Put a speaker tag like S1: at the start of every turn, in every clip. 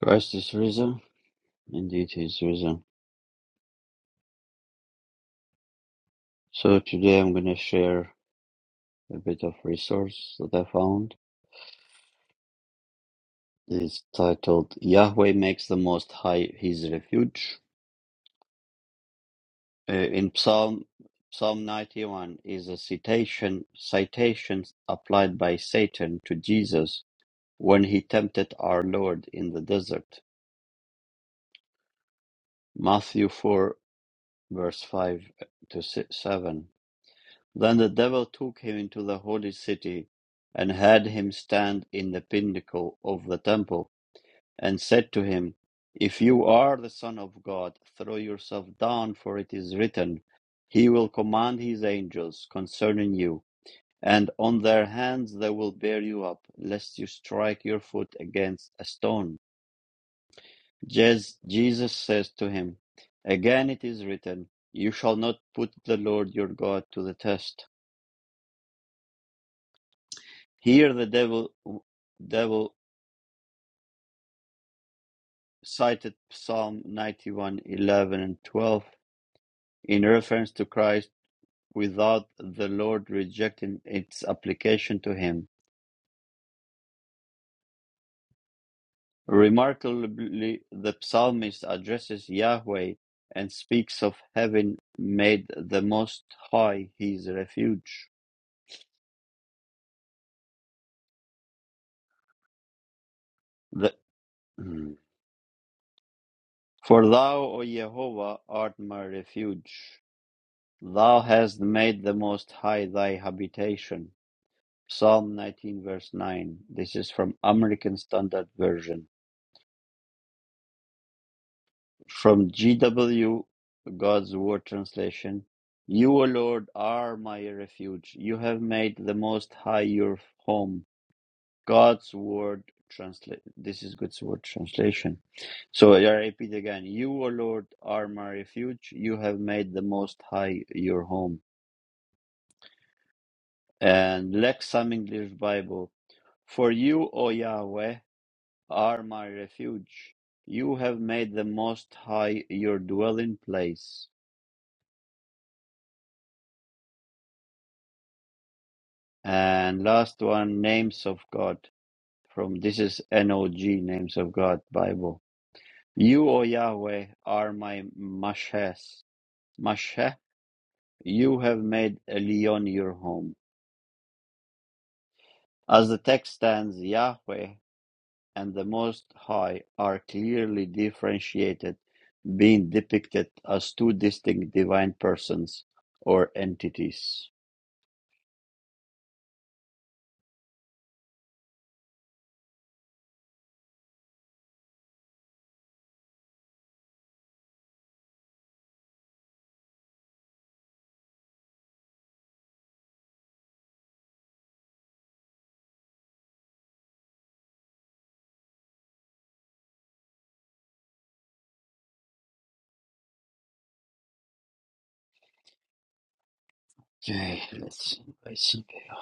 S1: Christ is risen, indeed he is risen. So today I'm gonna share a bit of resource that I found. It's titled Yahweh makes the most high his refuge. Uh, in Psalm Psalm 91 is a citation citation applied by Satan to Jesus when he tempted our Lord in the desert. Matthew 4 verse 5 to si- 7 Then the devil took him into the holy city, and had him stand in the pinnacle of the temple, and said to him, If you are the Son of God, throw yourself down, for it is written, He will command His angels concerning you, and on their hands they will bear you up, lest you strike your foot against a stone. Jes- Jesus says to him, Again it is written, You shall not put the Lord your God to the test. Here the devil devil cited Psalm 91 11 and 12 in reference to Christ without the Lord rejecting its application to him. Remarkably, the psalmist addresses Yahweh and speaks of having made the Most High his refuge. The, For thou, O Jehovah, art my refuge. Thou hast made the Most High thy habitation. Psalm 19, verse 9. This is from American Standard Version. From GW, God's Word Translation. You, O Lord, are my refuge. You have made the Most High your home. God's Word Translation. This is God's Word Translation. So I repeat again. You, O Lord, are my refuge. You have made the Most High your home. And Lexham English Bible. For you, O Yahweh. are my refuge. You have made the Most High your dwelling place. And last one, names of God. From this is NOG, names of God Bible. You, O Yahweh, are my Mashas. Mashah, you have made Elyon your home. As the text stands, Yahweh and the Most High are clearly differentiated, being depicted as two distinct divine persons or entities. Okay, let's see. Let's see. there.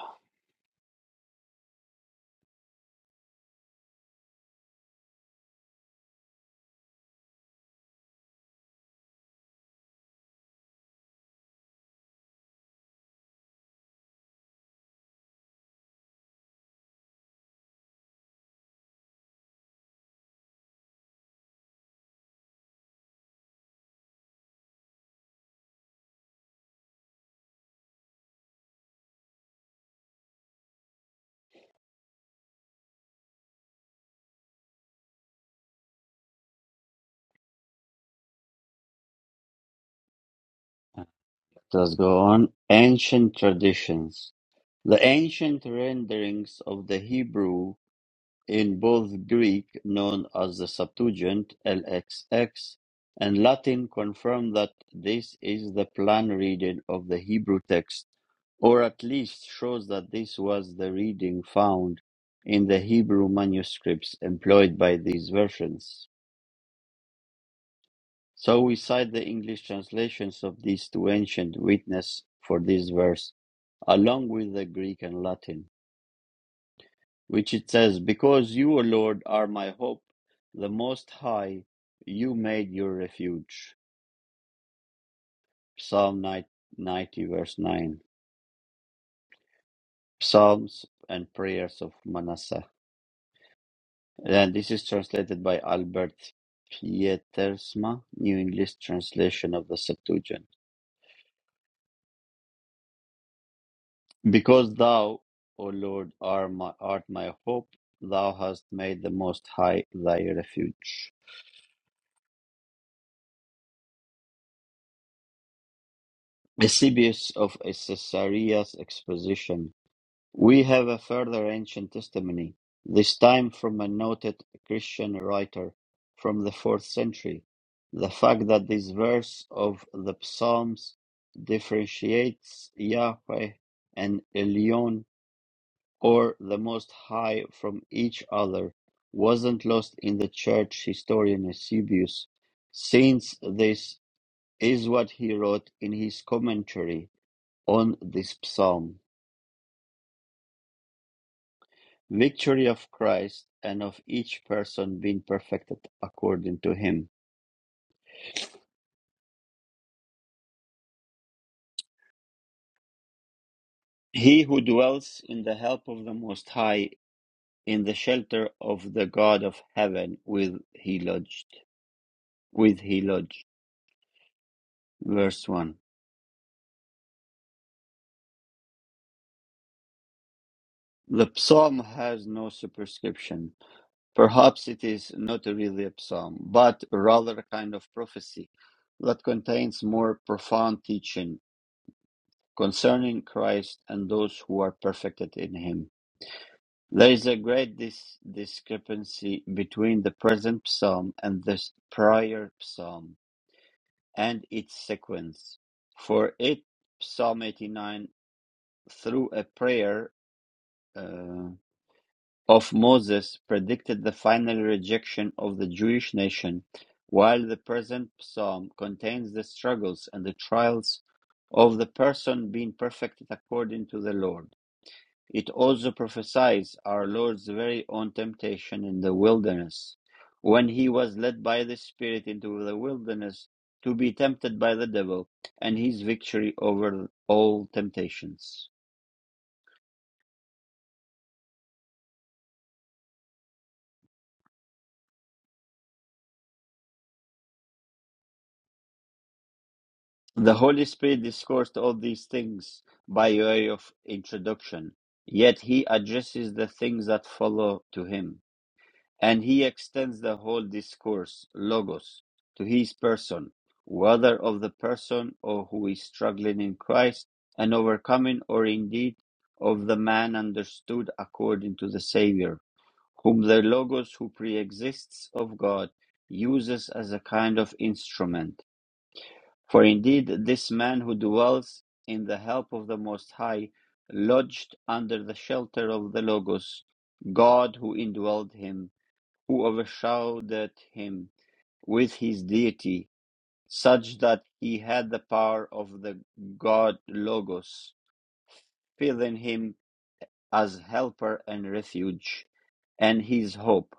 S1: Let's go on. Ancient traditions. The ancient renderings of the Hebrew in both Greek, known as the Septuagint (LXX), and Latin confirm that this is the plan reading of the Hebrew text, or at least shows that this was the reading found in the Hebrew manuscripts employed by these versions. So we cite the English translations of these two ancient witnesses for this verse, along with the Greek and Latin, which it says, Because you, O Lord, are my hope, the Most High, you made your refuge. Psalm 90, verse 9. Psalms and Prayers of Manasseh. And this is translated by Albert Pietersma, New English Translation of the Septuagint. Because thou, O Lord, are my, art my hope, thou hast made the Most High thy refuge. Eusebius of Caesarea's exposition. We have a further ancient testimony, this time from a noted Christian writer from the fourth century. The fact that this verse of the Psalms differentiates Yahweh and Elyon or the Most High from each other wasn't lost in the church historian Eusebius, since this is what he wrote in his commentary on this psalm Victory of Christ and of each person being perfected according to him. He who dwells in the help of the Most High, in the shelter of the God of heaven, with he lodged. With he lodged. Verse 1. The psalm has no superscription Perhaps it is not really a psalm, but rather a kind of prophecy that contains more profound teaching concerning Christ and those who are perfected in him. There is a great dis- discrepancy between the present psalm and the s- prior psalm and its sequence. For it, Psalm 89, through a prayer, uh, of Moses predicted the final rejection of the Jewish nation, while the present psalm contains the struggles and the trials of the person being perfected according to the Lord. It also prophesies our Lord's very own temptation in the wilderness, when he was led by the Spirit into the wilderness to be tempted by the devil, and his victory over all temptations. The Holy Spirit discoursed all these things by way of introduction, yet he addresses the things that follow to him, and he extends the whole discourse, logos, to his person, whether of the person or who is struggling in Christ and overcoming, or indeed of the man understood according to the Saviour, whom the logos who pre exists of God uses as a kind of instrument for indeed this man who dwells in the help of the Most High lodged under the shelter of the Logos, God who indwelled him, who overshadowed him with his deity, such that he had the power of the God Logos, filling him as helper and refuge, and his hope.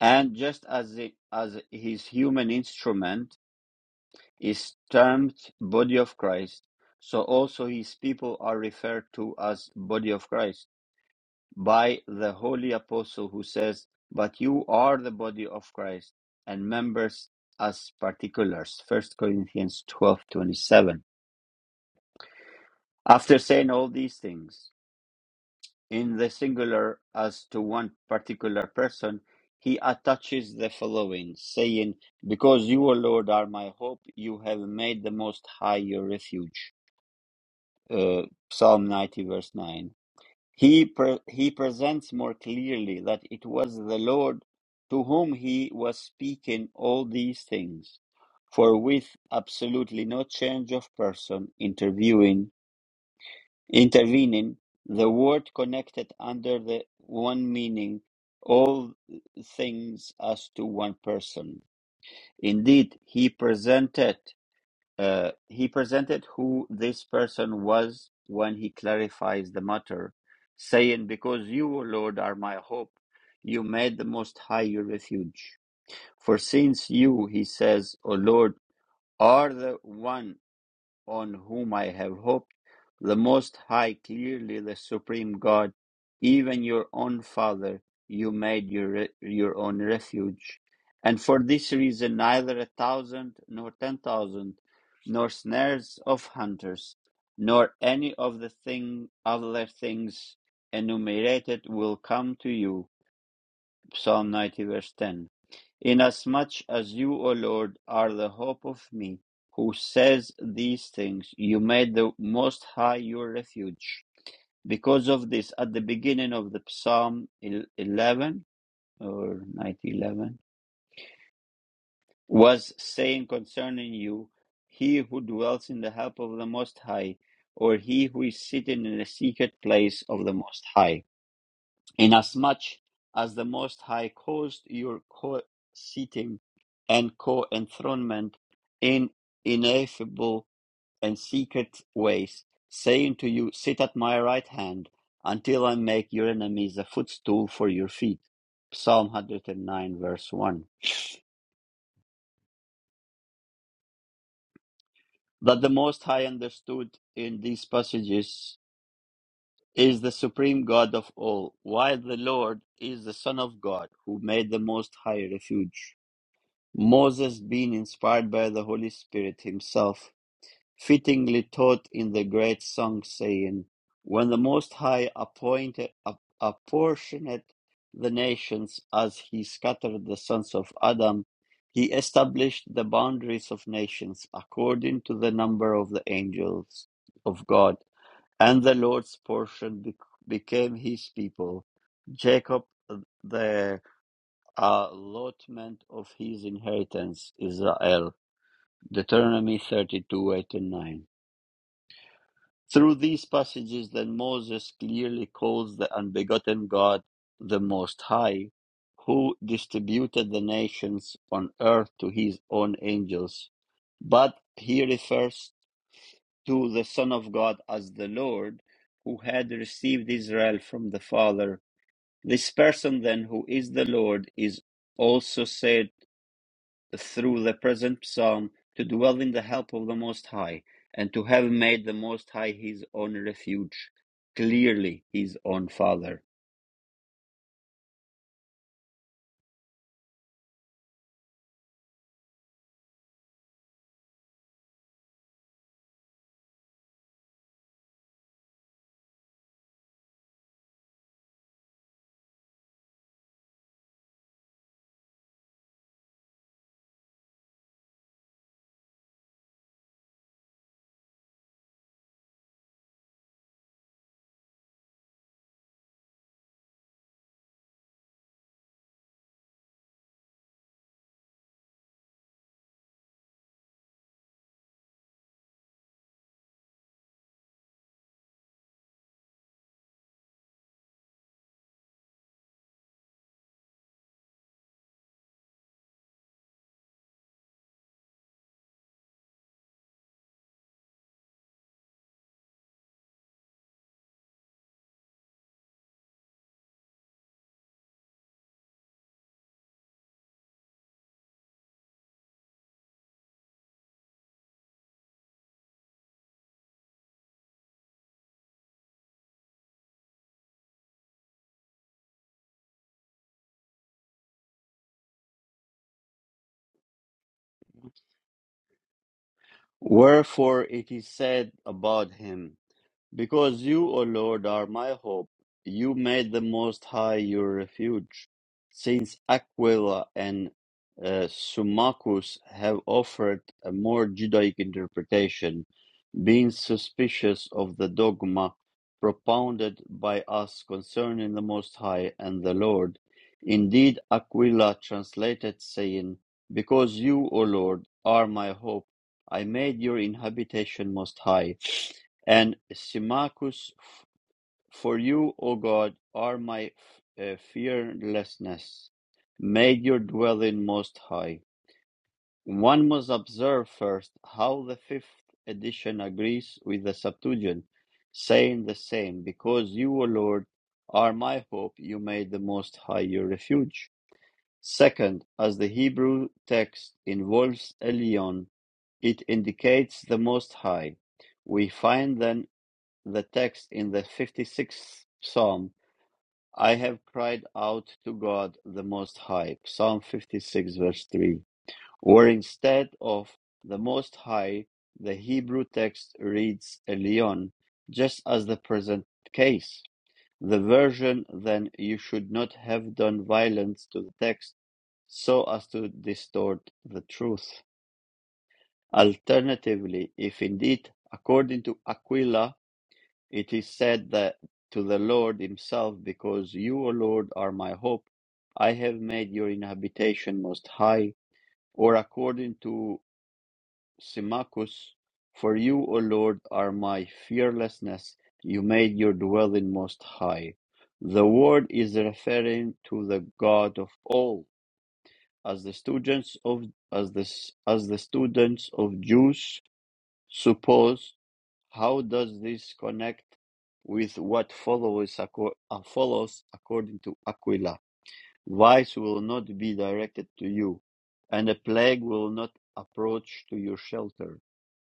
S1: And just as, it, as his human instrument, is termed body of Christ, so also his people are referred to as body of Christ by the holy apostle who says, "But you are the body of Christ and members as particulars." First Corinthians 12:27. After saying all these things in the singular as to one particular person, he attaches the following, saying, Because you, O Lord, are my hope, you have made the Most High your refuge. uh, Psalm 90, verse 9. He, pre- he presents more clearly that it was the Lord to whom he was speaking all these things, for with absolutely no change of person interviewing, intervening, the word connected under the one meaning all things as to one person. Indeed, he presented uh, he presented who this person was when he clarifies the matter, saying, Because you, O Lord, are my hope, you made the Most High your refuge. For since you, he says, O Lord, are the one on whom I have hoped, the Most High, clearly the Supreme God, even your own Father, you made your, re- your own refuge. And for this reason, neither a thousand nor ten thousand, nor snares of hunters, nor any of the thing other things enumerated will come to you. Psalm 90, verse 10. Inasmuch as you, O Lord, are the hope of me, who says these things, you made the Most High your refuge. Because of this, at the beginning of the Psalm 11 or ninety eleven was saying concerning you, He who dwells in the help of the Most High, or he who is sitting in the secret place of the Most High. inasmuch as the Most High caused your co-seating and co-enthronement in ineffable and secret ways, saying to you, Sit at my right hand until I make your enemies a footstool for your feet. Psalm 109, verse 1. That the Most High understood in these passages is the supreme God of all, while the Lord is the Son of God who made the Most High refuge. Moses, being inspired by the Holy Spirit himself, fittingly taught in the great song, saying, When the Most High appointed, apportioned the nations as he scattered the sons of Adam, he established the boundaries of nations according to the number of the angels of God. And the Lord's portion bec- became his people, Jacob, the allotment of his inheritance, Israel. Deuteronomy 32 8 and 9. Through these passages, then Moses clearly calls the unbegotten God the Most High, who distributed the nations on earth to his own angels. But he refers to the Son of God as the Lord, who had received Israel from the Father. This person, then, who is the Lord, is also said through the present psalm to dwell in the help of the Most High, and to have made the Most High his own refuge, clearly his own Father. Wherefore it is said about him, Because you, O Lord, are my hope, you made the Most High your refuge. Since Aquila and uh, Symmachus have offered a more Judaic interpretation, being suspicious of the dogma propounded by us concerning the Most High and the Lord, indeed Aquila translated, saying, Because you, O Lord, are my hope, I made your inhabitation most high. And Symmachus, f- for you, O God, are my f- uh, fearlessness. Make your dwelling most high. One must observe first how the fifth edition agrees with the Septuagint, saying the same, because you, O Lord, are my hope, you made the Most High your refuge. Second, as the Hebrew text involves Elion, it indicates the Most High. We find then the text in the 56th Psalm, I have cried out to God the Most High, Psalm 56, verse 3, where instead of the Most High, the Hebrew text reads Elyon, just as the present case. The version then you should not have done violence to the text so as to distort the truth. Alternatively, if indeed, according to Aquila, It is said that to the Lord himself, because you, O Lord, are my hope, I have made your inhabitation most high, or according to Symmachus, for you, O Lord, are my fearlessness, you made your dwelling most high. The word is referring to the God of all, as the students of as the, as the students of Jews suppose how does this connect with what follows, acco- uh, follows according to Aquila? Vice will not be directed to you, and a plague will not approach to your shelter.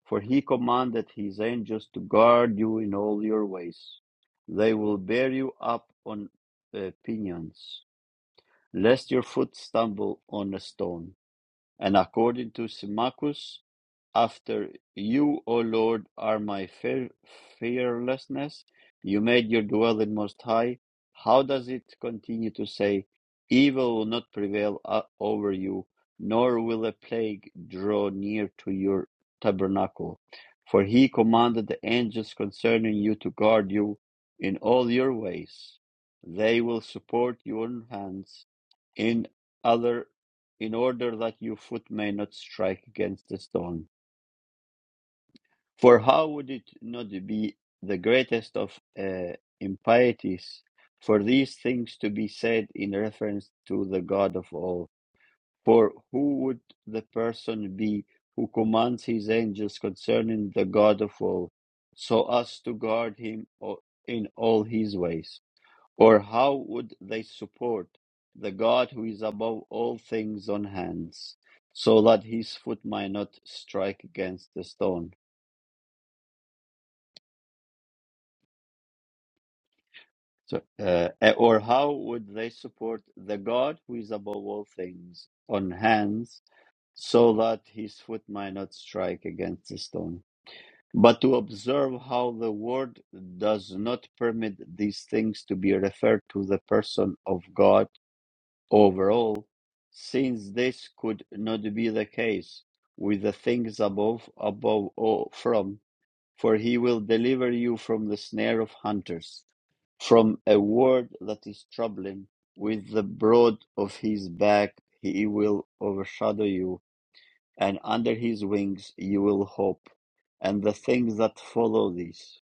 S1: For he commanded his angels to guard you in all your ways. They will bear you up on uh, pinions, lest your foot stumble on a stone. And according to Symmachus, after you, O Lord, are my fear, fearlessness. You made your dwelling most high. How does it continue to say, Evil will not prevail uh, over you, nor will a plague draw near to your tabernacle? For he commanded the angels concerning you to guard you in all your ways. They will support your hands in other in order that your foot may not strike against a stone. For how would it not be the greatest of uh, impieties for these things to be said in reference to the God of all? For who would the person be who commands his angels concerning the God of all, so as to guard him o- in all his ways? Or how would they support the God who is above all things on hands, so that his foot might not strike against the stone? So, uh, uh, or how would they support the God who is above all things on hands, so that his foot might not strike against the stone? But to observe how the word does not permit these things to be referred to the person of God overall, since this could not be the case with the things above, above all, from. For he will deliver you from the snare of hunters, from a word that is troubling. With the broad of his back he will overshadow you, and under his wings you will hope, and the things that follow these.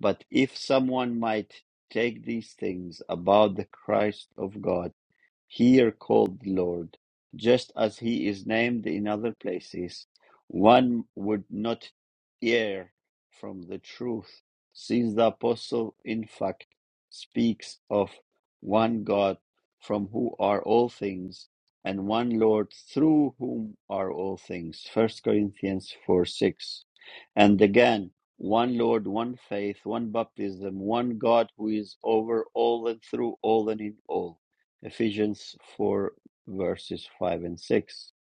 S1: But if someone might take these things about the Christ of God, here called Lord, just as he is named in other places, one would not err from the truth, since the apostle, in fact, speaks of one God from whom are all things, and one Lord through whom are all things. First Corinthians 4 6. And again, one Lord, one faith, one baptism, one God who is over all and through all and in all Ephesians 4, verses 5 and 6.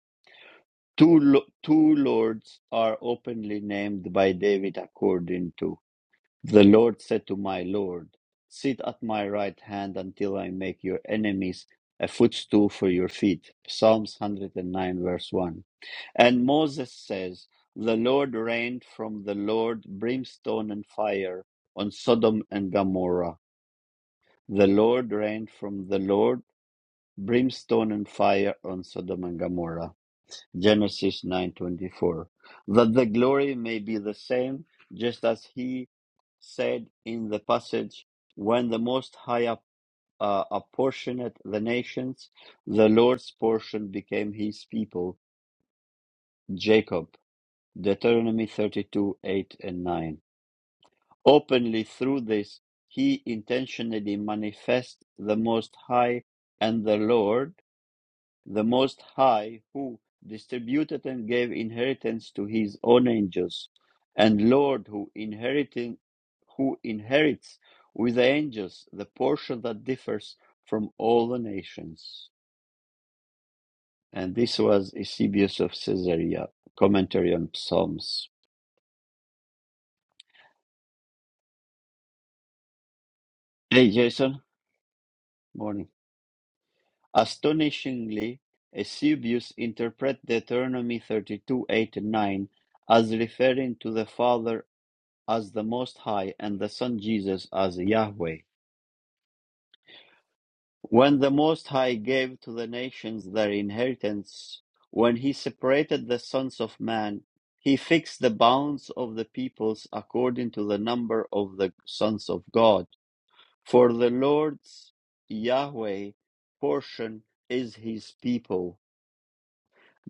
S1: Two, lo- two lords are openly named by David according to the Lord said to my Lord, Sit at my right hand until I make your enemies a footstool for your feet. Psalms 109, verse 1. And Moses says, The Lord rained from the Lord brimstone and fire on Sodom and Gomorrah. The Lord rained from the Lord brimstone and fire on Sodom and Gomorrah. Genesis 9:24. That the glory may be the same, just as he said in the passage, when the Most High app- uh, apportioned the nations, the Lord's portion became his people, Jacob. Deuteronomy 32:8 and 9. Openly through this, he intentionally manifests the Most High and the Lord the Most High, who distributed and gave inheritance to his own angels, and Lord, who inheriting, who inherits with the angels the portion that differs from all the nations. And this was Eusebius of Caesarea, commentary on Psalms. Hey, Jason. Morning. Astonishingly, Eusebius interprets Deuteronomy 32, 8 and 9 as referring to the Father as the Most High and the Son Jesus as Yahweh. When the Most High gave to the nations their inheritance, when he separated the sons of man, he fixed the bounds of the peoples according to the number of the sons of God. For the Lord's Yahweh portion is his people,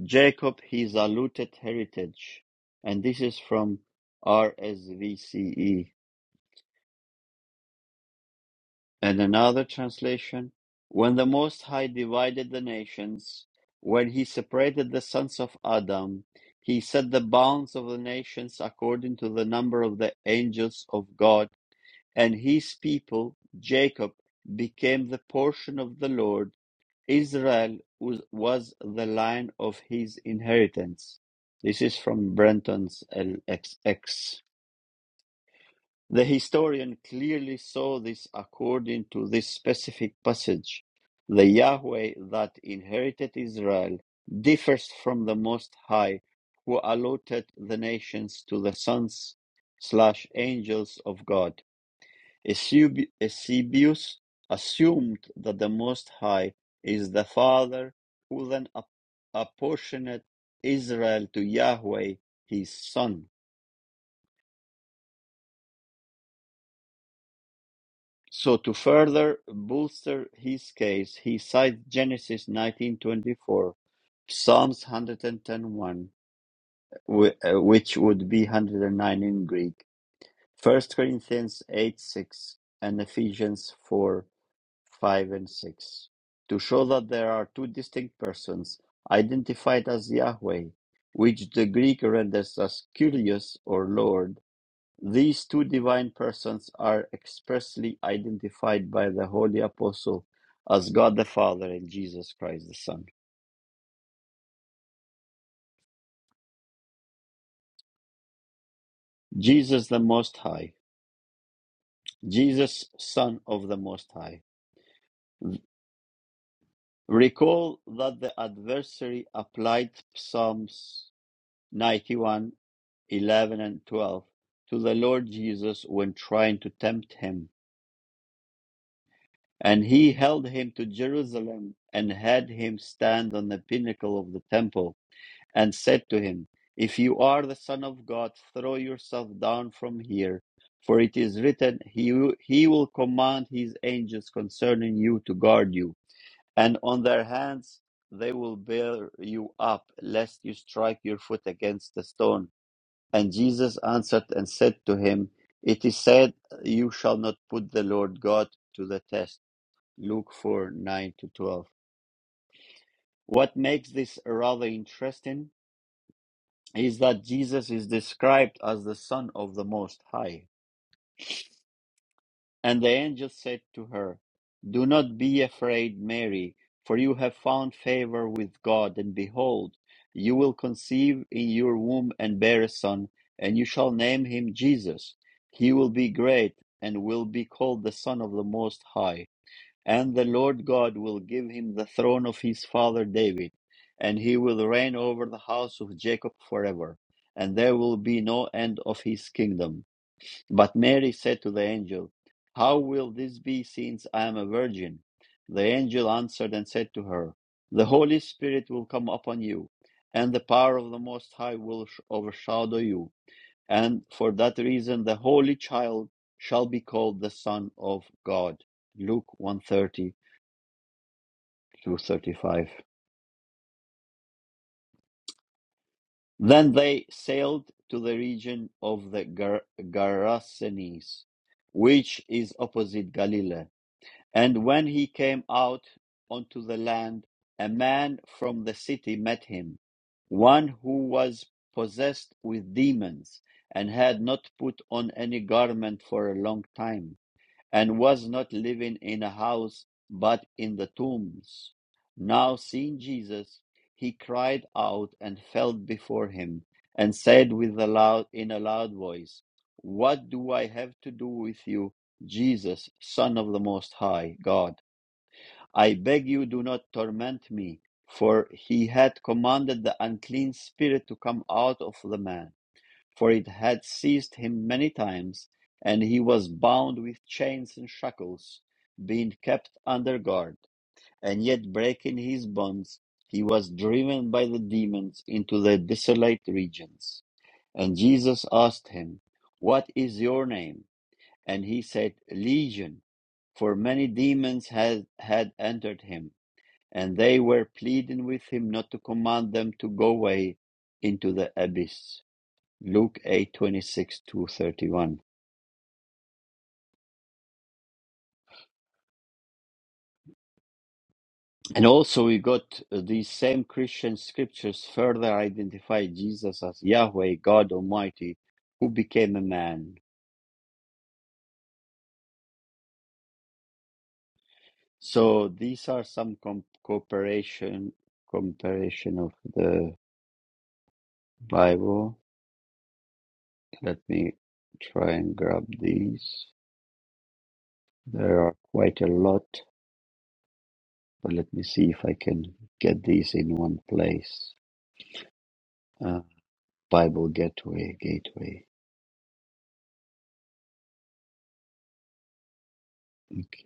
S1: Jacob his allotted heritage. And this is from RSVCE. And another translation When the Most High divided the nations, when he separated the sons of Adam, he set the bounds of the nations according to the number of the angels of God, and his people, Jacob, became the portion of the Lord. Israel was, was the line of his inheritance. This is from Brenton's LXX. The historian clearly saw this according to this specific passage. The Yahweh that inherited Israel differs from the Most High, who allotted the nations to the sons slash angels of God. Eusebi- Eusebius assumed that the Most High is the Father, who then app- apportioned Israel to Yahweh, his son. So to further bolster his case, he cites Genesis 19:24, Psalms hundred and ten one, which would be 109 in Greek, First Corinthians eight six, and Ephesians four five and 6, to show that there are two distinct persons identified as Yahweh, which the Greek renders as Kyrios or Lord these two divine persons are expressly identified by the Holy Apostle as God the Father and Jesus Christ the Son. Jesus the Most High, Jesus Son of the Most High. Recall that the adversary applied Psalms 91, 11 and 12 to the Lord Jesus when trying to tempt him. And he held him to Jerusalem and had him stand on the pinnacle of the temple and said to him, If you are the Son of God, throw yourself down from here, for it is written, He, he will command His angels concerning you to guard you, and on their hands they will bear you up, lest you strike your foot against a stone. And Jesus answered and said to him, It is said, You shall not put the Lord God to the test. Luke 4 9 to 12. What makes this rather interesting is that Jesus is described as the Son of the Most High. And the angel said to her, Do not be afraid, Mary, for you have found favor with God, and behold, you will conceive in your womb and bear a son, and you shall name him Jesus. He will be great and will be called the Son of the Most High and the Lord God will give him the throne of his father David, and he will reign over the house of Jacob forever, and there will be no end of his kingdom. But Mary said to the angel, How will this be since I am a virgin? The angel answered and said to her, The Holy Spirit will come upon you, and the power of the Most High will sh- overshadow you, and for that reason the Holy Child shall be called the Son of God. Luke 130 235. Then they sailed to the region of the Gar- Gerasenes, which is opposite Galilee. And when he came out onto the land, a man from the city met him, one who was possessed with demons and had not put on any garment for a long time and was not living in a house, but in the tombs. Now, seeing Jesus, he cried out and fell before him, and said with a loud, in a loud voice, What do I have to do with you, Jesus, Son of the Most High God? I beg you, do not torment me. For he had commanded the unclean spirit to come out of the man for it had seized him many times, and he was bound with chains and shackles, being kept under guard. And yet, breaking his bonds, he was driven by the demons into the desolate regions. And Jesus asked him, What is your name? And he said, Legion, for many demons had, had entered him, and they were pleading with him not to command them to go away into the abyss. Luke 8 26 to 31. And also, we got uh, these same Christian scriptures further identify Jesus as Yahweh, God Almighty, who became a man. So, these are some com- cooperation, comparison of the Bible. Let me try and grab these. There are quite a lot, but let me see if I can get these in one place. Uh, Bible Gateway, Gateway.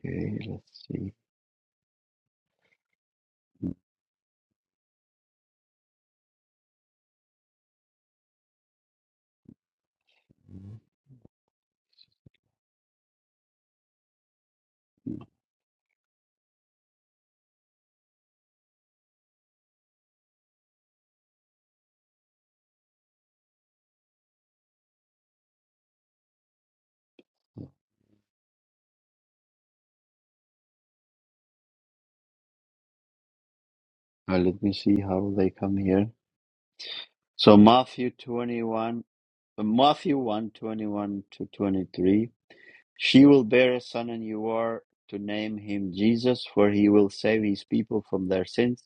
S1: Okay, let's see. Mhm. Uh, let me see how they come here. So Matthew 21, uh, Matthew one twenty one to 23. She will bear a son and you are to name him Jesus, for he will save his people from their sins.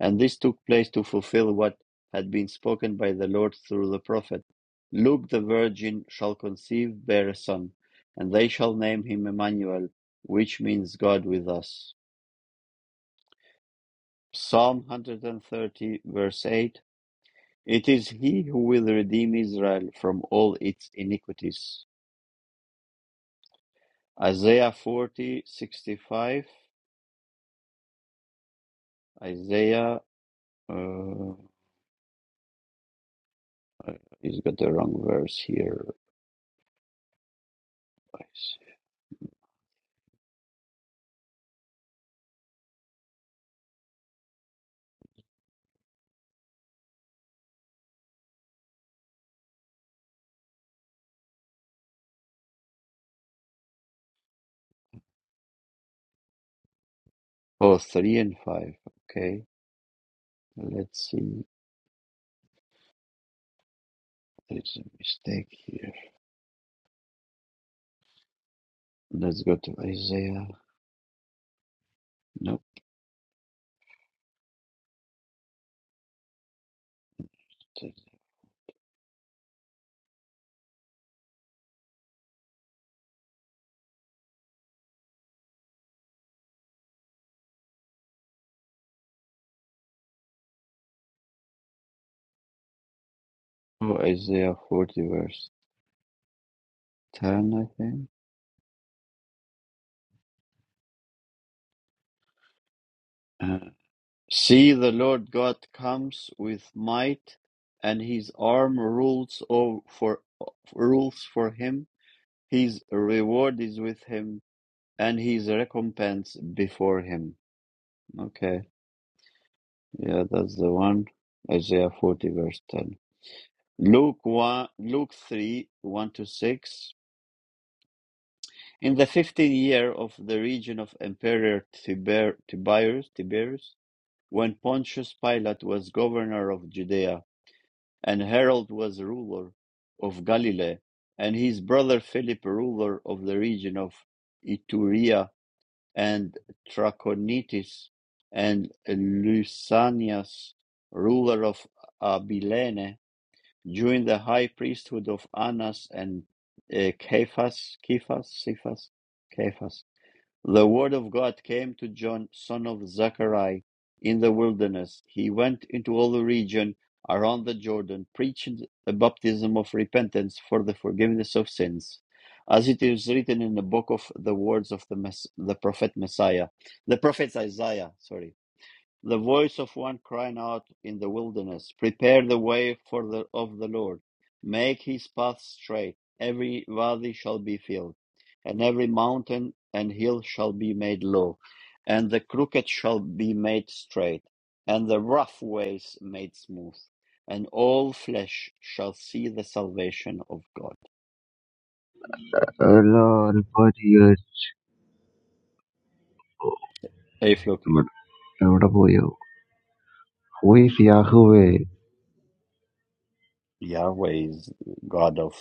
S1: And this took place to fulfill what had been spoken by the Lord through the prophet Look, the virgin shall conceive, bear a son, and they shall name him Emmanuel, which means God with us. Psalm 130, verse 8 It is he who will redeem Israel from all its iniquities. Isaiah 40, 65. Isaiah, uh, he's got the wrong verse here. Oh, three and five. Okay. Let's see. There's a mistake here. Let's go to Isaiah. Nope. Oh, Isaiah 40, verse 10, I think. Uh, see, the Lord God comes with might, and his arm rules over for rules for him. His reward is with him, and his recompense before him. Okay, yeah, that's the one. Isaiah 40, verse 10. Luke 1, Luke 3, 1 to 6. In the 15th year of the region of Emperor Tiber, Tiberius, Tiberius, when Pontius Pilate was governor of Judea, and Herod was ruler of Galilee, and his brother Philip ruler of the region of Iturea and Trachonitis and Lysanias, ruler of Abilene, during the high priesthood of Annas and uh, Cephas, Cephas, Cephas, Cephas. The word of God came to John, son of Zechariah, in the wilderness. He went into all the region around the Jordan, preached a baptism of repentance for the forgiveness of sins, as it is written in the book of the words of the, Mess- the prophet Messiah, the prophet Isaiah. Sorry the voice of one crying out in the wilderness, Prepare the way for the of the Lord, make his path straight. Every valley shall be filled, and every mountain and hill shall be made low, and the crooked shall be made straight, and the rough ways made smooth, and all flesh shall see the salvation of God.
S2: അല്ല Albanese,
S1: Hey, Floki.
S2: but എവിടെ പോയോ? Who is Yahweh?
S1: Yahweh is God of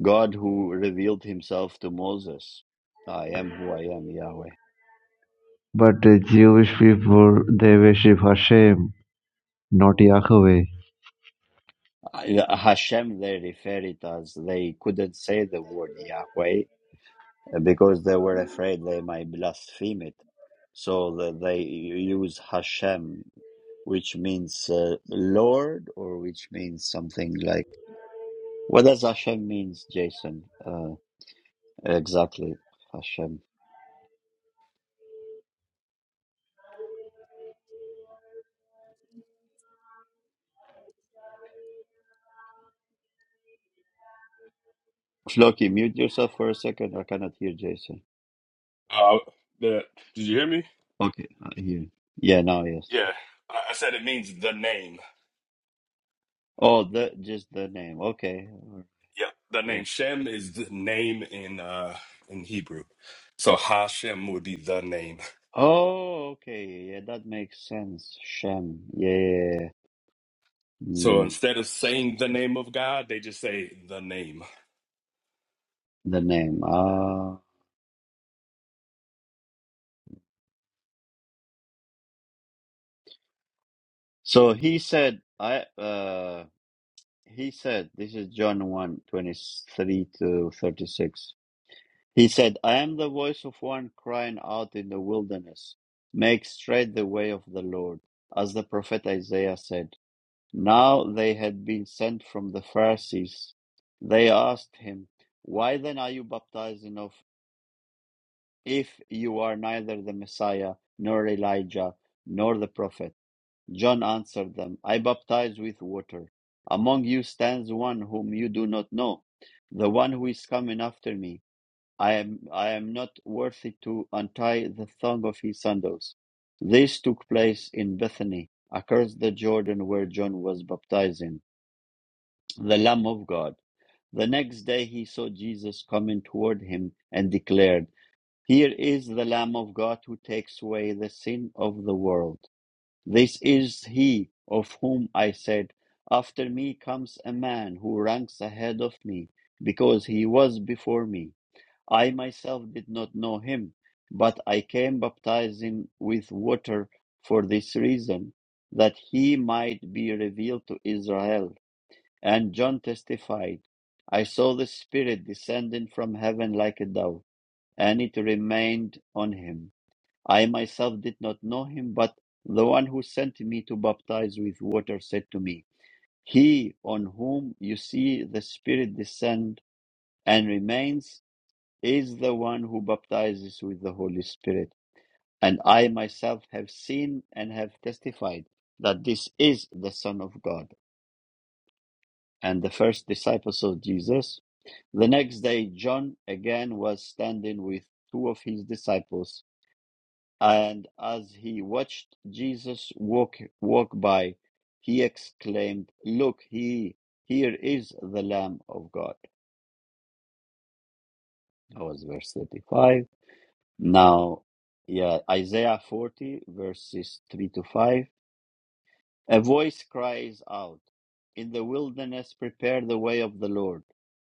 S1: God who revealed himself to Moses. I am who I am, Yahweh.
S2: But the Jewish people they worship Hashem, not Yahweh.
S1: Uh, Hashem, they refer it as they couldn't say the word Yahweh uh, because they were afraid they might blaspheme it. So the- they use Hashem, which means uh, Lord, or which means something like. What does Hashem means, Jason? Uh, exactly, Hashem. Floki, mute yourself for a second. I cannot hear Jason.
S3: Uh, the, did you hear me?
S1: Okay, I hear. Yeah, now yes.
S3: Yeah, I, I said it means the name.
S1: Oh, the just the name. Okay.
S3: Yep, the
S1: Yeah.
S3: name Shem is the name in uh in Hebrew, so Hashem would be the name.
S1: Oh, okay. Yeah, yeah, that makes sense. Shem. Yeah.
S3: So
S1: Mm,
S3: instead of
S1: that's,
S3: saying
S1: that's
S3: the
S1: good.
S3: name of God, they just say the name.
S1: The name. Ah. So he said, I, uh, he said, this is John one twenty-three 23 to 36. He said, I am the voice of one crying out in the wilderness, make straight the way of the Lord, as the prophet Isaiah said. Now they had been sent from the Pharisees. They asked him, why then are you baptizing of? If you are neither the Messiah, nor Elijah, nor the prophet. John answered them, I baptize with water. Among you stands one whom you do not know, the one who is coming after me. I am, I am not worthy to untie the thong of his sandals. This took place in Bethany, across the Jordan where John was baptizing, the Lamb of God. The next day he saw Jesus coming toward him and declared, here is the Lamb of God who takes away the sin of the world. This is he of whom I said, After me comes a man who ranks ahead of me, because he was before me. I myself did not know him, but I came baptizing with water for this reason, that he might be revealed to Israel. And John testified, I saw the Spirit descending from heaven like a dove and it remained on him. I myself did not know him, but the one who sent me to baptize with water said to me, He on whom you see the Spirit descend and remains is the one who baptizes with the Holy Spirit. And I myself have seen and have testified that this is the Son of God. And the first disciples of Jesus. The next day, John again was standing with two of his disciples And as he watched Jesus walk walk by, he exclaimed, Look, he here is the Lamb of God. That was verse 35. Now, yeah, Isaiah 40, verses 3 to 5. A voice cries out, In the wilderness prepare the way of the Lord.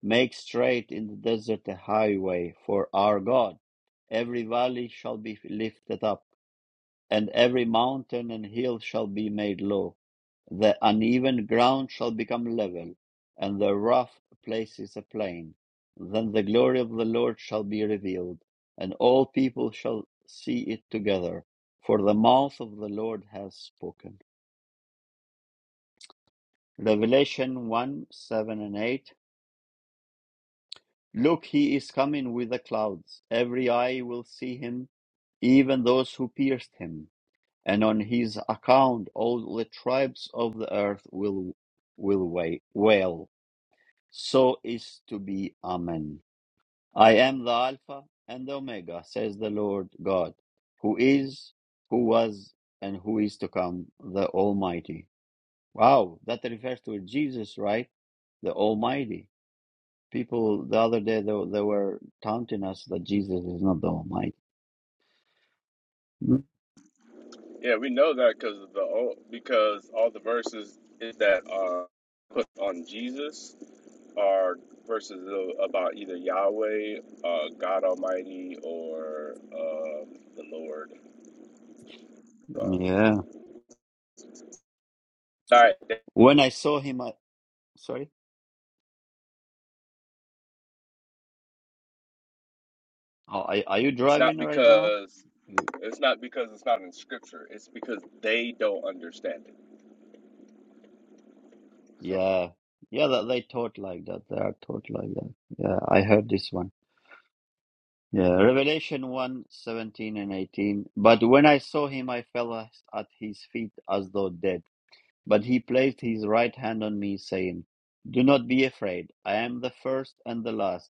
S1: Make straight in the desert a highway for our God. Every valley shall be lifted up and every mountain and hill shall be made low. The uneven ground shall become level, and the rough places a plain. Then the glory of the Lord shall be revealed, and all people shall see it together, for the mouth of the Lord has spoken. Revelation 1 7 and 8. Look, he is coming with the clouds. Every eye will see him, even those who pierced him and on his account all the tribes of the earth will will wa- wail. So is to be. Amen. I am the Alpha and the Omega, says the Lord God, who is, who was, and who is to come, the Almighty. Wow, that refers to Jesus, right? The Almighty. People the other day they, they were taunting us that Jesus is not the Almighty. Hmm?
S3: Yeah, we know that because of the old, because all the verses is that are put on Jesus are verses a- about either Yahweh, uh, God Almighty, or um the Lord. So,
S1: Yeah. When I saw him, I, sorry. Oh, are, are you
S3: It's
S1: driving
S3: not
S1: right now?
S3: because
S1: You,
S3: it's not because it's not in scripture. It's because they don't understand it. So
S1: yeah, yeah. That they taught like that. They are taught like that. Yeah, I heard this one. Yeah, Revelation one 17 and eighteen. But when I saw him, I fell as- at his feet as though dead. But he placed his right hand on me, saying, "Do not be afraid. I am the first and the last,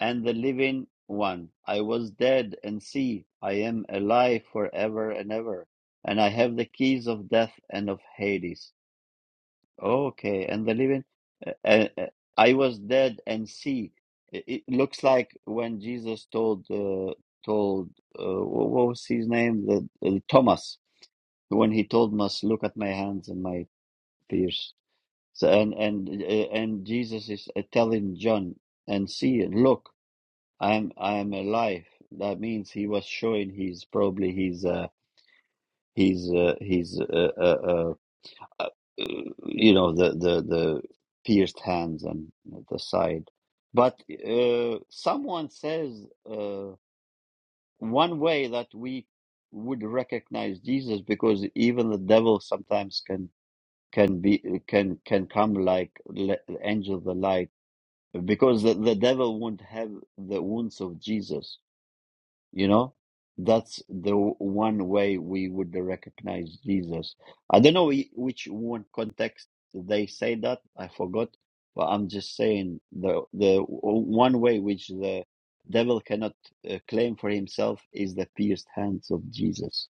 S1: and the living one. I was dead, and see, I am alive forever and ever, and I have the keys of death and of Hades." Okay, and the living, uh, uh, uh, I was dead and see. It, it looks like when Jesus told uh, told uh, wh- what was his name? The, uh, Thomas. When he told us, "Look at my hands and my fears," so, and and uh, and Jesus is uh, telling John and see, and look, I'm I'm alive. That means he was showing he's probably he's uh, he's uh, he's uh, uh, uh, uh, you know the the the pierced hands and the side but uh, someone says uh, one way that we would recognize jesus because even the devil sometimes can can be can can come like le- angel of the light because the, the devil won't have the wounds of jesus you know, that's the w- one way we would recognize Jesus. I don't know whi- which one context they say that. I forgot, but I'm just saying the the w- one way which the devil cannot uh, claim for himself is the pierced hands of Jesus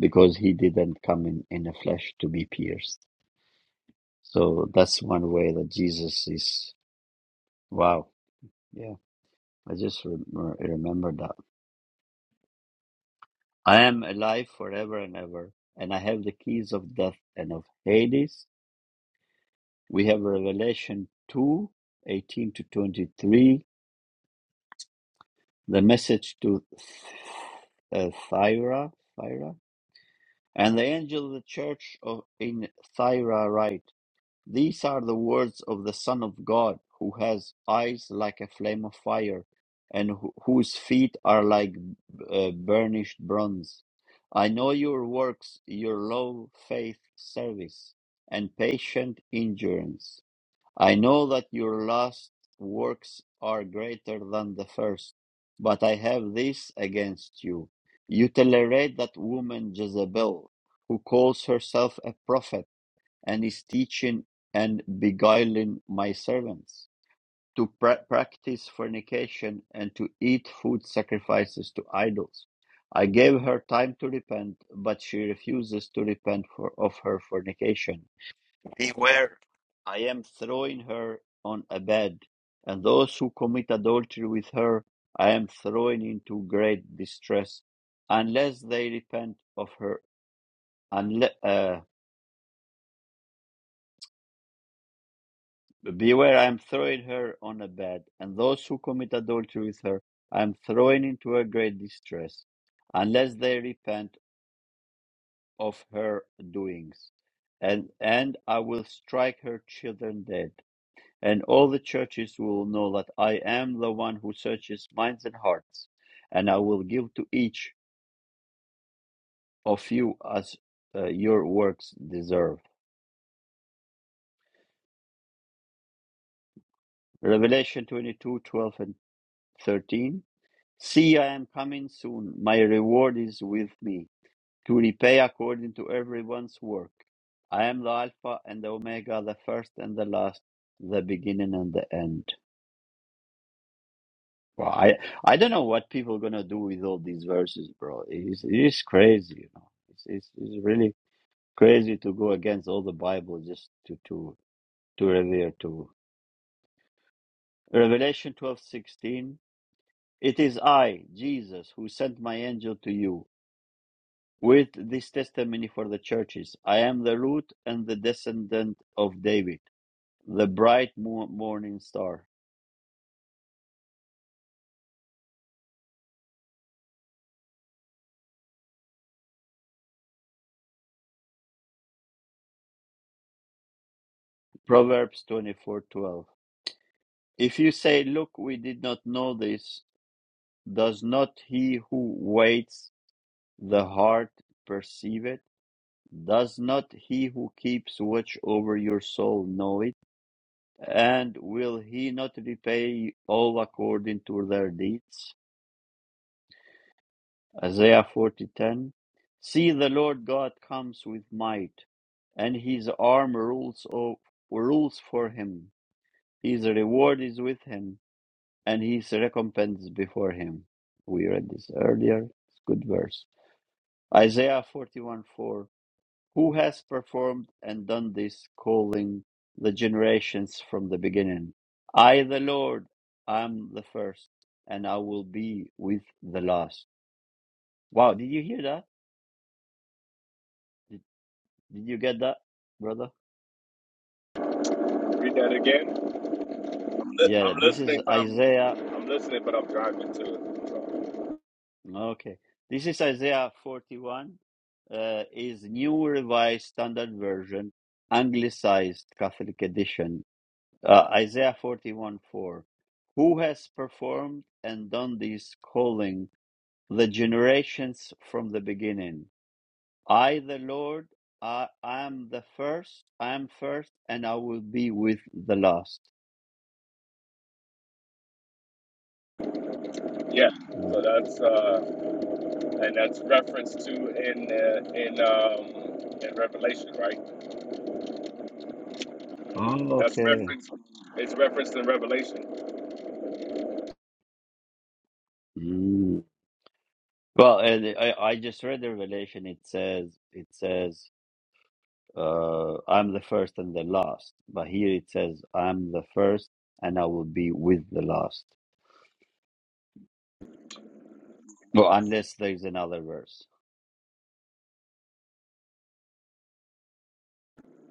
S1: because he didn't come in in the flesh to be pierced. So that's one way that Jesus is. Wow. Yeah, I just rem remember that. I am alive forever and ever, and I have the keys of death and of Hades. We have Revelation 2, 18 to 23, the message to uh, Thyra, Thyra, and the angel of the church of in Thyra write. These are the words of the Son of God, who has eyes like a flame of fire, and who, whose feet are like uh, burnished bronze. I know your works, your low faith service, and patient endurance. I know that your last works are greater than the first, but I have this against you. You tolerate that woman Jezebel, who calls herself a prophet and is teaching and beguiling my servants to pra- practice fornication and to eat food sacrifices to idols. I gave her time to repent, but she refuses to repent for, of her fornication. Beware, I am throwing her on a bed, and those who commit adultery with her I am throwing into great distress, unless they repent of her. unle- uh, Beware, I am throwing her on a bed, and those who commit adultery with her I am throwing into a great distress, unless they repent of her doings. And, and I will strike her children dead, and all the churches will know that I am the one who searches minds and hearts, and I will give to each of you as uh, your works deserve. Revelation 22 12 and 13. See, I am coming soon. My reward is with me to repay according to everyone's work. I am the Alpha and the Omega, the first and the last, the beginning and the end. Wow, I, I don't know what people going to do with all these verses, bro. It's, it's crazy. You know? it's, it's, it's really crazy to go against all the Bible just to, to, to revere to. Revelation twelve sixteen. It is I, Jesus, who sent my angel to you with this testimony for the churches I am the root and the descendant of David, the bright morning star. Proverbs 24:12. If you say, Look, we did not know this, does not he who waits the heart perceive it? Does not he who keeps watch over your soul know it? And will he not repay all according to their deeds? Isaiah 40:10 See the Lord God comes with might and his arm rules o- rules for him his reward is with him and his recompense before him we read this earlier it's a good verse Isaiah forty one four. Who has performed and done this calling the generations from the beginning I the Lord I am the first and I will be with the last Wow did you hear that Did you get that, brother?
S3: read that again. I'm, li-
S1: Yeah,
S3: I'm
S1: this is
S3: listening, but I'm
S1: Isaiah.
S3: I'm listening, but I'm driving too. So
S1: Okay. This is Isaiah 41, uh, is New Revised Standard Version, Anglicized Catholic Edition. Uh, Isaiah 41 4. Who has performed and done this calling the generations from the beginning? I, the Lord, I, I am the first, I am first, and I will be with the last.
S3: yeah.
S1: Mm.
S3: So that's uh, and that's reference to in uh, in um, in Revelation, right?
S1: Oh,
S3: That's
S1: okay.
S3: reference. It's referenced in Revelation.
S1: Hmm. Well, and I, I just read the Revelation. It says, it says, uh, I'm the first and the last. But here it says, I'm the first and I will be with the last. Well, unless there's another verse.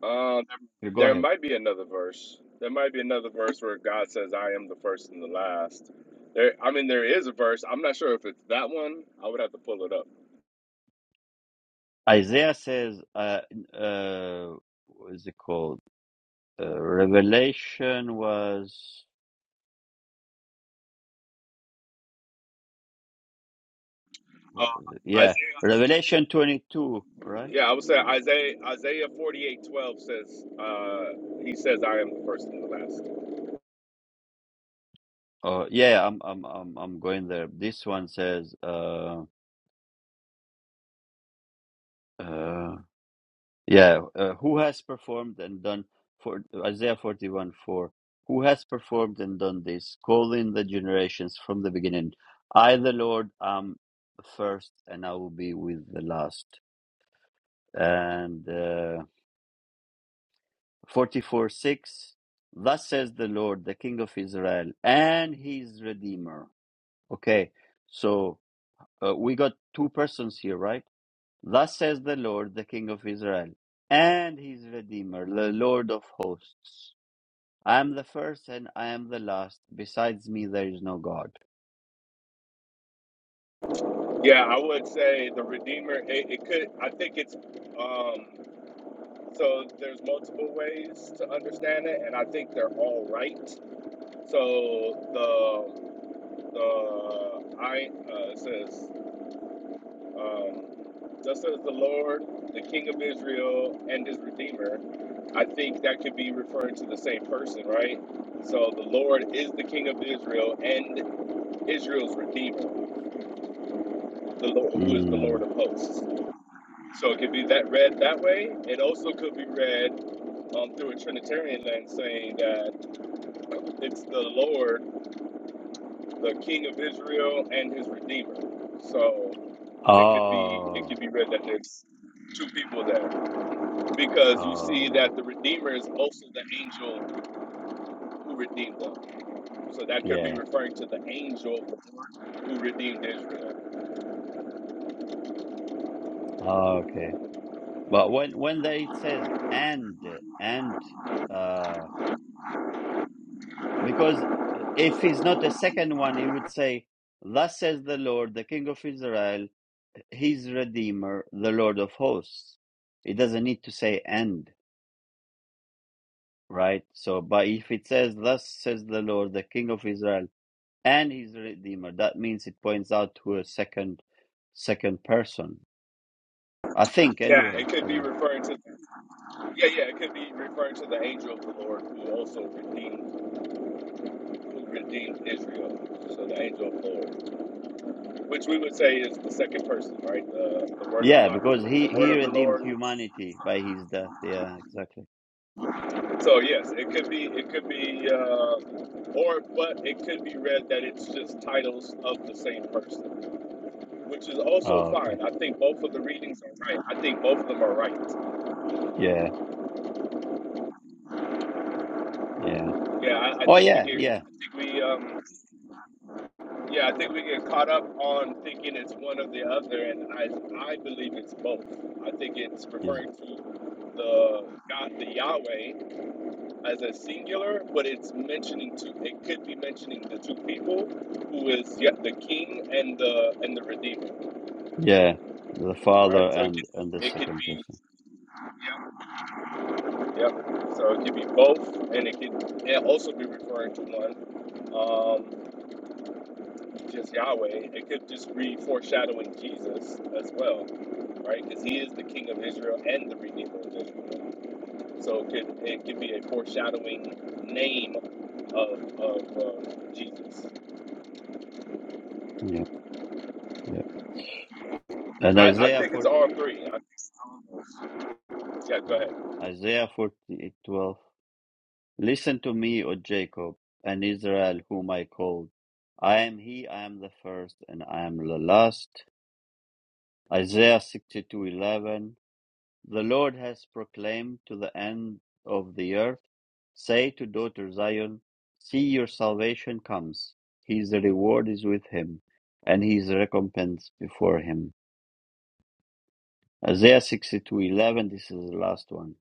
S3: Uh,
S1: You Go
S3: there
S1: ahead.
S3: might be another verse. There might be another verse where God says, "I am the first and the last." There, I mean, there is a verse. I'm not sure if it's that one. I would have to pull it up.
S1: Isaiah says, uh, uh, what is it called? Uh, Revelation was,
S3: Uh,
S1: what was it? Yeah,
S3: Isaiah.
S1: Revelation 22, right?
S3: Yeah, I would say Isaiah. Isaiah 48:12 says, uh, "He says, I am the first and the last."
S1: Oh, yeah, I'm, I'm, I'm, I'm going there. This one says, uh, uh, Yeah, uh, who has performed and done for Isaiah 41 4? Who has performed and done this? Call in the generations from the beginning. I, the Lord, am first, and I will be with the last. And uh, 44 6. Thus says the Lord, the King of Israel, and his Redeemer. Okay, so uh, we got two persons here, right? Thus says the Lord, the King of Israel, and his Redeemer, the Lord of hosts. I am the first and I am the last. Besides me, there is no God.
S3: Yeah, I would say the Redeemer. It, it could. I think it's. Um, so there's multiple ways to understand it, and I think they're all right. So Uh, I uh, it says, um, "Thus says the Lord, the King of Israel, and His Redeemer." I think that could be referring to the same person, right? So the Lord is the King of Israel and Israel's Redeemer, the Lord who is the Lord
S1: Mm.
S3: of hosts. So it could be that read that way. It also could be read um, through a Trinitarian lens, saying that it's the Lord, the King of Israel, and His Redeemer. So. It could be it
S1: Oh,
S3: could be read that there's two people there because you see
S1: oh,
S3: that the redeemer is also the angel who redeemed them. So that could be
S1: yeah.
S3: referring to the angel who redeemed Israel.
S1: Oh, okay. But when when there it says and and uh, because uh, if he's not a second one, he would say, "Thus says the Lord, the King of Israel, His Redeemer, the Lord of hosts." It doesn't need to say and, right? So, but if it says, "Thus says the Lord, the King of Israel." and he's the redeemer. That means it points out to a second second person. I think
S3: Yeah, it
S1: anyway. I
S3: could
S1: don't
S3: be
S1: know.
S3: referring to yeah, yeah, it could be referring to the angel of the Lord who also redeemed who redeemed Israel. So the angel of the Lord, which we would say is the second person, right? The, the word of
S1: Yeah, because
S3: God,
S1: he
S3: the word
S1: he
S3: of the
S1: redeemed
S3: Lord
S1: humanity by his death. Yeah, exactly.
S3: So yes, it could be it could be uh, or but it could be read that it's just titles of the same person, which is also
S1: Oh, okay.
S3: fine. I think both of the readings are right. I think both of them are right.
S1: Yeah, yeah.
S3: Yeah, I, I
S1: Oh,
S3: think we
S1: yeah,
S3: get
S1: yeah.
S3: I think we um yeah, I think we get caught up on thinking it's one or the other and I I believe it's both. I think it's
S1: He's-
S3: referring to the God the Yahweh as a singular, but it's mentioning two. It could be mentioning the two people who is yet the king and the and the redeemer,
S1: yeah, the Father
S3: right? So it
S1: and
S3: could
S1: and the
S3: be it could
S1: second
S3: be
S1: person.
S3: yeah, yeah. So it could be both, and it could it also be referring to one, um, just Yahweh. It could just be foreshadowing Jesus as well, right? Because he is the King of Israel and the Redeemer of Israel. So it could it could be a foreshadowing name of of uh, Jesus.
S1: Yeah, yeah. And
S3: I, I
S1: Isaiah
S3: think it's
S1: 4,
S3: all three. I, think, yeah, go
S1: mm,
S3: ahead.
S1: Isaiah 48, twelve. Listen to me, O Jacob, and Israel, whom I called. I am he, I am the first, and I am the last. Isaiah 62:11 The Lord has proclaimed to the end of the earth say to daughter Zion see your salvation comes his reward is with him and his recompense before him Isaiah 62:11 this is the last one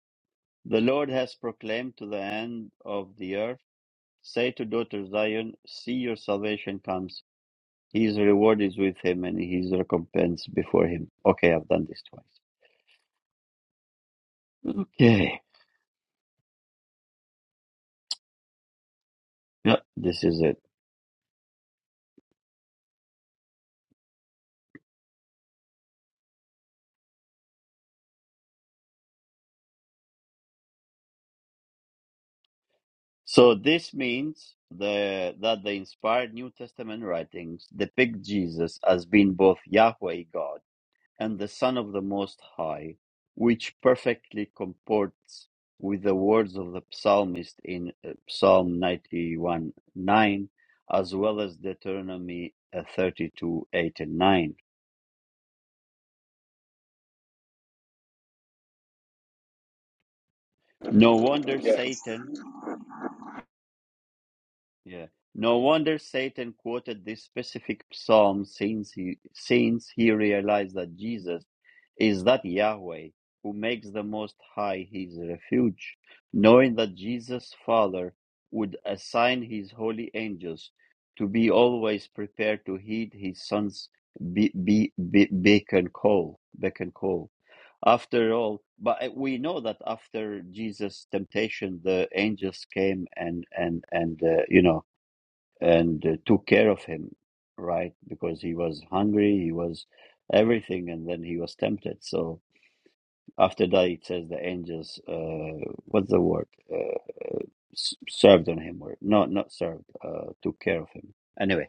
S1: The Lord has proclaimed to the end of the earth say to daughter Zion see your salvation comes his reward is with him and his recompense before him okay I've done this twice okay Yeah, this is it. So this means the that the inspired New Testament writings depict Jesus as being both Yahweh God and the Son of the Most High, which perfectly comports with the words of the psalmist in uh, Psalm 91 9, as well as Deuteronomy uh, 32 8 and 9. No wonder
S3: Yeah.
S1: Satan Yeah. No wonder Satan quoted this specific psalm since he, since he realized that Jesus is that Yahweh who makes the Most High his refuge, knowing that Jesus' Father would assign his holy angels to be always prepared to heed his son's be, be, be, beacon call, beacon call. After all, but uh, we know that after Jesus' temptation, the angels came and and and uh, you know and uh, took care of him, right? Because he was hungry, he was everything, and then he was tempted. So after that, it says the angels, uh, what's the word? Uh, s- served on him, or no, not served, uh, took care of him. Anyway,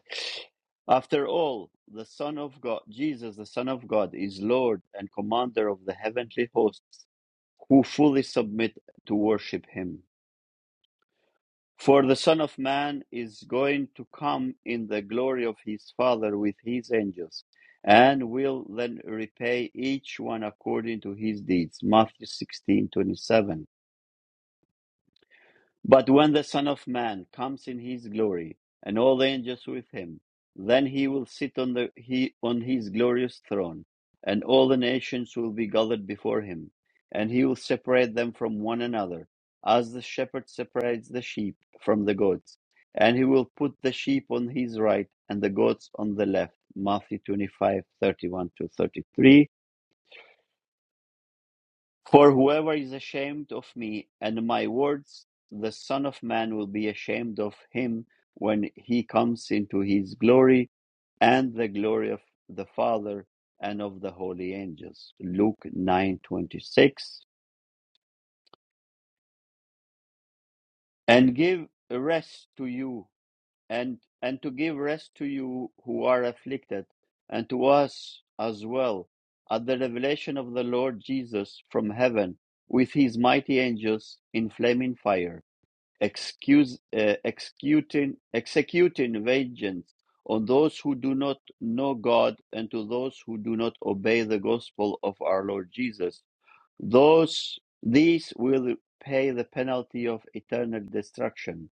S1: after all, the Son of God, Jesus, the Son of God, is Lord and Commander of the heavenly hosts who fully submit to worship him. For the Son of Man is going to come in the glory of his Father with his angels, and will then repay each one according to his deeds. Matthew sixteen twenty seven. But when the Son of Man comes in his glory, and all the angels with him, then he will sit on the he on his glorious throne, and all the nations will be gathered before him, and he will separate them from one another, as the shepherd separates the sheep from the goats, and he will put the sheep on his right and the goats on the left. Matthew twenty five, thirty one to thirty three for whoever is ashamed of me and my words, the Son of Man will be ashamed of him when he comes into his glory and the glory of the Father and of the holy angels. Luke 9:26. And give rest to you and and to give rest to you who are afflicted and to us as well at the revelation of the Lord Jesus from heaven with his mighty angels in flaming fire excuse, uh, executing, executing vengeance on those who do not know God and to those who do not obey the gospel of our Lord Jesus. Those, these will pay the penalty of eternal destruction,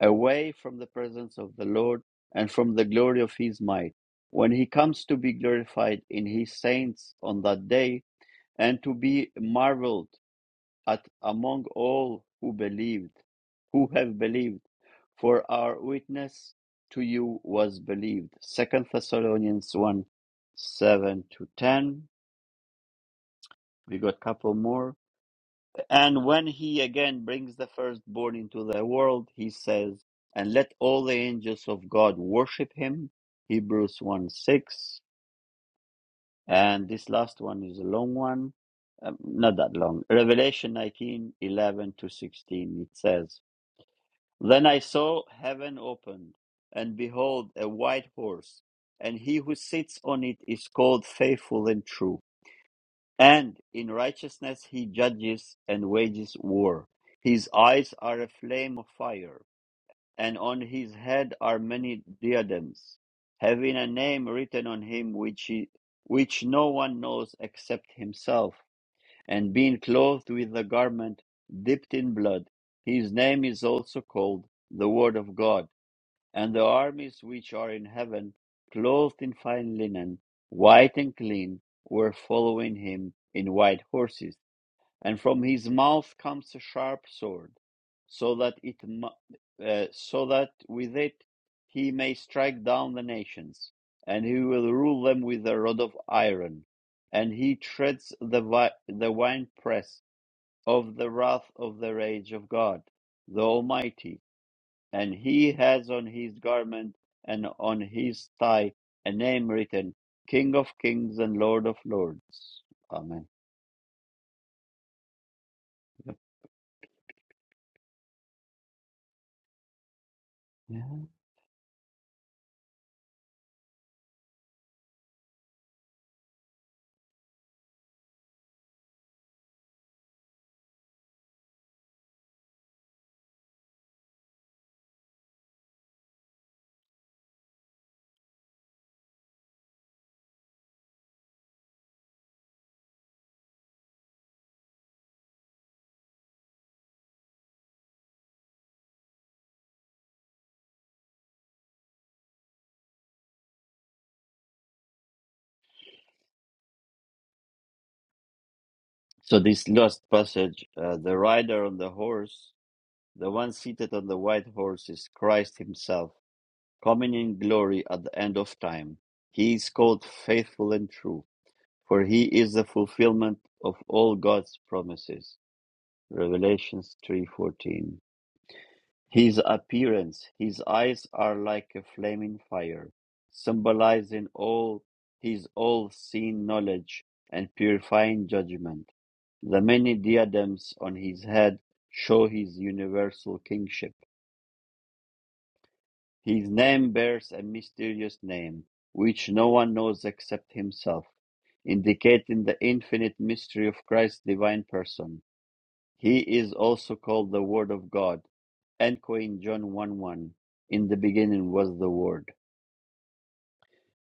S1: away from the presence of the Lord and from the glory of his might, when he comes to be glorified in his saints on that day and to be marveled at among all who believed, who have believed, for our witness to you was believed. Second Thessalonians one seven to ten. We got a couple more. And when he again brings the firstborn into the world, he says, And let all the angels of God worship him. Hebrews 1 6. And this last one is a long one. Um, not that long. Revelation nineteen eleven to 16. It says, Then I saw heaven opened, and behold, a white horse, and he who sits on it is called faithful and true. And in righteousness he judges and wages war. His eyes are a flame of fire, and on his head are many diadems, having a name written on him which, he, which no one knows except himself. And being clothed with the garment dipped in blood, his name is also called the Word of God and the armies which are in heaven, clothed in fine linen, white and clean, were following him in white horses. And from his mouth comes a sharp sword, so that it, uh, so that with it he may strike down the nations, and he will rule them with a rod of iron. And he treads the vi- the winepress of the wrath of the rage of God, the Almighty and he has on his garment and on his thigh a name written King of Kings and Lord of Lords. Amen. Yeah. So, this last passage uh, the rider on the horse, the one seated on the white horse, is Christ himself, coming in glory at the end of time. He is called faithful and true, for he is the fulfillment of all God's promises. Revelations 3:14 His appearance, his eyes are like a flaming fire, symbolizing all his all-seeing knowledge and purifying judgment. The many diadems on his head show his universal kingship. His name bears a mysterious name, which no one knows except himself, indicating the infinite mystery of Christ's divine person. He is also called the Word of God, and in John 1 1. In the beginning was the Word.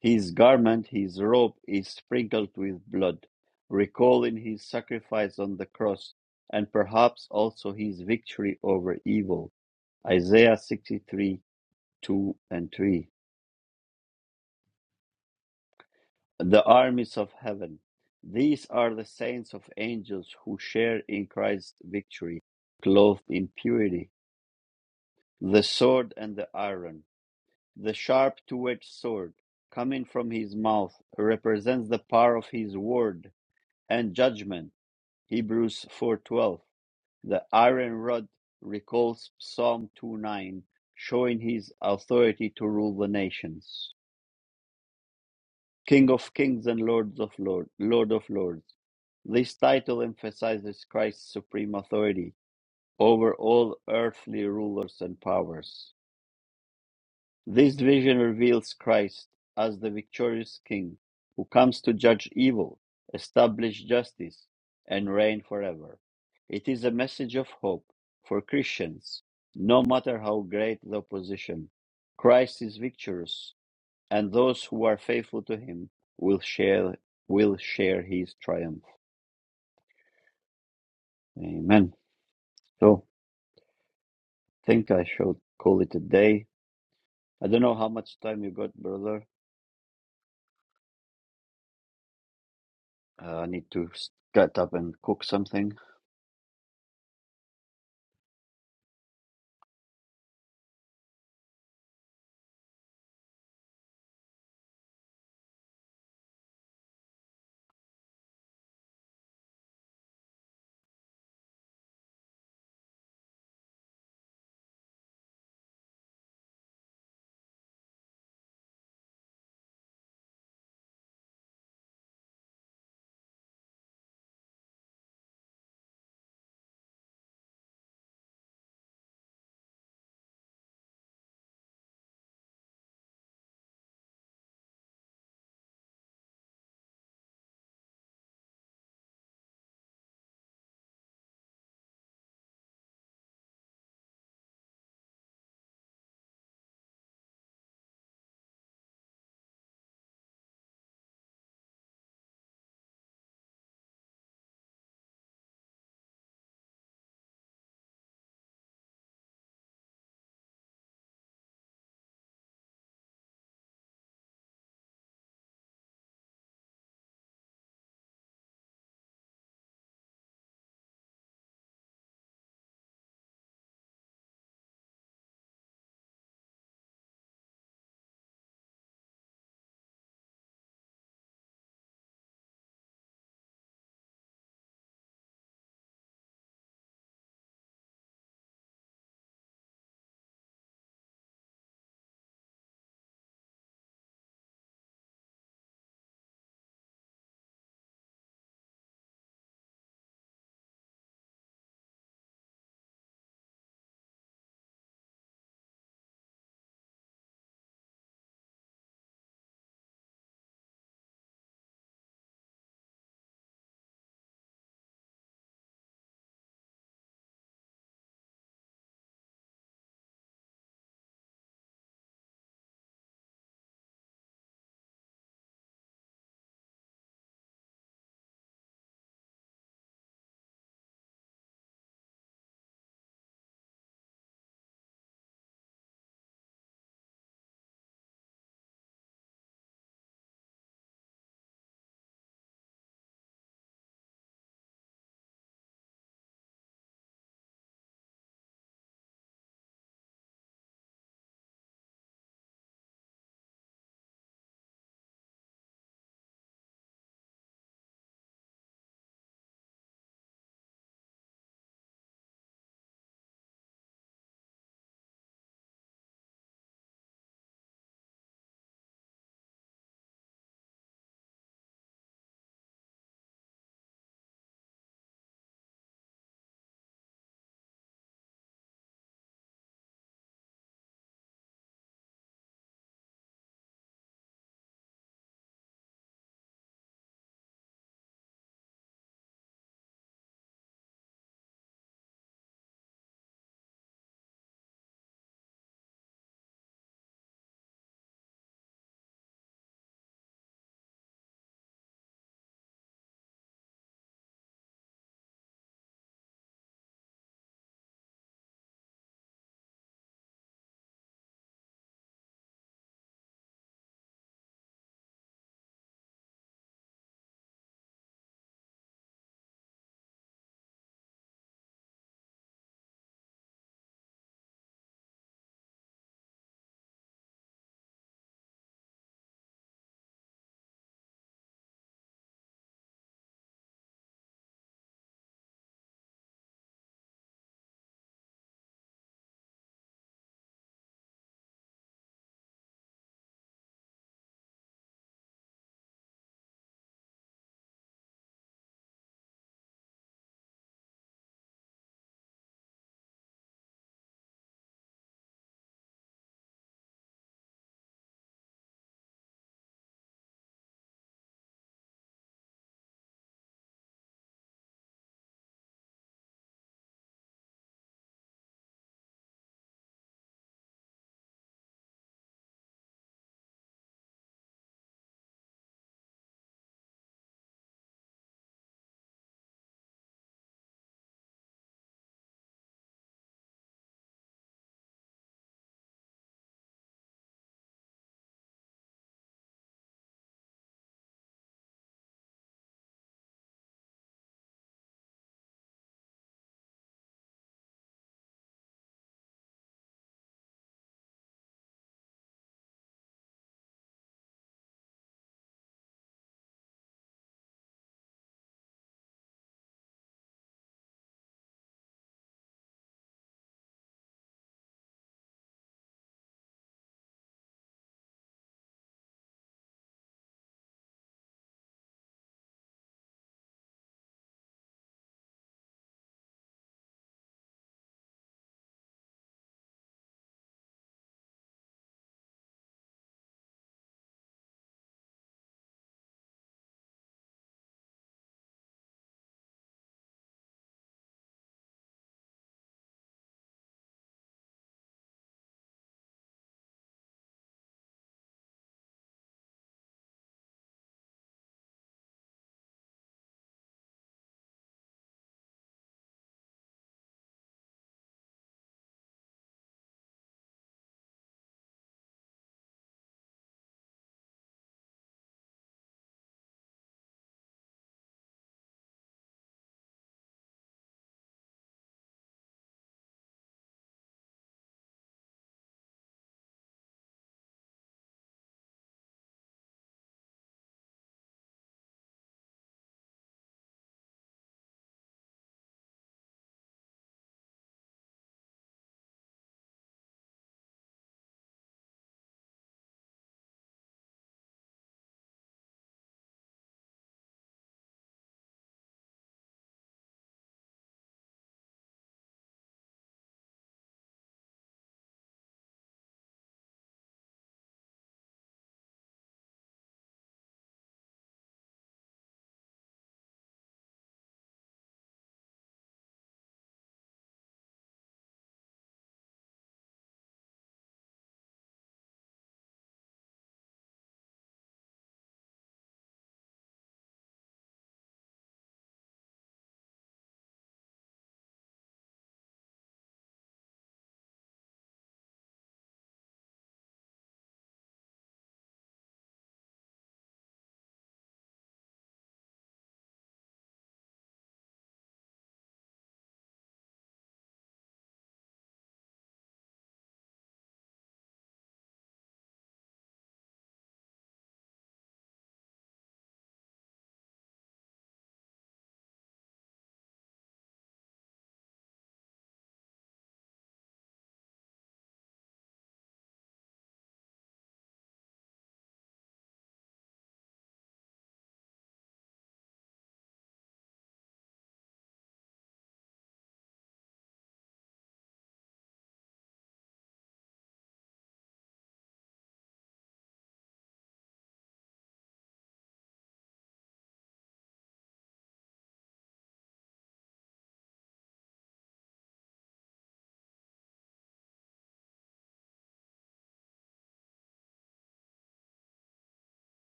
S1: His garment, his robe is sprinkled with blood, recalling his sacrifice on the cross, and perhaps also his victory over evil. Isaiah 63 2 and 3. The armies of heaven. These are the saints of angels who share in Christ's victory, clothed in purity, the sword and the iron. The sharp two-edged sword coming from his mouth represents the power of his word and judgment. Hebrews 4:12. The iron rod recalls Psalm 2:9, showing his authority to rule the nations. King of kings and Lord of lords, Lord of lords. This title emphasizes Christ's supreme authority over all earthly rulers and powers. This vision reveals Christ as the victorious King who comes to judge evil, establish justice, and reign forever. It is a message of hope for Christians, no matter how great the opposition. Christ is victorious, and those who are faithful to him will share will share his triumph. Amen. So I think I should call it a day. I don't know how much time you got, brother. Uh, I need to get up and cook something.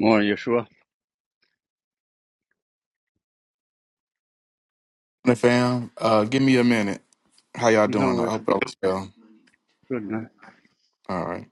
S1: More Yeshua.
S4: Hey, fam, uh, give me a minute. How y'all
S1: No
S4: doing? I
S1: worries.
S4: hope y'all well.
S1: Good night.
S4: All right,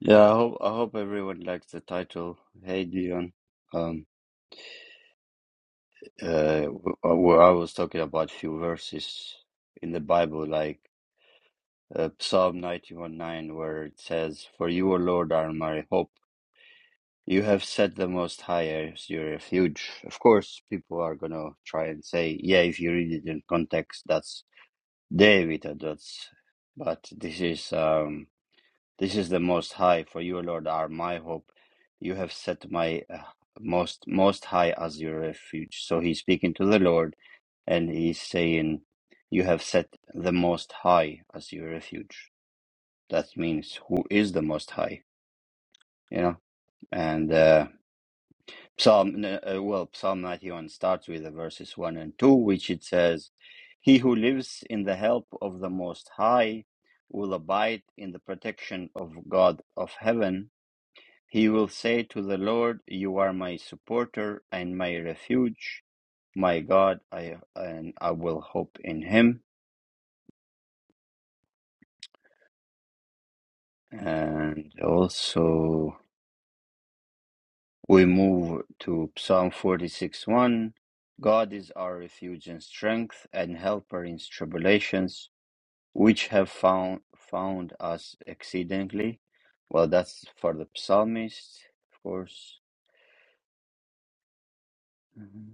S1: Yeah, I hope I hope everyone likes the title. Hey Dion. Um uh w- w- I was talking about few verses in the Bible like uh, Psalm ninety one nine, where it says, "For you, O Lord, are my hope. You have set the most high as your refuge." Of course, people are going to try and say, "Yeah, if you read it in context, that's David, or that's." But this is um This is the Most High, for you, Lord, are my hope. You have set my uh, most most high as your refuge. So he's speaking to the Lord, and he's saying, "You have set the Most High as your refuge." That means who is the Most High, you know? And uh, Psalm, uh, well, Psalm ninety-one starts with the verses one and two, which it says, "He who lives in the help of the Most High." Will abide in the protection of God of heaven He will say to the Lord, You are my supporter and my refuge, my God, I and I will hope in him. And also we move to Psalm 46 1. God is our refuge and strength and helper in tribulations, which have found found us exceedingly. Well, that's for the psalmist, of course. Mm-hmm.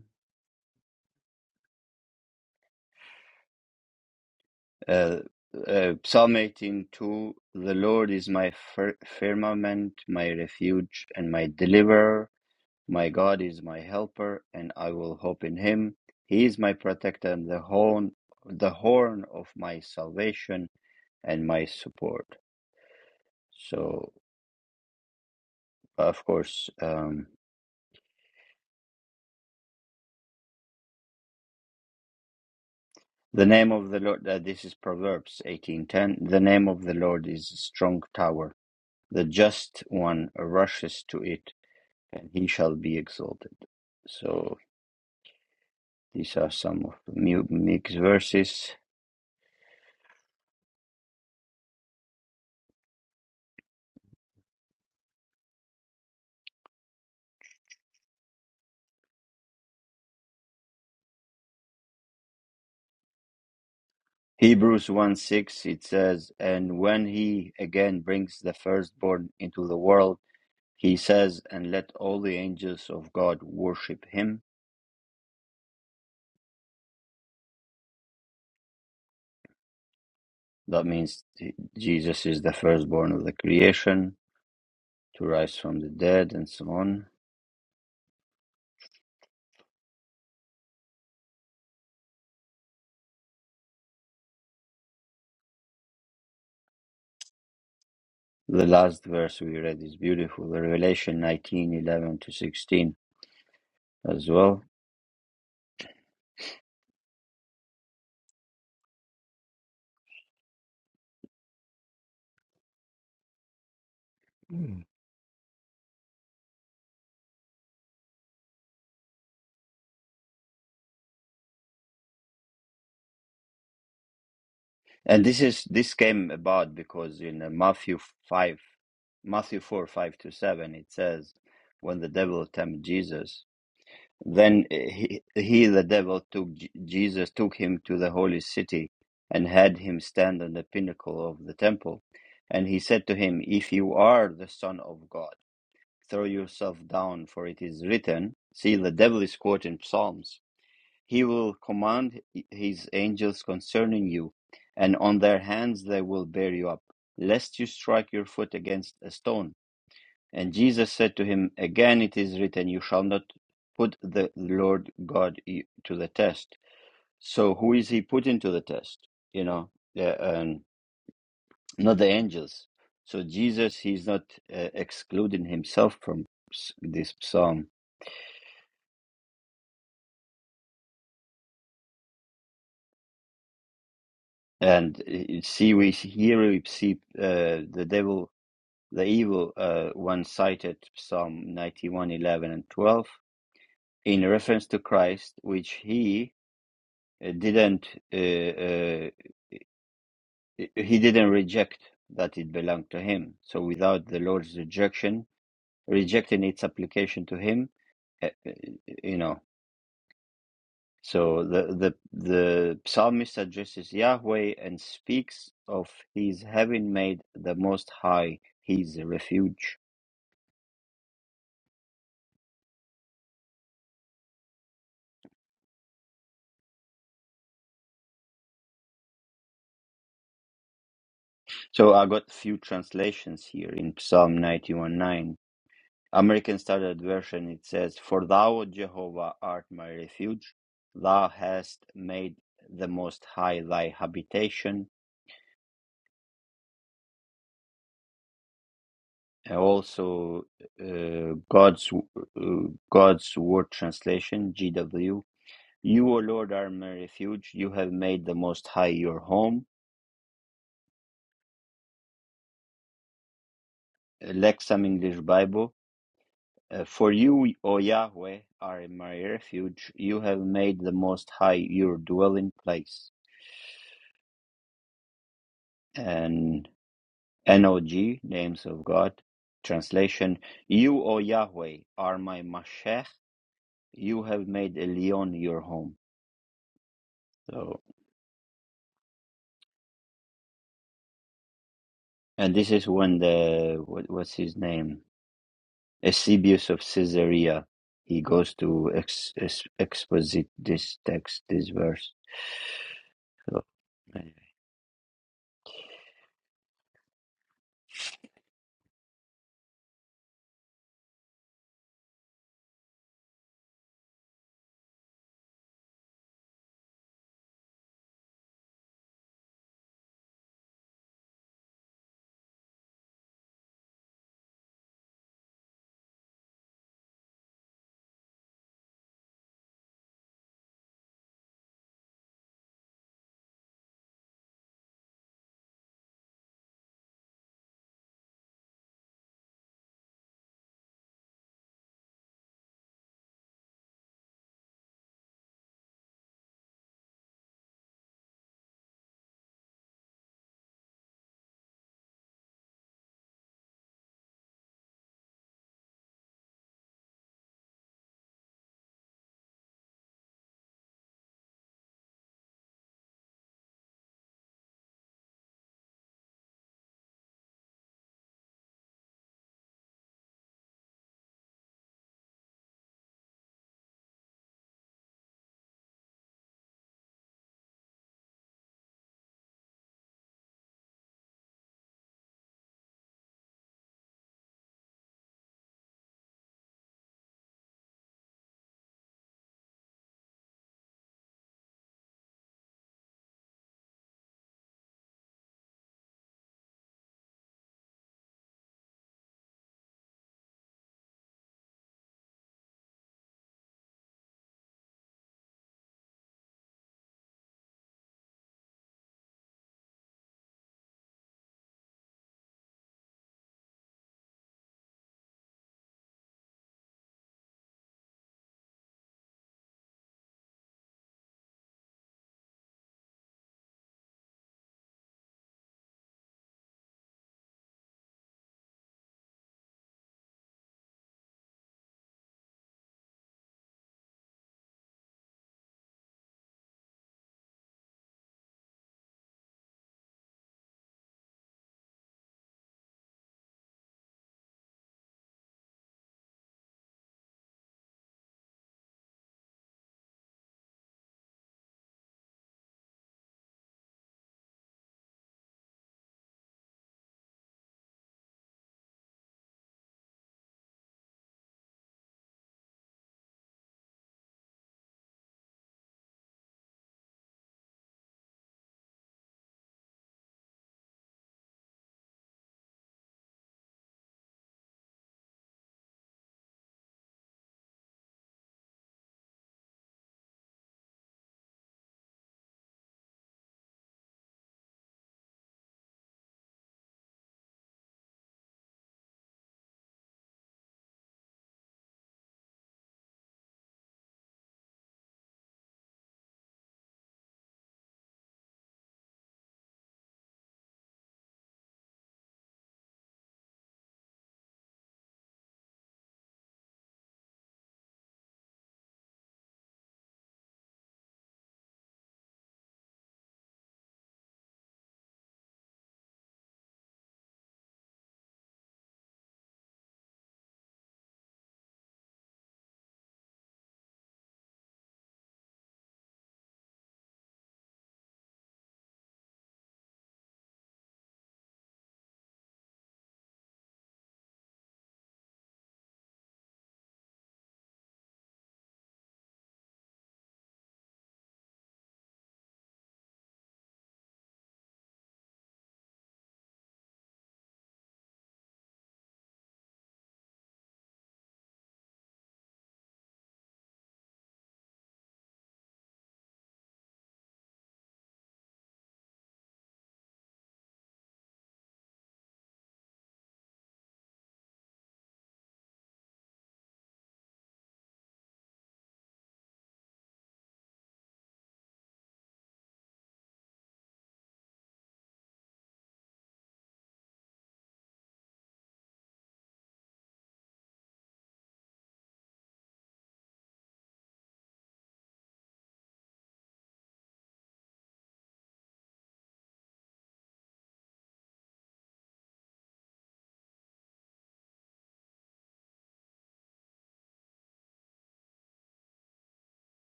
S1: Uh, uh, Psalm 18:2 The Lord is my fir- firmament, my refuge, and my deliverer. My God is my helper, and I will hope in him. He is my protector and the horn, the horn of my salvation and my support. So, of course, um, the name of the Lord, uh, this is Proverbs 18:10. The name of the Lord is a strong tower. The just one rushes to it and he shall be exalted. So these are some of the mixed verses. Hebrews 1 6, it says, And when he again brings the firstborn into the world, he says, And let all the angels of God worship him. That means Jesus is the firstborn of the creation to rise from the dead and so on. The last verse we read is beautiful, Revelation nineteen eleven to 16 as well. And this is this came about because in uh, Matthew five, Matthew four five to seven, it says, when the devil tempted Jesus, then he, he the devil took J- Jesus took him to the holy city, and had him stand on the pinnacle of the temple, and he said to him, If you are the son of God, throw yourself down, for it is written. See, the devil is quoting Psalms he will command his angels concerning you, and on their hands they will bear you up, lest you strike your foot against a stone. And Jesus said to him, Again it is written, You shall not put the Lord God to the test. So who is he putting to the test? You know, uh, um, not the angels. So Jesus, he's not uh, excluding himself from s- this psalm. And uh, see, we here we see uh, the devil The evil uh, one cited Psalm 91 11 and 12 in reference to Christ, which he uh, didn't uh, uh, he didn't reject that it belonged to him. So without the Lord's rejection, rejecting its application to him, uh, uh, you know. So the the the psalmist addresses Yahweh and speaks of his having made the Most High his refuge So I got few translations here in Psalm ninety one nine. American Standard Version it says, "For thou, O Jehovah, art my refuge; thou hast made the Most High thy habitation." And also, uh, God's uh, God's Word translation (GW): "You, O Lord, are my refuge; you have made the Most High your home." Lexham English Bible. Uh, For you, O Yahweh, are my refuge. You have made the Most High your dwelling place. And NOG, Names of God, translation You, O Yahweh, are my Mashech. You have made Elyon your home. So, and this is when the, what, what's his name? Eusebius of Caesarea. He goes to ex, ex, exposit this text, this verse. So, anyway.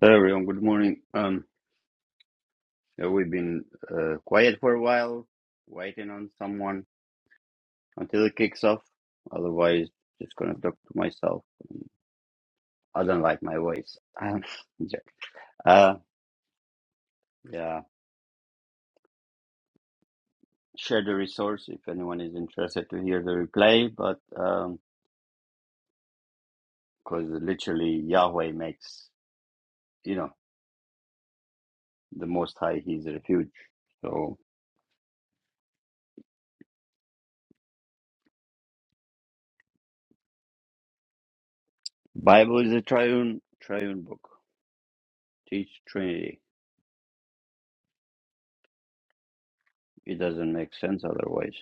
S1: Hello, everyone. Good morning. Um, Uh, We've been uh, quiet for a while, waiting on someone until it kicks off. Otherwise, just gonna talk to myself. I don't like my voice. Um, joke. uh, yeah, share the resource if anyone is interested to hear the replay. But um, because literally Yahweh makes, you know, the Most High His refuge. So Bible is a triune triune book. Teach Trinity. It doesn't make sense otherwise.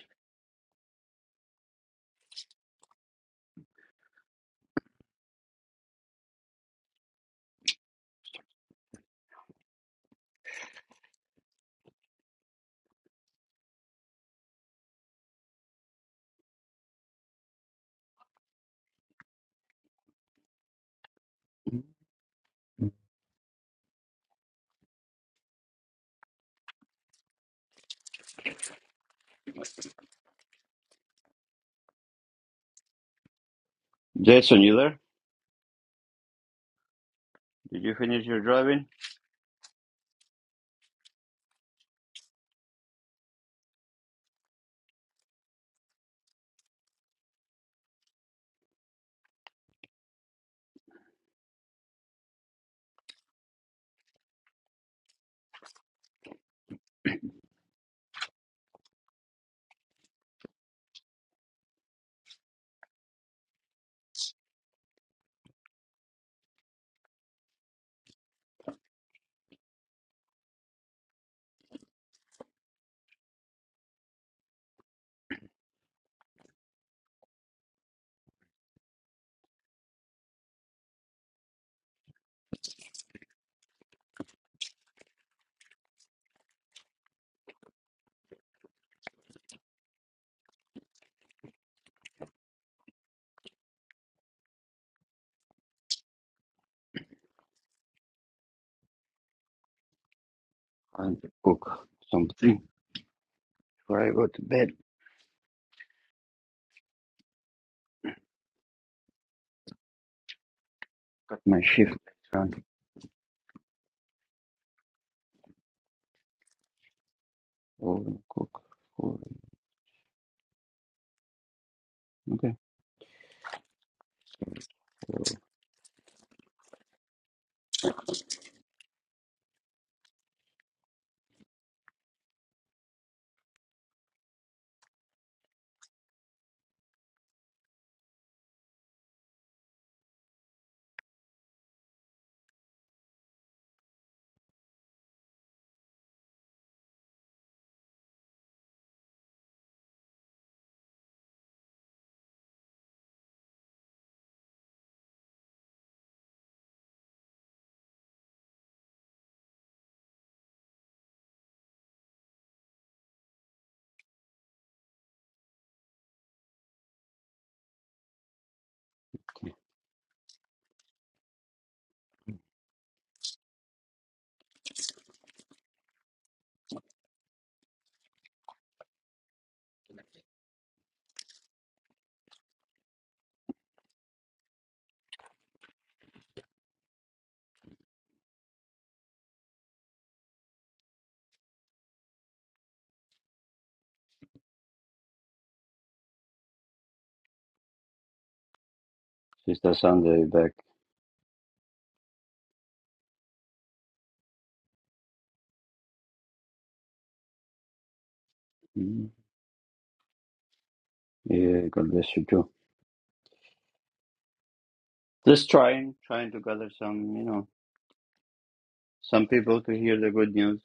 S1: Mhm. Jason, you there? Did you finish your driving? trying to cook something before I go to bed. Got my shift trying to oh, cook. Oh, okay. So, Sister Sunday back. Mm, Yeah, God bless you too. Just trying, trying to gather some, you know, some people to hear the good news.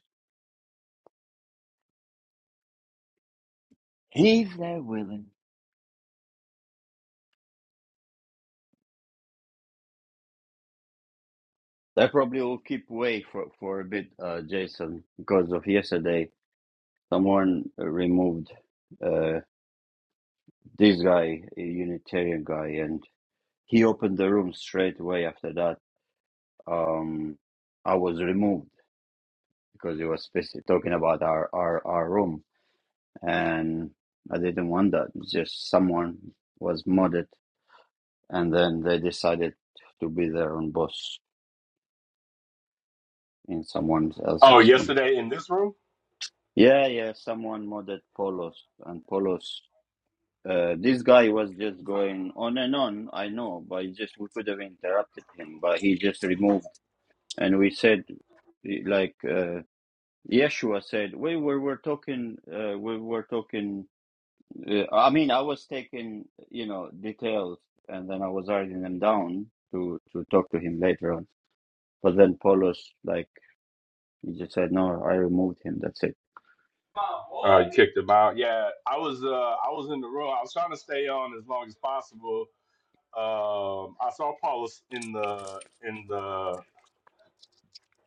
S1: If they're willing. They probably will keep away for, for a bit, uh, Jason, because of yesterday. Someone removed uh, this guy, a Unitarian guy, and he opened the room straight away after that um, I was removed because it was specific, talking about our, our, our room, and I didn't want that. It's just someone was modded, and then they decided to be their own boss in someone
S3: Oh,
S1: else's room.
S3: yesterday in this room?
S1: Yeah, yeah, someone modded Polos, and Polos. Uh, this guy was just going on and on. I know, but he just we could have interrupted him, but he just removed, and we said like. uh. Yeshua said, "We were were talking. Uh, we were talking. Uh, I mean, I was taking you know details, and then I was writing them down to to talk to him later on. But then Paulus, like, he just said, no, I removed him. That's it.
S3: Uh, you kicked him out. Yeah, I was uh, I was in the room. I was trying to stay on as long as possible. Um, I saw Paulus in the in the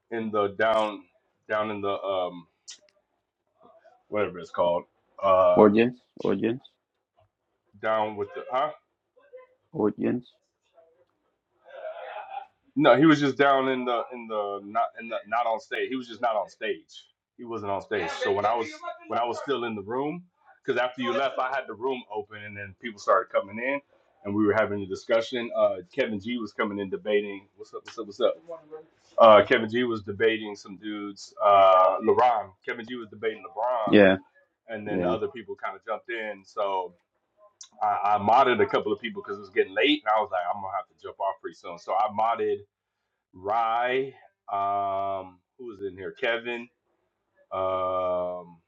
S3: in the down down in the um whatever it's called. Uh,
S1: Audience, audience,
S3: down with the huh?
S1: audience.
S3: No, he was just down in the in the not in the not on stage. He was just not on stage. He wasn't on stage. So when I was when I was still in the room, because after you left, I had the room open, and then people started coming in, and we were having a discussion. Uh, Kevin G was coming in debating. What's up? What's up? What's up? Uh, Kevin G was debating some dudes. Uh, LeBron. Kevin G was debating LeBron,
S1: Yeah,
S3: and then
S1: yeah,
S3: other people kind of jumped in. So I, I modded a couple of people because it was getting late, and I was like, I'm gonna have to jump off pretty soon. So I modded. Rye, um, who was in here? Kevin. Um,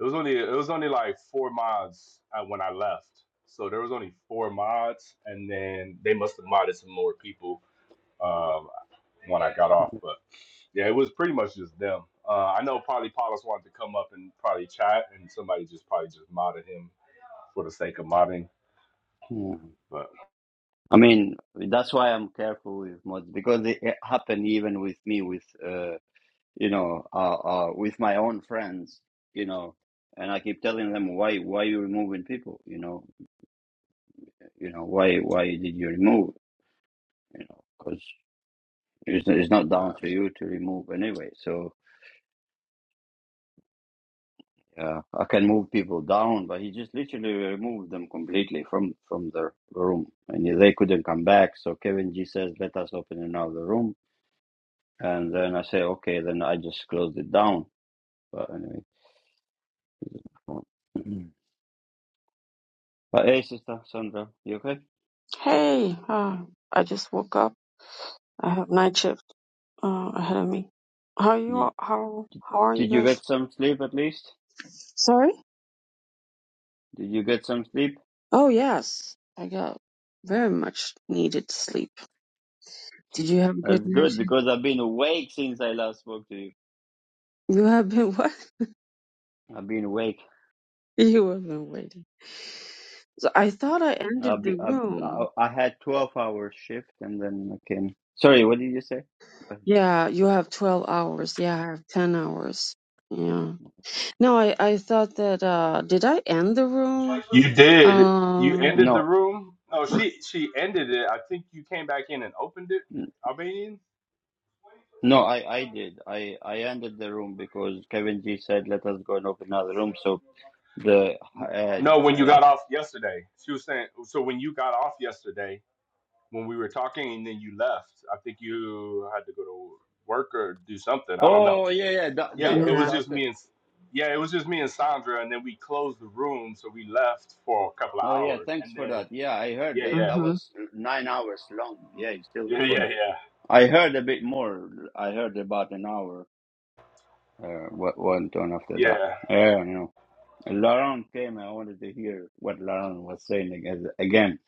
S3: it was only it was only like four mods uh, when I left, so there was only four mods, and then they must have modded some more people um, when I got off. But yeah, it was pretty much just them. Uh, I know probably Paulus wanted to come up and probably chat, and somebody just probably just modded him for the sake of modding.
S1: yeah. I mean, that's why I'm careful with mods because it, it happened even with me with." uh." you know, uh, uh, with my own friends, you know, and I keep telling them why, why you removing people, you know, you know, why, why did you remove, you know, because it's, it's not down to you to remove anyway. So uh, I can move people down, but he just literally removed them completely from from the room, and they couldn't come back. So Kevin G says, "Let us open another room," and then I say, "Okay," then I just closed it down. But anyway, but hey, sister Sandra, you okay?
S5: Hey, uh, I just woke up. I have night shift uh, ahead of me. How you? all- How how are you
S1: Did you
S5: guys?
S1: get some sleep at least?
S5: Sorry.
S1: Did you get some sleep?
S5: Oh yes, I got very much needed sleep. Did you have a good
S1: That's
S5: night
S1: good
S5: shift?
S1: because I've been awake since I last spoke to you.
S5: You have been what?
S1: I've been awake.
S5: You have been waiting. So I thought I ended
S1: I've be,
S5: the
S1: I, I,
S5: room.
S1: I had 12 hour shift and then I came. Sorry, what did you say?
S5: Yeah, you have twelve hours. Yeah, I have ten hours. Yeah. No, I I thought that. uh Did I end the room?
S3: You did. You
S5: Um.
S3: ended the
S1: No,
S3: room. No, she she ended it. I think you came back in and opened it.
S1: n-
S3: Albanian.
S1: no, I, I did. I, I ended the room because Kevin G said, let us go and open another room. So the, uh,
S3: No, when you
S1: uh,
S3: got off yesterday, she was saying. So when you got off yesterday, when we were talking, and then you left. I think you had to go to work or do something. I don't know.
S1: oh yeah, yeah, that,
S3: Yeah,
S1: that
S3: yeah. It
S1: room
S3: was
S5: Yeah.
S3: just
S1: lasted.
S3: me and. Yeah, it was just me and Sandra, and then we closed the room, so we left for a couple of
S1: Oh yeah,
S3: hours, and
S1: thanks for
S3: then
S1: that. Yeah, I heard
S3: yeah,
S1: that,
S3: yeah,
S1: that
S5: Uh
S1: was nine hours long. Yeah, you still
S3: yeah,
S1: recorded.
S3: yeah,
S1: I heard a bit more. I heard about an hour. Uh, what went on
S3: yeah,
S1: after that?
S3: yeah,
S1: Yeah, you know. Laurent came. I wanted to hear what Laurent was saying again. again.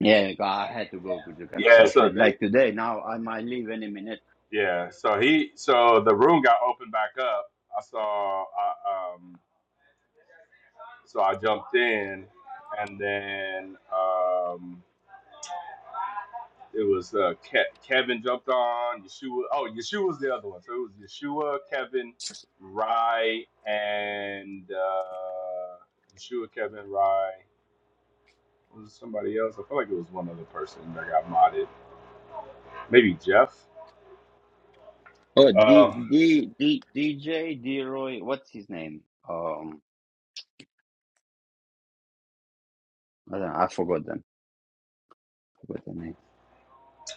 S1: Yeah, I had to go to get
S3: yeah.
S1: some
S3: So
S1: sleep.
S3: they-
S1: Like today, now I might leave any minute.
S3: Yeah, so he, so the room got opened back up. I saw, I, um, so I jumped in, and then um, it was uh, Ke- Kevin jumped on Yeshua. Oh, Yeshua was the other one. So it was Yeshua, Kevin, Rye, and uh, Yeshua, Kevin, Rye. Was it somebody else? I feel like it was one other person that got modded. Maybe Jeff.
S1: Oh, D
S3: Uh,
S1: D D DJ D Roy. What's his name? Um, I don't know. I forgot them. Forgot the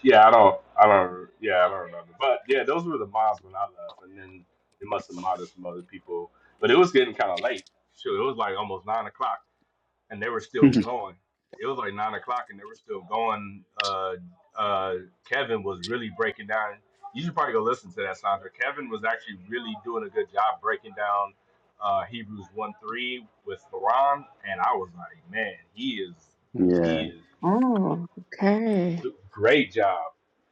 S3: Yeah, I don't, I don't, yeah, I don't remember. But yeah, those were the mods when I left, and then they must have modded some other people. But it was getting kind of late. Sure, it was like almost nine o'clock, and they were still
S1: name.
S3: going. It was like nine o'clock, and they were still going. Uh, uh, Kevin was really breaking down. You should probably go listen to that, Sandra. Kevin was actually really doing a good job breaking down uh, Hebrews one three with Quran, and I was like, man, he is,
S1: yeah.
S3: he is
S5: Oh, okay.
S3: d- great job.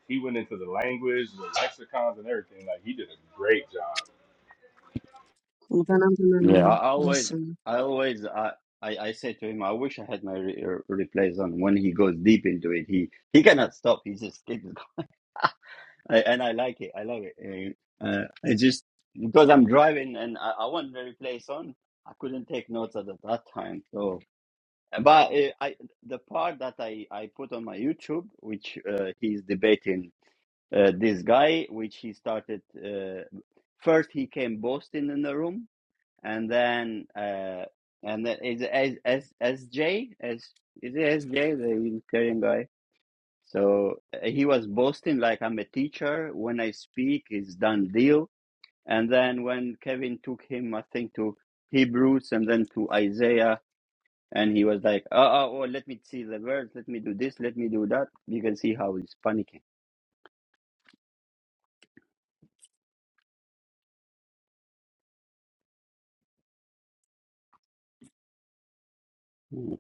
S3: He went into the language, the lexicons, and everything. Like he did a great job.
S5: then I'm
S1: Yeah, I
S5: gonna
S1: always,
S5: listen.
S1: I always, I, I, I say to him, I wish I had my re- re- replays on. When he goes deep into it, he he cannot stop. He just keeps, I, and I like it. I love it. Eh, Uh, it just because I'm driving and I, I want the replays on. I couldn't take notes at that time. So, but uh, I the part that I I put on my YouTube, which uh, he's debating uh, this guy, which he started. Uh, first, he came boasting in the room and then uh and then is as as is it S J? the Unitarian guy. So uh, he was boasting like I'm a teacher. When I speak, it's done deal. And then when Kevin took him, I think to Hebrews and then to Isaiah, and he was like, oh, oh, oh let me see the words, let me do this, let me do that. You can see how he's panicking. Mm.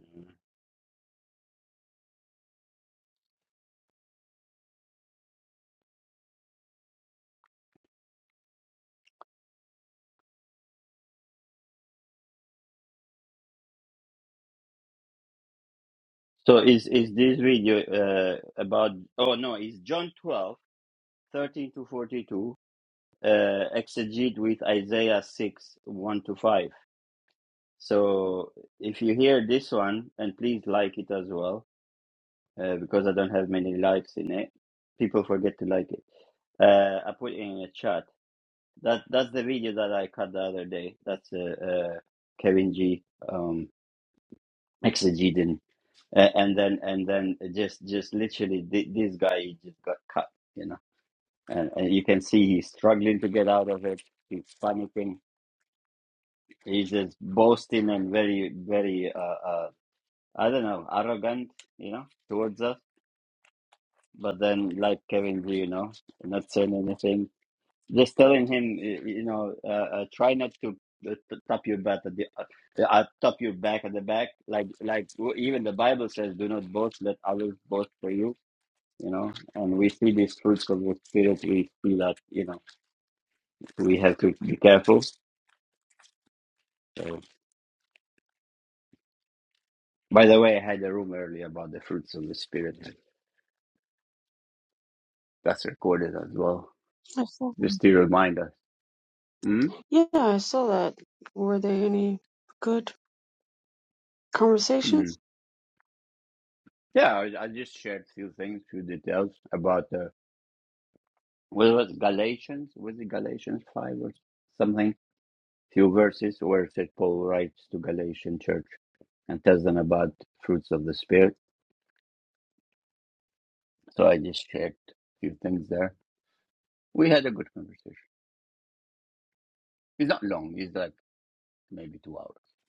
S1: So is is this video uh, about? Oh no, it's John twelve thirteen to 42 uh, exegete with Isaiah 6 1 to 5. So if you hear this one, and please like it as well, uh, because I don't have many likes in it. People forget to like it. Uh, I put it in a chat. That that's the video that I cut the other day. That's uh, uh, Kevin G um, exegeting, uh, and then and then just just literally thi- this guy he just got cut, you know, and, and you can see he's struggling to get out of it. He's panicking He's just boasting and very, very, uh, uh, I don't know, arrogant, you know, towards us. But then, like Kevin G, you know, not saying anything, just telling him, y- you know, uh, uh, try not to uh, t- tap your back at the, uh, uh, tap your back at the back. Like, like w- even the Bible says, do not boast, let others boast for you. You know, and we see these fruits of the spirit. We see that, you know, we have to be careful. So, by the way, I had a room earlier about the fruits of the spirit. That's recorded as well,
S5: I saw that.
S1: just to remind us.
S5: Yeah, I saw that. Were there any good
S1: Mm-hmm.
S5: conversations?
S1: Yeah, I, I just shared few things, few details about the what was it, Galatians? Was it Galatians five or something? Few verses where St. Paul writes to Galatian church and tells them about fruits of the spirit. So I just shared few things there. We had a good conversation. It's not long. It's like maybe two hours.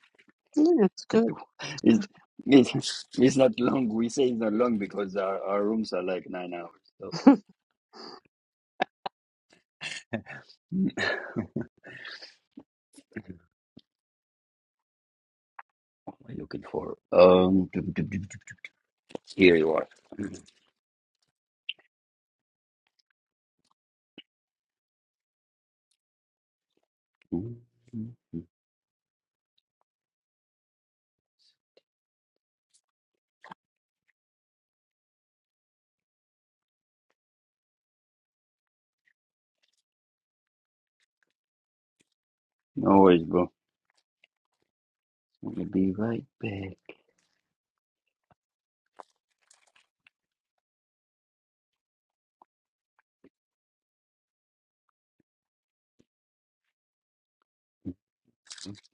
S5: Yeah, it's good.
S1: it's,
S5: It's
S1: it's, it's not long. We say it's not long because our, our rooms are like nine hours.
S5: good.
S1: So. What are you looking for? Um, here you are. No worries, bro. I'm gonna be right back.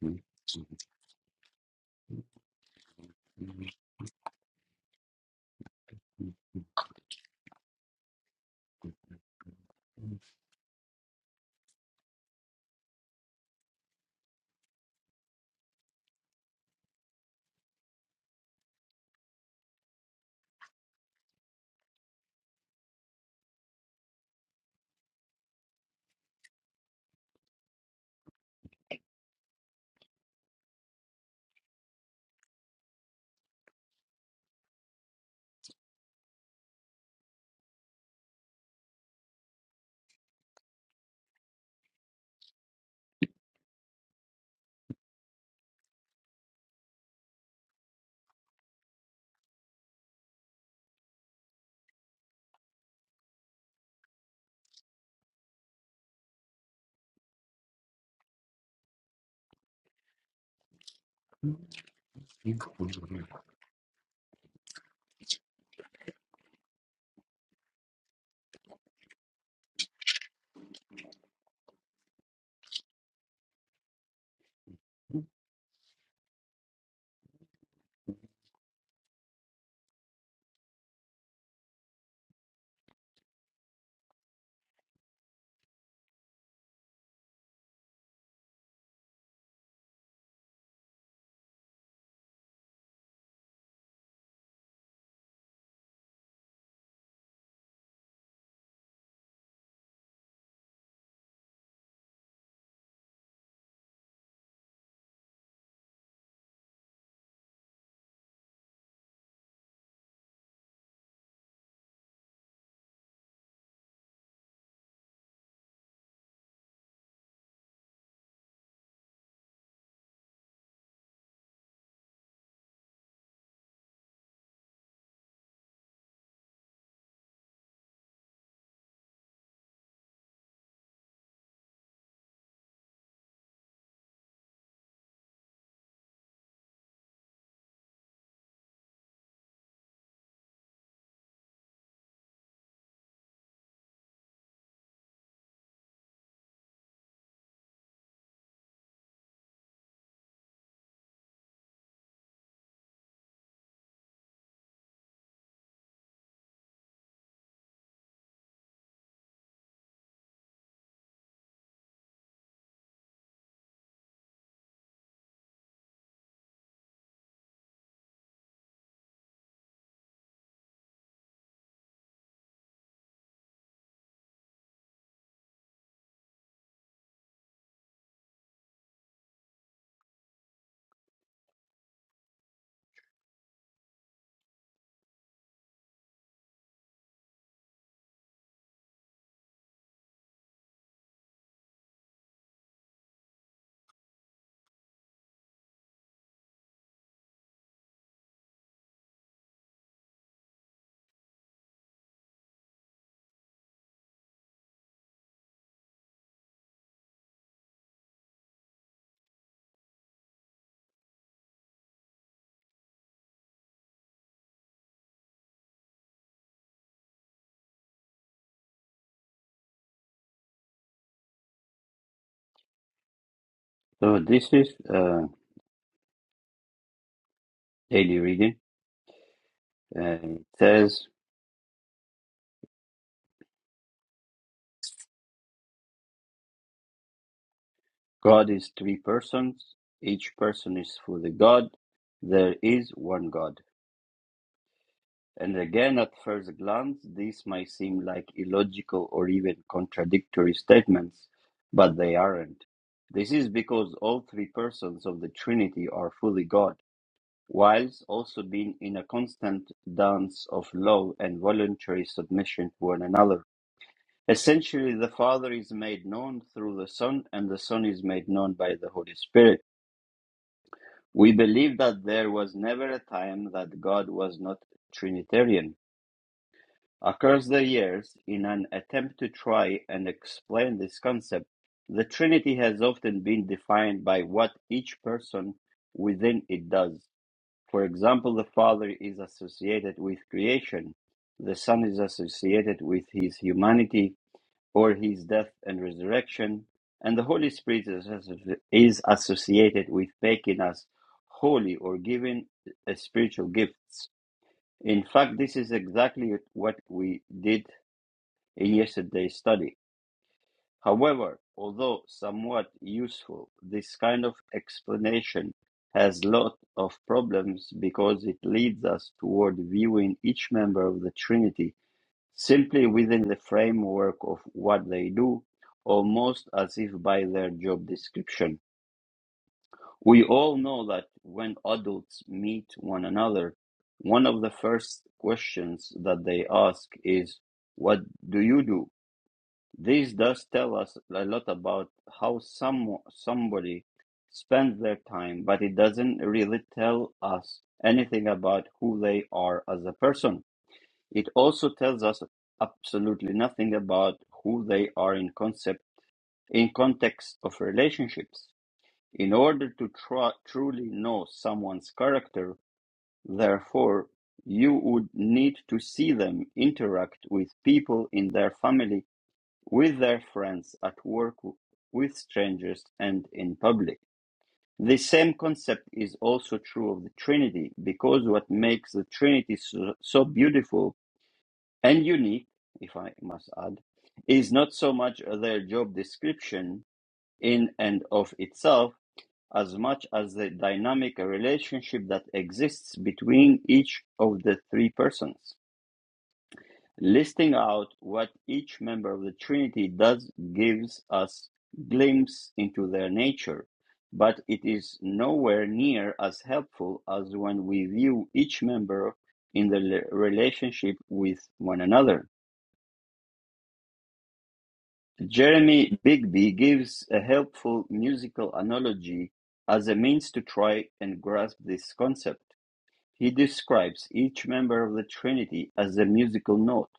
S1: Mm-hmm. So this is uh, daily reading. Uh, it says God is three persons. Each person is fully God. There is one God. And again, at first glance, these may seem like illogical or even contradictory statements, but they aren't. This is because all three persons of the Trinity are fully God, whilst also being in a constant dance of love and voluntary submission to one another. Essentially, the Father is made known through the Son, and the Son is made known by the Holy Spirit. We believe that there was never a time that God was not Trinitarian across the years in an attempt to try and explain this concept, the Trinity has often been defined by what each person within it does. For example, the Father is associated with creation, the Son is associated with his humanity or his death and resurrection, and the Holy Spirit is asso- is associated with making us holy or giving uh, spiritual gifts. In fact, this is exactly what we did in yesterday's study. However, although somewhat useful, this kind of explanation has a lot of problems because it leads us toward viewing each member of the Trinity simply within the framework of what they do, almost as if by their job description. We all know that when adults meet one another, one of the first questions that they ask is, What do you do? This does tell us a lot about how some somebody spends their time, but it doesn't really tell us anything about who they are as a person. It also tells us absolutely nothing about who they are in concept in context of relationships. In order to tru- truly know someone's character, therefore, you would need to see them interact with people in their family with their friends, at work, with strangers, and in public. The same concept is also true of the Trinity, because what makes the Trinity so, so beautiful and unique, if I must add, is not so much their job description in and of itself, as much as the dynamic relationship that exists between each of the three persons. Listing out what each member of the Trinity does gives us glimpse into their nature, but it is nowhere near as helpful as when we view each member in the relationship with one another. Jeremy Bigby gives a helpful musical analogy as a means to try and grasp this concept. He describes each member of the trinity as a musical note.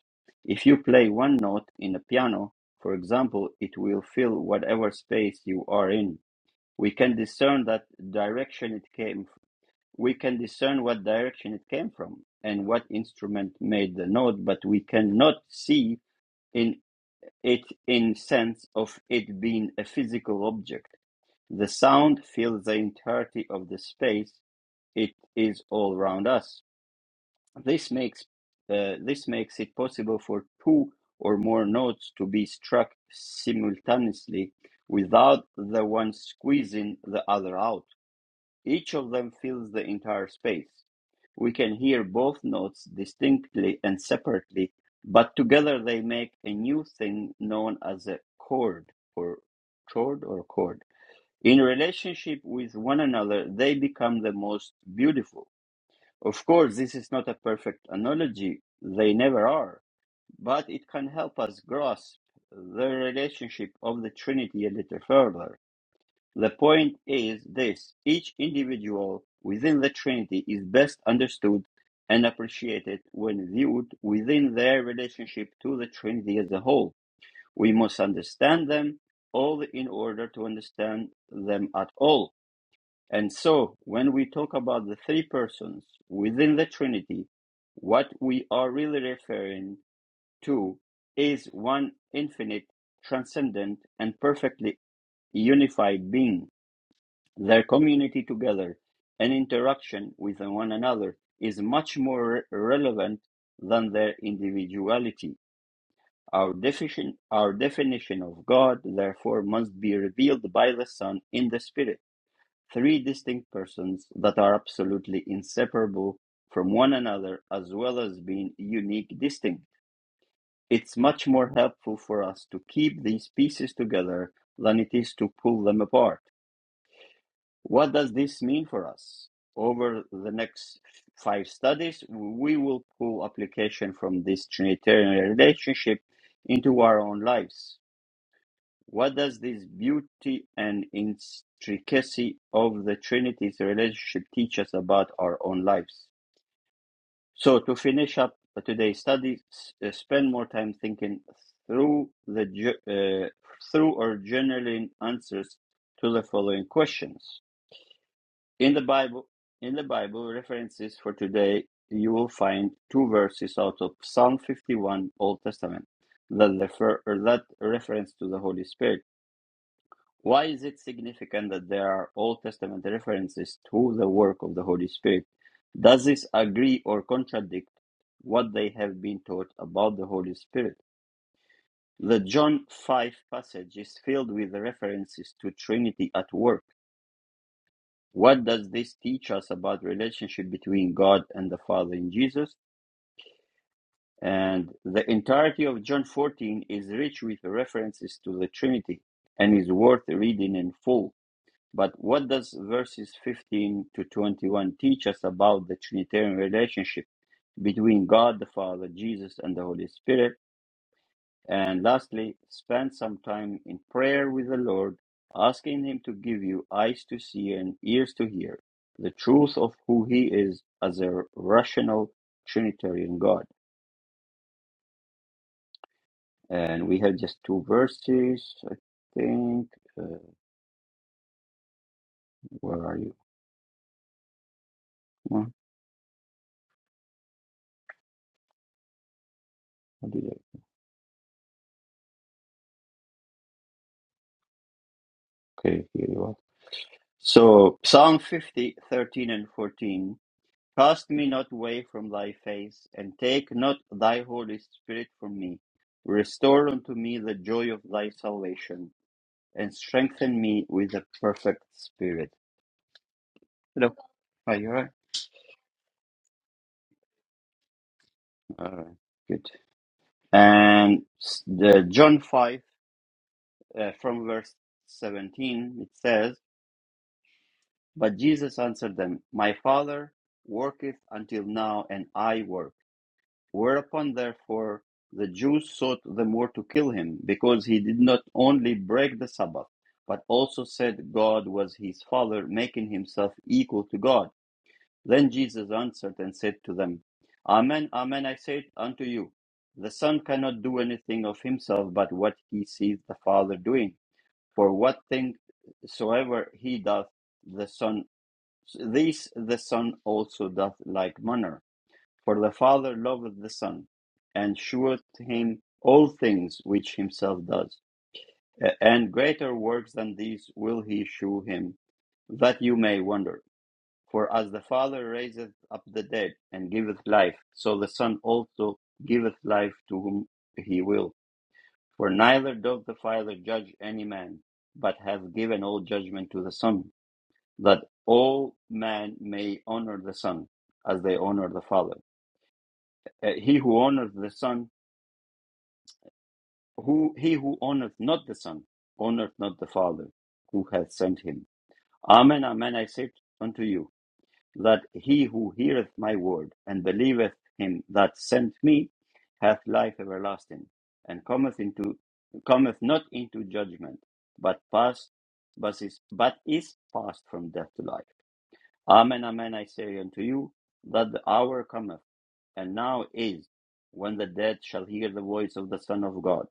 S1: If you play one note in a piano, for example, it will fill whatever space you are in. We can discern that direction it came from. we can discern what direction it came from and what instrument made the note, but we cannot see in it in sense of it being a physical object. The sound fills the entirety of the space. It is all around us this makes uh, this makes it possible for two or more notes to be struck simultaneously without the one squeezing the other out. Each of them fills the entire space. We can hear both notes distinctly and separately, but together they make a new thing known as a chord or chord or chord. In relationship with one another, they become the most beautiful. Of course, this is not a perfect analogy, they never are, but it can help us grasp the relationship of the Trinity a little further. The point is this each individual within the Trinity is best understood and appreciated when viewed within their relationship to the Trinity as a whole. We must understand them all in order to understand them at all. And so, when we talk about the three persons within the Trinity, what we are really referring to is one infinite, transcendent, and perfectly unified being. Their community together and interaction with one another is much more re- relevant than their individuality. Our definition, our definition of God, therefore, must be revealed by the Son in the Spirit three distinct persons that are absolutely inseparable from one another as well as being unique distinct it's much more helpful for us to keep these pieces together than it is to pull them apart what does this mean for us over the next five studies we will pull application from this trinitarian relationship into our own lives what does this beauty and intricacy of the Trinity's relationship teach us about our own lives? So, to finish up today's study, uh, spend more time thinking through the uh, through or journaling answers to the following questions. In the Bible, in the Bible references for today, you will find two verses out of Psalm 51, Old Testament, that refer that reference to the Holy Spirit. Why is it significant that there are Old Testament references to the work of the Holy Spirit? Does this agree or contradict what they have been taught about the Holy Spirit? The John 5 passage is filled with references to Trinity at work. What does this teach us about relationship between God and the Father in Jesus? And the entirety of John 14 is rich with references to the Trinity and is worth reading in full But what does verses 15 to 21 teach us about the Trinitarian relationship between God the Father, Jesus, and the Holy Spirit? And lastly, spend some time in prayer with the Lord, asking Him to give you eyes to see and ears to hear the truth of who He is as a rational Trinitarian God. And we have just two verses, I think. Uh, where are you? Come what did I- Okay, here you are. So, Psalm 50 13 and 14. Cast me not away from thy face, and take not thy Holy Spirit from me. Restore unto me the joy of thy salvation, and strengthen me with a perfect spirit. Hello. Are you alright? Alright, good. And s- the John 5, uh, from verse 17, it says, But Jesus answered them, My Father worketh until now, and I work. Whereupon, therefore, the Jews sought the more to kill him, because he did not only break the Sabbath, but also said God was his Father, making himself equal to God. Then Jesus answered and said to them, Amen, amen, I say unto you, the Son cannot do anything of himself but what he sees the Father doing. For what thing soever he doth, the Son, this the Son also doth like manner. For the Father loveth the Son, and sheweth him all things which himself does. And greater works than these will he shew him, that you may wonder. For as the Father raiseth up the dead and giveth life, so the Son also giveth life to whom he will. For neither doth the Father judge any man, but hath given all judgment to the Son, that all men may honor the Son, as they honor the Father. Uh, He who honoureth the Son who he who honoureth not the son honoureth not the father who hath sent him amen amen i say unto you that he who heareth my word and believeth him that sent me hath life everlasting and cometh into cometh not into judgment but passed but is, but is passed from death to life amen amen i say unto you that the hour cometh and now is when the dead shall hear the voice of the son of god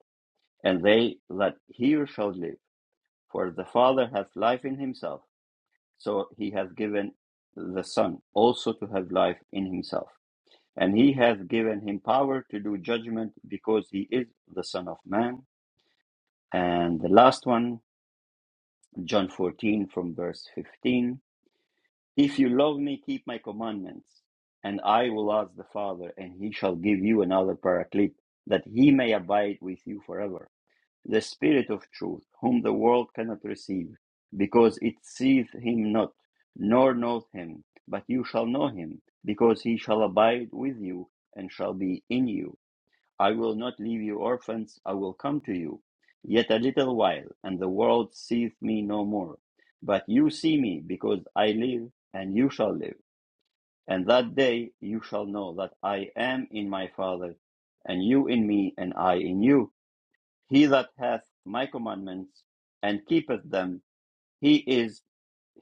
S1: and they that hear shall live. For the Father hath life in himself, so he hath given the Son also to have life in himself. And he hath given him power to do judgment, because he is the Son of Man. And the last one, John 14 from verse 15. If you love me, keep my commandments, and I will ask the Father, and he shall give you another paraclete, that he may abide with you forever the Spirit of truth, whom the world cannot receive, because it seeth him not, nor knoweth him. But you shall know him, because he shall abide with you, and shall be in you. I will not leave you orphans, I will come to you. Yet a little while, and the world seeth me no more. But you see me, because I live, and you shall live. And that day you shall know that I am in my Father, and you in me, and I in you he that hath my commandments and keepeth them, he is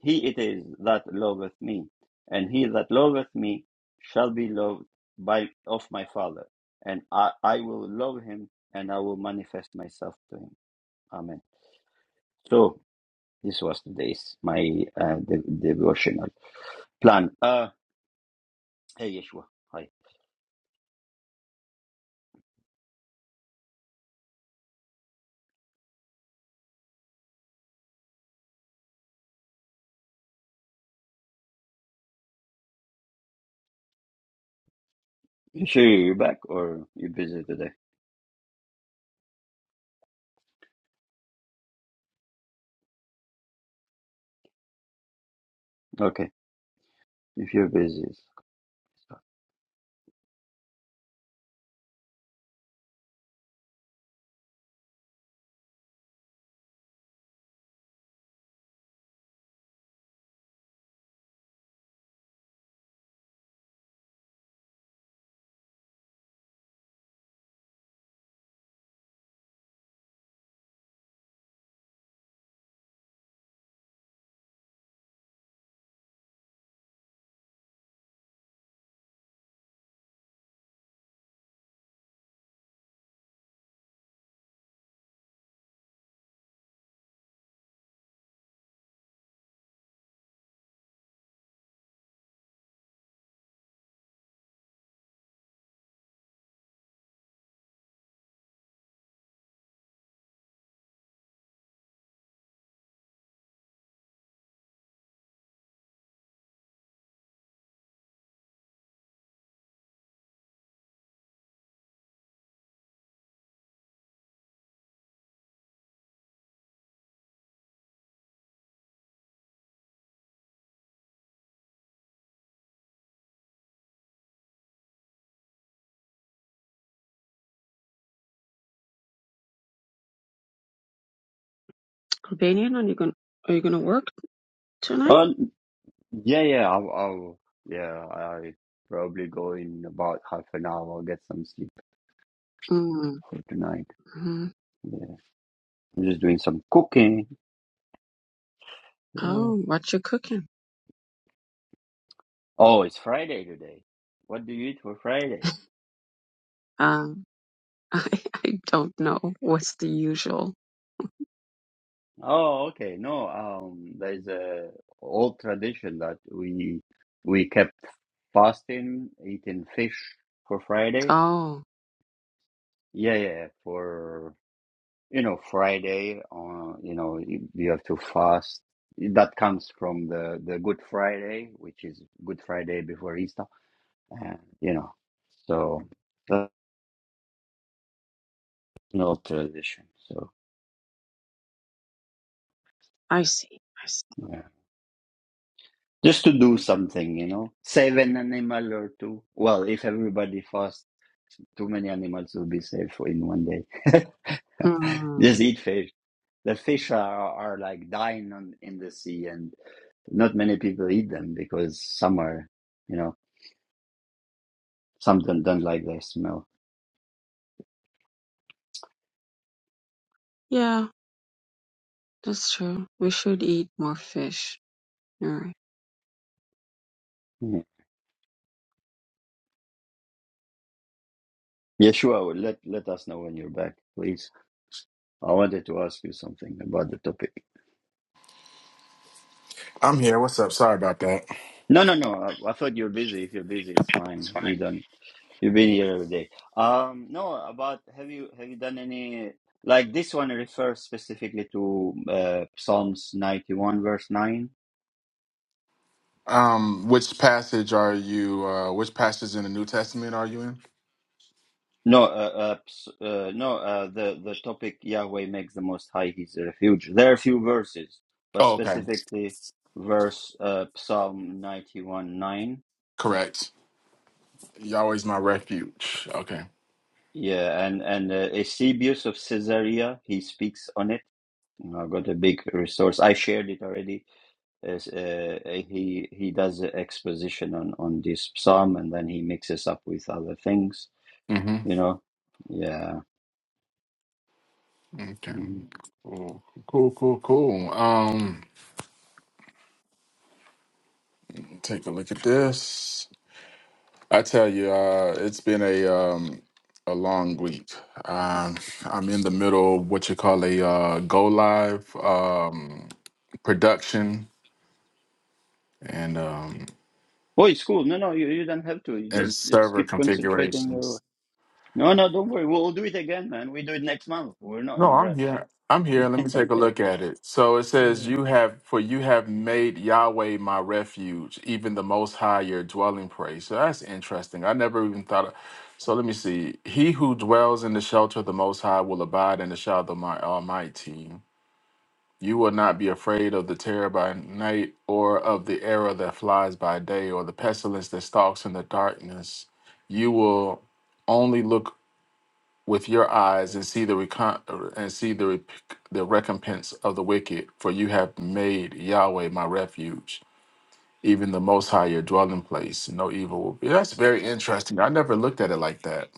S1: he it is that loveth me, and he that loveth me shall be loved by of my Father, and I, I will love him and I will manifest myself to him. Amen. So this was today's my uh, de- devotional plan. Uh, hey Yeshua, hi. Yeshua, you back or you busy today? Okay, if you're busy. it's-
S5: Albanian, are you gonna are you gonna work tonight?
S1: oh Yeah, yeah, I'll, I'll yeah, I probably go in about half an hour, get some sleep
S5: Mm-hmm.
S1: for tonight. Yeah, I'm just doing some cooking. Yeah.
S5: Oh, what you cooking?
S1: Oh, it's Friday today. What do you eat for Friday?
S5: Um, I I don't know. What's the usual?
S1: Oh, okay. No, um, there's a old tradition that we we kept fasting, eating fish for Friday.
S5: Oh,
S1: Yeah, yeah, yeah, for you know friday or, uh, you know you, you have to fast that comes from the the good friday which is good friday before easter and you know so that's no tradition so
S5: I see. I see.
S1: yeah just to do something you know save an animal or two well if everybody fasts too many animals will be saved for in one day
S5: Hmm.
S1: just eat fish the fish are, are like dying on, in the sea and Not many people eat them because some are, you know, some don't, don't like their smell.
S5: Yeah, that's true. We should eat more fish.
S1: Mhm. Yeshua, well, let let us know when you're back, please. I wanted to ask you something about the topic.
S4: I'm here. What's up? Sorry about that.
S1: No, no, no. I, I thought you're busy. If you're busy, it's fine. You don't. You've been here every day. Um, no, about have you have you done any like this one refers specifically to uh, Psalms ninety one verse nine.
S4: Um, which passage are you? Uh, which passage in the New Testament are you in?
S1: No, uh, uh, ps- uh, no. Uh, the the topic Yahweh makes the Most High His refuge. There are a few verses, but
S4: Oh, okay,
S1: specifically verse uh, Psalm ninety one nine.
S4: correct. Yahweh's my refuge. Okay.
S1: Yeah, and and uh, Eusebius of Caesarea he speaks on it. You know, I got a big resource. I shared it already. As, uh, he he does an exposition on on this psalm, and then he mixes up with other things.
S4: Mm-hmm.
S1: You know, yeah.
S4: Okay.
S1: Mm-hmm.
S4: Cool. Cool. Cool. Cool. Um, take a look at this. I tell you, uh, it's been a um, a long week. Um, I'm in the middle of what you call a uh, go live um, production and um,
S1: Oh, it's cool. No, no, you, you don't have to. You
S4: and
S1: just just
S4: server
S1: keep concentrating
S4: configurations.
S1: your. No, no, don't worry. We'll do it again, man. We do it next month. We're not
S4: No,
S1: in
S4: I'm
S1: rush.
S4: here. I'm here. Let me take a look at it. So it says,
S1: Mm.
S4: "You have for you have made Yahweh my refuge, even the Most High your dwelling place." So that's interesting. I never even thought. Of, so let me see. He who dwells in the shelter of the Most High will abide in the shadow of my Almighty. You will not be afraid of the terror by night, or of the arrow that flies by day, or the pestilence that stalks in the darkness. You will only look with your eyes and see the recon- and see the rep- the recompense of the wicked, for you have made Yahweh my refuge, even the Most High your dwelling place. No evil will be. That's very interesting. I never looked at it like that.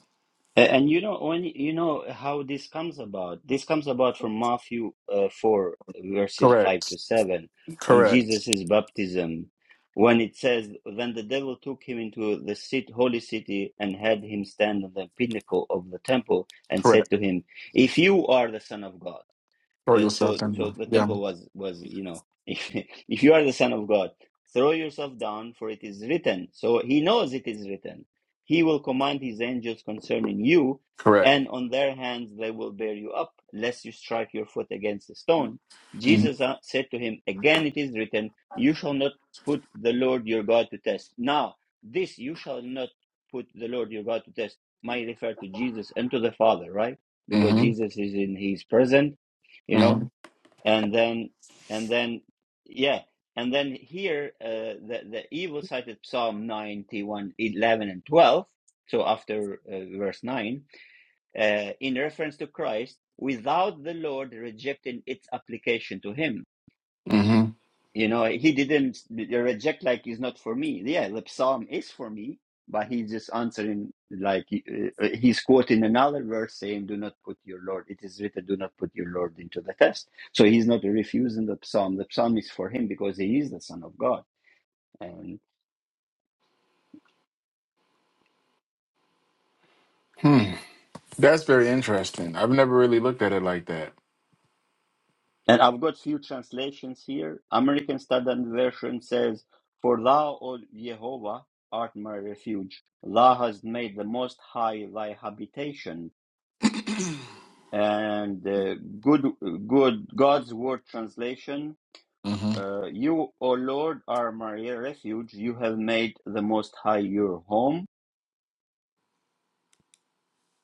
S1: A- And you know when you know how this comes about. This comes about from Matthew uh, four verses five to
S4: Correct.
S1: seven on
S4: Correct.
S1: Jesus' baptism, when it says, "Then the devil took him into the cit- holy city and had him stand on the pinnacle of the temple and said
S4: Correct.
S1: to him, 'If you are the son of God."
S4: Throw
S1: Uh, so
S4: yourself in.
S1: so the
S4: Yeah.
S1: temple was was you know if if you are the son of god throw yourself down for it is written so he knows it is written he will command his angels concerning you
S4: Correct.
S1: and on their hands they will bear you up lest you strike your foot against a stone jesus uh, said to him again it is written you shall not put the lord your god to test now this you shall not put the lord your god to test might refer to jesus and to the father right because
S4: Mm-hmm.
S1: jesus is in his present you know
S4: hmm
S1: and then and then yeah and then here uh, the the evil cited psalm 91 11 and 12 so after uh, verse 9 uh, in reference to christ without the lord rejecting its application to him
S4: hmm
S1: you know, he didn't reject like it's not for me. Yeah, the psalm is for me, but he's just answering like uh, uh, he's quoting another verse saying, "Do not put your Lord." It is written, "Do not put your Lord into the test." So he's not refusing the psalm. The psalm is for him because he is the Son of God. And
S4: Hmm. That's very interesting. I've never really looked at it like that.
S1: and I've got few translations here. American Standard Version says, "For thou, O Jehovah, art my refuge. Thou hast made the Most High thy habitation." and uh, good good God's word translation.
S4: hmm
S1: Uh, you, O Lord, are my refuge. You have made the Most High your home.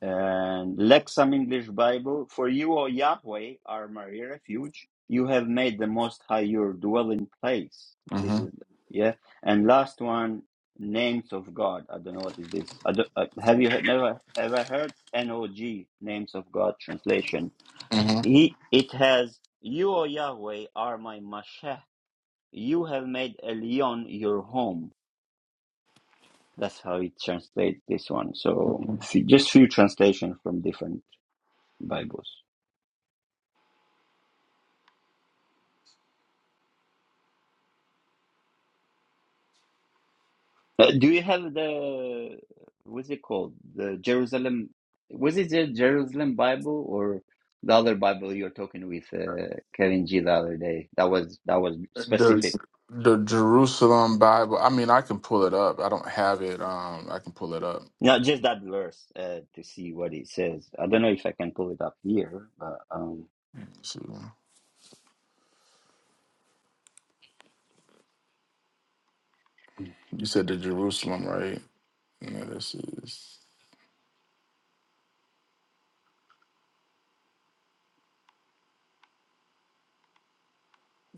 S1: And Lexham English Bible. For you, O Yahweh, are my refuge. You have made the Most High your dwelling place. This
S4: hmm
S1: is yeah. And last one, names of God. I don't know what is this. I don't, uh, have you he- never ever heard N O G names of God translation?
S4: hmm
S1: He, it has, You, O Yahweh, are my Mashah. You have made Elyon your home. That's how it translates this one. So just few translations from different Bibles. Uh, do you have the, what's it called? The Jerusalem, was it the Jerusalem Bible or the other Bible you were talking with uh, Kevin G the other day? That was, that was specific.
S4: the the Jerusalem Bible. I mean, I can pull it up. I don't have it. Um, I can pull it up.
S1: Not just that verse uh, to see what it says. I don't know if I can pull it up here, but. um,
S4: So, you said the Jerusalem, right? Yeah, this is.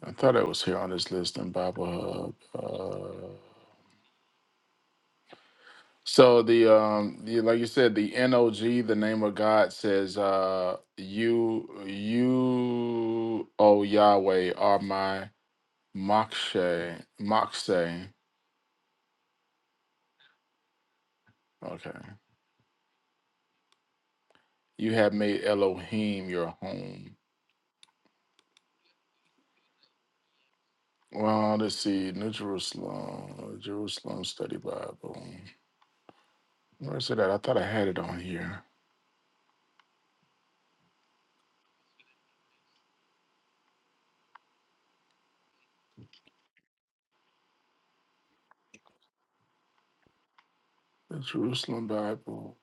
S4: I thought it was here on this list in Bible Hub. Uh, so the um, the, like you said, the NOG, the name of God says, uh, you you, oh Yahweh, are my mokshe, mokshe. Okay, you have made Elohim your home. Well, let's see. New Jerusalem, Jerusalem Study Bible. Where is it at? I thought I had it on here. The Jerusalem Bible,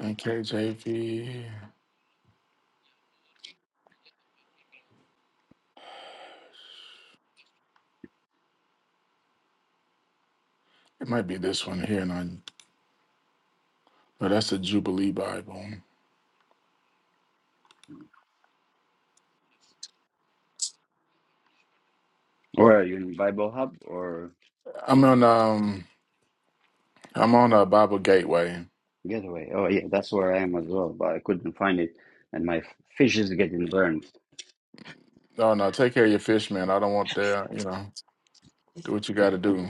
S4: NKJV. It might be this one here, and I. No, that's the Jubilee Bible.
S1: Where are you in Bible Hub or
S4: I'm on um. I'm on a Bible Gateway.
S1: Getaway? Oh yeah, that's where I am as well, but I couldn't find it, and my fish is getting burned.
S4: No, no. Take care of your fish, man. I don't want that. You know, do what you got to do.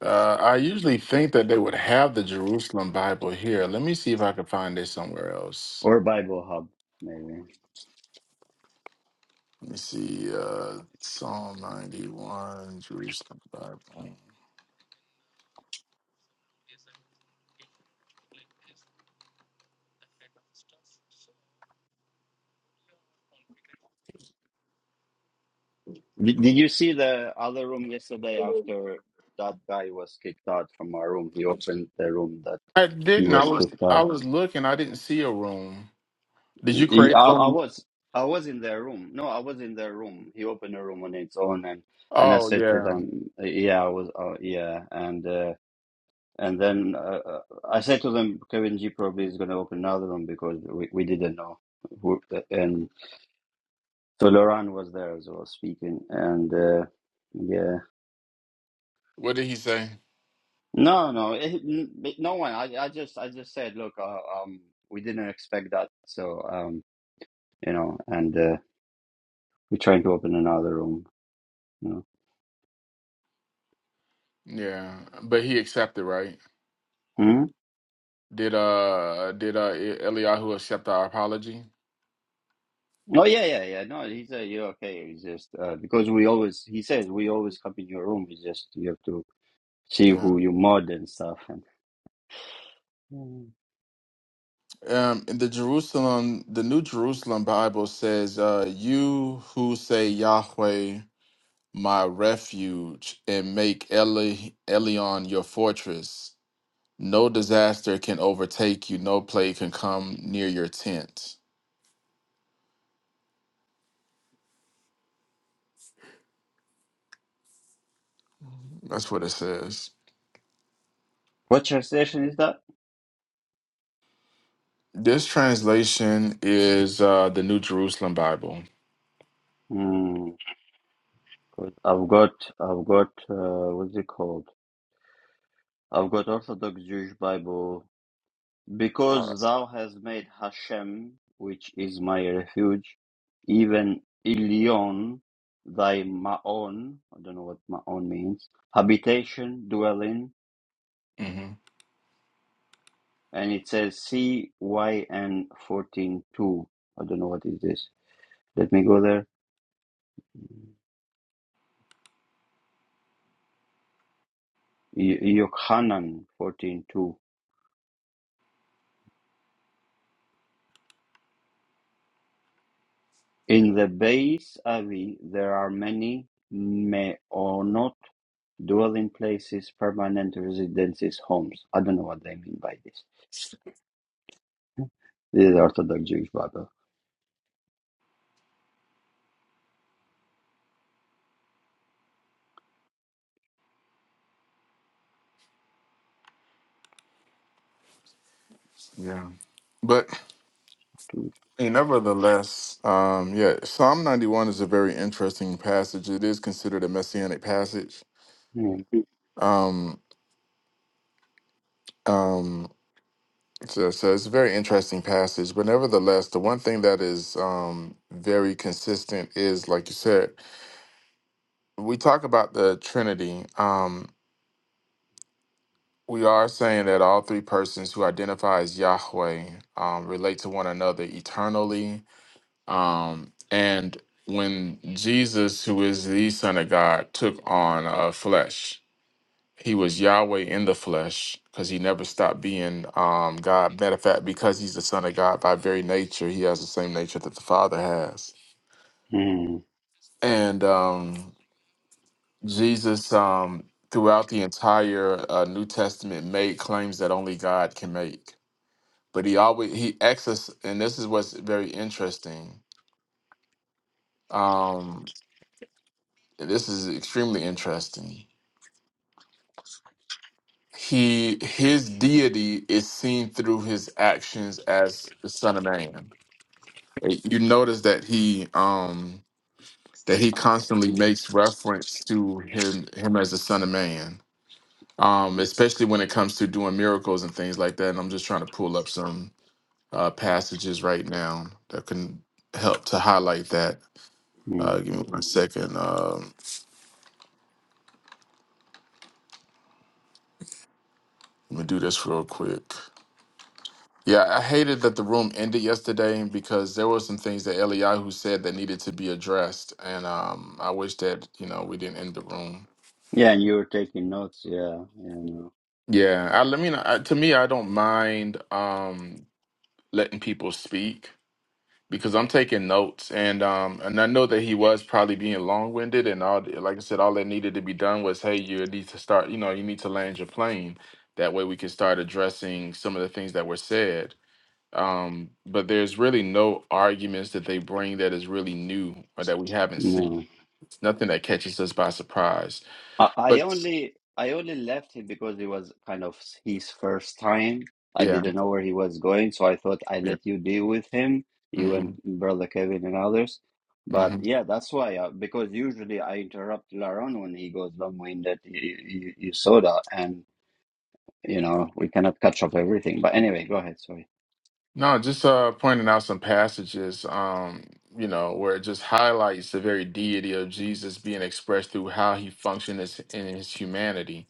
S4: Uh, I usually think that they would have the Jerusalem Bible here. Let me see if I can find it somewhere else.
S1: Or Bible Hub, maybe.
S4: Let me see. Uh, Psalm 91, Jerusalem Bible.
S1: Did, did you see the other room yesterday after that guy was kicked out from our room? He opened the room that
S4: I
S1: he
S4: didn't. I
S1: was
S4: was
S1: kicked
S4: I
S1: out.
S4: was looking. I didn't see a room. Did you
S1: He- I,
S4: create
S1: I
S4: one?
S1: was I was in their room. No, I was in their room. He opened a room on its own, and and I
S4: Oh
S1: said to
S4: yeah.
S1: them, "Yeah, I was. Uh, yeah," and. uh, And then uh, uh, I said to them, Kevin G probably is going to open another room because we, we didn't know. Who, and so Laurent was there as well speaking. And uh, yeah,
S4: What did he say?
S1: no, no, it, no one. I, I just, I just said, look, uh, um, we didn't expect that. So, um, you know, and uh, we're trying to open another room. You know.
S4: Yeah, but he accepted, right?
S1: Hmm?
S4: Did uh did uh E-, Eliyahu accept our apology?
S1: Oh yeah, yeah, yeah. No, he said you're okay. It's just uh, because we always, he says we always come in your room. It's just you have to see
S4: Yeah.
S1: who you mod and stuff. And,
S4: Um in the Jerusalem the New Jerusalem Bible says, uh you who say Yahweh my refuge and make Eli Elion your fortress. No disaster can overtake you, no plague can come near your tent. That's what it says.
S1: What translation is that?
S4: This translation is uh, the New Jerusalem Bible.
S1: Hmm. 'cause I've got, I've got, uh, what's it called? I've got Orthodox Jewish Bible. Because thou hast made Hashem, which is my refuge, even Elyon, thy Maon, I don't know what Maon means, habitation, dwelling,
S4: hmm
S1: and it says CYN 14.2. I don't know what is this. Let me go there. Y- Yochanan 14.2. In the Beis Avi, there are many meonot, dwelling places, permanent residences, homes. I don't know what they mean by this. This is Orthodox Jewish Bible.
S4: Yeah. But hey, nevertheless, um, yeah, Psalm 91 is a very interesting passage. It is considered a messianic passage.
S1: Mm,
S4: Um, um, so, so it's a very interesting passage. But nevertheless, the one thing that is um, very consistent is, like you said, we talk about the Trinity, um, we are saying that all three persons who identify as Yahweh um, relate to one another eternally. Um, and when Jesus, who is the Son of God, took on uh, flesh, he was Yahweh in the flesh because he never stopped being um, God. Matter of fact, because he's the Son of God by very nature, he has the same nature that the Father has.
S1: mm,
S4: And um, Jesus, um, throughout the entire uh, New Testament, made claims that only God can make. But he always he asks us, and this is what's very interesting. Um, this is extremely interesting. He his deity is seen through his actions as the Son of Man. You notice that he um that he constantly makes reference to him him as the Son of Man. um, especially when it comes to doing miracles and things like that. And I'm just trying to pull up some uh, passages right now that can help to highlight that. Uh,
S1: mm.
S4: give me one second. Um, let me do this real quick. Yeah, I hated that the room ended yesterday because there were some things that Eliyahu said that needed to be addressed, and um, I wish that you know we didn't end the room.
S1: Yeah, and you were taking notes. Yeah, yeah, no,
S4: Yeah, I, I mean, I, to me, I don't mind um, letting people speak because I'm taking notes and um and I know that he was probably being long winded and all like I said, all that needed to be done was hey, you need to start, you know, you need to land your plane. That way we can start addressing some of the things that were said. Um, but there's really no arguments that they bring that is really new or that we haven't
S1: no.
S4: seen. It's nothing that catches us by surprise.
S1: I I
S4: But
S1: only I only left him because it was kind of his first time. I
S4: yeah,
S1: didn't know where he was going, so I thought I
S4: yeah.
S1: let you deal with him, you and
S4: hmm
S1: brother Kevin and others. But yeah, that's why. Uh, because usually I interrupt Laron when he goes long-winded. You, you, you saw that, and you know we cannot catch up everything. But anyway, go ahead. Sorry.
S4: No, just uh, pointing out some passages, um, you know, where it just highlights the very deity of Jesus being expressed through how he functioned as, in his humanity.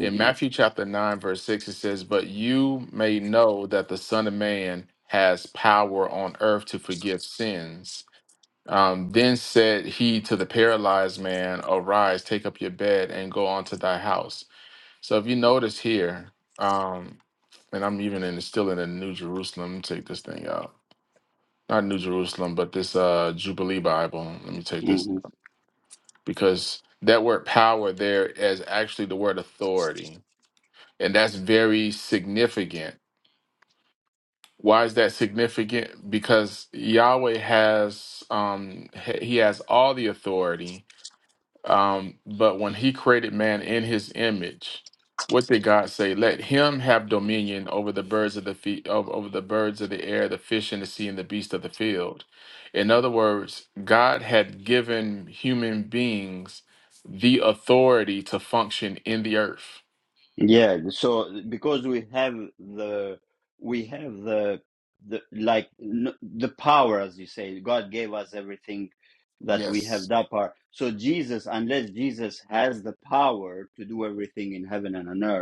S4: In Matthew chapter 9, verse 6, it says, But you may know that the Son of Man has power on earth to forgive sins. Um, then said he to the paralyzed man, Arise, take up your bed, and go on to thy house. So if you notice here, um, and I'm even in still in the New Jerusalem. Let me take this thing out. Not New Jerusalem, but this uh Jubilee Bible. Let me take this
S1: Mm-hmm.
S4: because that word power there is actually the word authority, and that's very significant. Why is that significant? Because Yahweh has um he he has all the authority, Um, but when he created man in his image, what did God say? Let him have dominion over the birds of the feet, over, over the birds of the air, the fish in the sea, and the beast of the field. In other words, God had given human beings the authority to function in the earth.
S1: Yeah, so because we have the we have the the like n the power, as you say, God gave us everything that we have
S4: Yes.
S1: that power. So Jesus, unless Jesus has the power to do everything in heaven and on earth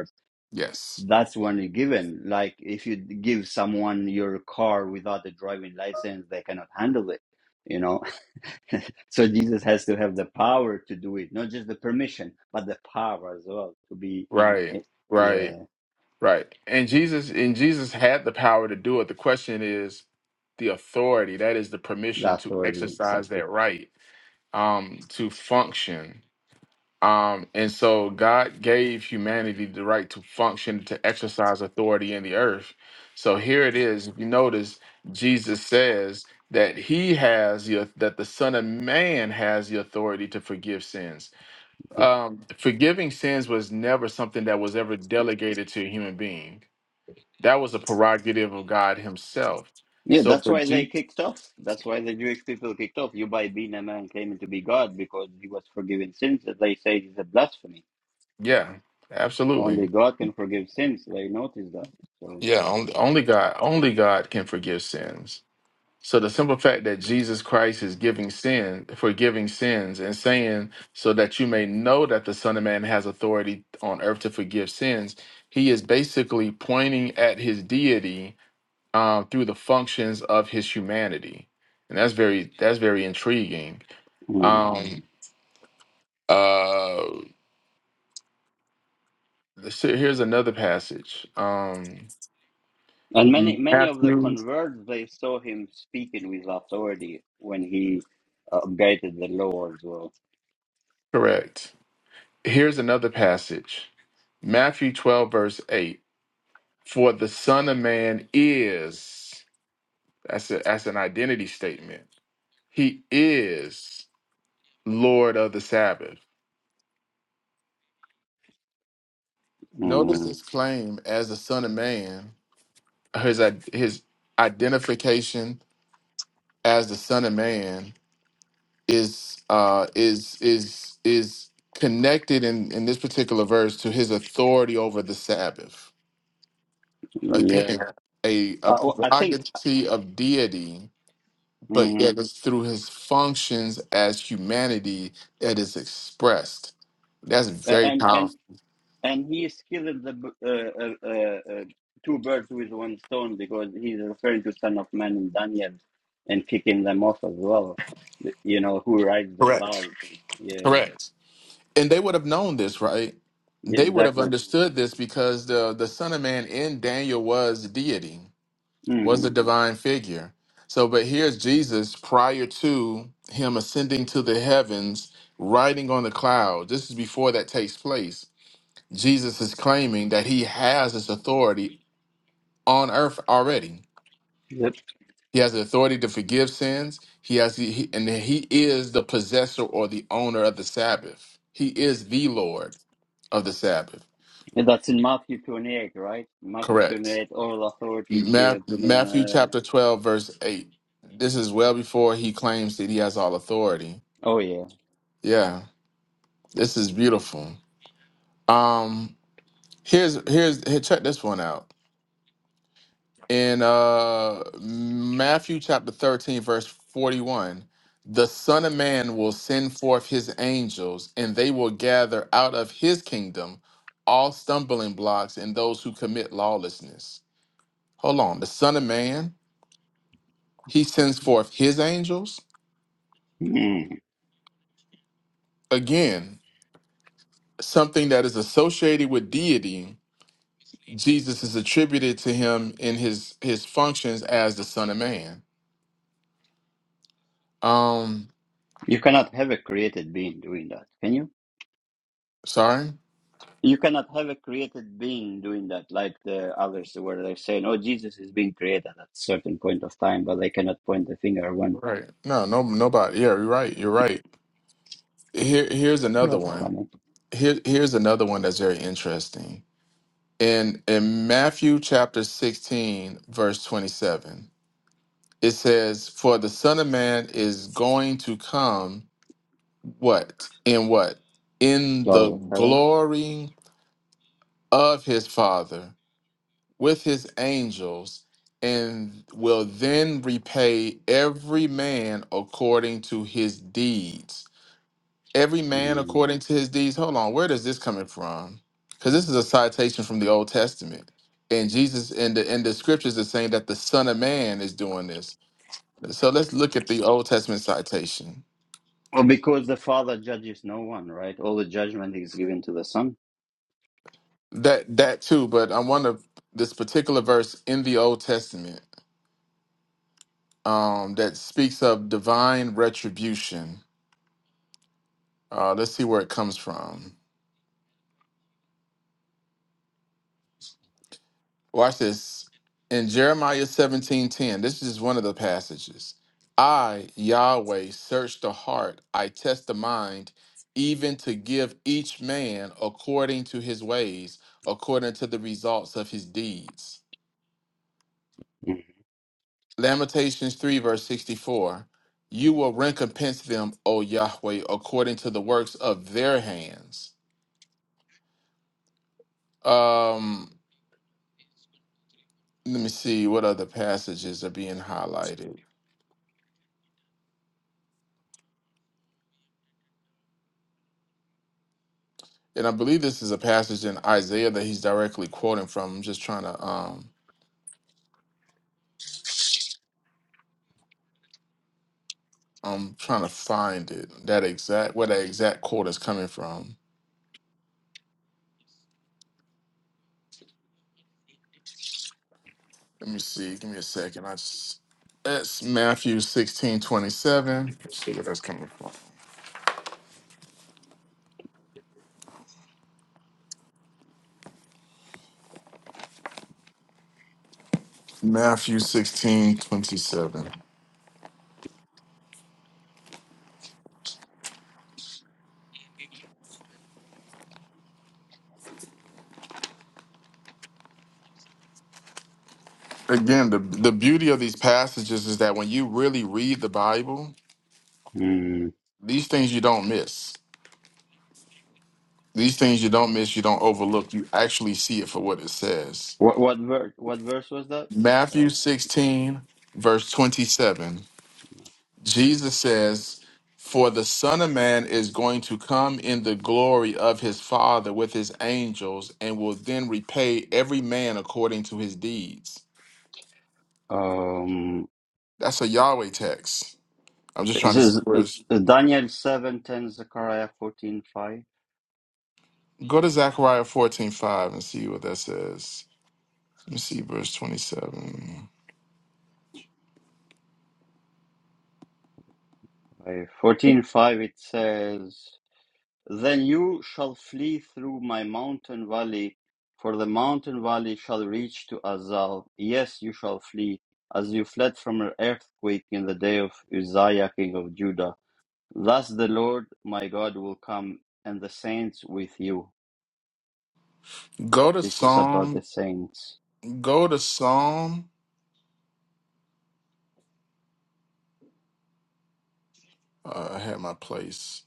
S4: Yes.
S1: that's when you're given. Like if you give someone your car without a driving license, they cannot handle it, you know. so Jesus has to have the power to do it, not just the permission, but the power as well to be, eh,
S4: Right, right,
S1: yeah,
S4: right. And Jesus, and Jesus had the power to do it. The question is the authority, that is the
S1: the
S4: permission to
S1: authority
S4: exercise
S1: exactly.
S4: that right um, to function. Um, and so God gave humanity the right to function, to exercise authority in the earth. So here it is. If you notice, Jesus says that he has the, that the Son of Man has the authority to forgive sins.
S1: Yeah,
S4: Um, forgiving sins was never something that was ever delegated to a human being. That was a prerogative of God Himself.
S1: yeah.
S4: So
S1: That's
S4: for
S1: why they
S4: Jesus,
S1: kicked off. That's why the Jewish people kicked off. You by being a man claiming to be God because he was forgiving sins that they say is a blasphemy.
S4: yeah, absolutely.
S1: Only God can forgive sins. They noticed that.
S4: Yeah, only, only God, only God can forgive sins. So the simple fact that Jesus Christ is giving sin, forgiving sins, and saying so that you may know that the Son of Man has authority on earth to forgive sins, he is basically pointing at his deity um, through the functions of his humanity, and that's very that's very intriguing.
S1: So.
S4: Um, uh, so here's another passage, um,
S1: And many many of the
S4: Matthew,
S1: converts they saw him speaking with authority when he upgraded the law as well.
S4: correct. Here's another passage Matthew 12, verse 8. For the Son of Man is, that's, a, that's an identity statement. He is Lord of the Sabbath. Notice
S1: Mm,
S4: his claim as the Son of Man, his, i- his identification as the Son of Man is uh is is is connected in in this particular verse to his authority over the sabbath
S1: yeah,
S4: again a, a
S1: uh, well, I think,
S4: prerogative of deity, but
S1: mhm.
S4: yet it's through his functions as humanity that is expressed. That's very
S1: and and
S4: powerful.
S1: and he is killing the b- uh, uh, uh, uh, two birds with one stone because he's referring to Son of Man in Daniel, and kicking them off as well. You know who rides the
S4: Correct.
S1: cloud? Yeah,
S4: Correct. And they would have known this, right?
S1: yeah
S4: They would have
S1: exactly.
S4: understood this because the the Son of Man in Daniel was deity, was
S1: hmm
S4: a divine figure. So, but here's Jesus prior to him ascending to the heavens, riding on the cloud. This is before that takes place Jesus is claiming that he has his authority on earth already. He has the authority to forgive sins. He has, he, and he is the possessor or the owner of the Sabbath. He is the Lord of the Sabbath.
S1: And that's in Matthew 28, right? Matthew
S4: Correct.
S1: 28, all authority is
S4: Ma-
S1: given to me on
S4: Matthew
S1: earth.
S4: chapter 12, verse 8. This is well before he claims that he has all authority.
S1: Oh, yeah.
S4: Yeah, this is beautiful. Um, here's here's here, check this one out. in uh Matthew chapter 13 verse 41 the son of man will send forth his angels and they will gather out of his kingdom all stumbling blocks and those who commit lawlessness hold on the son of man he sends forth his angels
S1: Mm.
S4: again something that is associated with deity Jesus is attributed to him in his his functions as the son of man um
S1: You cannot have a created being doing that, can you?
S4: sorry
S1: You cannot have a created being doing that, like the others where they're saying, oh, Jesus is being created at a certain point of time, but they cannot point the finger when.
S4: Right. No, no, nobody. Yeah, you're right. You're right. Here, here's another
S1: That's
S4: one.
S1: funny.
S4: Here, here's another one that's very interesting. In in Matthew chapter 16, verse 27, it says, "For the Son of Man is going to come, what in what in
S1: Cloud
S4: the
S1: of heaven.
S4: glory of his Father with his angels." And will then repay every man according to his deeds. every man
S1: Mm.
S4: according to his deeds. Hold on, where does this coming from? Because this is a citation from the Old Testament, and Jesus in the in the scriptures is saying that the Son of Man is doing this. So let's look at the Old Testament citation.
S1: Well, because the Father judges no one, right? All the judgment is given to the Son.
S4: That that too, but I want to this particular verse in the Old Testament um, that speaks of divine retribution. Uh, let's see where it comes from. Watch this. In Jeremiah seventeen ten. this is one of the passages. I, Yahweh, search the heart, I test the mind, even to give each man according to his ways, according to the results of his deeds. Lamentations 3, verse 64. You will recompense them, O Yahweh, according to the works of their hands. Um, let me see what other passages are being highlighted. And I believe this is a passage in Isaiah that he's directly quoting from. I'm just trying to um I'm trying to find it. That exact where that exact quote is coming from. Let me see. Give me a second. I just that's Matthew 16:27. Let's see where that's coming from. Matthew 16:27. Again, the the beauty of these passages is that when you really read the Bible,
S1: Mm.
S4: these things you don't miss. These things you don't miss, you don't overlook. You actually see it for what it says.
S1: What, what, verse? what verse was that? Uh,
S4: Matthew 16, verse 27. Jesus says, For the Son of Man is going to come in the glory of his Father with his angels and will then repay every man according to his deeds.
S1: Um,
S4: That's a Yahweh text. I'm just
S1: this
S4: trying to see
S1: is
S4: where
S1: uh,
S4: it's.
S1: Daniel seven ten 10, Zechariah 14, five.
S4: Go to Zechariah 14 5 and see what that says. Let me see verse 27.
S1: fourteen five. it says, Then you shall flee through my mountain valley, for the mountain valley shall reach to Azal. Yes, you shall flee, as you fled from an earthquake in the day of Uzziah, king of Judah. Thus the Lord my God will come, and the saints with you.
S4: Go to
S1: This is about the
S4: Psalm.
S1: saints.
S4: Go to Psalm. Uh, I had my place.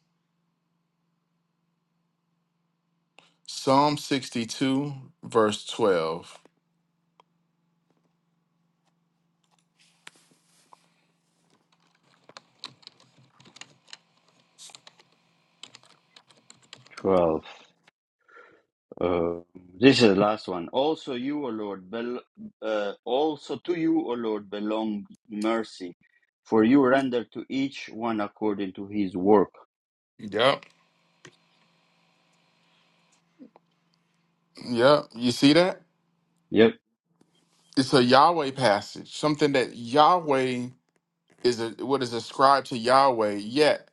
S4: Psalm 62, verse 12.
S1: 12. Uh, this is the last one. Also, you, O Lord, bel- uh, also to you, O Lord, belong mercy, for you render to each one according to his work.
S4: Yep. Yep. You see that?
S1: Yep,
S4: It's a Yahweh passage, something that Yahweh is a, what is ascribed to Yahweh. Yet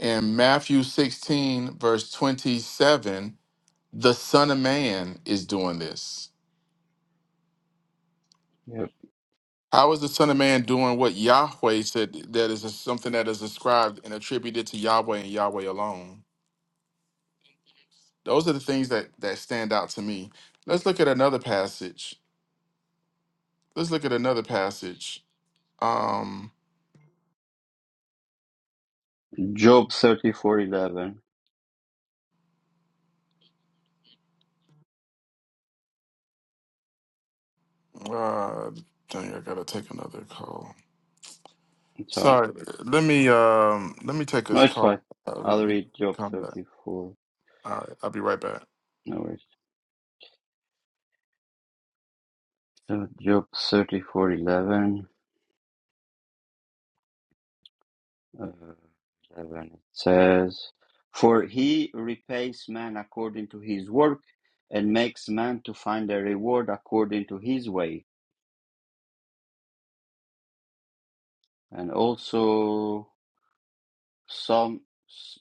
S4: in Matthew 16, verse 27, the Son of Man is doing this.
S1: yep.
S4: How is the Son of Man doing what Yahweh said that is something that is ascribed and attributed to Yahweh and Yahweh alone? Those are the things that, that stand out to me. Let's look at another passage Let's look at another passage. Um,
S1: Job thirty-four eleven.
S4: uh, dang, I gotta take another call.
S1: It's alright.
S4: Sorry, let me um, let me take
S1: No,
S4: this
S1: it's fine.
S4: call. Uh, let
S1: I'll
S4: me
S1: read Job
S4: come back.
S1: thirty-four.
S4: All right, I'll be right back.
S1: No worries. So Job thirty-four eleven. Uh, 11, it says, For he repays man according to his work and makes man to find a reward according to his way. And also, Psalm,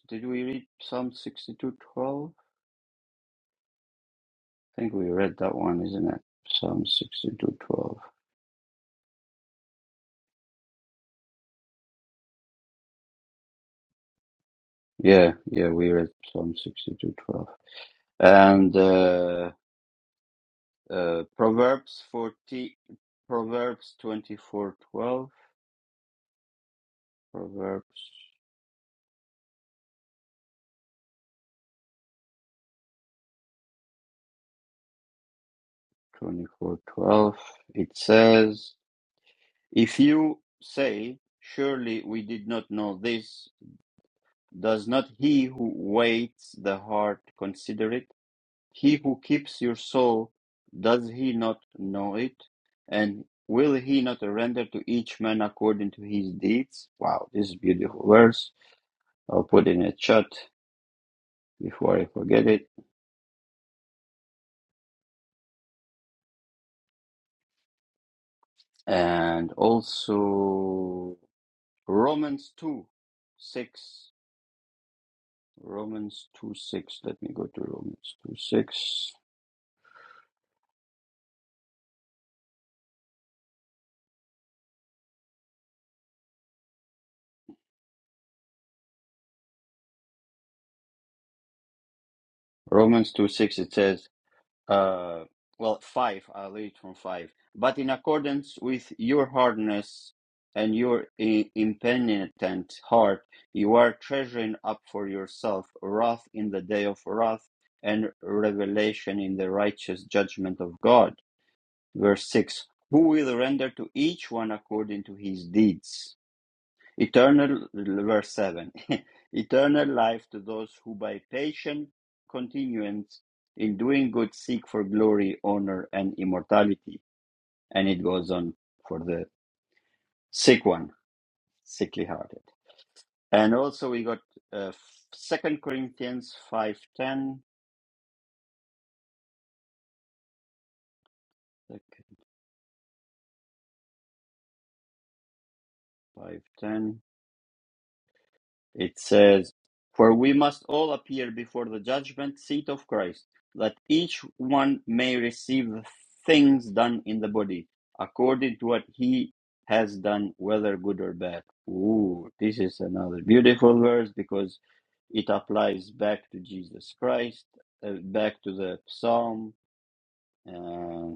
S1: did we read Psalm 62:12? I think we read that one, isn't it? Psalm 62:12. Yeah, yeah, we read Psalm 62:12. And uh, uh, Proverbs 40, Proverbs 24:12. Proverbs. 24:12 it says if you say surely we did not know this does not he who weighs the heart consider it he who keeps your soul does he not know it and will he not render to each man according to his deeds wow this is beautiful verse i'll put it in a chat before i forget it and also romans two, six. Romans 2 6. Let me go to Romans 2 6. Romans 2 6, it says, uh, well, 5. I'll read from 5. But in accordance with your hardness and your i- impenitent heart, you are treasuring up for yourself wrath in the day of wrath and revelation in the righteous judgment of God. Verse 6. Who will render to each one according to his deeds? Eternal, verse 7. Eternal life to those who by patient continuance in doing good seek for glory, honor, and immortality. And it goes on for the sick one, sickly hearted. And also we got uh, 2 Corinthians 5.10. 5.10. It says, For we must all appear before the judgment seat of Christ, that each one may receive the things done in the body, according to what he has done, whether good or bad. Ooh, this is another beautiful verse because it applies back to Jesus Christ, uh, back to the Psalm. Uh,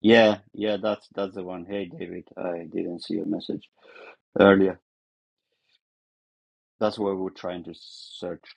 S1: yeah, yeah, that's that's the one. Hey, David, I didn't see your message earlier. That's what we're trying to search.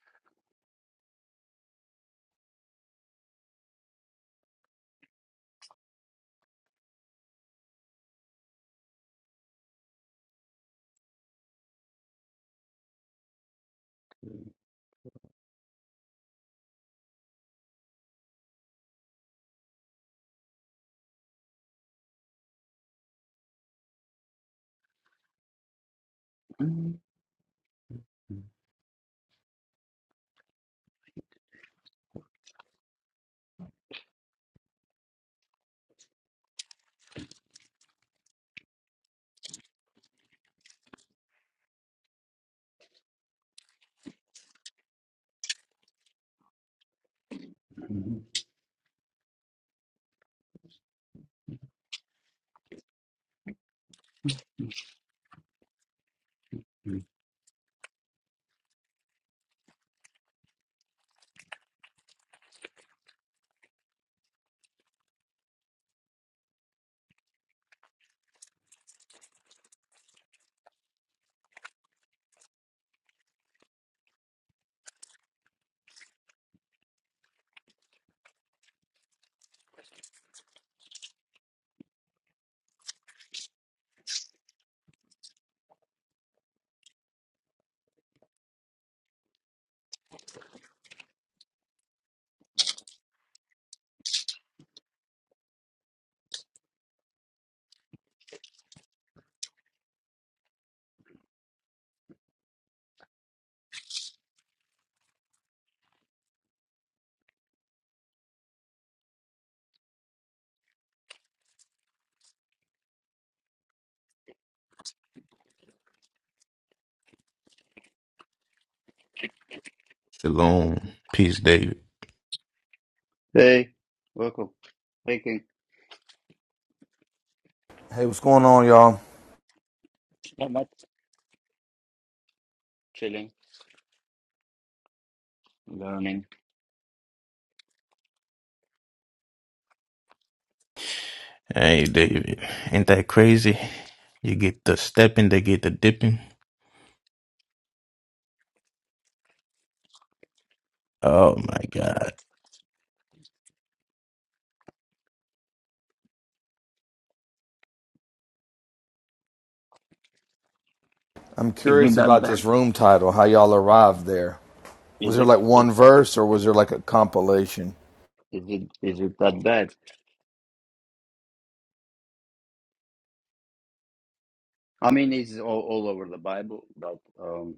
S1: Mhm. Mm.
S6: Shalom. Peace, David.
S1: Hey, welcome. Making
S7: Hey, what's going on, y'all?
S1: not much, chilling, learning.
S6: Hey, David. Ain't that crazy? You get the stepping, they get the dipping. Oh my God.
S7: I'm
S1: Isn't
S7: curious
S1: that
S7: about
S1: bad?
S7: this room title, how y'all arrived there. Was
S1: Is
S7: there
S1: it?
S7: like one verse or was there like a compilation?
S1: Is it? Is it that bad? I mean, it's all, all over the Bible, but um,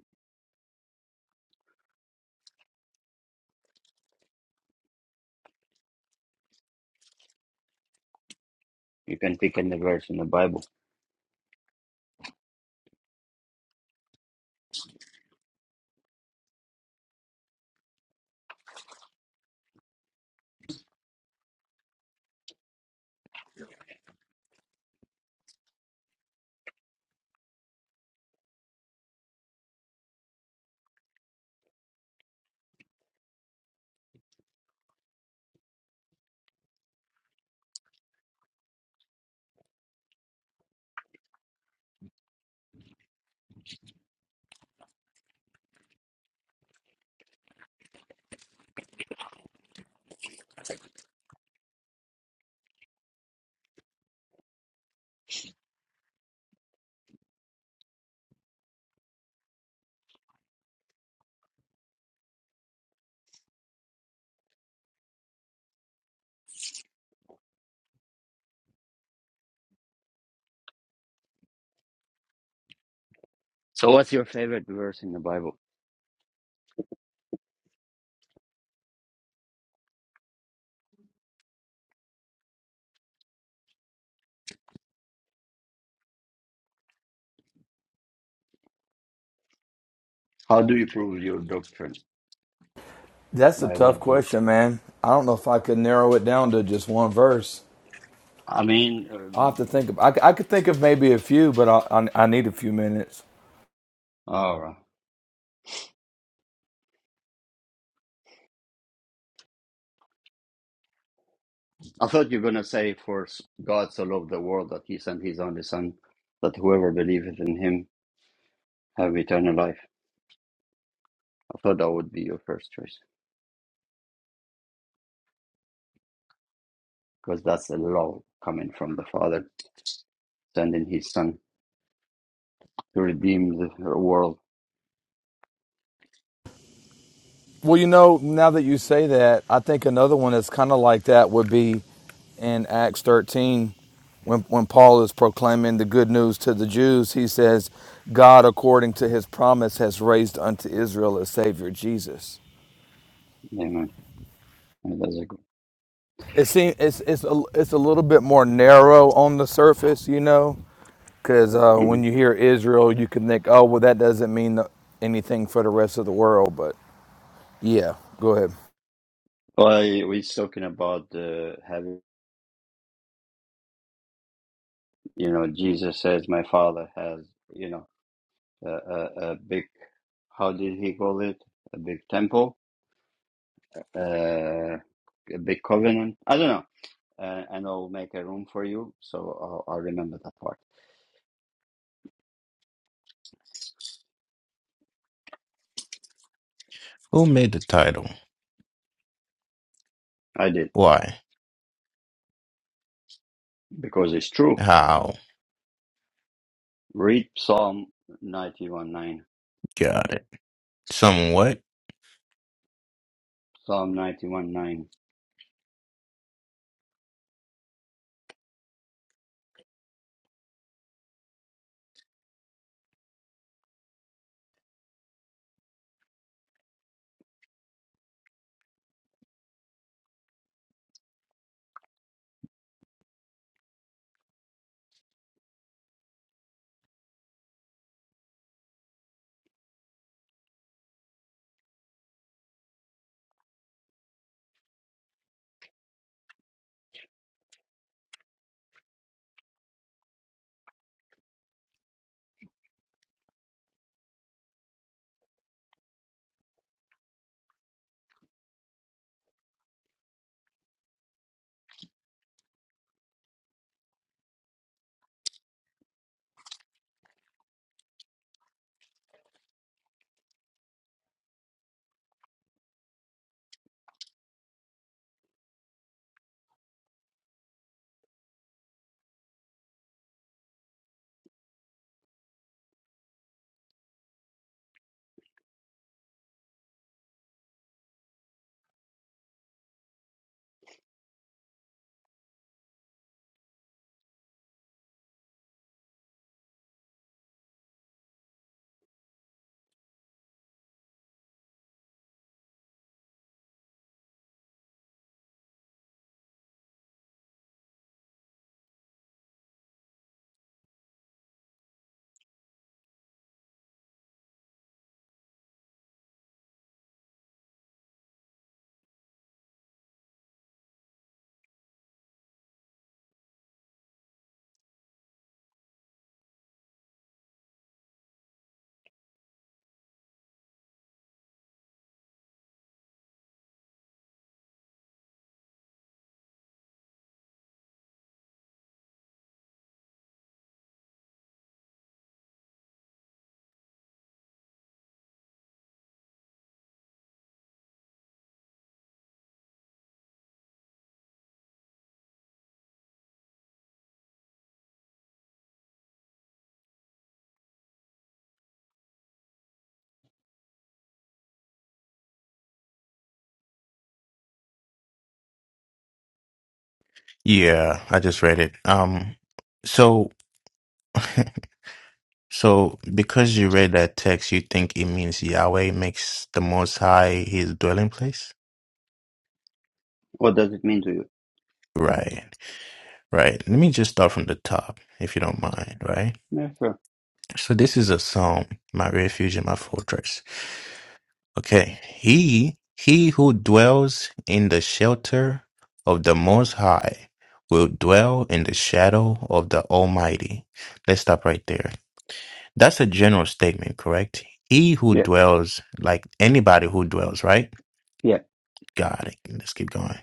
S1: you can pick any verse in the Bible. So, what's your favorite verse in the Bible? How do you prove your doctrine
S7: That's a
S1: by
S7: tough
S1: what verse?
S7: question, man. I don't know if I could narrow it down to just one verse.
S1: I mean,
S7: I'll have to
S1: um,
S7: think of, I, I could think of maybe a few, but I, I, I need a few minutes.
S1: all right. I thought you were gonna say, "For s- God so loved the world that He sent His only Son, that whoever believeth in Him have eternal life." I thought that would be your first choice because that's a law coming from the Father sending His Son to redeem the world.
S7: Well, you know, now that you say that, I think another one that's kind of like that would be in Acts 13 when, when Paul is proclaiming the good news to the Jews. He says, God, according to his promise, has raised unto Israel a Savior, Jesus.
S1: Amen. And that's a good.
S7: It seems it's, it's, a, it's a little bit more narrow on the surface, you know, because uh, when
S1: Mhm.
S7: you hear Israel, you can think, oh, well, that doesn't mean anything for the rest of the world. But yeah, go ahead.
S1: Well, I- we're talking about uh, having, you know, Jesus says, "My Father has, you know, a, a, a big, how did he call it? A big temple, uh, a big covenant. I don't know, uh, and I'll make a room for you." So I'll, I'll remember that part.
S6: Who made the title?
S1: I did
S6: Why?
S1: because it's true.
S6: How?
S1: Read Psalm ninety-one nine.
S6: Got it. Somewhat?
S1: Psalm 91 9.
S6: Yeah, I just read it. Um, so, so because you read that text, you think it means Yahweh makes the Most High his dwelling place?
S1: What does it mean to you?
S6: Right, right. Let me just start from the top, if you don't mind, right?
S1: Yeah, sure.
S6: So this is a psalm, my refuge and my fortress. Okay. He he who dwells in the shelter of the most high will dwell in the shadow of the almighty. Let's stop right there. That's a general statement, correct? He who
S1: Yeah,
S6: dwells like anybody who dwells, right?
S1: yeah.
S6: God, let's keep going.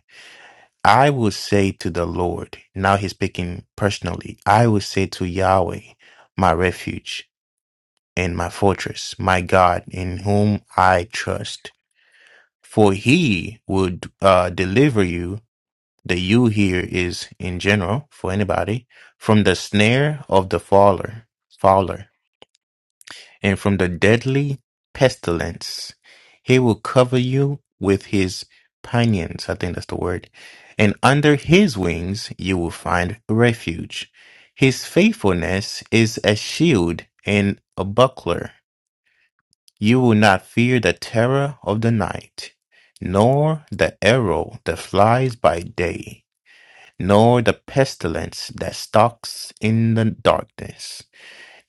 S6: I will say to the Lord, now he's speaking personally. I will say to Yahweh, my refuge and my fortress, my God, in whom I trust. For he would uh, deliver you, the you here is in general for anybody, from the snare of the fowler, fowler, and from the deadly pestilence. He will cover you with his pinions, I think that's the word, and under his wings you will find refuge. His faithfulness is a shield and a buckler. You will not fear the terror of the night, nor the arrow that flies by day, nor the pestilence that stalks in the darkness,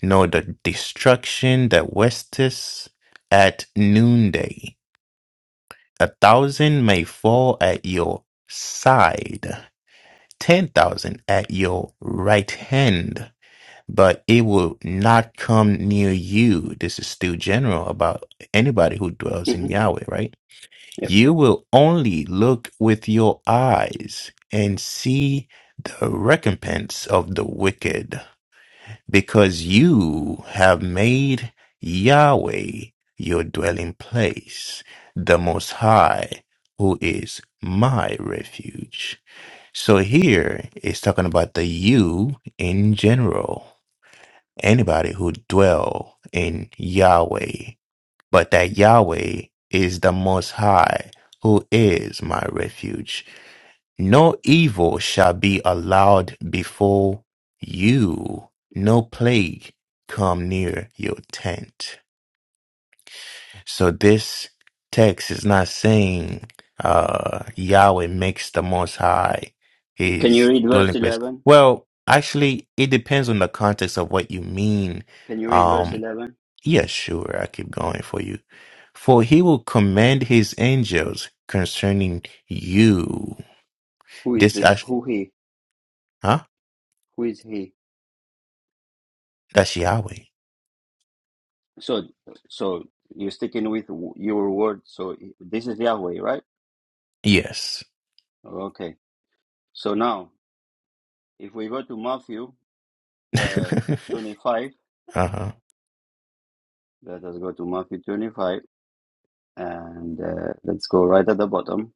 S6: nor the destruction that wasteth at noonday. A thousand may fall at your side, ten thousand at your right hand, but it will not come near you. This is still general about anybody who dwells in
S1: hmm
S6: Yahweh, right?
S1: yeah.
S6: You will only look with your eyes and see the recompense of the wicked, because you have made Yahweh your dwelling place, the Most High, who is my refuge. So here it's talking about the you in general, anybody who dwell in Yahweh but that Yahweh is the Most High, who is my refuge. No evil shall be allowed before you, no plague come near your tent. So this text is not saying uh, Yahweh makes the Most High
S1: Can you
S6: his
S1: read verse
S6: dwelling place.
S1: 11?
S6: Well, actually, it depends on the context of what you mean
S1: Can you read verse
S6: Um,
S1: 11?
S6: yeah, sure. I keep going for you. For he will command his angels concerning you.
S1: Who is
S6: This,
S1: this?
S6: act-
S1: Who he?
S6: huh?
S1: Who is he?
S6: That's Yahweh.
S1: So, so you're sticking with w- your word. So this is Yahweh, right?
S6: Yes.
S1: Okay. So now, if we go to Matthew uh,
S6: uh-huh.
S1: 25, let us go to Matthew 25 and uh, let's go right at the bottom.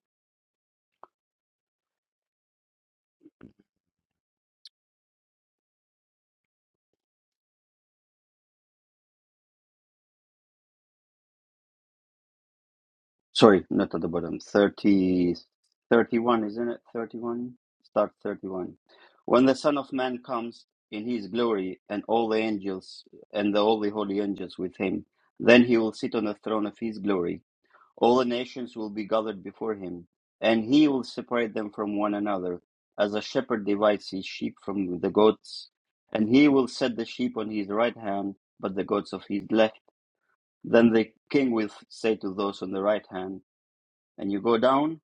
S1: Sorry, not at the bottom. Thirty, thirty-one, isn't it? 31? Start 31. When the Son of Man comes in his glory and all the angels and the all the holy angels with him, then he will sit on the throne of his glory. All the nations will be gathered before him, and he will separate them from one another, as a shepherd divides his sheep from the goats. And he will set the sheep on his right hand, but the goats of his left. Then the king will say to those on the right hand, and you go down.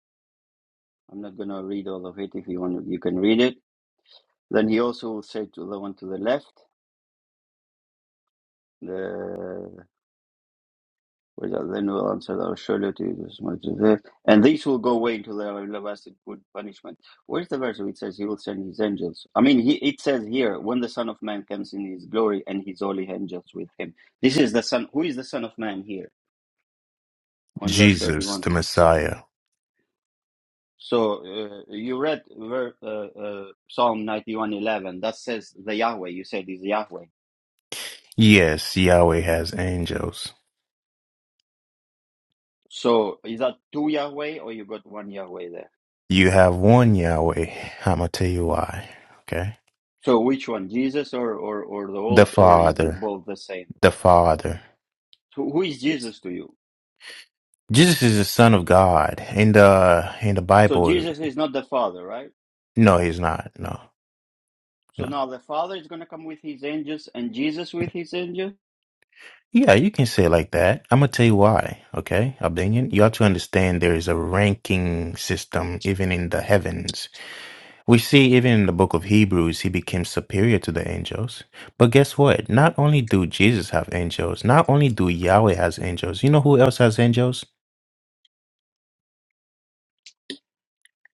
S1: I'm not going to read all of it. If you want, you can read it. Then he also will say to the one to the left, the where's that? then will answer that surely to you as much as it." and these will go away into the everlasting good punishment. Where's the verse where it says he will send his angels? I mean, he, it says here when the Son of Man comes in his glory and his holy angels with him. This is the Son. Who is the Son of Man here on verse
S6: Jesus,
S1: thirty-one?
S6: the Messiah.
S1: So uh, you read ver- uh, uh, Psalm 91:11 that says the Yahweh. You said is Yahweh.
S6: Yes, Yahweh has angels.
S1: So is that two Yahweh or you got one Yahweh there?
S6: You have one Yahweh. I'm going to tell you why. Okay.
S1: So which one, Jesus or or or the
S6: The
S1: old, or is it
S6: Father.
S1: both the same?
S6: The Father.
S1: So who is Jesus to you?
S6: Jesus is the Son of God. In the, in the
S1: So
S6: Bible,
S1: Jesus is not the Father, right?
S6: no, he's not. No,
S1: So
S6: no.
S1: now the Father is going to come with his angels and Jesus with his angels.
S6: Yeah, you can say it like that. I'm gonna tell you why, okay, Albanian? You have to understand there is a ranking system even in the heavens. We see even in the book of Hebrews, he became superior to the angels. But guess what? Not only do Jesus have angels, not only do Yahweh has angels, you know who else has angels?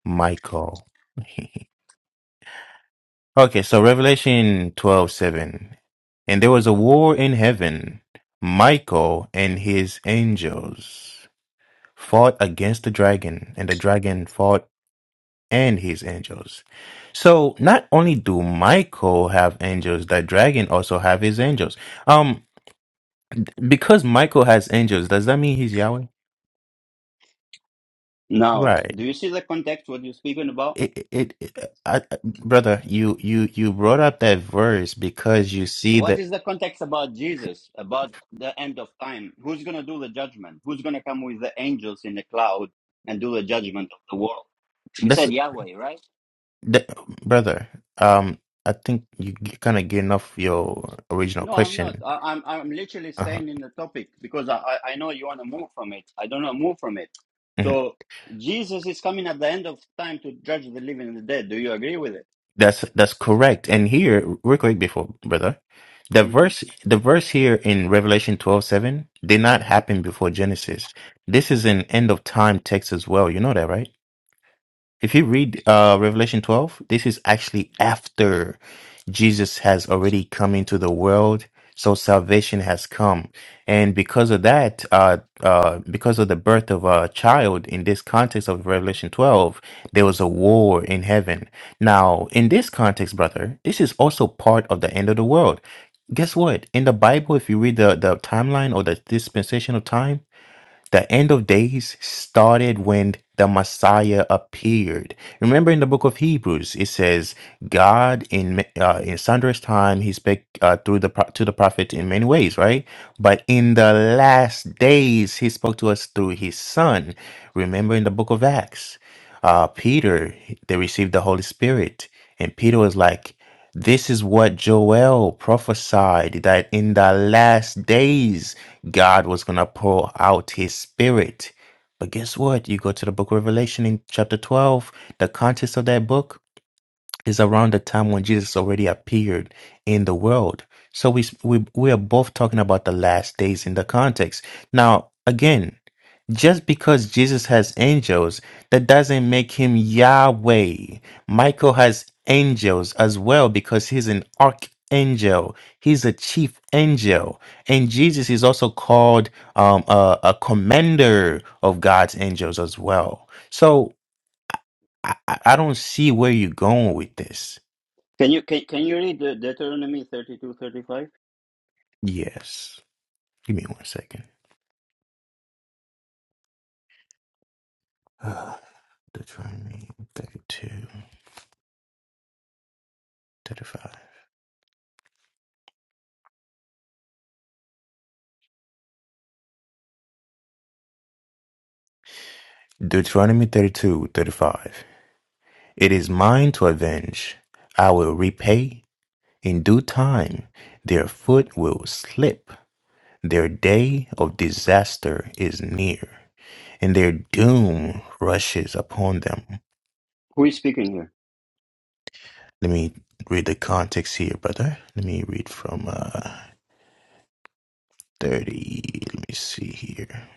S6: Michael. okay, so Revelation twelve seven, And there was a war in heaven, Michael and his angels. fought against the dragon, and the dragon fought and his angels. So not only do Michael have angels, the dragon also have his angels. Um, because Michael has angels, does that mean he's Yahweh?
S1: Now,
S6: Right.
S1: do you see the context? What you're speaking about?
S6: It, it, it I, I- brother, you, you, you brought up that verse because you see
S1: What
S6: that
S1: is the context about Jesus, about the end of time? Who's going to do the judgment? Who's going to come with the angels in the cloud and do the judgment of the world? You
S6: that's
S1: said Yahweh, right?
S6: that, brother. Um, I think you kind of getting off your original
S1: No, I'm not.
S6: question.
S1: I, I'm I'm literally
S6: Uh-huh.
S1: staying in the topic because I, I I know you want to move from it. I don't know move from it. So Jesus is coming at the end of time to judge the living and the dead. Do you agree with it?
S6: That's that's correct. And here, real quick before brother, the
S1: hmm
S6: verse the verse here in Revelation twelve seven did not happen before Genesis. This is an end of time text as well. You know that, right? If you read uh, Revelation 12, this is actually after Jesus has already come into the world. So salvation has come. And because of that, uh, uh, because of the birth of a child in this context of Revelation 12, there was a war in heaven. Now, in this context, brother, this is also part of the end of the world. Guess what? In the Bible, if you read the, the timeline or the dispensation of time, the end of days started when the Messiah appeared. Remember in the book of Hebrews, it says, God in ma- uh, in sundress time, he spake uh, through the pro- to the prophet in many ways, right? But in the last days, he spoke to us through his son. Remember in the book of Acts, uh, Peter, they received the Holy Spirit. And Peter was like, this is what Joel prophesied that in the last days God was going to pour out his spirit. But guess what? You go to the book of Revelation in chapter 12, the context of that book is around the time when Jesus already appeared in the world. So we we we are both talking about the last days in the context. Now, again, just because Jesus has angels, that doesn't make him Yahweh. Michael has angels as well because he's an archangel. He's a chief angel. And Jesus is also called um, a, a commander of God's angels as well. So I, I I don't see where you're going with this.
S1: Can you can, can you read uh, Deuteronomy thirty two thirty five?
S6: Yes. Give me one second. Ah, Deuteronomy thirty-two, thirty-five. Deuteronomy 32, 35. It is mine to avenge. I will repay in due time. Their foot will slip. Their day of disaster is near, and their doom rushes upon them.
S1: Who is speaking here?
S6: Let me read the context here, brother. Let me read from uh, 30. Let me see here.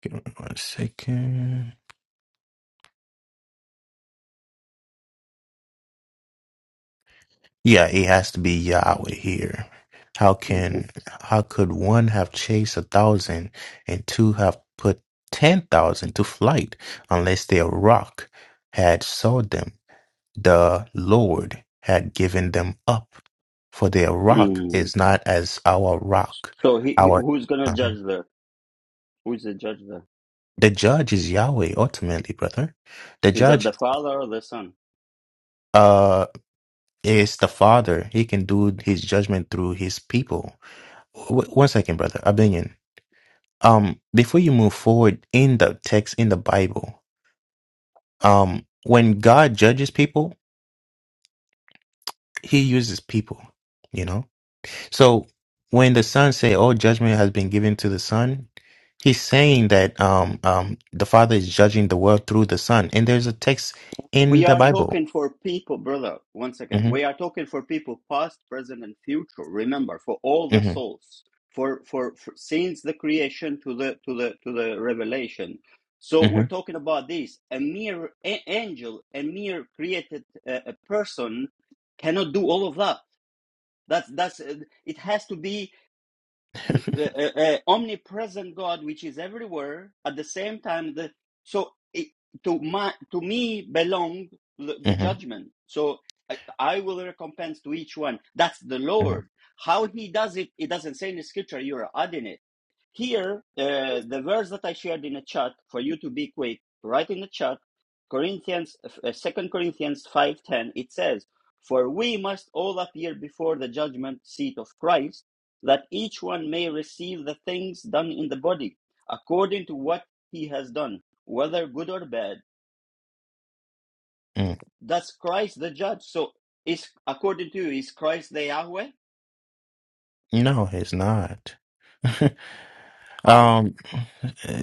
S6: Give me one second. Yeah, it has to be Yahweh here. How
S1: Okay.
S6: can how could one have chased a thousand and two have put ten thousand to flight unless their rock had saw them? The Lord had given them up, for their rock
S1: Mm.
S6: is not as our rock.
S1: So he, he
S6: Our
S1: who's going to judge
S6: um,
S1: the Who is the judge there?
S6: the judge is Yahweh ultimately, brother. The
S1: Is that
S6: judge
S1: the Father or the Son?
S6: uh is the Father. He can do his judgment through his people. W- one second, brother. Abinion. um before you move forward in the text in the bible um when god judges people he uses people you know so when the son say all judgment has been given to the son he's saying that um um the father is judging the world through the son and there's a text
S1: We
S6: in the
S1: are
S6: bible
S1: talking for people, brother. One second.
S6: hmm
S1: We are talking for people past, present, and future. Remember, for all the
S6: hmm
S1: souls, for, for for since the creation to the to the to the revelation.
S6: hmm
S1: So we're talking about this. A mere a- angel, a mere created uh, a person, cannot do all of that. That's that's. uh, It has to be. uh, uh, uh, omnipresent God, which is everywhere at the same time. The, so it, to my, to me belong the,
S6: hmm
S1: the judgment. So I, I will recompense to each one. That's the
S6: hmm
S1: Lord. How He does it, it doesn't say in the scripture. You're adding it here. Uh, the verse that I shared in the chat for you to be quick, write in the chat. Corinthians, uh, Second Corinthians five ten. It says, "For we must all appear before the judgment seat of Christ." that each one may receive the things done in the body according to what he has done, whether good or bad.
S6: mm
S1: That's Christ the judge. So is according to you, is Christ the Yahweh?
S6: no it's not
S1: How?
S6: um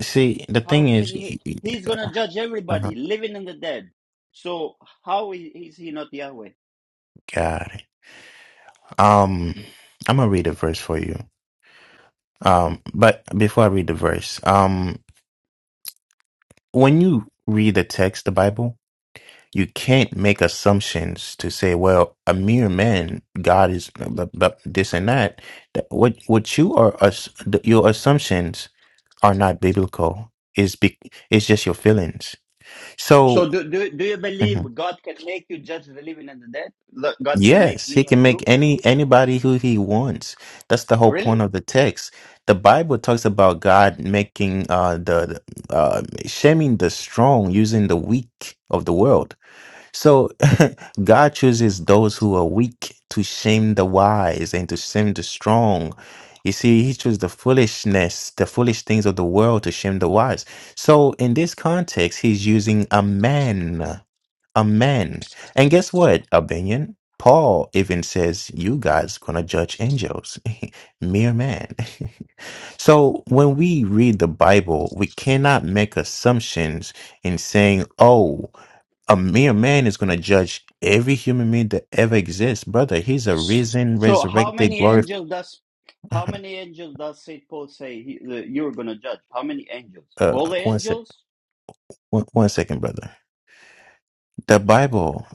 S6: see the thing
S1: How can
S6: is
S1: you he's gonna judge
S6: oh
S1: everybody, living and the dead. So how is he not Yahweh?
S6: god Um, I'm gonna read a verse for you. Um, but before I read the verse, um, when you read the text, the Bible, you can't make assumptions to say, "Well, a mere man, God is but, but this and that." That- What what you are us your assumptions are not biblical. Is be it's just your feelings. So.
S1: So do, do do you believe God can make you judge the living and the dead? God can make
S6: Yes, he
S1: me and
S6: can make
S1: you?
S6: any anybody who he wants. That's the whole
S1: Really?
S6: point of the text. The Bible talks about God making uh the the, uh shaming the strong using the weak of the world. So God chooses those who are weak to shame the wise and to shame the strong. You see, he chose the foolishness, the foolish things of the world to shame the wise. So in this context, he's using a man. Amen. And guess what, Abinion? Paul even says you guys gonna judge angels, mere man. so when we read the Bible, we cannot make assumptions in saying, "Oh, a mere man is gonna judge every human being that ever exists." Brother, he's a risen,
S1: So how
S6: resurrected,
S1: many
S6: glorified.
S1: angels does how many angels does Saint Paul say he, the, you're gonna judge? How many angels? All
S6: uh,
S1: the
S6: one sec,
S1: angels?
S6: one, one second, brother. The Bible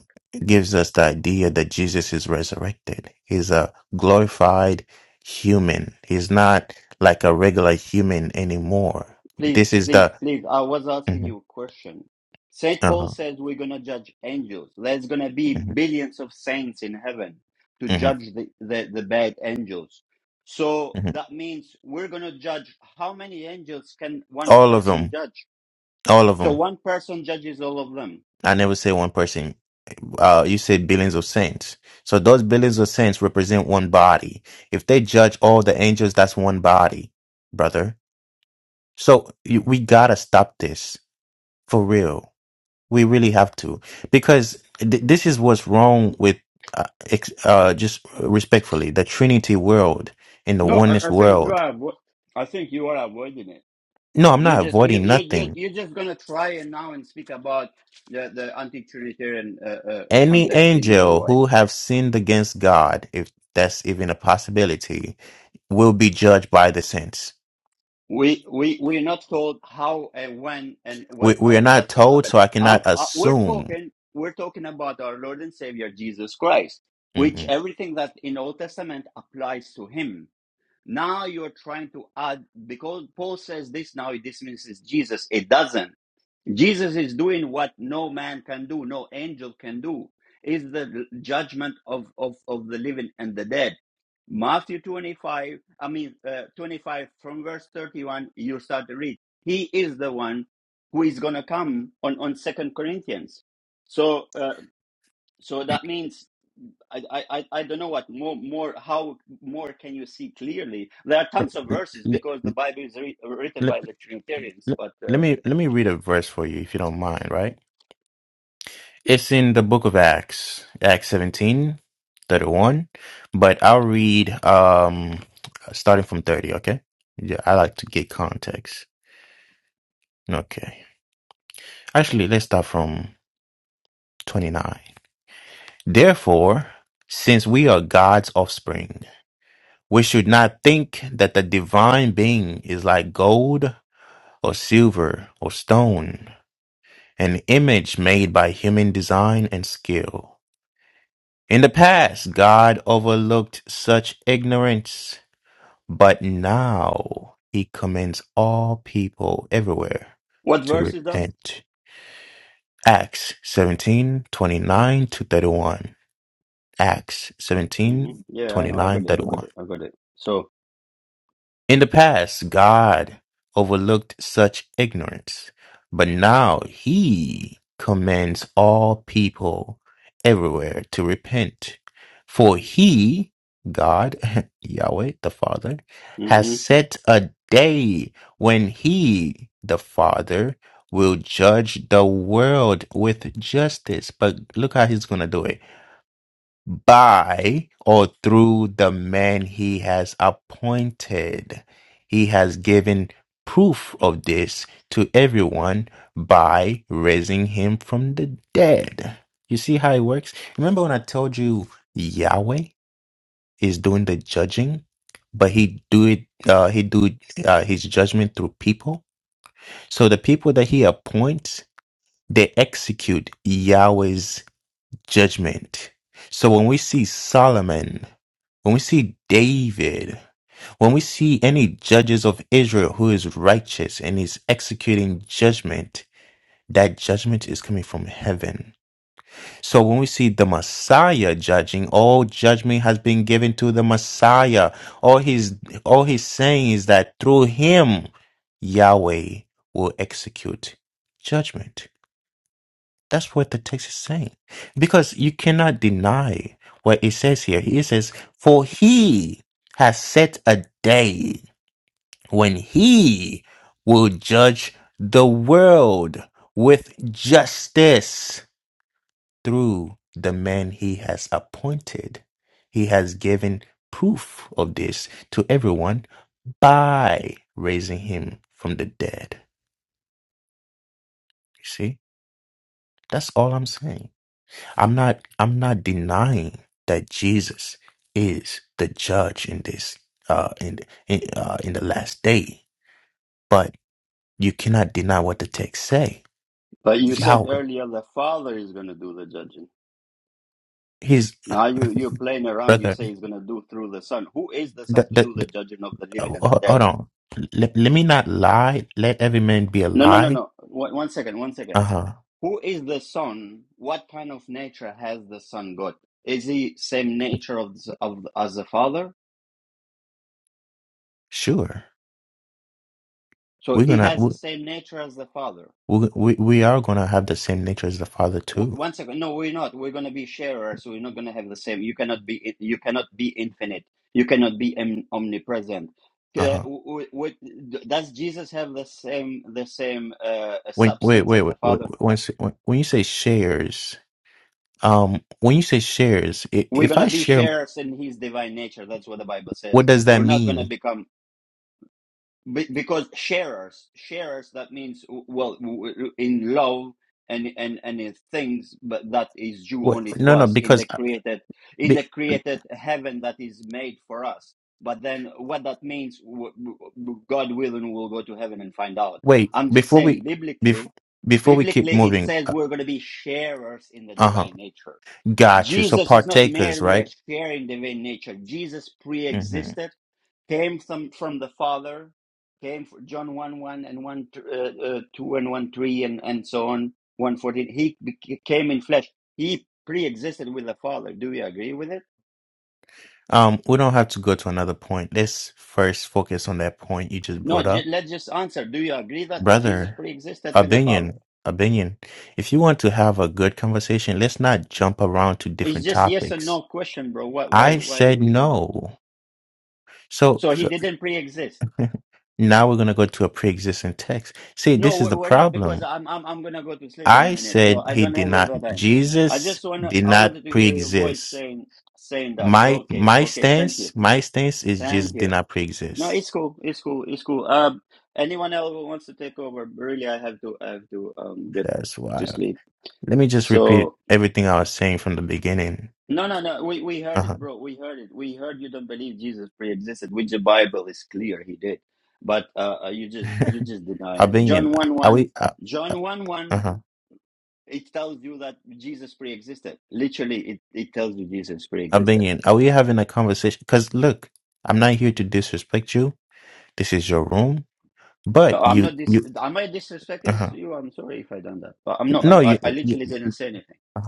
S6: gives us the idea that Jesus is resurrected. He's a glorified human. He's not like a regular human anymore.
S1: Please,
S6: This is
S1: please,
S6: the
S1: please. I was asking
S6: Mhm,
S1: you a question. Saint Paul
S6: uh-huh,
S1: says we're gonna judge angels. There's gonna be
S6: mhm,
S1: billions of saints in heaven to
S6: mhm,
S1: judge the, the, the bad angels. So
S6: mhm.
S1: that means we're gonna judge how many angels can one
S6: all of
S1: person
S6: them,
S1: judge?
S6: all of
S1: So
S6: them.
S1: one person judges all of them.
S6: I never say one person. Uh, you say billions of saints. So those billions of saints represent one body. If they judge all the angels, that's one body, brother. So you- we gotta stop this for real We really have to because th- this is what's wrong with uh, ex- uh just respectfully the Trinity world and the
S1: No,
S6: oneness
S1: I, I think you
S6: world.
S1: are. avo- I think you are avoiding it.
S6: No, I'm
S1: You're
S6: not
S1: just you
S6: avoiding
S1: you you
S6: nothing.
S1: you're just gonna try and now and speak about the the anti-authoritarian uh, uh, uh,
S6: Any
S1: context in your
S6: angel
S1: way.
S6: who have sinned against God, if that's even a possibility, will be judged by the saints.
S1: We we we're not told how and when and what
S6: We we
S1: how
S6: are
S1: is
S6: not
S1: that's gonna
S6: told,
S1: happen.
S6: so I
S1: Um,
S6: cannot
S1: uh, we're
S6: assume.
S1: talking we're talking about our Lord and Savior Jesus Christ, which
S6: Mhm.
S1: everything that in Old Testament applies to Him. Now you're trying to add because Paul says this now he dismisses Jesus. It doesn't. Jesus is doing what no man can do, no angel can do. Is the judgment of, of, of the living and the dead. Matthew 25, I mean, uh, 25 from verse 31, you start to read. He is the one who is going to come on, on second Corinthians. So, uh, so that means, I, I, I don't know what more, more, how more can you see clearly? There are
S6: L-
S1: tons of verses
S6: l-
S1: because the Bible is re- written
S6: l-
S1: by the Trinitarians, but,
S6: let
S1: uh,
S6: me let me read a verse for you if you don't mind, right? It's in the book of Acts, Acts 17, 31. But I'll read um starting from 30, okay? Yeah, I like to get context. Okay. Actually, let's start from 29. Therefore, since we are God's offspring, we should not think that the divine being is like gold or silver or stone, an image made by human design and skill. In the past, God overlooked such ignorance, but now he commands all people everywhere
S1: what
S6: to
S1: verse is that?
S6: repent. Acts 17 29 to 31. Acts
S1: hmm
S6: 17
S1: Yeah, I
S6: twenty
S1: know. I
S6: nine
S1: got it.
S6: thirty
S1: I
S6: one.
S1: got it. I got it. So,
S6: In the past, God overlooked such ignorance, but now he commands all people everywhere to repent. For he, God, Yahweh the Father, has
S1: hmm
S6: set a day when he, the Father, will judge the world with justice. But look how he's going to do it by or through the man he has appointed. He has given proof of this to everyone by raising him from the dead. You see how it works? Remember when I told you Yahweh is doing the judging, but he do it uh he do uh, his judgment through people. So the people that he appoints, they execute Yahweh's judgment. So when we see Solomon when we see David, when we see any judges of Israel who is righteous and is executing judgment, that judgment is coming from heaven. So when we see the Messiah judging, all judgment has been given to the Messiah. All he's all he's saying is that through him, Yahweh will execute judgment. That's what the text is saying. Because you cannot deny what it says here. It says, For he has set a day when he will judge the world with justice through the man he has appointed. He has given proof of this to everyone by raising him from the dead. You see? That's all I'm saying. I'm not I'm not denying that Jesus is the judge in this uh in in, uh, in the last day, but you cannot deny what the text say.
S1: but you said
S6: Yahweh,
S1: earlier the Father is going to do the judging.
S6: his
S1: Now you you're playing around. You
S6: brother.
S1: say he's going to do through the Son. Who is the Son
S6: The,
S1: to
S6: the,
S1: do the
S6: the,
S1: judging of the
S6: uh,
S1: living and the
S6: ho- hold
S1: dead?
S6: on. Let, let me not lie. Let every man be a
S1: No, no, no,
S6: lie.
S1: no. One, one second. One
S6: Uh
S1: second.
S6: huh.
S1: Who is the Son? What kind of nature has the Son got? Is he same nature of the- of as the Father?
S6: Sure.
S1: So
S6: We're
S1: he
S6: gonna
S1: has
S6: we,
S1: the same nature as the Father.
S6: we we we are gonna have the same nature as the Father
S1: W-
S6: too.
S1: One second. No, we're not. We're gonna be sharers. We're not gonna have the same. You cannot be. You cannot be infinite. You cannot be om- omnipresent.
S6: Uh
S1: Uh,
S6: huh.
S1: w- w- w- does Jesus have the same the same uh,
S6: When wait
S1: substance
S6: wait
S1: as the
S6: wait wait
S1: Father?
S6: wait one sec- when when you say shares. um when you say shares i-
S1: We're
S6: if i
S1: gonna be
S6: share
S1: sharers in His divine nature. That's what the Bible
S6: what
S1: says.
S6: does that
S1: We're not gonna
S6: mean
S1: become. Be- because sharers sharers that means well in love and and and in things but that is due
S6: what
S1: only to
S6: no no
S1: us in
S6: because
S1: the
S6: uh,
S1: created in
S6: be,
S1: the created heaven that is made for us but then what that means god willing we'll go to heaven and find out
S6: wait
S1: i'm just
S6: before
S1: saying
S6: we bef,
S1: biblically
S6: before we keep
S1: biblically it
S6: moving
S1: says
S6: uh,
S1: we're going to be sharers in the
S6: huh
S1: divine nature
S6: got you so
S1: jesus is not
S6: partakers
S1: merely a
S6: right
S1: share in divine nature jesus
S6: hmm
S1: pre-existed came some from the Father, came from John 1 1 and 1 uh, uh, 2 and 1 3 and, and so on, 114. He bec- came in flesh. He pre existed with the Father. Do you agree with it?
S6: um we don't have to go to another point let's first focus on that point you just
S1: No,
S6: brought
S1: ju-
S6: up
S1: let's just answer. Do you agree that Jesus
S6: brother
S1: pre existed with the Father?
S6: opinion opinion if you want to have a good conversation let's not jump around to
S1: It's
S6: different
S1: just yes or no
S6: topics
S1: question, bro. Why, why,
S6: i
S1: why are
S6: said
S1: you doing that?
S6: no so
S1: So
S6: so
S1: he didn't pre exist.
S6: Now we're going to go to a pre-existing text. See,
S1: No,
S6: this is
S1: we-
S6: the
S1: we're not because
S6: problem.
S1: I'm, I'm, I'm going to go to sleep in a
S6: I
S1: minute. So
S6: said
S1: I
S6: he
S1: don't
S6: did
S1: have all
S6: not,
S1: the time. I
S6: Jesus
S1: just want to,
S6: did
S1: I
S6: not
S1: wanted to hear your voice
S6: pre-exist.
S1: saying, saying that.
S6: My,
S1: Okay.
S6: my
S1: Okay. Thank you.
S6: stance, my stance is Jesus
S1: Thank
S6: did
S1: you.
S6: not
S1: No,
S6: pre-exist.
S1: it's cool. It's cool. It's cool. Um, anyone else who wants to take over? Really, I have to. I have to um get
S6: That's
S1: to
S6: why.
S1: sleep.
S6: Let me just repeat
S1: So
S6: everything I was saying from the beginning.
S1: no, no, no. We we heard it,
S6: Uh-huh.
S1: bro. We heard it. We heard you don't believe Jesus pre-existed, which the Bible is clear he did. But uh, uh, you just you just denying it.
S6: Albanian,
S1: John one
S6: are
S1: one.
S6: we, uh, uh,
S1: John one one.
S6: uh-huh.
S1: It tells you that Jesus pre-existed. Literally, it it tells you Jesus pre-existed.
S6: Albanian, are we having a conversation? Because look, I'm not here to disrespect you. This is your room,
S1: No,
S6: but
S1: I'm
S6: you,
S1: not dis.
S6: you,
S1: Am I disrespecting
S6: uh-huh.
S1: to you? I'm sorry if I done that. But I'm not.
S6: No,
S1: I, I
S6: you,
S1: I
S6: you
S1: literally didn't say anything.
S6: uh-huh.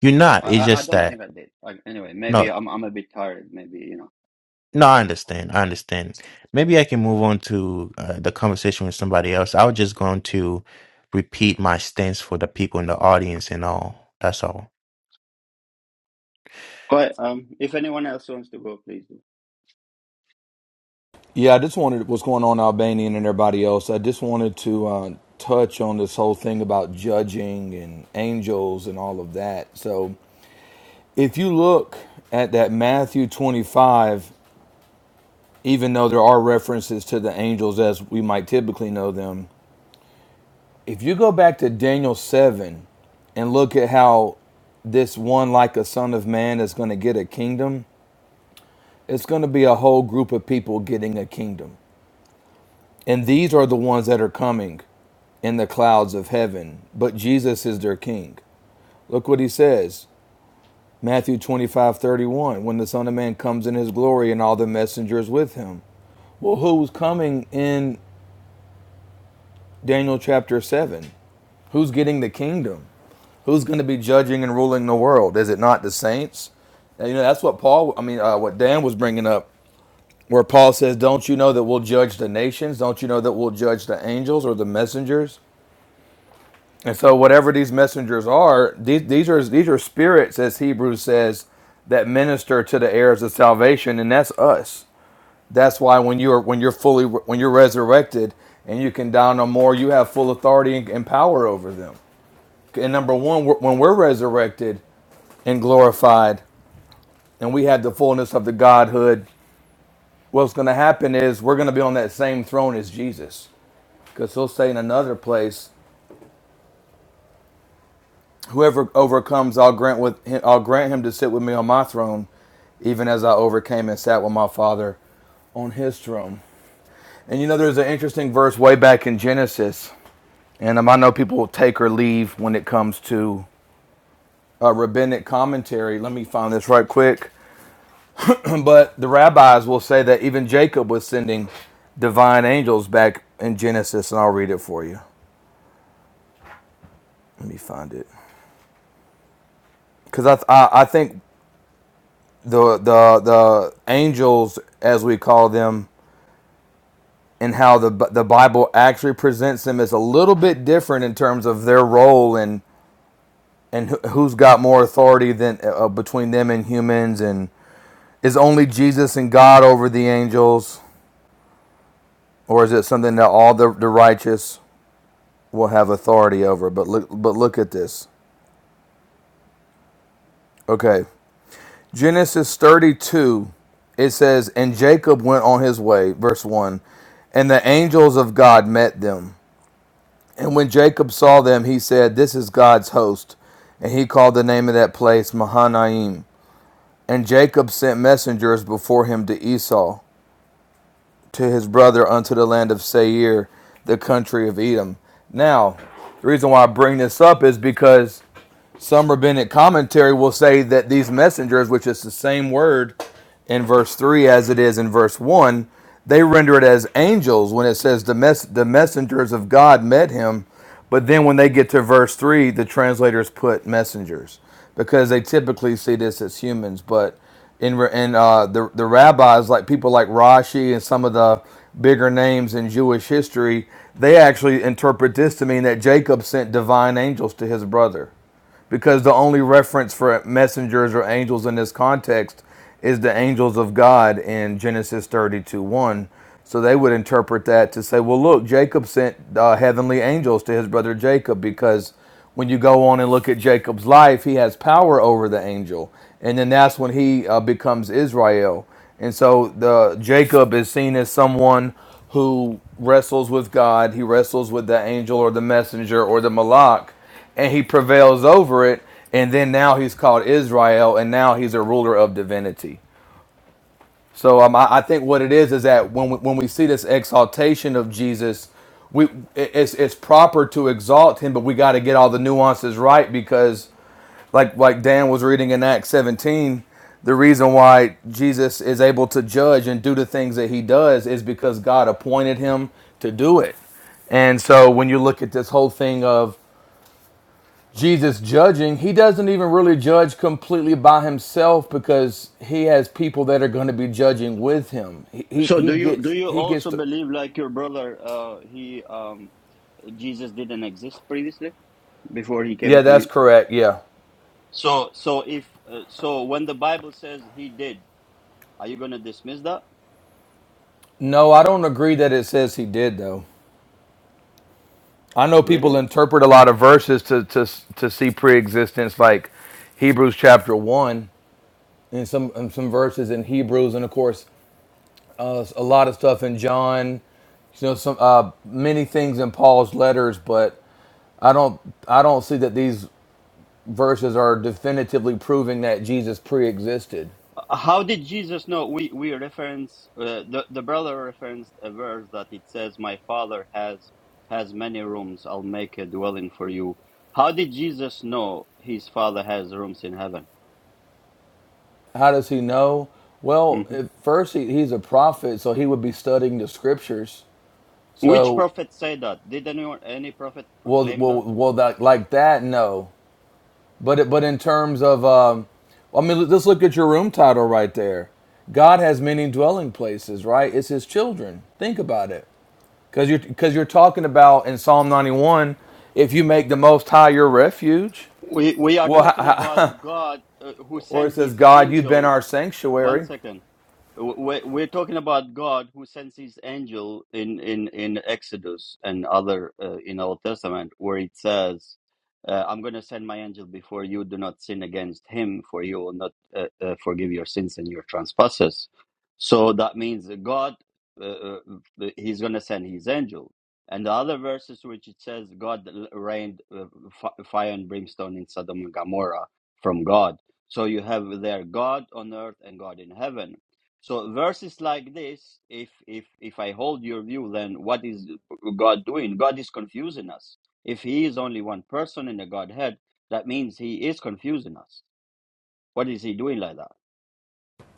S6: You're not.
S1: I,
S6: It's
S1: I I
S6: just
S1: don't
S6: that.
S1: think I did. Like, anyway,
S6: No,
S1: maybe I'm I'm a bit tired. Maybe you know.
S6: no, I understand. I understand. Maybe I can move on to uh, the conversation with somebody else. I was just going to repeat my stance for the people in the audience and all. That's all.
S1: But um, if anyone else wants to go, please do.
S7: Yeah, I just wanted what's going on in Albania and everybody else. I just wanted to uh, touch on this whole thing about judging and angels and all of that. So, if you look at that Matthew 25, even though there are references to the angels as we might typically know them, if you go back to Daniel 7 and look at how this one, like a son of man, is going to get a kingdom, it's going to be a whole group of people getting a kingdom. And these are the ones that are coming in the clouds of heaven, but Jesus is their king. Look what he says Matthew 25, 31. when the Son of Man comes in his glory and all the messengers with him. Well, who's coming in Daniel chapter 7? Who's getting the kingdom? Who's going to be judging and ruling the world? Is it not the saints? And, you know, that's what Paul, I mean, uh, what Dan was bringing up, where Paul says, Don't you know that we'll judge the nations? Don't you know that we'll judge the angels or the messengers? And so, whatever these messengers are, these, these are these are spirits, as Hebrews says, that minister to the heirs of salvation, and that's us. That's why when you're when you're fully when you're resurrected and you can down no more, you have full authority and, and power over them. And number one, we're- when we're resurrected and glorified, and we have the fullness of the Godhood, what's going to happen is we're going to be on that same throne as Jesus, because he'll say in another place, Whoever overcomes, I'll grant with him, I'll grant him to sit with me on my throne, even as I overcame and sat with my father on his throne. And you know, there's an interesting verse way back in Genesis, and um, I know people will take or leave when it comes to uh, rabbinic commentary. Let me find this right quick. but the rabbis will say that even Jacob was sending divine angels back in Genesis, and I'll read it for you. Let me find it because I, th- I I think the the the angels as we call them and how the the Bible actually presents them as a little bit different in terms of their role and and who- who's got more authority than uh, uh, between them and humans and is only Jesus and God over the angels or is it something that all the, the righteous will have authority over but look but look at this okay Genesis 32 it says and Jacob went on his way verse 1 and the angels of God met them And when Jacob saw them, he said, This is God's host. And he called the name of that place Mahanaim. And Jacob sent messengers before him to Esau, to his brother, unto the land of Seir, the country of Edom. Now, the reason why I bring this up is because some rabbinic commentary will say that these messengers, which is the same word in verse 3 as it is in verse 1, they render it as angels when it says the, mess- the messengers of God met him. But then when they get to verse 3, the translators put messengers because they typically see this as humans. But in, in uh, the, the rabbis, like people like Rashi and some of the bigger names in Jewish history, they actually interpret this to mean that Jacob sent divine angels to his brother because the only reference for messengers or angels in this context is the angels of God in Genesis 32 1. So they would interpret that to say, well, look, Jacob sent uh, heavenly angels to his brother Jacob because when you go on and look at Jacob's life, he has power over the angel. And then that's when he uh, becomes Israel. And so the Jacob is seen as someone who wrestles with God, he wrestles with the angel or the messenger or the malak and he prevails over it and then now he's called israel and now he's a ruler of divinity so um, I, I think what it is is that when we, when we see this exaltation of jesus we it- it's, it's proper to exalt him but we got to get all the nuances right because like like dan was reading in acts 17 the reason why jesus is able to judge and do the things that he does is because god appointed him to do it and so when you look at this whole thing of Jesus judging, he doesn't even really judge completely by himself because he has people that are going to be judging with him. He, he
S1: So
S7: he
S1: do you do
S7: gets
S1: you
S7: he gets
S1: also
S7: to
S1: believe like your brother? Uh, he um Jesus didn't exist previously before he came
S7: Yeah, that's
S1: to.
S7: correct. Yeah.
S1: So so if uh, so when the Bible says he did, are you gonna dismiss that?
S7: No, I don't agree that it says he did though. I know
S1: Really?
S7: people interpret a lot of verses to to to see pre-existence like Hebrews chapter 1 and some and some verses in Hebrews and of course uh, a lot of stuff in John you know some uh, many things in Paul's letters, but I don't I don't see that these verses are definitively proving that Jesus pre-existed.
S1: How did Jesus know? We we reference uh, the the brother referenced a verse that it says, "My Father has has many rooms. I'll make a dwelling for you." How did Jesus know his Father has rooms in heaven?
S7: How does he know? Well,
S1: hmm
S7: at first he, he's a prophet, so he would be studying the scriptures.
S1: Which
S7: So,
S1: prophet said that? Did any any prophet
S7: well,
S1: proclaim
S7: well,
S1: that?
S7: well, that like that, no. But it- but in terms of, um, I mean, let's look at your room title right there. God has many dwelling places, right? It's His children. Think about it, because you're because you're talking about in Psalm 91, if you make the Most High your refuge.
S1: We we are
S7: Well,
S1: talking
S7: how,
S1: about God uh, who
S7: Or it
S1: sent
S7: says,
S1: His
S7: God, you've
S1: angel
S7: been our
S1: One
S7: sanctuary.
S1: second. W- We're, we're talking about God who sends his angel in, in, in Exodus and other uh, in Old Testament, where it says, uh, I'm going to send my angel before you, do not sin against him, for you will not uh, uh, forgive your sins and your trespasses. So that means that God, uh, uh, he's going to send his angel. And the other verses, which it says, God rained uh, fi- fire and brimstone in Sodom and Gomorrah from God. So you have there God on earth and God in heaven. So verses like this, if if if I hold your view, then what is God doing? God is confusing us. If He is only one person in the Godhead, that means He is confusing us. What is He doing like that?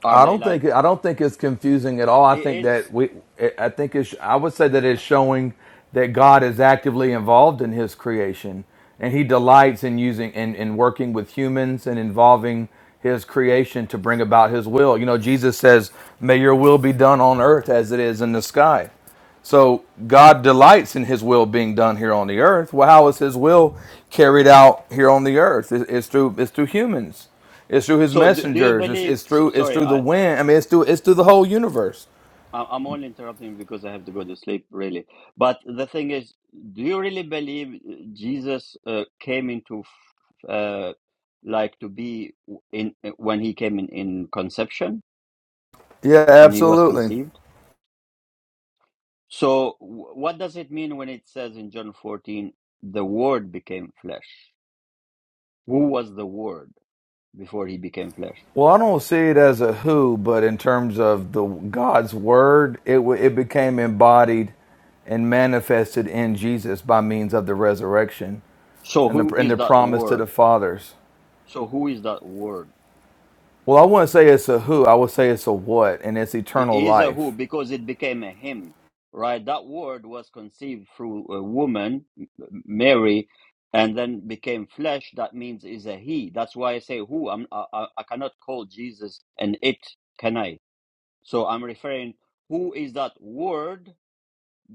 S1: Are
S7: I
S1: they
S7: don't
S1: like
S7: think I don't think it's confusing at all.
S1: it
S7: I think
S1: is?
S7: that we I think it's I would say that it's showing that God is actively involved in his creation and he delights in using in, in working with humans and involving his creation to bring about his will. You know, Jesus says, May your will be done on earth as it is in the sky. So God delights in His will being done here on the earth. Well, how is His will carried out here on the earth? It's, it's through it's through humans. It's through His
S1: So do, do you
S7: messengers. It's,
S1: believe?
S7: it's
S1: So,
S7: through it's
S1: sorry,
S7: through
S1: I,
S7: the wind. I mean, it's through it's through the whole universe.
S1: I- I'm only interrupting because I have to go to sleep, really. But the thing is, do you really believe uh, Jesus uh, came into, f- uh, like, to be in uh, when he came in, in conception,
S7: Yeah,
S1: when he was
S7: absolutely.
S1: conceived? So, w- what does it mean when it says in John 14, the Word became flesh? Who was the Word before he became flesh?
S7: Well, I don't see it as a who, but in terms of the God's word, it wa- it became embodied and manifested in Jesus by means of the resurrection
S1: So,
S7: and the
S1: who
S7: and
S1: is
S7: the
S1: that
S7: promise to the
S1: Word?
S7: fathers.
S1: So, who is that Word?
S7: Well, I wouldn't say it's a who, I would say it's a what, and it's
S1: It
S7: eternal
S1: is a who
S7: life.
S1: because it became a him, right? That word was conceived through a woman, M- Mary, and then became flesh. That means is a he. That's why I say who. I'm, I, I I cannot call Jesus an it, can I? So I'm referring who is that word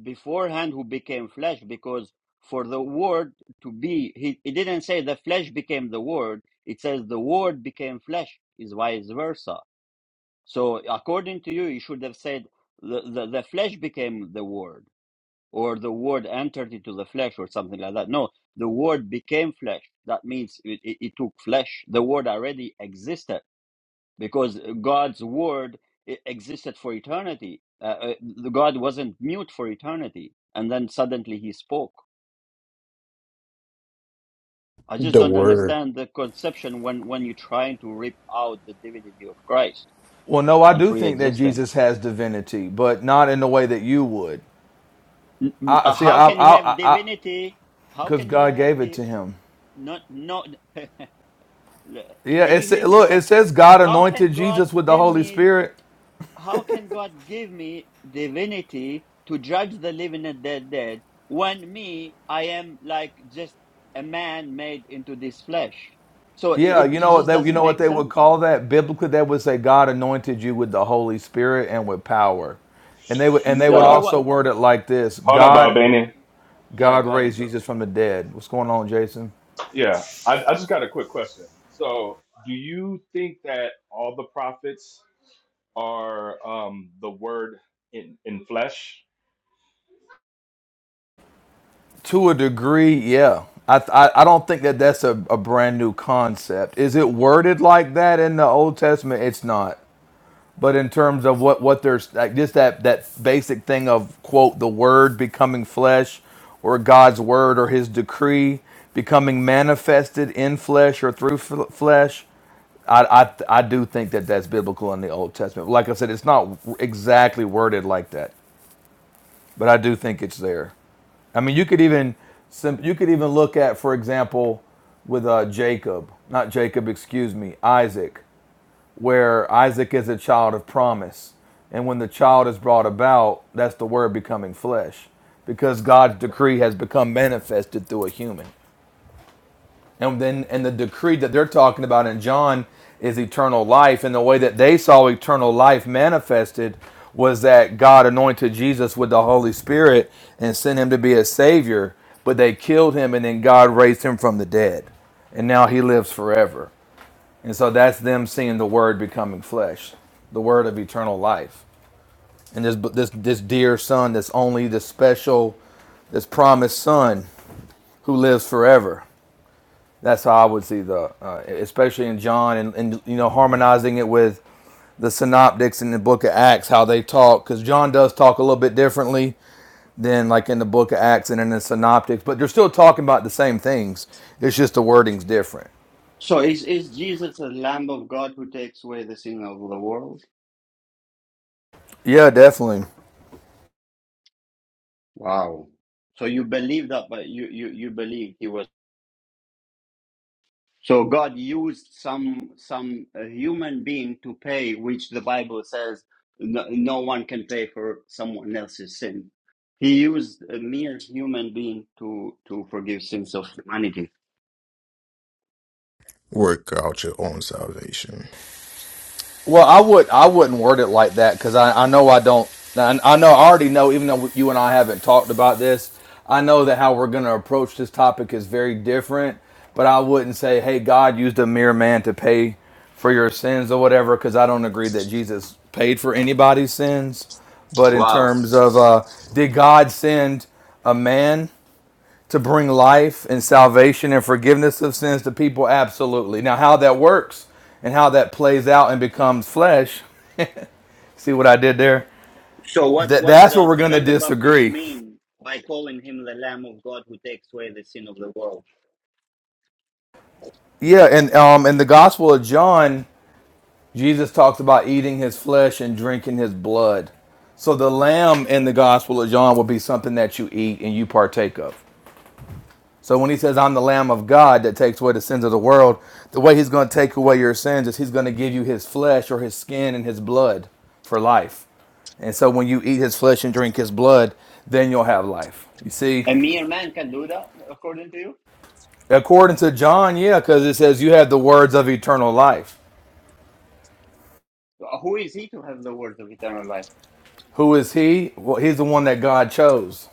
S1: beforehand who became flesh because for the word to be, he, it didn't say the flesh became the word. It says the word became flesh is vice versa so, according to you, you should have said the, the, the flesh became the word, or the word entered into the flesh, or something like that. No, the word became flesh. That means it, it, it took flesh. The word already existed because God's word i- existed for eternity. Uh, uh, the God wasn't mute for eternity, and then suddenly he spoke. I just don't understand the conception when, when you're trying to rip out the divinity of Christ
S7: Well, no, I
S1: and
S7: do
S1: pre
S7: think that
S1: existence.
S7: Jesus has divinity, but not in the way that you would.
S1: N- n-
S7: I
S1: uh,
S7: see,
S1: How
S7: I,
S1: can he have
S7: I, I,
S1: divinity? How
S7: because
S1: can he
S7: God
S1: have
S7: gave it
S1: the
S7: to him.
S1: no no? Look, c-
S7: Yeah,
S1: can you
S7: it's
S1: hear
S7: look, it
S1: yourself?
S7: says God
S1: How can
S7: anointed
S1: God
S7: Jesus with the
S1: give
S7: Holy
S1: me?
S7: Spirit.
S1: How can God give me divinity to judge the living and the dead when me I am like just a man made into this flesh? So it
S7: Yeah,
S1: it,
S7: you
S1: it
S7: know what
S1: just
S7: they, you
S1: doesn't
S7: know what
S1: make
S7: they would
S1: sense.
S7: call that biblically. They would say God anointed you with the Holy Spirit and with power, and they would, and they
S3: Yeah.
S7: would
S1: No
S3: I,
S7: also
S1: one.
S7: word it like this:
S3: hold up,
S7: God,
S3: Albanian.
S1: Yeah,
S7: God
S1: go
S7: raised
S1: ahead, bro.
S7: Jesus from the dead. What's going on, Jason?
S3: Yeah. I, I just got a quick question. So, do you think that all the prophets are um, the word in in flesh?
S7: To a degree, yeah. I, I, I don't think that that's a, a brand new concept. Is it worded like that in the Old Testament? It's not. But in terms of what what there's like just that that basic thing of quote the word becoming flesh, or God's word or His decree becoming manifested in flesh or through f- flesh. I, I I do think that that's biblical in the Old Testament. Like I said, it's not exactly worded like that, but I do think it's there. I mean, you could even you could even look at, for example, with uh, Jacob, not Jacob, excuse me, Isaac, where Isaac is a child of promise, and when the child is brought about, that's the Word becoming flesh, because God's decree has become manifested through a human. And then and the decree that they're talking about in John is eternal life. And the way that they saw eternal life manifested was that God anointed Jesus with the Holy Spirit and sent him to be a savior, but they killed him and then God raised him from the dead. And now he lives forever. And so that's them seeing the word becoming flesh, the word of eternal life. And this this this dear son this only this special this promised son who lives forever. That's how I would see the, uh, especially in John, and, and you know, harmonizing it with the synoptics in the Book of Acts, how they talk, because John does talk a little bit differently than like in the Book of Acts and in the synoptics, but they're still talking about the same things. It's just the wording's different.
S1: So is is Jesus the Lamb of God who takes away the sin of the world?
S7: Yeah, definitely.
S1: Wow. So you believe that, but you you you believe he was. So God used some some uh, human being to pay, which the Bible says no, no one can pay for someone else's sin. He used a mere human being to to forgive sins of humanity.
S6: Work out your own salvation.
S7: Well, I would I wouldn't word it like that because I, I know I don't I, I know I already know even though you and I haven't talked about this I know that how we're going to approach this topic is very different but I wouldn't say hey God used a mere man to pay for your sins or whatever because I don't agree that Jesus paid for anybody's sins but in
S1: Wow.
S7: terms of uh, did God send a man to bring life and salvation and forgiveness of sins to people? Absolutely. Now, how that works and how that plays out and becomes flesh, see what I did there?
S1: So what
S7: Th-
S1: what
S7: that's where we're
S1: does
S7: going to
S1: John the Baptist
S7: disagree.
S1: mean by calling him the Lamb of God who takes away the sin of the world?
S7: Yeah, and um, in the Gospel of John, Jesus talks about eating his flesh and drinking his blood. So the lamb in the Gospel of John will be something that you eat and you partake of. So when he says, I'm the Lamb of God that takes away the sins of the world, the way he's going to take away your sins is he's going to give you his flesh or his skin and his blood for life. And so when you eat his flesh and drink his blood, then you'll have life. You see,
S1: A mere man can do that, according to you.
S7: according to John, yeah, because it says you have the words of eternal life.
S1: Who is he to have the words of eternal life?
S7: Who is he? Well, he's the one that God chose.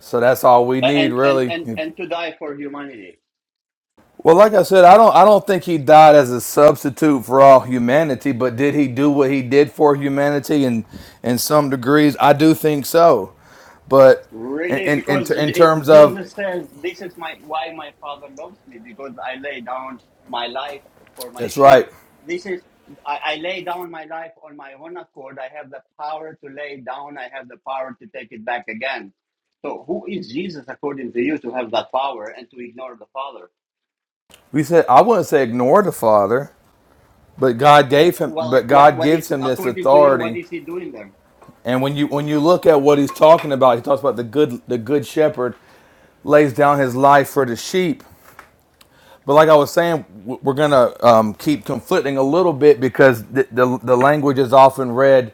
S7: So that's all we
S1: Uh,
S7: need,
S1: and and
S7: really.
S1: and
S7: If
S1: and to die for humanity
S7: Well, like I said, I don't I don't think he died as a substitute for all humanity, but did he do what he did for humanity in in some degrees? I do think so. But in
S1: really
S7: in in,
S1: because
S7: in
S1: it-
S7: terms of
S1: jesus says this is my why my father loves me because i lay down my life for my
S7: that's
S1: sheep
S7: right.
S1: this is I, I lay down my life on my own accord i have the power to lay down i have the power to take it back again so who is jesus according to you to have that power and to ignore the father
S7: We said I wouldn't say ignore the father, but God gave him
S1: well
S7: but
S1: what
S7: God
S1: what
S7: gives
S1: is
S7: him this
S1: according to you what
S7: authority.
S1: is he doing there
S7: And when you when you look at what he's talking about, he talks about the good the good shepherd lays down his life for the sheep. But like I was saying, w- we're gonna um, keep conflicting a little bit because the, the the language is often read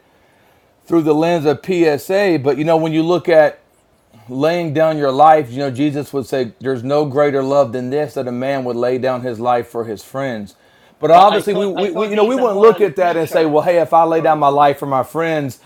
S7: through the lens of PSA. But you know, when you look at laying down your life, you know Jesus would say, "There's no greater love than this that a man would lay down his life for his friends." But
S1: but i
S7: obviously, we,
S1: thought i
S7: we, we
S1: thought
S7: you know
S1: he's
S7: we
S1: a
S7: wouldn't look
S1: moral
S7: at that and say,
S1: teacher
S7: "Well, hey, if I lay down
S1: sorry
S7: my life for my friends,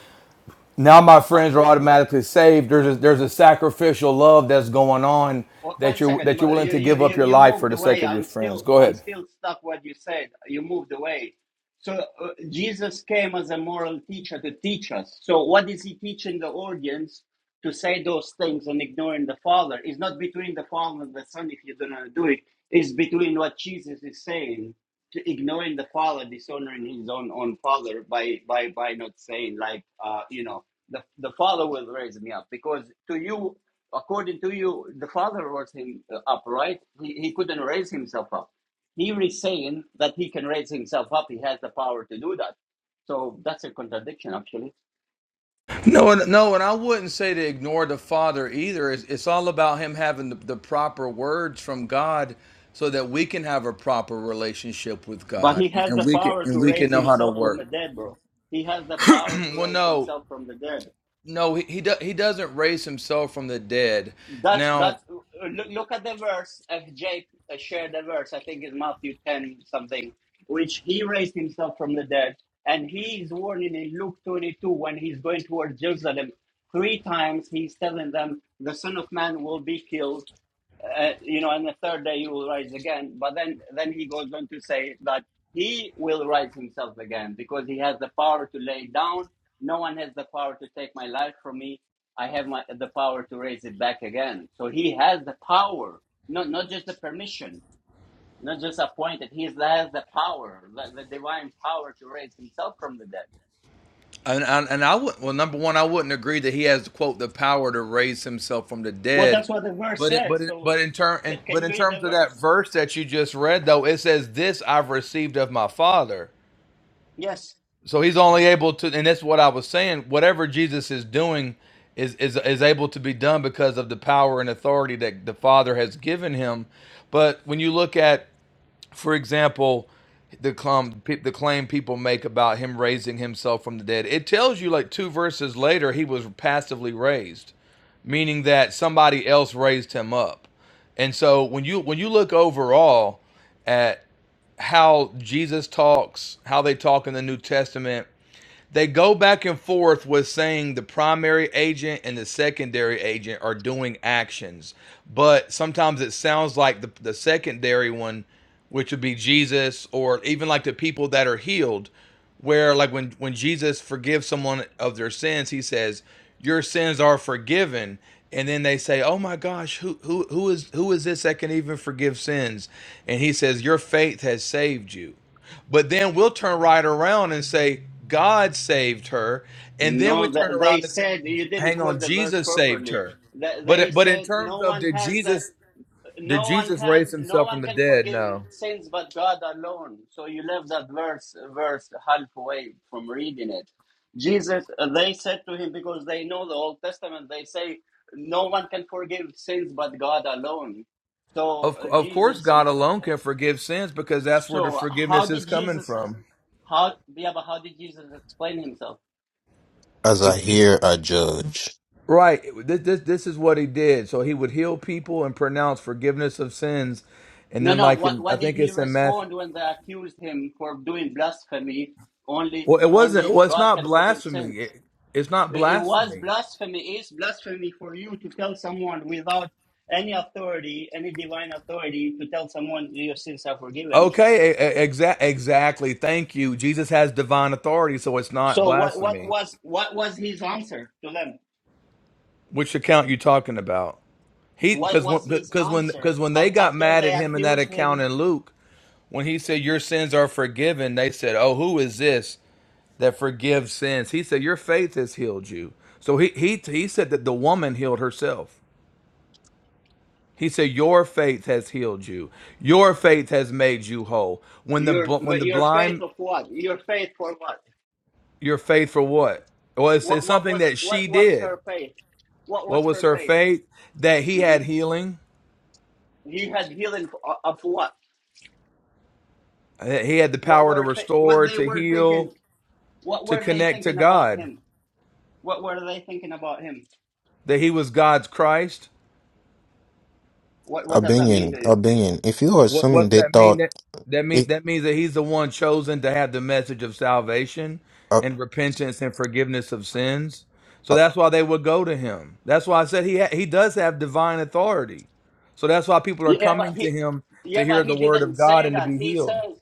S7: now my
S1: I
S7: friends are
S1: thought
S7: automatically saved." There's a, there's a sacrificial love that's going on
S1: O-
S7: that
S1: One
S7: you're
S1: second,
S7: that you're
S1: m-
S7: willing
S1: you,
S7: to
S1: you,
S7: give up
S1: you
S7: your
S1: you
S7: life for
S1: moved
S7: the sake
S1: away.
S7: of your
S1: I'm
S7: friends.
S1: still
S7: Go
S1: I'm
S7: ahead.
S1: still stuck. What you said, you moved away. So uh, Jesus came as a moral teacher to teach us. So what is he teaching the audience to say those things and ignoring the Father? It's not between the Father and the Son if you're gonna do it. It's between what Jesus is saying to ignoring the Father, dishonoring his own own Father by by by not saying like uh, you know the the Father will raise me up because to you according to you, the Father rose him uh, up, right? He, he couldn't raise himself up. Here he's saying that he can raise himself up. He has the power to do that. So that's a contradiction, actually.
S7: No, no, and I wouldn't say to ignore the Father either. It's, it's all about him having the, the proper words from God, so that we can have a proper relationship with
S1: But
S7: God,
S1: he
S7: and,
S1: has the
S7: and we can
S1: power to
S7: and we can
S1: raise
S7: know how to
S1: himself from the
S7: work.
S1: dead, bro. He has the power to
S7: Well,
S1: raise
S7: no,
S1: himself from the dead.
S7: no, he he, do, he doesn't raise himself from the dead.
S1: That's
S7: Now,
S1: that's look, look at the verse If Jake uh, shared the verse. I think it's Matthew ten something, which he raised himself from the dead, and he is warning in Luke twenty two when he's going towards Jerusalem. Three times he's telling them the Son of Man will be killed, uh, you know, and the third day he will rise again. But then, then he goes on to say that he will rise himself again because he has the power to lay down. No one has the power to take my life from me. I have my, the power to raise it back again. So he has the power, not not just the permission, not just appointed. He has the power, the, the divine power to raise himself from the dead.
S7: and and, and I would well, number one, I wouldn't agree that he has quote the power to raise himself from the
S1: Well,
S7: dead.
S1: that's what the verse
S7: But it,
S1: says.
S7: but it,
S1: So,
S7: but in term and,
S1: c- can
S7: but
S1: you
S7: in
S1: read the
S7: terms of that
S1: verse?
S7: verse that you just read though, it says, "This I've received of my Father."
S1: Yes.
S7: So he's only able to, and that's what I was saying. Whatever Jesus is doing is is is able to be done because of the power and authority that the Father has given him. But when you look at, for example, the claim the claim people make about him raising himself from the dead, it tells you like two verses later he was passively raised, meaning that somebody else raised him up. And so when you when you look overall at how Jesus talks, how they talk in the New Testament, they go back and forth with saying the primary agent and the secondary agent are doing actions, but sometimes it sounds like the, the secondary one, which would be Jesus or even like the people that are healed, where like when when Jesus forgives someone of their sins, he says, "Your sins are forgiven." And then they say, "Oh my gosh, who who who is who is this that can even forgive sins?" And he says, "Your faith has saved you." But then we'll turn right around and say, God saved her. And then we
S1: No,
S7: turn
S1: th- they
S7: around and say,
S1: said you didn't
S7: hang on,
S1: quote the verse
S7: Jesus saved
S1: properly.
S7: her.
S1: Th- They
S7: But but in
S1: said
S7: terms
S1: no
S7: of
S1: one
S7: did
S1: has the
S7: Jesus did
S1: no one
S7: Jesus raise
S1: has no
S7: himself from
S1: one
S7: the
S1: can
S7: dead?
S1: forgive
S7: No.
S1: sins but God alone. So you left that verse verse halfway from reading it. Jesus, uh, they said to him because they know the Old Testament. They say no one can forgive sins but God alone. So
S7: Of
S1: uh,
S7: of course
S1: Jesus,
S7: God alone can forgive sins because that's where the
S1: so how
S7: forgiveness is
S1: did
S7: coming
S1: Jesus?
S7: from.
S1: How yeah, but how did Jesus explain himself?
S6: As I hear, I judge.
S7: Right. This, this this is what he did. So he would heal people and pronounce forgiveness of sins, and
S1: No,
S7: then
S1: no.
S7: like
S1: What
S7: in I
S1: what did
S7: think
S1: he
S7: it's in Matthew.
S1: respond when they accused him for doing blasphemy? Only
S7: Well, it wasn't.
S1: only
S7: Well, it's
S1: God
S7: not
S1: can forgive
S7: blasphemy.
S1: sins.
S7: It, it's not
S1: It, it was
S7: blasphemy.
S1: blasphemy. Is blasphemy for you to tell someone without any authority, any divine authority, to tell someone your sins are forgiven?
S7: Okay, exactly. Exactly. Thank you. Jesus has divine authority, so it's not
S1: So what what
S7: blasphemy.
S1: was what was his answer to them?
S7: Which account you talking about? He
S1: What
S7: because
S1: was his
S7: because when
S1: answer
S7: because when they
S1: Af-
S7: got
S1: after
S7: mad
S1: they
S7: at him in that
S1: accused
S7: account
S1: him?
S7: in Luke, when he said your sins are forgiven, they said, "Oh, who is this that forgives sins?" He said, "Your faith has healed you." So he he he said that the woman healed herself. He said, "Your faith has healed you. Your faith has made you whole." When the
S1: Your
S7: bl- when the
S1: your
S7: blind
S1: faith of what? Your faith for what?
S7: Your faith for what? Well, it's, it's
S1: What what
S7: something
S1: was
S7: that she
S1: what was
S7: did.
S1: her faith? What
S7: What
S1: was
S7: was
S1: her
S7: her
S1: faith?
S7: faith? That he
S1: hmm
S7: had healing,
S1: He had healing f- of what?
S7: that he had the
S1: What
S7: power to
S1: were th- what
S7: restore,
S1: they
S7: to
S1: were thinking?
S7: heal,
S1: What
S7: to
S1: were they
S7: connect to
S1: thinking about
S7: God,
S1: him? What were they thinking about him?
S7: that he was God's Christ.
S1: What what does that mean
S6: Opinion,
S1: to you?
S6: opinion. If you are
S7: What
S6: assuming
S7: what's
S6: they
S7: that mean?
S6: thought,
S7: That that mean
S6: it,
S7: that means that he's the one chosen to have the message of salvation
S6: uh,
S7: and repentance and forgiveness of sins. So
S6: uh,
S7: that's why they would go to him. That's why I said he ha- he does have divine authority. So that's why people are
S1: Yeah, but
S7: coming
S1: he,
S7: to him to
S1: yeah,
S7: hear
S1: but
S7: the
S1: he
S7: word
S1: didn't
S7: of God
S1: say
S7: and to
S1: that.
S7: be
S1: He
S7: healed.
S1: says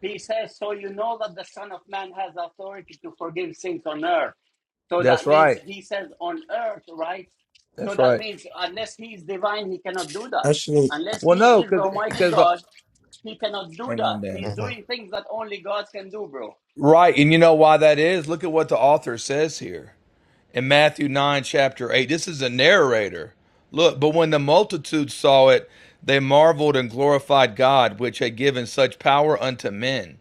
S1: He says, So you know that the Son of Man has authority to forgive sins on earth. So
S7: That's
S1: that means
S7: right.
S1: he says on earth, right? So
S7: That's
S1: that
S7: right.
S1: means unless he is divine, he cannot do that.
S6: actually,
S1: Unless
S7: Well,
S1: he
S7: no,
S1: is
S7: because
S1: Almighty
S7: because the
S1: God, he cannot do
S7: hang
S1: that.
S7: on,
S1: He's
S7: Dan.
S6: mhm.
S1: doing things that only God can do, bro.
S7: Right, and you know why that is. Look at what the author says here in Matthew nine, chapter eight. This is a narrator. Look, but when the multitude saw it, they marveled and glorified God, which had given such power unto men.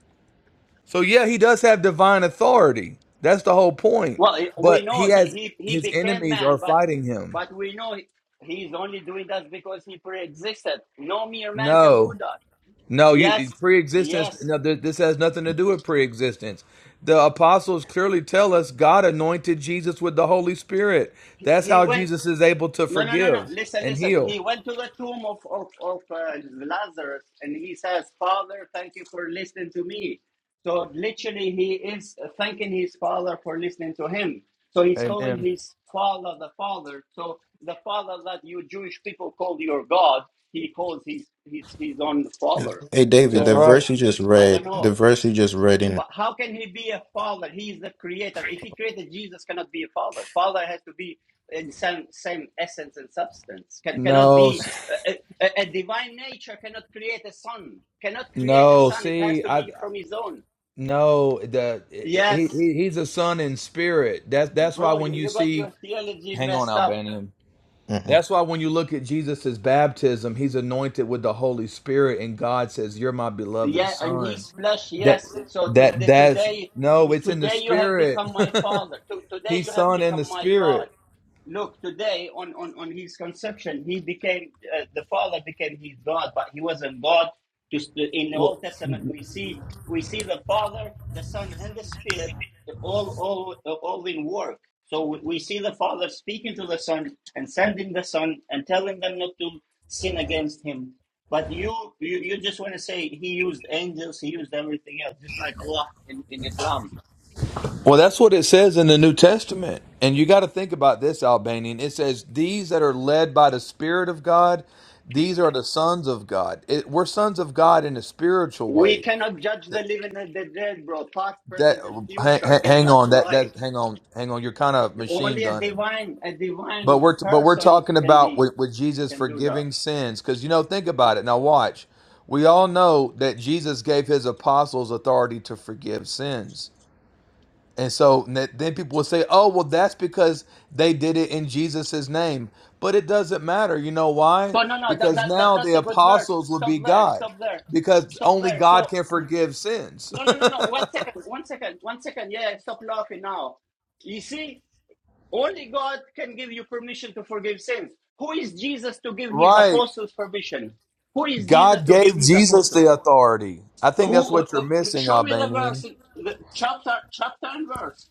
S7: So yeah, he does have divine authority. That's the whole point.
S1: Well,
S7: But
S1: we know
S7: he has
S1: he, he, he
S7: his
S1: became
S7: enemies
S1: man,
S7: are
S1: but
S7: fighting him.
S1: but we know he, he's only doing that because he pre-existed. No mere man can do
S7: No.
S1: that.
S7: No, you
S1: Yes,
S7: pre-existence.
S1: yes.
S7: No, th- this has nothing to do
S1: He
S7: with pre-existence. The apostles clearly tell us God anointed Jesus with the Holy Spirit. That's
S1: he
S7: how
S1: went.
S7: Jesus is able to
S1: No, no, no, no.
S7: forgive
S1: Listen,
S7: and
S1: listen.
S7: heal.
S1: He went to the tomb of, of, of uh, Lazarus and he says, Father, thank you for listening to me. So literally, he is thanking his father for listening to him. So he's calling
S7: Amen.
S1: his father the father. So the father that you Jewish people call your God, he calls his, his, his own father.
S6: hey David,
S7: That's
S6: the
S1: So
S7: right.
S1: I
S6: verse you just
S1: I don't
S6: read, the
S1: know.
S6: verse you just read in,
S1: But how can he be a father? He is the creator. If he created Jesus, cannot be a father. Father has to be in the same same essence and substance. Can, cannot
S7: No,
S1: be
S7: s-
S1: a, a, a divine nature cannot create a son. Cannot create a
S7: no.
S1: son. It has
S7: See,
S1: to
S7: I
S1: be from his own.
S7: no. The he,
S1: Yes,
S7: he he's a son in spirit. That's that's why
S1: bro, you,
S7: when you
S1: you got
S7: see,
S1: your theology
S7: hang on,
S1: messed up.
S7: Albanian.
S6: mhm.
S7: That's why when you look at Jesus' baptism, he's anointed with the Holy Spirit, and God says, You're my beloved
S1: Yeah, and
S7: son.
S1: his flesh.
S7: That
S1: Yes. And so to,
S7: that
S1: the,
S7: that's
S1: today,
S7: no, it's in the
S1: today you have
S7: spirit.
S1: become my father. To, today you
S7: he's
S1: have
S7: son in
S1: become
S7: the
S1: my God.
S7: spirit.
S1: look today on on on his conception he became uh, the father became his god but he wasn't god just uh, in the
S7: Well,
S1: old testament we see we see the father the son and the spirit all all uh, all in work so we we see the father speaking to the son and sending the son and telling them not to sin against him but you you, you just want to say he used angels he used everything else just like allah in, in islam
S7: well, that's what it says in the New Testament. And you got to think about this, Albanian. It says, These that are led by the Spirit of God, these are the sons of God. It, we're sons of God in a spiritual
S1: We
S7: way.
S1: cannot judge
S7: That,
S1: the living and the dead, bro. Past, present,
S7: that
S1: and
S7: hang,
S1: future. Get
S7: hang
S1: that
S7: on, that
S1: right.
S7: that hang on, hang on. You're kind of machine
S1: Only a
S7: gunning.
S1: divine, a
S7: But
S1: divine
S7: we're but we're
S1: person
S7: talking
S1: can
S7: about
S1: be
S7: with, with Jesus
S1: can do that.
S7: forgiving sins because you know think about it now. Watch, we all know that Jesus gave his apostles authority to forgive sins, and so th- then people will say, "Oh, well, that's because they did it in Jesus' name." But it doesn't matter. You know why?
S1: So no, no, that,
S7: Because
S1: that, that
S7: now
S1: that's
S7: the
S1: a good verse.
S7: apostles would
S1: Stop
S7: be
S1: there.
S7: God,
S1: Stop there.
S7: because
S1: Stop
S7: only
S1: there. So
S7: God can forgive sins.
S1: no, no, no, no. One second. One second. One second. Yeah, stop laughing now. You see, only God can give you permission to forgive sins. Who is Jesus to give his
S7: right?
S1: apostles permission? Who is Jesus
S7: God
S1: to give
S7: gave
S1: his
S7: Jesus
S1: apostles?
S7: the authority. I think that's
S1: Who,
S7: what you're
S1: who-
S7: missing,
S1: show me the verse,
S7: Albanian.
S1: in- the chapter, chapter and verse.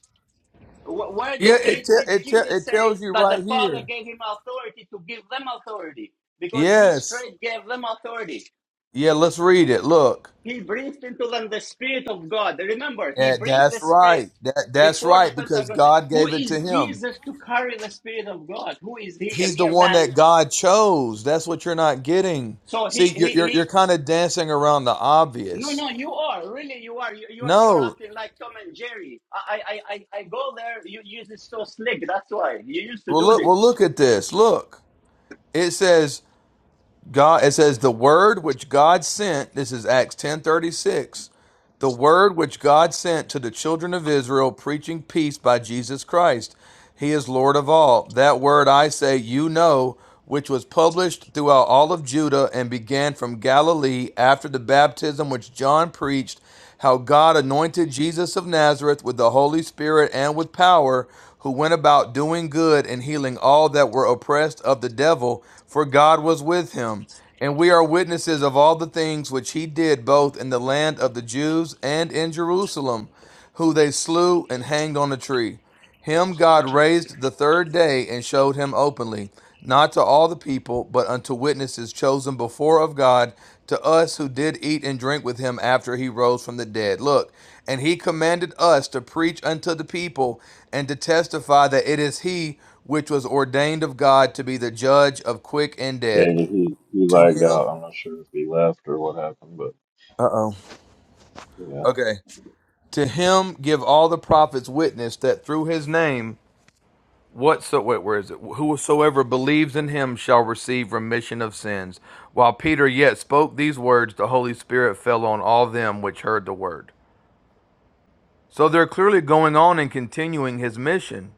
S1: Wh- Where
S7: Yeah,
S1: did,
S7: it
S1: did,
S7: te-
S1: did
S7: it te-
S1: Jesus
S7: it tells
S1: says
S7: you
S1: that the
S7: right
S1: Father
S7: here.
S1: gave him authority to give them authority? Because he
S7: Yes.
S1: straight gave them authority.
S7: Yeah, let's read it. Look.
S1: He breathed into them the Spirit of God. Remember, he
S7: Yeah,
S1: breathed the
S7: that's
S1: Spirit
S7: right. That that's
S1: before the
S7: right because
S1: Pentecost.
S7: God
S1: Who
S7: gave it to
S1: is
S7: him.
S1: Jesus to carry the Spirit of God? Who is he? A
S7: He's the
S1: mere
S7: one
S1: man.
S7: that God chose. That's what you're not getting.
S1: So he
S7: See, you're
S1: he
S7: you're,
S1: he.
S7: you're kind of dancing around the
S1: No,
S7: obvious.
S1: no, you are really you are you, you are you are
S7: No.
S1: acting like Tom and Jerry. I I I, I I go there. You you use it so slick. That's why you used to
S7: Well,
S1: do
S7: look.
S1: this.
S7: Well, look at this. Look. It says God it says the word which God sent, this is Acts 10:36, the word which God sent to the children of Israel preaching peace by Jesus Christ. He is Lord of all. That word I say, you know, which was published throughout all of Judah and began from Galilee after the baptism which John preached, how God anointed Jesus of Nazareth with the Holy Spirit and with power, who went about doing good and healing all that were oppressed of the devil, for God was with him. And we are witnesses of all the things which he did both in the land of the Jews and in Jerusalem, who they slew and hanged on a tree. Him God raised the third day and showed him openly, not to all the people, but unto witnesses chosen before of God, to us who did eat and drink with him after he rose from the dead. Look, and he commanded us to preach unto the people and to testify that it is he which was ordained of God to be the judge of quick and dead.
S8: Daniel, he, he
S7: To
S8: lagged out.
S7: him,
S8: I'm not sure if he left or what happened, but
S7: uh oh,
S8: yeah.
S7: okay. To him give all the prophets witness that through his name, whatsoever where is it whosoever believes in him shall receive remission of sins while peter yet spoke these words the holy spirit fell on all them which heard the word so they're clearly going on and continuing his mission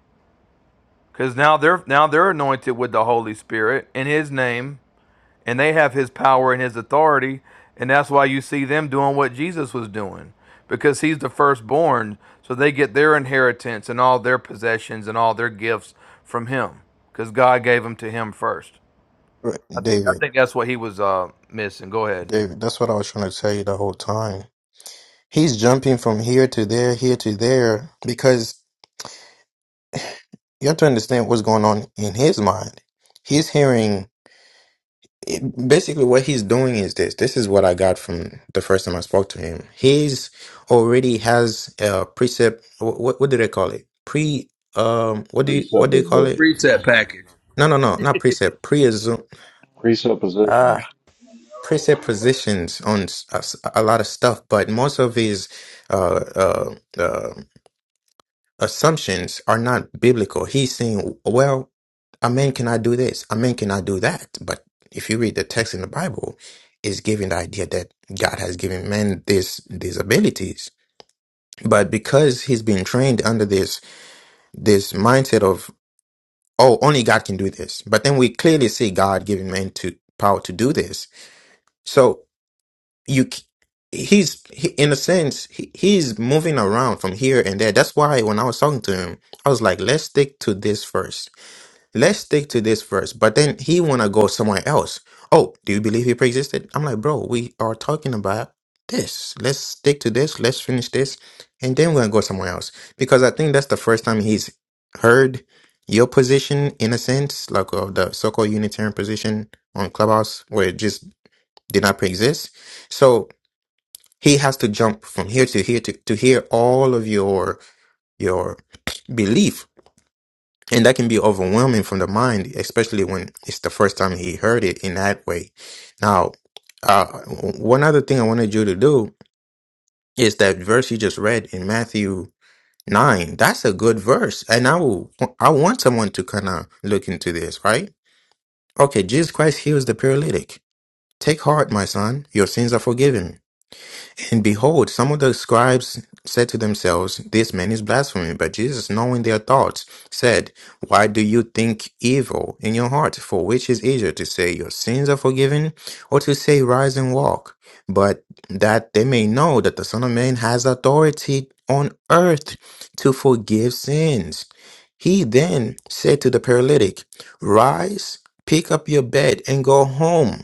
S7: because now they're now they're anointed with the holy spirit in his name and they have his power and his authority and that's why you see them doing what jesus was doing because he's the firstborn so they get their inheritance and all their possessions and all their gifts from him because god gave them to him first
S6: Right,
S7: i think i
S6: David,
S7: think that's what he was uh, missing go ahead
S6: David. That's what I was trying to tell you the whole time. He's jumping from here to there, here to there, because you have to understand what's going on in his mind. He's hearing it- basically what he's doing is this. This is what I got from the first time I spoke to him. He's already has a precept. wh- What what do they call it? Pre um. What do you, what do you call it?
S8: Presupposition.
S7: Read that package.
S6: No no no not precept. Pre assume
S8: Presupposition.
S6: ah preset positions on s- a s- a lot of stuff, but most of his uh uh uh, assumptions are not biblical. He's saying, well, a man cannot do this, a man cannot do that. But if you read the text in the Bible, it's giving the idea that God has given man this these abilities. But because he's been trained under this this mindset of oh, only God can do this. But then we clearly see God giving man to power to do this. So you c- he's he, in a sense he, he's moving around from here and there. That's why when I was talking to him, I was like, let's stick to this first let's stick to this first. But then he wanna go somewhere else. Oh, do you believe he pre-existed? I'm like, bro, we are talking about this. Let's stick to this. Let's finish this, and then we're gonna go somewhere else. Because I think that's the first time he's heard your position in a sense, like of the so-called Unitarian position on Clubhouse, where it just did not pre-exist. So he has to jump from here to here to, to hear all of your your belief and that can be overwhelming from the mind, especially when it's the first time he heard it in that way. Now, uh, one other thing I wanted you to do is that verse you just read in Matthew 9. That's a good verse. And I will, I want someone to kind of look into this, right? Okay, Jesus Christ heals the paralytic. Take heart, my son. Your sins are forgiven. And behold, some of the scribes said to themselves, This man is blaspheming. But Jesus, knowing their thoughts, said, Why do you think evil in your heart? For which is easier to say, Your sins are forgiven, or to say, Rise and walk? But that they may know that the Son of Man has authority on earth to forgive sins. He then said to the paralytic, Rise, pick up your bed, and go home.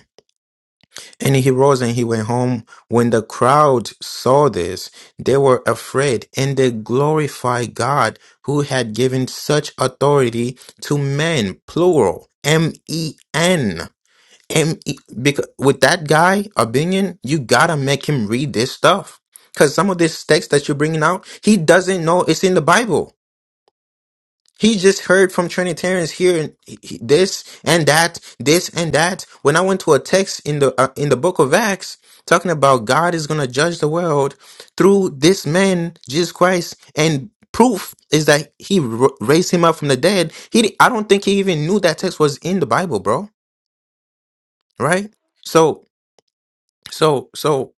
S6: And he rose and he went home. When the crowd saw this, they were afraid and they glorified God who had given such authority to men, plural, M E N. M E because with that guy, Abinion, you gotta make him read this stuff. Cause some of this text that you're bringing out, he doesn't know it's in the Bible. He just heard from Trinitarians here and he- he- this and that, this and that. When I went to a text in the uh, in the book of Acts talking about God is going to judge the world through this man Jesus Christ and proof is that he r- raised him up from the dead. He di- I don't think he even knew that text was in the Bible, bro, right? So so, so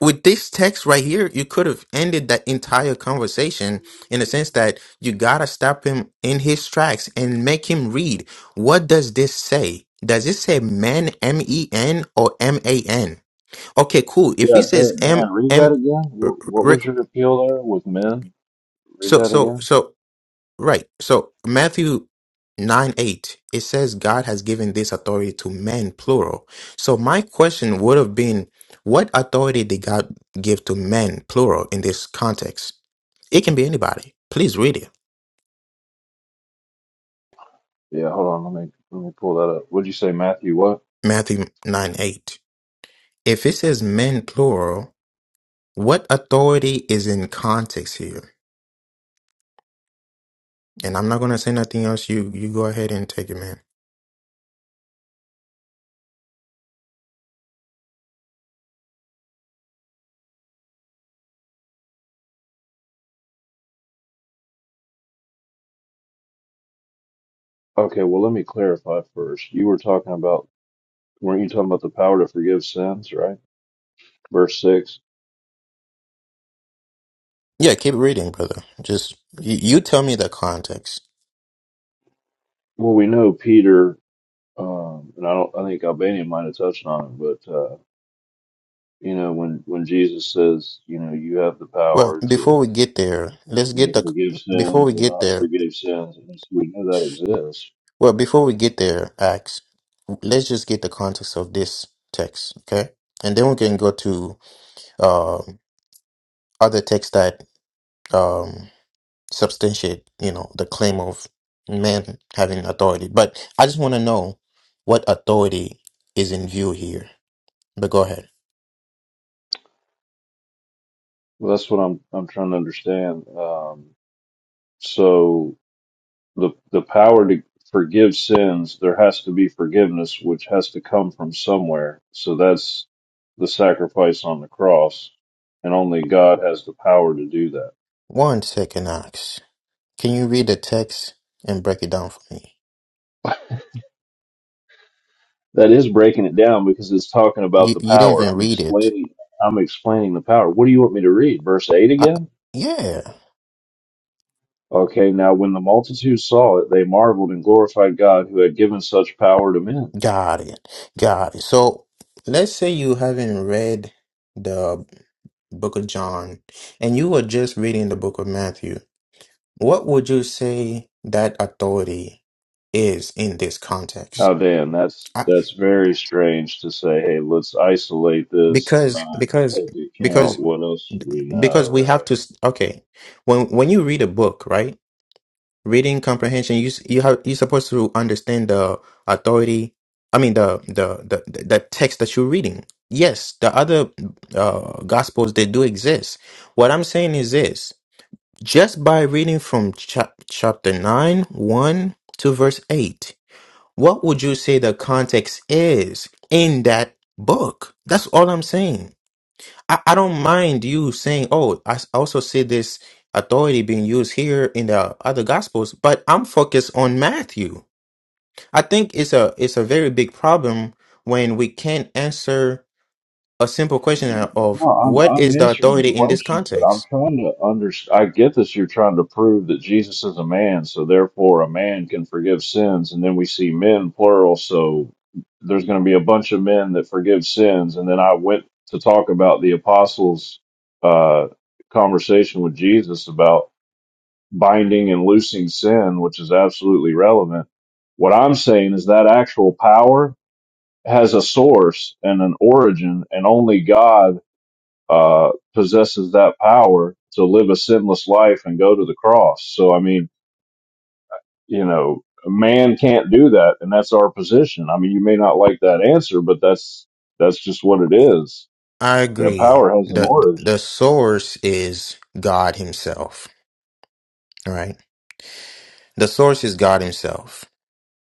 S6: with this text right here, you could have ended that entire conversation in the sense that you gotta stop him in his tracks and make him read. What does this say? Does it say men, M E N or M A N? Okay, cool. If he
S8: Yeah,
S6: says
S8: Dan,
S6: "m
S8: Dan read
S6: m",
S8: that again. What, what
S6: Rick,
S8: was your appeal there with men? Read
S6: so
S8: that
S6: so
S8: again.
S6: so Right. So Matthew 9 8, it says God has given this authority to men, plural. So my question would have been what authority did God give to men, plural, in this context? It can be anybody. Please read it.
S8: Yeah, hold on. Let me let me pull that up. What'd you say, Matthew? What?
S6: Matthew 9 8. If it says men, plural, what authority is in context here? And I'm not going to say nothing else. You you go ahead and take it, man.
S8: Okay, well, let me clarify first. You were talking about, weren't you talking about the power to forgive sins, right? Verse six.
S6: Yeah, keep reading, brother. Just you, you tell me the context.
S8: Well, we know Peter, um, and I don't, I think Albania might have touched on it, but. uh, You know, when when Jesus says, you know, you have the
S6: Well,
S8: power
S6: before
S8: to
S6: we get there, let's
S8: you
S6: get
S8: know,
S6: the
S8: forgive
S6: before
S8: sins
S6: we
S8: or
S6: get
S8: not
S6: there.
S8: forgive sins, and it's- we know that exists.
S6: Well, before we get there, Acts, let's just get the context of this text, okay? And then we can go to uh, other texts that um, substantiate, you know, the claim of man having authority. But I just want to know what authority is in view here. But go ahead.
S8: Well, that's what I'm I'm trying to understand. Um, so the the power to forgive sins, there has to be forgiveness, which has to come from somewhere. So that's the sacrifice on the cross, and only God has the power to do that.
S6: One second, Acts. Can you read the text and break it down for me?
S8: that is breaking it down because it's talking about
S6: You
S8: the
S6: you didn't
S8: power.
S6: even
S8: I'm
S6: read it.
S8: explaining I'm explaining the power. What do you want me to read? Verse 8
S6: I,
S8: again?
S6: yeah.
S8: Okay, now when the multitude saw it, they marveled and glorified God who had given such power to men.
S6: Got it. Got it. So let's say you haven't read the book of John and you were just reading the book of Matthew. What would you say that authority is in this context?
S8: Now Dan, that's
S6: I,
S8: that's very strange to say, hey, let's isolate this and
S6: because
S8: not
S6: because
S8: take into
S6: because
S8: account what else we
S6: because
S8: know,
S6: we
S8: right?
S6: have to s- okay, when when you read a book, right? reading comprehension you s- you have you're supposed to understand the authority i mean the the the, the text that you're reading yes the other uh gospels they do exist what i'm saying is this just by reading from chap- chapter 9 1 to verse 8 what would you say the context is in that book that's all i'm saying I, I don't mind you saying, oh, I s- also see this authority being used here in the other gospels, but I'm focused on Matthew. I think it's a it's a very big problem when we can't answer a simple question
S8: No,
S6: of
S8: I'm
S6: what
S8: I'm
S6: is the
S8: answering the
S6: authority in this
S8: questions, but I'm
S6: context.
S8: trying to understand. I get this. You're trying to prove that Jesus is a man, so therefore a man can forgive sins, and then we see men plural. So there's going to be a bunch of men that forgive sins, and then I went to talk about the apostles' uh, conversation with Jesus about binding and loosing sin, which is absolutely relevant. What I'm saying is that actual power has a source and an origin, and only God uh, possesses that power to live a sinless life and go to the cross. So, I mean, you know, man can't do that, and that's our position. I mean, you may not like that answer, but that's that's just what it is.
S6: I
S8: That
S6: agree.
S8: power has an
S6: The
S8: origin.
S6: the source is God himself, right? The source is God himself,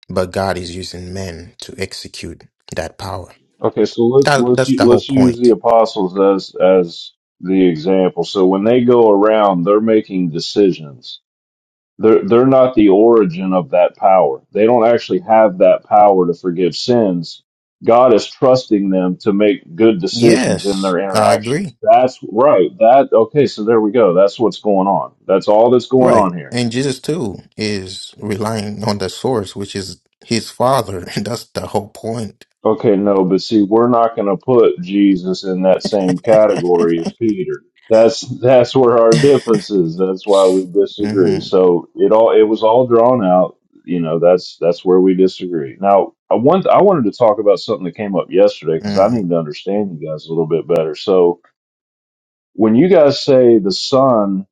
S6: but God is using men to execute that power.
S8: Okay, so let's
S6: That,
S8: let's
S6: that's
S8: u-
S6: the whole
S8: let's use the
S6: point.
S8: apostles as as the example. So when they go around, they're making decisions They're they're not the origin of that power. They don't actually have that power to forgive sins. God is trusting them to make good decisions in
S6: Yes,
S8: their
S6: I
S8: interactions.
S6: agree.
S8: That's right. That okay, so there we go. That's what's going on. That's all that's going
S6: Right.
S8: on here.
S6: And Jesus too is relying on the source, which is his father. And that's the whole point.
S8: Okay, no, but see, we're not going to put Jesus in that same category as Peter. That's that's where our difference is. That's why we disagree.
S6: hmm
S8: So it all it was all drawn out. You know, that's that's where we disagree. Now, I want I wanted to talk about something that came up yesterday because I
S6: Mm.
S8: need to understand you guys a little bit better. So when you guys say the Son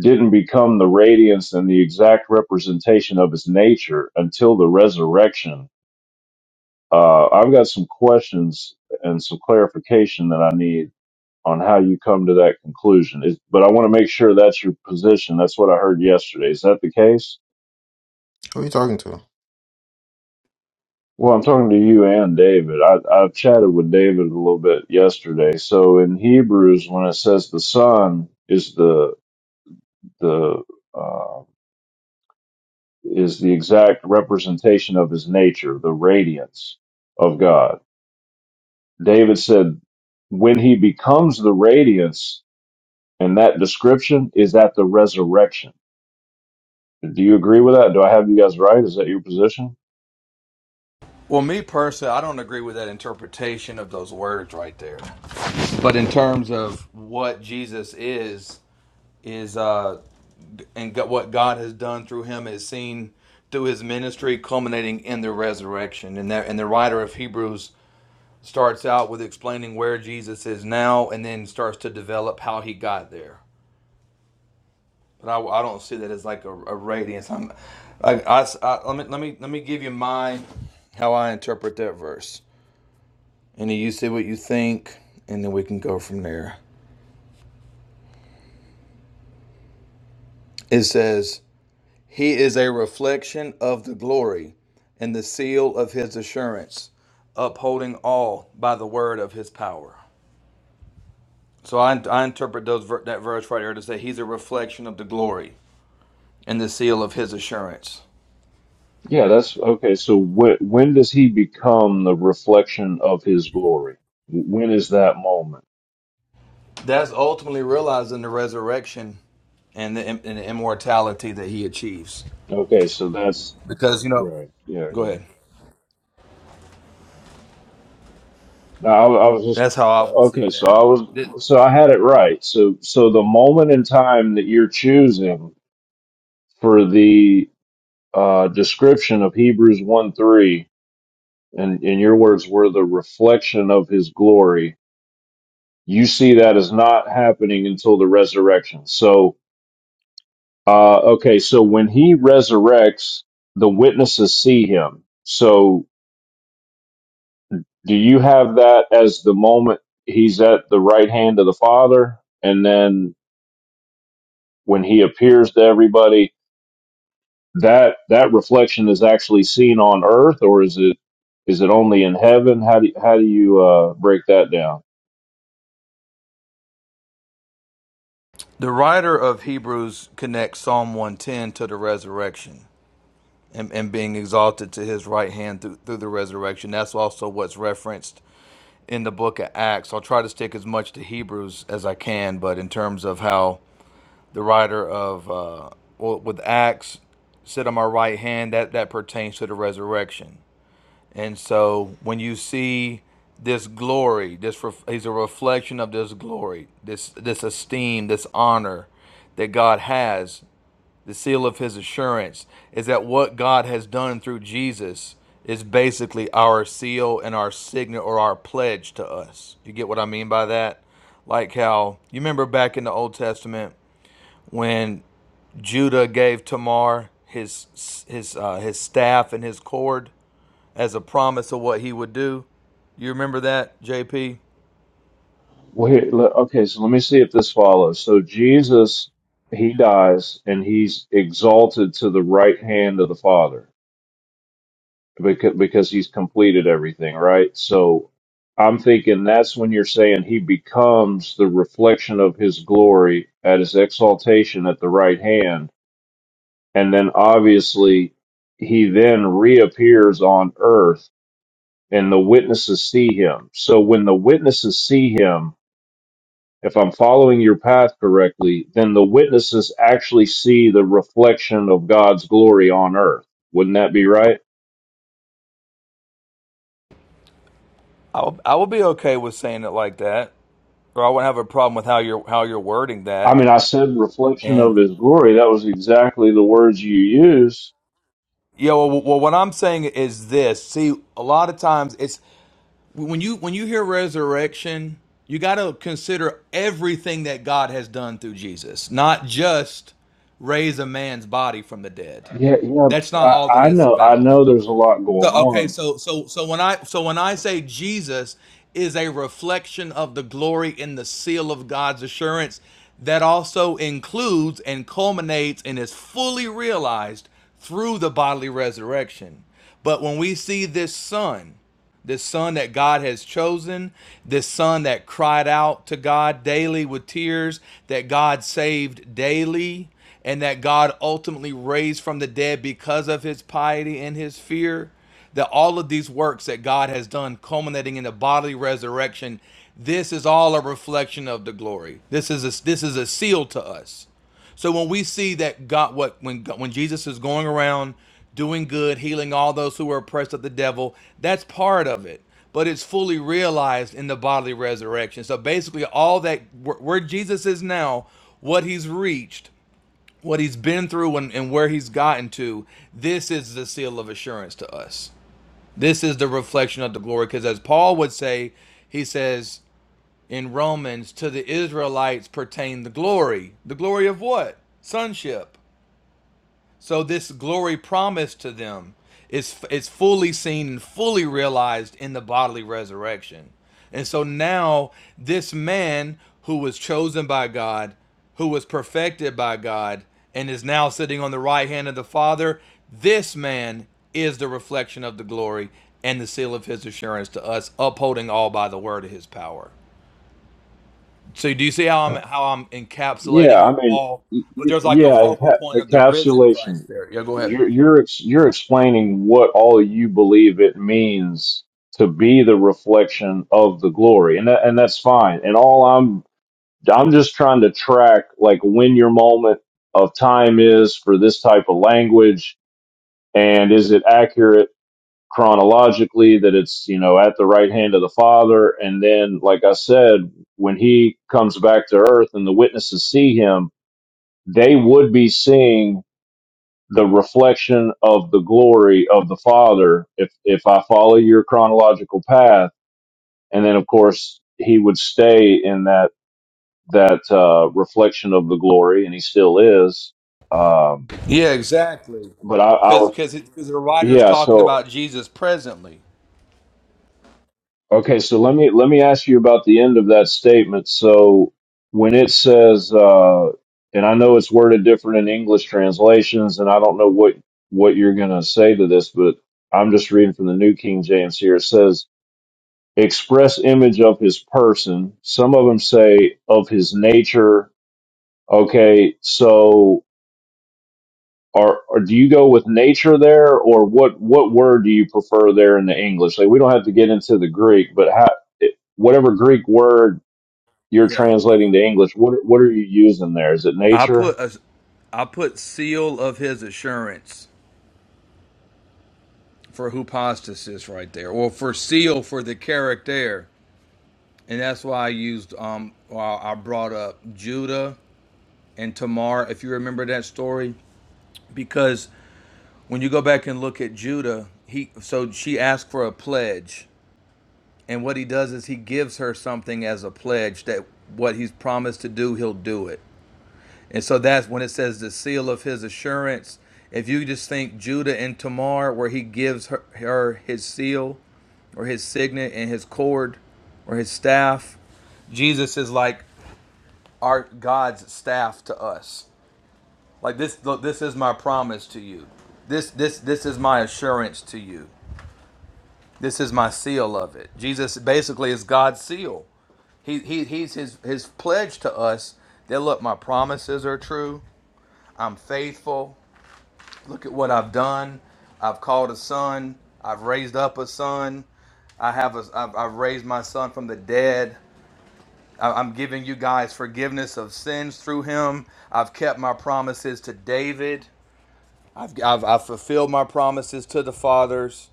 S8: didn't become the radiance and the exact representation of his nature until the resurrection, uh, I've got some questions and some clarification that I need on how you come to that conclusion. Is, but I want to make sure that's your position. That's what I heard yesterday. Is that the case?
S6: Who are you talking to?
S8: Well, I'm talking to you and David. I, I've chatted with David a little bit yesterday. So in Hebrews, when it says the Son is the the uh, is the exact representation of His nature, the radiance of God. David said, when He becomes the radiance And that description is at the resurrection. Do you agree with that? Do I have you guys right? Is that your position?
S7: well me personally i don't agree with that interpretation of those words right there but in terms of what jesus is is uh, and what God has done through him is seen through his ministry, culminating in the resurrection. And that, and the writer of Hebrews starts out with explaining where Jesus is now, and then starts to develop how he got there. But I, I don't see that as like a, a radiance. I'm, I, I, I- let me let me let me give you my how I interpret that verse, and then you see what you think, and then we can go from there. It says. He is a reflection of the glory and the seal of his assurance, upholding all by the word of his power. So I, I interpret those ver- that verse right here to say he's a reflection of the glory and the seal of his assurance.
S8: Yeah, that's okay. So wh- when does he become the reflection of his glory? When is that moment?
S7: That's ultimately realizing the resurrection and the, and the immortality that he achieves.
S8: Okay, so that's
S7: Because, you know,
S8: right. Yeah.
S7: go ahead.
S8: No, I, I was just
S7: That's how I would see
S8: okay. So
S7: that.
S8: I
S7: The,
S8: was so I had it right. So so the moment in time that you're choosing for the uh, description of Hebrews one three, and in your words, were the reflection of his glory you see that as not happening until the resurrection. So, uh, okay, so when he resurrects, the witnesses see him. So, do you have that as the moment he's at the right hand of the Father, and then when he appears to everybody, that that reflection is actually seen on earth, or is it is it only in heaven? How do how do you uh, break that down?
S7: the writer of Hebrews connects Psalm 110 to the resurrection. and, and being exalted to his right hand through, through the resurrection. That's also what's referenced in the book of Acts. I'll try to stick as much to Hebrews as I can, but in terms of how the writer of, uh, well, with Acts, sit on my right hand, that, that pertains to the resurrection. And so when you see this glory, this ref- he's a reflection of this glory, this this esteem, this honor that God has the seal of his assurance is that what God has done through Jesus is basically our seal and our signet or our pledge to us. You get what I mean by that? Like how you remember back in the Old Testament when Judah gave Tamar his his uh, his staff and his cord as a promise of what he would do. You remember that, JP?
S8: Well, here, le- okay, so let me see if this follows. So Jesus, he dies and he's exalted to the right hand of the Father because, because he's completed everything, right? So I'm thinking that's when you're saying he becomes the reflection of his glory at his exaltation at the right hand. And then obviously he then reappears on earth and the witnesses see him. So when the witnesses see him, if I'm following your path correctly, then the witnesses actually see the reflection of God's glory on earth. Wouldn't that be right?
S7: I will, I will be okay with saying it like that, or I wouldn't have a problem with how you're how you're wording
S8: I
S7: that.
S8: mean, I said reflection of
S7: And
S8: His glory. That was exactly the words you used.
S7: Yeah, well, well, what I'm saying is this. See, a lot of times it's when you when you hear resurrection, you got to consider everything that God has done through Jesus, not just raise a man's body from the dead.
S8: Yeah, yeah.
S7: That's not all
S8: I,
S7: that
S8: I
S7: it's
S8: know. I
S7: about.
S8: know. There's a lot
S7: So
S8: going
S7: okay,
S8: on.
S7: so so so when I so when I say Jesus is a reflection of the glory in the seal of God's assurance, that also includes and culminates and is fully realized through the bodily resurrection. But when we see this son this son that God has chosen, this son that cried out to God daily with tears, that God saved daily, and that God ultimately raised from the dead because of his piety and his fear. That all of these works that God has done, culminating in the bodily resurrection, this is all a reflection of the glory. This is a, this is a seal to us. So when we see that God, what when when Jesus is going around doing good, healing all those who are oppressed of the devil, that's part of it. But it's fully realized in the bodily resurrection. So basically, all that where where Jesus is now, what he's reached, what he's been through, and, and where he's gotten to, this is the seal of assurance to us. This is the reflection of the glory. Because as Paul would say, he says in Romans, to the Israelites pertain the glory. The glory of what? Sonship. So this glory promised to them is is fully seen and fully realized in the bodily resurrection. And so now this man who was chosen by God, who was perfected by God, and is now sitting on the right hand of the Father, this man is the reflection of the glory and the seal of his assurance to us, upholding all by the word of his power. So do you see how I'm how I'm
S8: Yeah.
S7: encapsulating
S8: I
S7: it
S8: mean,
S7: all?
S8: y-
S7: But
S8: y-
S7: there's like a
S8: yeah.
S7: focal
S8: enca-
S7: point of the risen
S8: Encapsulation.
S7: Christ there. Yeah, go ahead.
S8: You're you're ex- you're explaining what all you believe it means to be the reflection of the glory, and that, and that's fine. And all I'm I'm just trying to track like when your moment of time is for this type of language and is it accurate chronologically that it's, you know, at the right hand of the Father and then like I said when he comes back to earth and the witnesses see him, they would be seeing the reflection of the glory of the Father if if I follow your chronological path and then of course he would stay in that that uh, reflection of the glory, and he still is. Um,
S7: Yeah, exactly.
S8: but I, I
S7: Because
S8: was,
S7: because the writer is
S8: yeah.
S7: talking
S8: So
S7: about Jesus presently.
S8: okay, so let me let me ask you about the end of that statement. So when it says, uh, and I know it's worded different in English translations, and I don't know what what you're gonna say to this, but I'm just reading from the New King James here. It says, "Express image of his person." Some of them say of his nature. Okay, so or, or do you go with nature there or what what word do you prefer there in the english like we don't have to get into the greek but how it, whatever greek word you're
S7: Yeah,
S8: translating to english what what are you using there is it
S7: I
S8: nature
S7: put a I put seal of his assurance for hypostasis right there, or for seal for the character, and that's why I used um why I brought up Judah and Tamar, if you remember that story, because when you go back and look at Judah, he so she asked for a pledge And what he does is he gives her something as a pledge that what he's promised to do, he'll do it. And so that's when it says the seal of his assurance. If you just think Judah and Tamar, where he gives her, her his seal or his signet and his cord or his staff, Jesus is like our God's staff to us. Like this, look, this is my promise to you. This, this, this is my assurance to you. This is my seal of it. Jesus basically is God's seal. He, he, he's his, his pledge to us that look, my promises are true. I'm faithful. Look at what I've done. I've called a son. I've raised up a son. I have a, I've, I've raised my son from the dead. I- I'm giving you guys forgiveness of sins through him. I've kept my promises to David. I've, I've, I've fulfilled my promises to the fathers.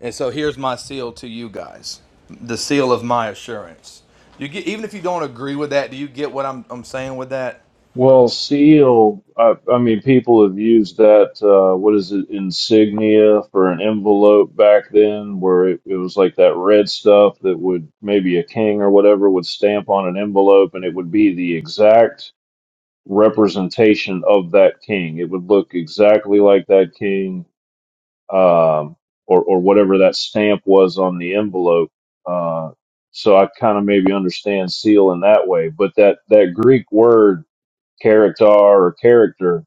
S7: And so here's my seal to you guys the seal of my assurance. You get, even if you don't agree with that, do you get what I'm, I'm saying with that?
S8: well seal i, I mean people have used that uh, what is it insignia for an envelope back then where it, it was like that red stuff that would maybe a king or whatever would stamp on an envelope and it would be the exact representation of that king. It would look exactly like that king, um, or or whatever that stamp was on the envelope. Uh, so I kind of maybe understand seal in that way, but that that Greek word character or character,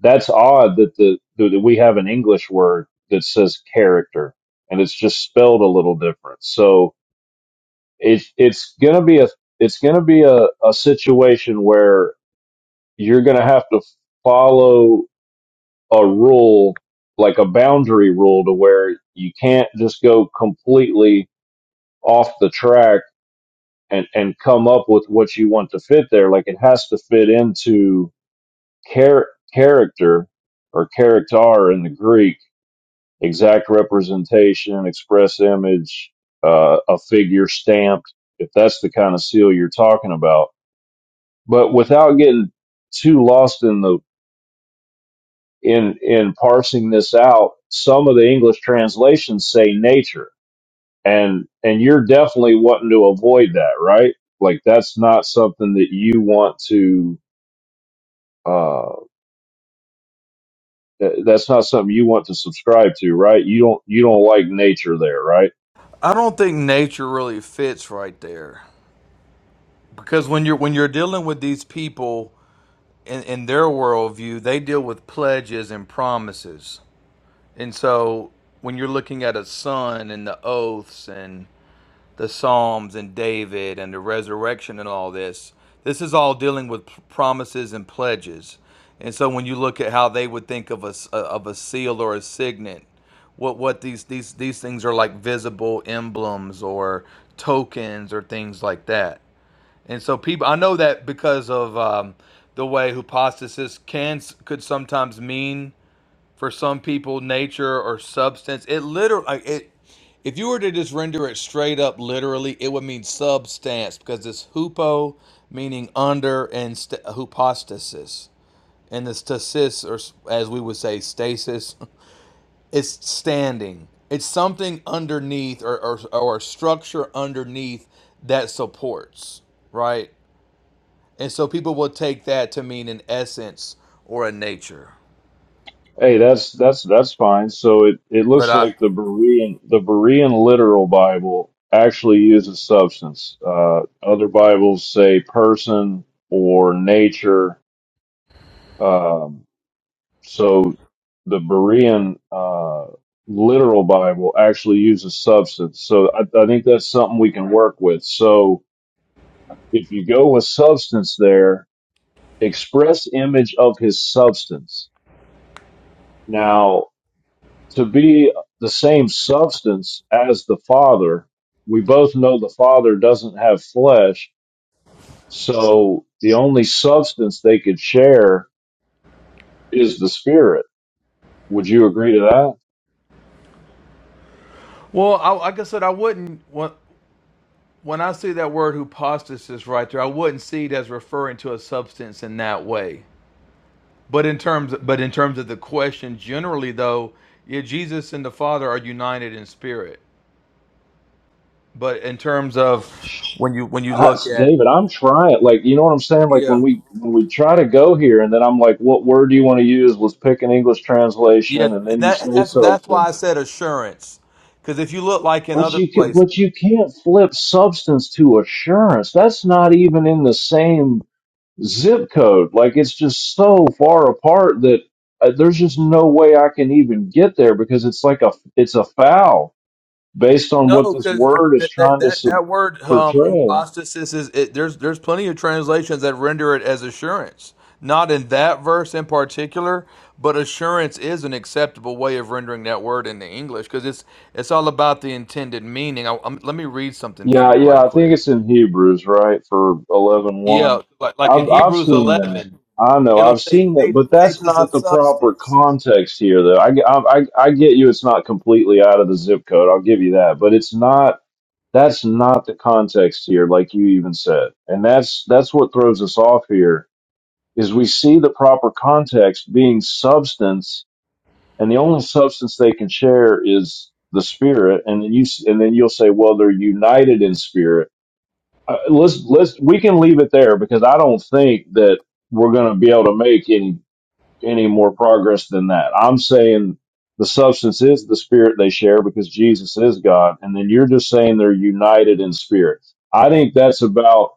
S8: that's odd that the that we have an English word that says character, and it's just spelled a little different. So it it's gonna be a it's gonna be a, a situation where you're gonna have to follow a rule, like a boundary rule to where you can't just go completely off the track and, and come up with what you want to fit there. Like it has to fit into char- character or character in the Greek, exact representation, express image, uh, a figure stamped, if that's the kind of seal you're talking about. But without getting too lost in the in in parsing this out, some of the English translations say nature, and and you're definitely wanting to avoid that, right? Like that's not something that you want to. Uh, th- that's not something you want to subscribe to, right? You don't you don't like nature there, right?
S7: I don't think nature really fits right there because when you're when you're dealing with these people in, in their worldview, they deal with pledges and promises, and so when you're looking at a son and the oaths and the Psalms and David and the resurrection and all this. This is all dealing with promises and pledges. And so when you look at how they would think of a of a seal or a signet, what what these these these things are like visible emblems or tokens or things like that. And so people, I know that because of um, the way hypostasis can could sometimes mean for some people nature or substance. It literally it if you were to just render it straight up literally, it would mean substance because it's hupo, meaning under, and st- hypostasis. And the stasis, or s- as we would say, stasis, is standing. It's something underneath or, or, or a structure underneath that supports, right? And so people will take that to mean an essence or a nature.
S8: Hey, that's that's that's fine. So it it
S7: But
S8: looks
S7: I,
S8: like the Berean the Berean literal Bible actually uses substance. Uh, other Bibles say person or nature. Um, So the Berean uh, literal Bible actually uses substance. So I, I think that's something we can work with. So if you go with substance there, express image of his substance. Now, to be the same substance as the Father, we both know the Father doesn't have flesh. So the only substance they could share is the Spirit. Would you agree to that?
S7: Well, I, like I said, I wouldn't. When I see that word hypostasis right there, I wouldn't see it as referring to a substance in that way. But in terms but in terms of the question generally though, yeah, Jesus and the Father are united in spirit. But in terms of when you when you
S8: I,
S7: look at
S8: David, I'm trying. Like, you know what I'm saying? Like when
S7: yeah.
S8: we when we try to go here, and then I'm like, what word do you want to use? Let's pick an English translation,
S7: Yeah,
S8: and
S7: and
S8: then you
S7: that
S8: say
S7: and that's that's why
S8: substance.
S7: I said assurance. Cuz if you look like in
S8: But
S7: other
S8: you can,
S7: places
S8: but you can't flip substance to assurance. That's not even in the same zip code. Like it's just so far apart that uh, there's just no way I can even get there because it's like a it's a foul based on what
S7: No,
S8: this
S7: because
S8: word is
S7: that, that
S8: trying to
S7: that
S8: su-
S7: that word um,
S8: portray.
S7: hypostasis is it, there's there's plenty of translations that render it as assurance. Not in that verse in particular, but assurance is an acceptable way of rendering that word in the English because it's it's all about the intended meaning. I, i let me read something for
S8: Yeah,
S7: you
S8: yeah,
S7: right
S8: I think
S7: quick.
S8: it's in Hebrews, right? For eleven one.
S7: Yeah, like, like in
S8: I've I've
S7: Hebrews
S8: seen that.
S7: eleven,
S8: I know
S7: it'll
S8: I've
S7: say
S8: seen that,
S7: faith.
S8: but
S7: Faith
S8: that's
S7: is the
S8: not the proper
S7: substance.
S8: context here, though. I, I I I get you. It's not completely out of the zip code. I'll give you that, but it's not. That's not the context here, like you even said, and that's that's what throws us off here. Is we see the proper context being substance, and the only substance they can share is the spirit, and then you s- and then you'll say, well, they're united in spirit uh, let's let's we can leave it there because I don't think that we're going to be able to make any any more progress than that. I'm saying the substance is the spirit they share because Jesus is God, and then you're just saying they're united in spirit. I think that's about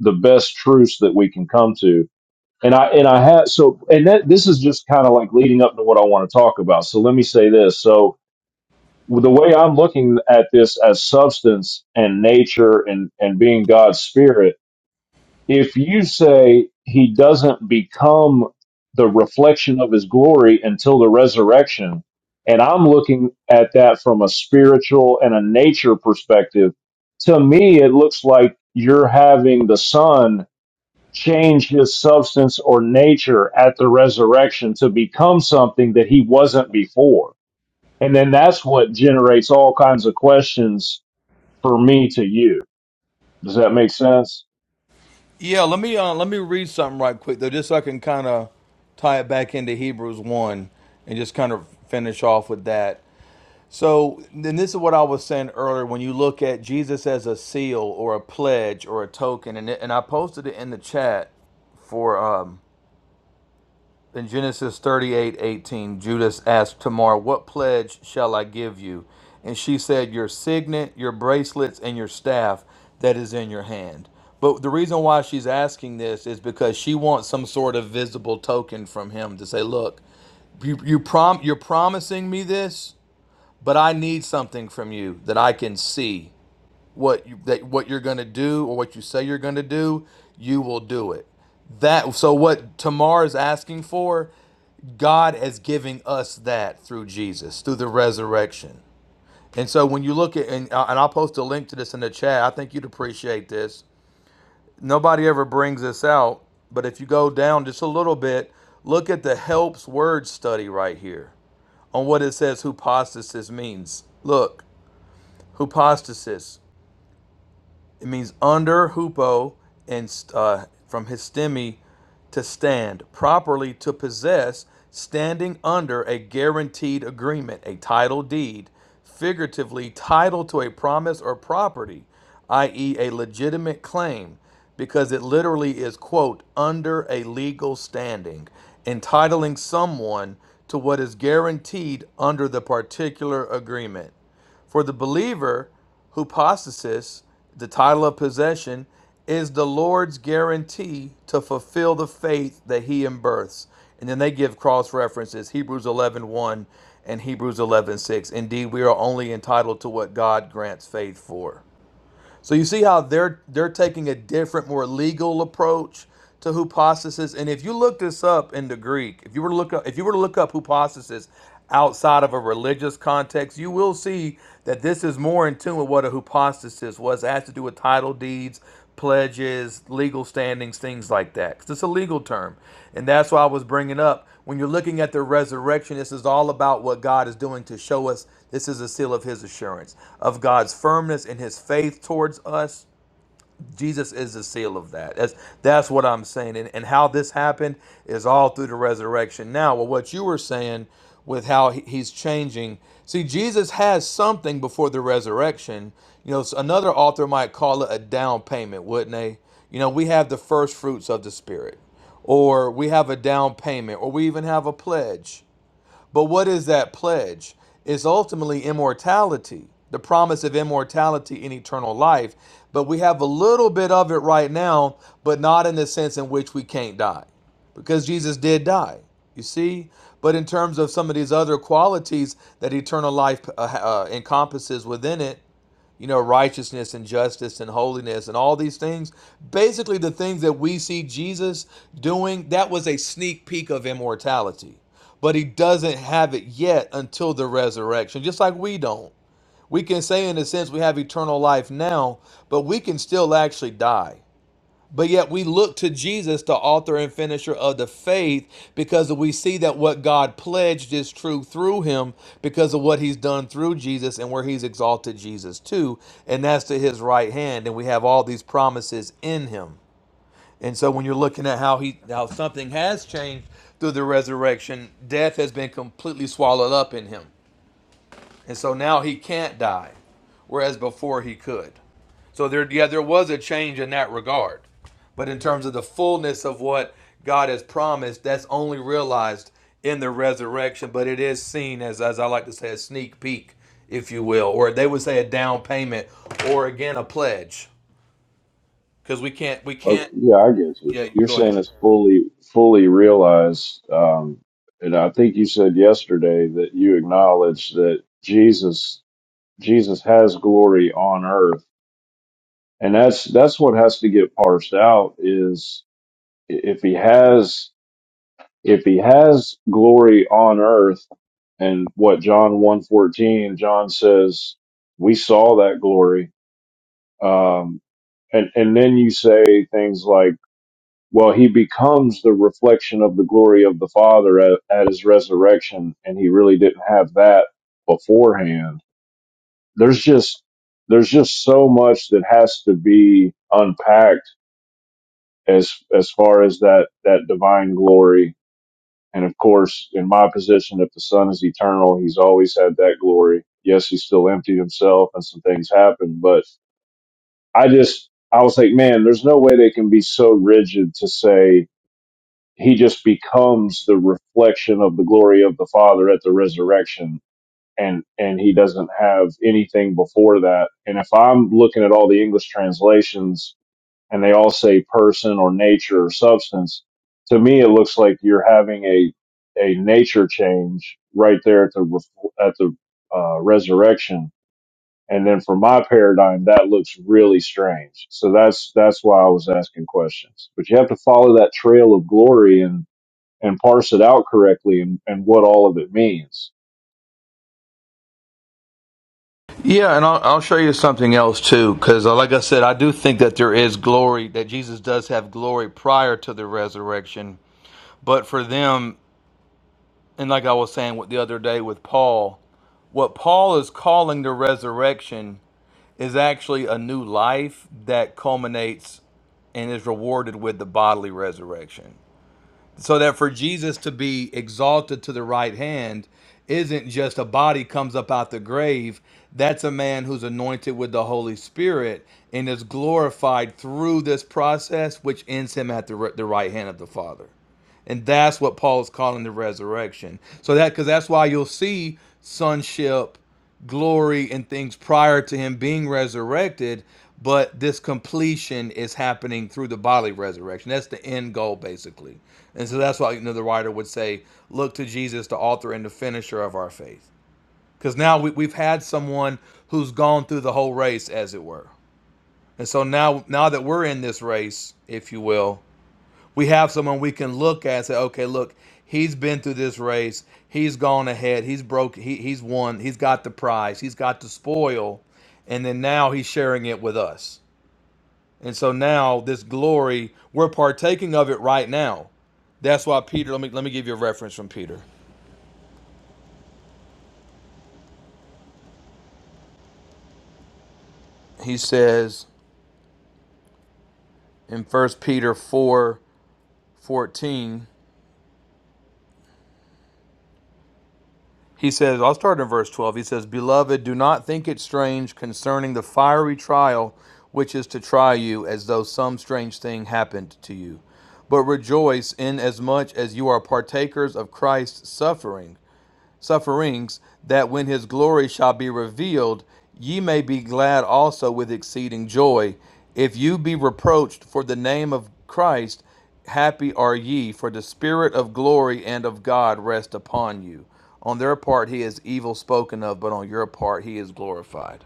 S8: the best truce that we can come to. And I and I had so and that this is just kind of like leading up to what I want to talk about. So let me say this. So the way I'm looking at this as substance and nature and and being God's spirit if you say he doesn't become the reflection of his glory until the resurrection, and I'm looking at that from a spiritual and a nature perspective, to me, it looks like you're having the son change his substance or nature at the resurrection to become something that he wasn't before. And then that's what generates all kinds of questions for me to you. Does that make sense?
S7: Yeah, let me uh, let me read something right quick though, just so I can kind of tie it back into Hebrews one and just kind of finish off with that. So then this is what I was saying earlier when you look at Jesus as a seal or a pledge or a token, and it, and I posted it in the chat for um, in Genesis thirty-eight eighteen, Judas asked Tamar, What pledge shall I give you? And she said, Your signet, your bracelets, and your staff that is in your hand. But the reason why she's asking this is because she wants some sort of visible token from him to say, Look, you, you prom- you're promising me this, but I need something from you that I can see. What you, that what you're going to do or what you say you're going to do, you will do it that so what tamar is asking for God is giving us that through Jesus, through the resurrection. And so when you look at, and, uh, and I'll post a link to this in the chat, I think you'd appreciate this. Nobody ever brings this out, but if you go down just a little bit, look at the helps word study right here on what it says hypostasis means. Look, hypostasis. It means under hupo and uh, from histemi to stand, properly to possess, standing under a guaranteed agreement, a title deed, figuratively title to a promise or property, i.e., a legitimate claim, because it literally is, quote, under a legal standing, entitling someone to what is guaranteed under the particular agreement. For the believer who possesses the title of possession is the Lord's guarantee to fulfill the faith that he embirths. And then they give cross references Hebrews 11 one and Hebrews eleven six. Indeed, we are only entitled to what God grants faith for. So you see how they're they're taking a different, more legal approach to hypostasis. And if you look this up in the Greek, if you were to look up if you were to look up hypostasis outside of a religious context, you will see that this is more in tune with what a hypostasis was. It has to do with title deeds, pledges, legal standings, things like that. 'Cause it's a legal term, and that's why I was bringing up when you're looking at the resurrection, this is all about what God is doing to show us this is a seal of his assurance, of God's firmness and his faith towards us Jesus is the seal of that. That's that's what I'm saying. And and how this happened is all through the resurrection. Now, well, what you were saying with how he- he's changing. See, Jesus has something before the resurrection. You know, so another author might call it a down payment, wouldn't they? You know, we have the first fruits of the spirit, or we have a down payment, or we even have a pledge. But what is that pledge? It's ultimately immortality, the promise of immortality and eternal life. But we have a little bit of it right now, but not in the sense in which we can't die, because Jesus did die. You see? But in terms of some of these other qualities that eternal life uh, uh, encompasses within it, you know, righteousness and justice and holiness and all these things. Basically, the things that we see Jesus doing, that was a sneak peek of immortality. But he doesn't have it yet until the resurrection, just like we don't. We can say, in a sense, we have eternal life now, but we can still actually die. But yet we look to Jesus, the author and finisher of the faith, because we see that what God pledged is true through him because of what he's done through Jesus and where he's exalted Jesus to. And that's to his right hand. And we have all these promises in him. And so when you're looking at how he how something has changed through the resurrection, death has been completely swallowed up in him. And so now he can't die, whereas before he could. So there, yeah, there was a change in that regard. But in terms of the fullness of what God has promised, that's only realized in the resurrection. But it is seen as, as I like to say, a sneak peek, if you will, or they would say a down payment, or again a pledge, because we can't, we
S8: Oh,
S7: can't.
S8: yeah, I get you.
S7: Yeah,
S8: You're
S7: go
S8: saying
S7: ahead.
S8: it's fully fully realized, um, and I think you said yesterday that you acknowledge that Jesus Jesus has glory on earth, and that's that's what has to get parsed out is i- if he has if he has glory on earth, and what John one fourteen John says we saw that glory, um, and and then you say things like Well, he becomes the reflection of the glory of the Father at, at his resurrection, and he really didn't have that beforehand. There's just there's just so much that has to be unpacked as as far as that that divine glory. And of course, in my position, if the Son is eternal, he's always had that glory. Yes, he still emptied himself, and some things happened, but I just I was like, man, there's no way they can be so rigid to say he just becomes the reflection of the glory of the father at the resurrection and and he doesn't have anything before that and if i'm looking at all the english translations and they all say person or nature or substance to me it looks like you're having a a nature change right there at the ref- at the uh, resurrection and then for my paradigm that looks really strange so that's that's why i was asking questions but you have to follow that trail of glory and and parse it out correctly and, and what all of it means.
S7: Yeah, and I'll, I'll show you something else too, because like I said, I do think that there is glory, that Jesus does have glory prior to the resurrection. But for them, and like I was saying with the other day with Paul, What Paul is calling the resurrection is actually a new life that culminates and is rewarded with the bodily resurrection. So that for Jesus to be exalted to the right hand isn't just a body comes up out the grave. That's a man who's anointed with the Holy Spirit and is glorified through this process, which ends him at the, ri- the right hand of the Father. And that's what Paul's calling the resurrection. So that because that's why you'll see sonship, glory, and things prior to him being resurrected, but this completion is happening through the bodily resurrection. That's the end goal, basically. And so that's why you know, the writer would say, look to Jesus, the author and the finisher of our faith. Because now we, we've had someone who's gone through the whole race, as it were. And so now now that we're in this race, if you will, we have someone we can look at and say, okay, look, he's been through this race. He's gone ahead. He's broke. He, he's won. He's got the prize. He's got the spoil. And then now he's sharing it with us. And so now this glory, we're partaking of it right now. That's why Peter, let me, let me give you a reference from Peter. He says in First Peter 4 14. He says, I'll start in verse 12. He says, Beloved, do not think it strange concerning the fiery trial which is to try you, as though some strange thing happened to you. But rejoice inasmuch as you are partakers of Christ's suffering sufferings, that when his glory shall be revealed, ye may be glad also with exceeding joy. If you be reproached for the name of Christ, happy are ye, for the Spirit of glory and of God rest upon you. On their part, he is evil spoken of, but on your part, he is glorified.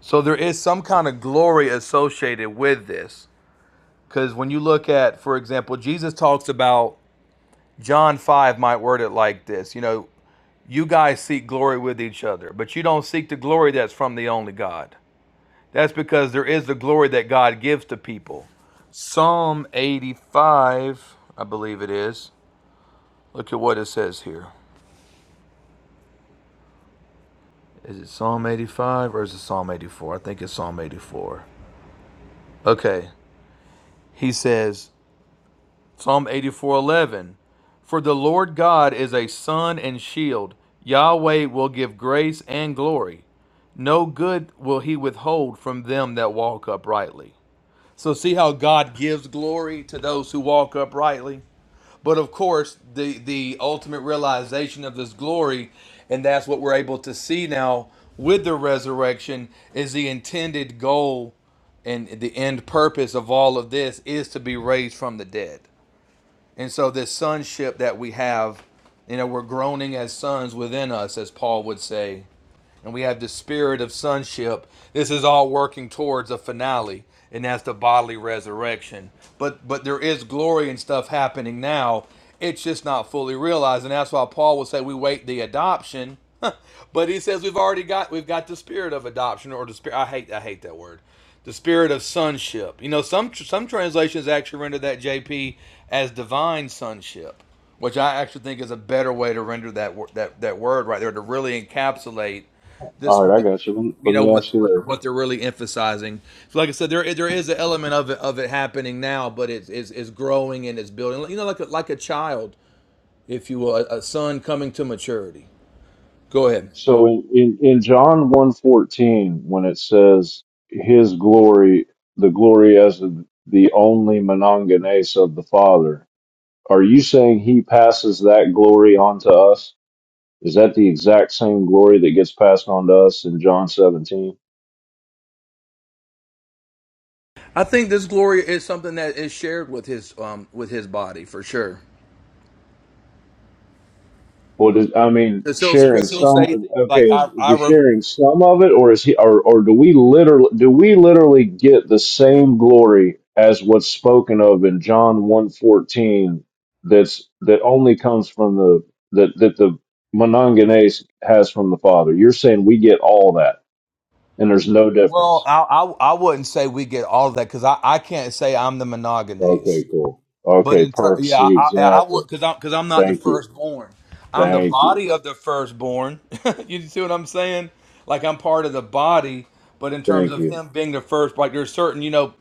S7: So there is some kind of glory associated with this. Because when you look at, for example, Jesus talks about John 5 might word it like this. You know, You guys seek glory with each other, but you don't seek the glory that's from the only God. That's because there is the glory that God gives to people. Psalm 85, I believe it is. Look at what it says here. Is it Psalm 85 or is it Psalm 84? I think it's Psalm 84. Okay. He says, Psalm 84, 11. For the Lord God is a sun and shield. Yahweh will give grace and glory. No good will he withhold from them that walk uprightly. So see how God gives glory to those who walk uprightly. But of course, the the ultimate realization of this glory, and that's what we're able to see now with the resurrection, is the intended goal and the end purpose of all of this is to be raised from the dead. And so this sonship that we have, you know, we're groaning as sons within us, as Paul would say, and we have the spirit of sonship. This is all working towards a finale, and that's the bodily resurrection. But but there is glory and stuff happening now. It's just not fully realized, and that's why Paul would say we wait the adoption. but he says we've already got we've got the spirit of adoption or the spirit. I hate I hate that word. The spirit of sonship. You know, some some translations actually render that JP as divine sonship which I actually think is a better way to render that that that word right there to really encapsulate this
S8: All right, I got you. Let, me,
S7: you
S8: let
S7: know
S8: me
S7: what
S8: ask you
S7: what, what they're really emphasizing. So like I said, there there is an element of it of it happening now, but it's it's, it's growing and it's building. You know, like a, like a child, if you will, a, a son coming to maturity. Go ahead.
S8: this. So in, in, in John one fourteen, when it says his glory, the glory as of the only monongenes of the Father, are you saying he passes that glory on to us? Is that the exact same glory that gets passed on to us in John 17?
S7: I think this glory is something that is shared with his um with his body for sure.
S8: Well, does, I mean,
S7: Because he'll,
S8: sharing
S7: 'cause he'll
S8: some.
S7: say things
S8: Okay,
S7: like I
S8: is is
S7: I
S8: he
S7: re-
S8: sharing some of it, or is he, or or do we literally do we literally get the same glory as what's spoken of in John one fourteen? That's that only comes from the that that the Mononganes has from the Father. You're saying we get all that, and there's no
S7: well
S8: difference.
S7: I, I I wouldn't say we get all of that because I I can't say I'm the monogamous.
S8: Okay, cool.
S7: But
S8: Okay,
S7: in ter-
S8: perfect.
S7: yeah,
S8: See,
S7: I, I, I
S8: exactly.
S7: would because I'm because I'm not the
S8: Thank you.
S7: firstborn. I'm the
S8: Thank you.
S7: body of the firstborn. you see what I'm saying? Like I'm part of the body, but in terms
S8: Thank
S7: of
S8: you.
S7: him being the first, like there's certain you know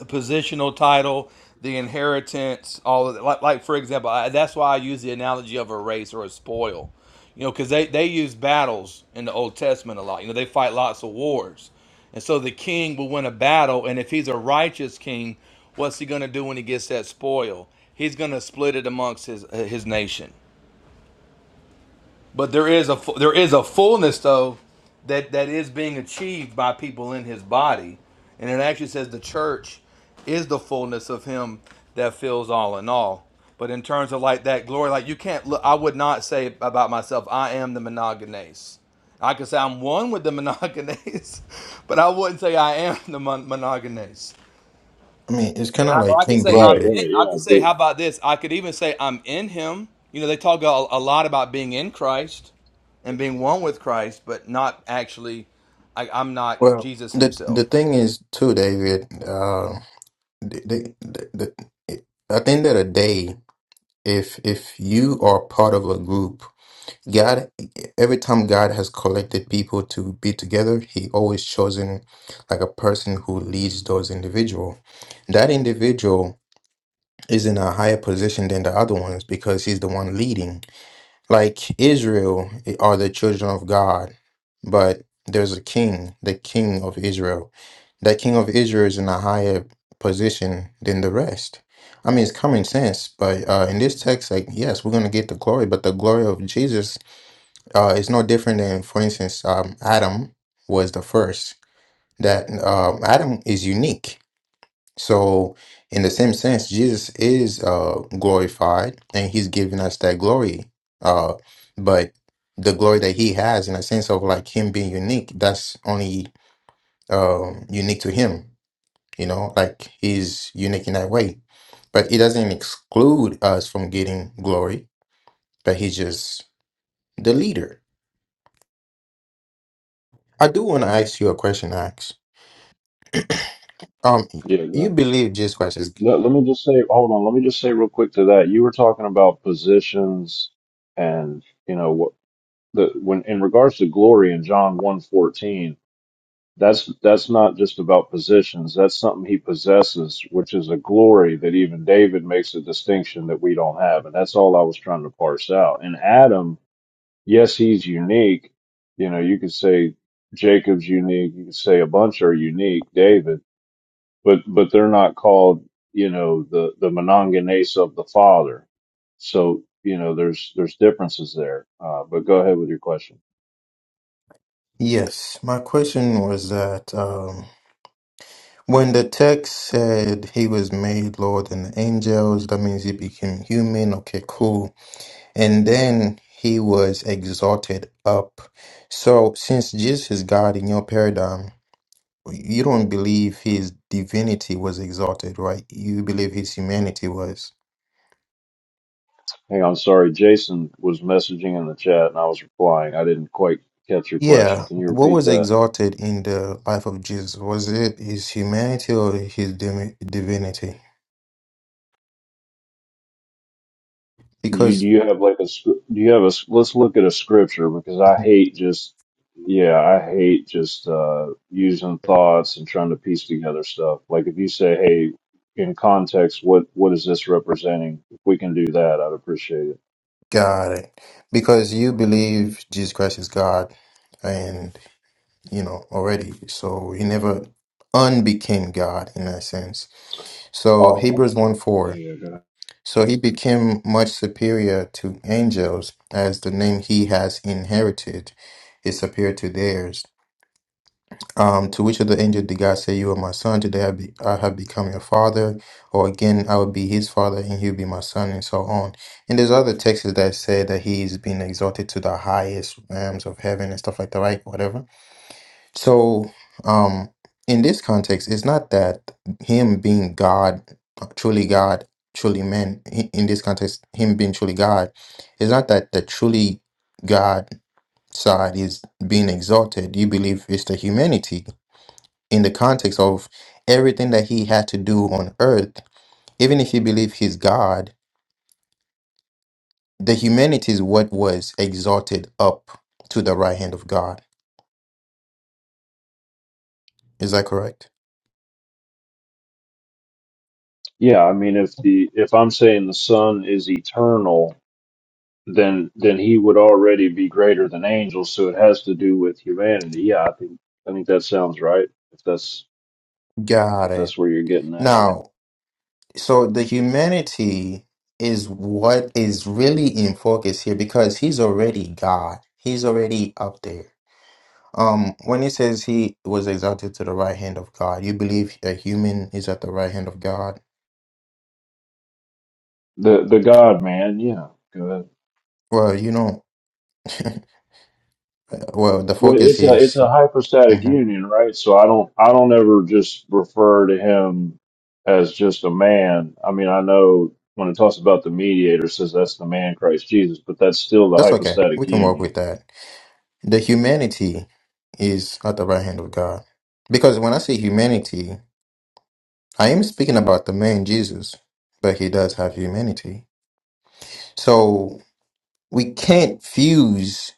S7: the positional title, the inheritance, all of that. Like, like for example, I, that's why I use the analogy of a race or a spoil. You know, because they, they use battles in the Old Testament a lot. You know, they fight lots of wars. And so the king will win a battle. And if he's a righteous king, what's he going to do when he gets that spoil? He's going to split it amongst his, his nation. But there is a there is a fullness though that that is being achieved by people in his body, and it actually says the church is the fullness of him that fills all in all. But in terms of like that glory, like you can't look. I would not say about myself, I am the monogenes. I could say I'm one with the monogenes, but I wouldn't say I am the mon- monogenes.
S6: I mean, it's kind
S7: And
S6: of
S7: I, or
S6: like
S7: I could
S6: King
S7: say
S8: Right.
S7: I'm
S6: David.
S7: in,
S8: Right.
S7: I
S8: Yeah.
S7: could say how
S8: But
S7: about this? I could even say I'm in him. You know, they talk a, a lot about being in Christ and being one with Christ, but not actually I, I'm not
S6: Well,
S7: Jesus
S6: the the
S7: himself.
S6: thing is too, David. Uh, the, the, the, the, I think that a day, if if you are part of a group God, every time God has collected people to be together, He always chosen like a person who leads those individual. That individual is in a higher position than the other ones because he's the one leading. Like Israel are the children of God, but there's a king, the king of Israel. That king of Israel is in a higher position than the rest. I mean, it's common sense, but uh, in this text, like, yes, we're going to get the glory, but the glory of Jesus uh, it's no different than, for instance, um, Adam was the first. That um, Adam is unique. So, in the same sense, Jesus is uh, glorified, and He's given us that glory. Uh, but the glory that He has, in a sense of like Him being unique, that's only um, unique to Him. You know, like He's unique in that way. But it doesn't exclude us from getting glory. But He's just the leader. I do want to ask you a question, Axe. Um,
S8: yeah. Go
S6: you believe Jesus Christ is
S8: Let, let me just say, hold on. Let me just say real quick to that. You were talking about positions, and you know what the when in regards to glory in John one fourteen. That's that's not just about positions. That's something he possesses, which is a glory that even David makes a distinction that we don't have, and that's all I was trying to parse out. And Adam, yes, he's unique. You know, you could say Jacob's unique. You could say a bunch are unique. David but but they're not called you know the the monongenes of the father so you know there's there's differences there uh, but go ahead with your question
S6: Yes, my question was that um, when the text said he was made Lord and the angels, that means he became human. Okay, cool. And then he was exalted up. So, since Jesus is God in your paradigm, you don't believe his divinity was exalted, right? You believe his humanity was.
S8: hang on sorry jason was messaging in the chat and i was replying i didn't quite catch your question
S6: Yeah,
S8: can you
S6: what
S8: repeat
S6: was
S8: that
S6: exalted in the life of Jesus? Was it his humanity or his dimi- divinity?
S8: You do
S6: Because
S8: you have like a scrip- do you have a s- let's look at a scripture because I hate just yeah I hate just uh using thoughts and trying to piece together stuff. Like if you say hey in context what what is this representing? If we can do that, I'd appreciate it.
S6: God, because you believe Jesus Christ is God, and you know already, so he never unbecame God in that sense. So
S8: Oh,
S6: Hebrews one four,
S8: yeah. that-
S6: so he became much superior to angels as the name he has inherited is superior to theirs. Um, to which of the angels did God say, You are my son, today I, be, I have become your father, or again, I will be his father, and he'll be my son, and so on. And there's other texts that say that he is being exalted to the highest realms of heaven and stuff like that, right? Whatever. So, um, in this context, it's not that him being God, truly God, truly man, i- in this context, him being truly God, it's not that the truly God side is being exalted. You believe it's the humanity in the context of everything that he had to do on earth, even if you believe he's God, the humanity is what was exalted up to the right hand of God. Is that correct?
S8: Yeah, I mean if the if I'm saying the Son is eternal, then then he would already be greater than angels, so it has to do with humanity. Yeah, I think I think that sounds right. If that's
S6: Got
S8: if
S6: it.
S8: that's where you're getting at, yeah.
S6: Now, so the humanity is what is really in focus here because he's already God. He's already up there. Um, when he says he was exalted to the right hand of God, you believe a human is at the right hand of God?
S8: The the God man, yeah. Good.
S6: Well, you know, well, the
S8: Well,
S6: focus
S8: it's a
S6: here
S8: it's
S6: is
S8: a hypostatic
S6: hmm
S8: union, right? So I don't I don't ever just refer to him as just a man. I mean, I know when it talks about the mediator, it says that's the man Christ Jesus, but that's still the
S6: That's okay. We
S8: hypostatic
S6: can work with
S8: union.
S6: that. The humanity is at the right hand of God. Because when I say humanity, I am speaking about the man Jesus, but he does have humanity. So we can't fuse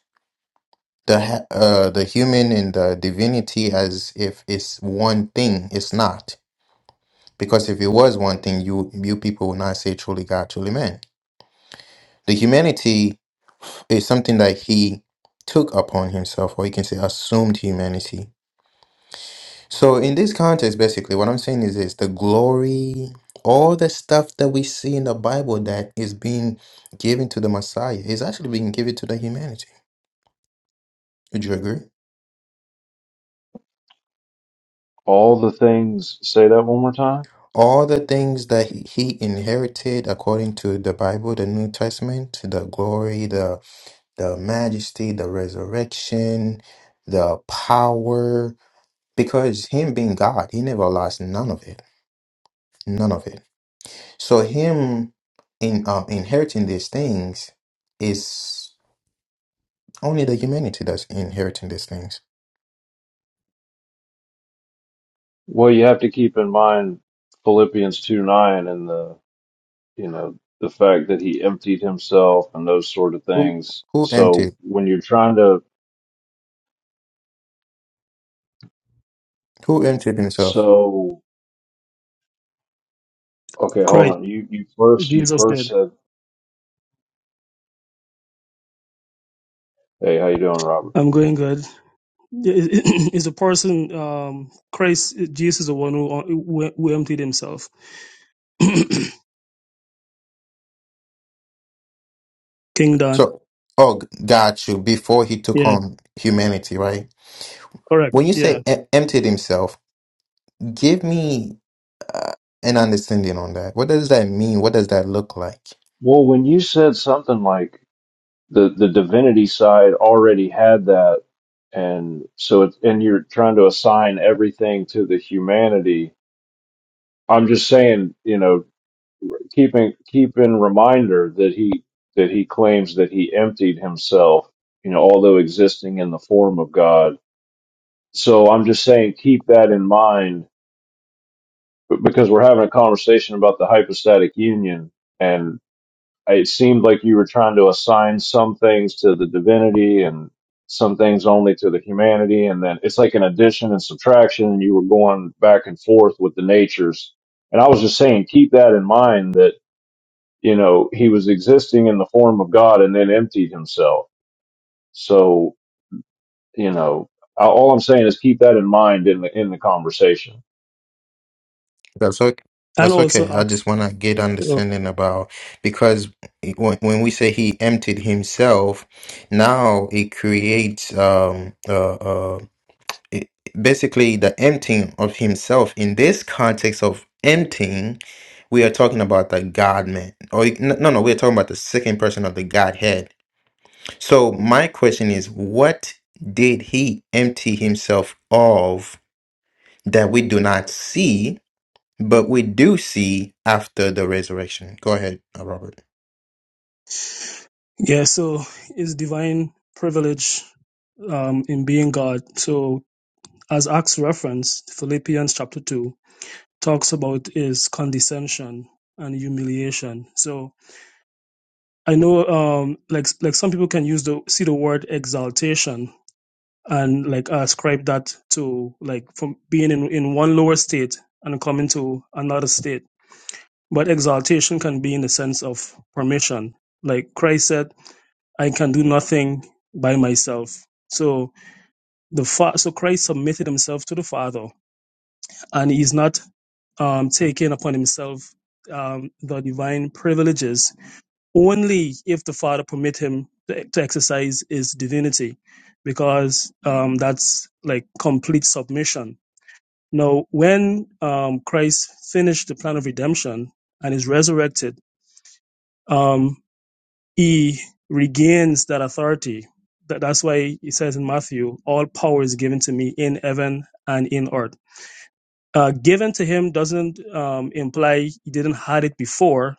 S6: the ha- uh, the human and the divinity as if it's one thing. It's not. Because if it was one thing, you you people would not say truly God, truly man. The humanity is something that he took upon himself, or you can say assumed humanity So in this context, basically, what I'm saying is this: the glory, all the stuff that we see in the Bible that is being given to the Messiah is actually being given to the humanity. Would you agree?
S8: All the things say that one more time.
S6: All the things that he he inherited according to the Bible, the New Testament, the glory, the the majesty, the resurrection, the power, because him being God, he never lost none of it. None of it. So him in um, inheriting these things is only the humanity that's inheriting these things.
S8: Well, you have to keep in mind Philippians two nine and the you know the fact that he emptied himself and those sort of
S6: Who
S8: things.
S6: who
S8: So
S6: emptied
S8: when you're trying to
S6: who emptied himself?
S8: so Okay, hold
S9: Christ,
S8: on. You you first you
S9: Jesus
S8: first
S9: did.
S8: said, "Hey, how you doing, Robert?"
S9: I'm going good. Yeah, it- It's the person um, Christ? Jesus is the one who uh, who, who emptied himself. King Dan,
S6: So oh g- got you before he took
S9: Yeah,
S6: on humanity, right?
S9: correct.
S6: When you
S9: Yeah,
S6: say em- emptied himself, give me an understanding on that. What does that mean? What does that look like?
S8: Well, when you said something like the the divinity side already had that, and so it, and you're trying to assign everything to the humanity. I'm just saying, you know, keeping keep in reminder that he that he claims that he emptied himself, you know, although existing in the form of God. So I'm just saying, keep that in mind b- because we're having a conversation about the hypostatic union it seemed like you were trying to assign some things to the divinity and some things only to the humanity and then it's like an addition and subtraction and you were going back and forth with the natures and i was just saying keep that in mind that you know he was existing in the form of god and then emptied himself so you know I- all i'm saying is keep that in mind in the in the conversation
S6: That's okay.
S9: and
S6: That's okay.
S9: also
S6: I
S9: Acts.
S6: just want to get
S9: uh,
S6: understanding about because when, when we say he emptied himself, now it creates um uh, uh it, basically the emptying of himself in this context of emptying. We are talking about the God man, or no, no, no, we're talking about the second person of the Godhead. So my question is, what did he empty himself of that we do not see? But we do see after the resurrection. Go ahead, uh, Robert.
S9: Yeah, so is divine privilege um, in being God. So as Acts reference, Philippians chapter two talks about is condescension and humiliation. So I know um, like like some people can use the see the word exaltation and like ascribe that to like from being in, in one lower state and coming to another state. But exaltation can be in the sense of permission. Like Christ said, I can do nothing by myself. So the fa- so Christ submitted himself to the Father, and he's not um, taking upon himself um, the divine privileges only if the Father permit him to, to exercise his divinity, because um, that's like complete submission Now, when um, Christ finished the plan of redemption and is resurrected, um, he regains that authority. That, that's why he says in Matthew, all power is given to me in heaven and in earth. Uh, given to him doesn't um, imply he didn't had it before,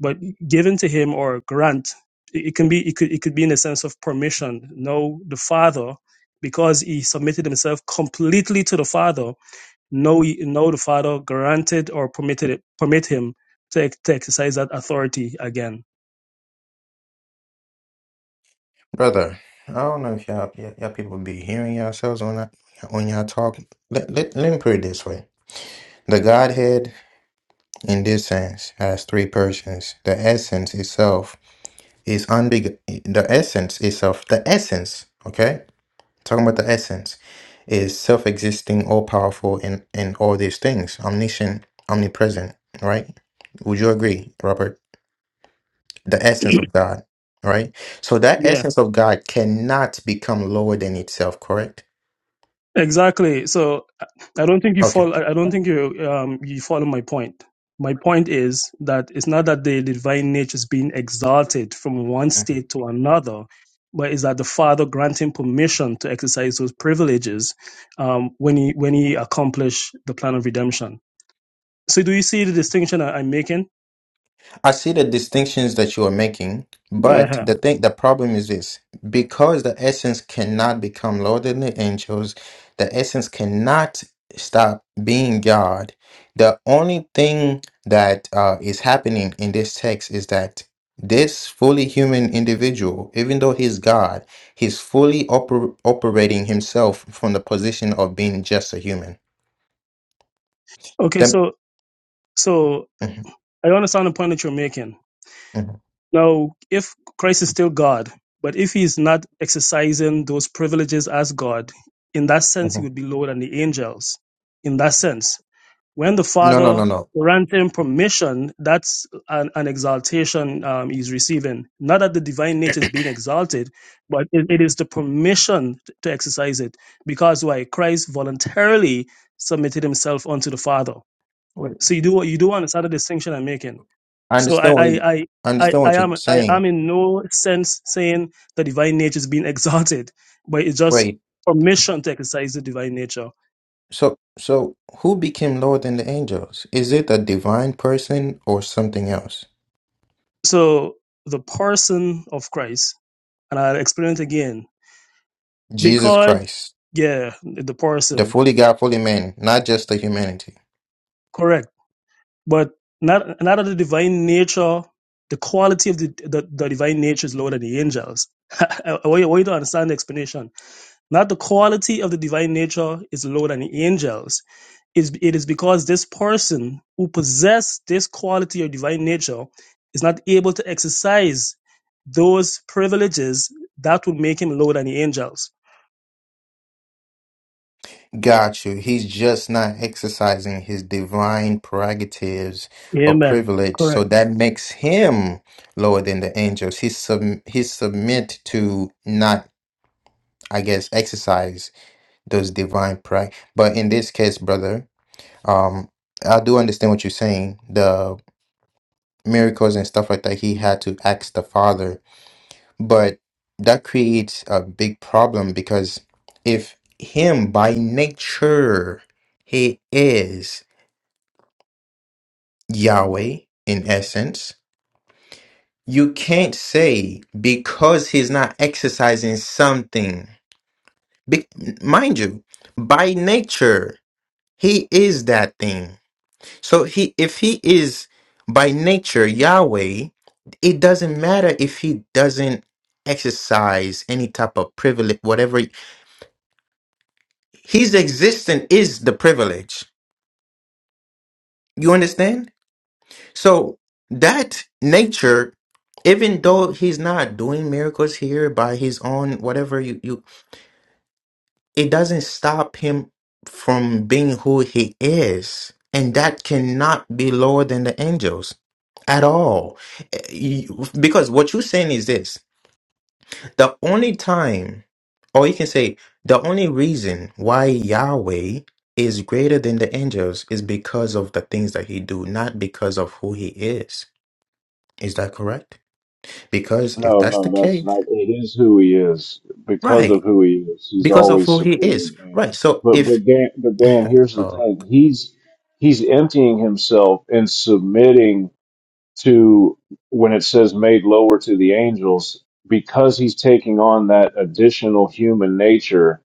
S9: but given to him or grant, it, it can be it could it could be in a sense of permission. No, the Father, because he submitted himself completely to the Father, no, no, the father granted or permitted it. permit him to, to exercise that authority again.
S6: Brother, I don't know if y'all, y'all y'all people be hearing yourselves on that when y'all talk. Let, let, let me put it this way. The Godhead, in this sense, has three persons. The essence itself is unbeg. The essence itself, the essence, okay? Talking about the essence, is self existing, all powerful, and, and all these things, omniscient, omnipresent, right? Would you agree, Robert? the essence of God, right? So that
S9: Yeah,
S6: essence of God cannot become lower than itself, correct?
S9: exactly. So I I don't think you
S6: Okay.
S9: follow. I I don't think you um you follow my point. My point is that it's not that the divine nature is being exalted from one state to another, but is that the Father granting permission to exercise those privileges um, when he when he accomplish the plan of redemption. So do you see the distinction I- I'm making?
S6: I see the distinctions that you are making, but
S9: uh
S6: the thing, the problem is this: because the essence cannot become lower than the angels, the essence cannot stop being God. The only thing that uh, is happening in this text is that this fully human individual, even though he's God, he's fully oper- operating himself from the position of being just a human.
S9: Okay,
S6: The-
S9: so so
S6: Mhm,
S9: I understand the point that you're making.
S6: mhm,
S9: Now, if Christ is still God, but if he's not exercising those privileges as God, in that sense, he
S6: mhm.
S9: would be lower than the angels. In that sense, when the
S6: No, no, no,
S9: Father grants him permission, that's an, an exaltation um, he's receiving. Not that the divine nature is being exalted, but it, it is the permission t- to exercise it. Because why? Christ voluntarily submitted himself unto the Father.
S6: no.
S9: So you do you do understand the distinction I'm making.
S6: I
S9: So I,
S6: understand
S9: I,
S6: what you,
S9: I,
S6: I
S9: I,
S6: understand
S9: I
S6: what you're
S9: am I am
S6: saying.
S9: in no sense saying the divine nature is being exalted, but it's just
S6: Wait,
S9: permission to exercise the divine nature.
S6: so so who became Lord than the angels? Is it a divine person or something else?
S9: So the person of Christ, and I'll explain it again,
S6: Jesus
S9: because
S6: Christ,
S9: yeah, the
S6: the
S9: person,
S6: fully God, fully man, not just the humanity.
S9: correct, but not not that the divine nature, the quality of the the, the divine nature is lower than the angels. I want you I want you to understand the explanation. Not the quality of the divine nature is lower than the angels is it is because this person who possess this quality of divine nature is not able to exercise those privileges that would make him lower than the angels.
S6: Got you. He's just not exercising his divine prerogatives or
S9: Amen.
S6: privilege, so
S9: Correct.
S6: that makes him lower than the angels. He's sub he's submit to not, I guess, exercise those divine pride. But in this case, brother. Um, I do understand what you're saying. The miracles and stuff like that, he had to ask the Father, but that creates a big problem because if him by nature he is Yahweh in essence, you can't say because he's not exercising something. Be- mind you, by nature he is that thing So he, if he is by nature Yahweh, it doesn't matter if he doesn't exercise any type of privilege, whatever. His existence is the privilege. You understand? So that nature, even though he's not doing miracles here by his own, whatever you you. it doesn't stop him from being who he is. And that cannot be lower than the angels at all. Eh, you- Because what you're saying is this the only time, or you can say, the only reason why Yahweh is greater than the angels is because of the things that he do, not because of who he is. Is that correct? Because if
S8: No,
S6: that's the
S8: no, that's
S6: case,
S8: not. It is who he is because of
S6: right,
S8: who he is. He's
S6: because of
S8: always
S6: who he
S8: superior
S6: is,
S8: to
S6: right.
S8: angels.
S6: So
S8: But
S6: if
S8: but Dan, but Dan, here's the
S6: oh,
S8: thing. He's he's emptying himself and submitting to when it says made lower to the angels because he's taking on that additional human nature.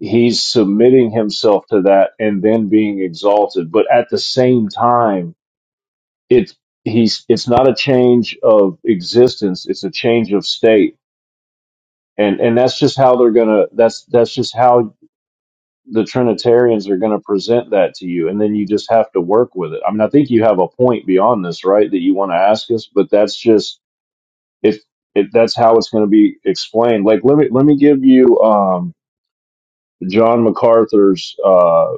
S8: He's submitting himself to that and then being exalted. But at the same time, it's he's it's not a change of existence. It's a change of state and and that's just how they're gonna that's that's just how the trinitarians are gonna present that to you and then you just have to work with it i mean i think you have a point beyond this right that you want to ask us but that's just if if that's how it's going to be explained like let me let me give you um john macarthur's uh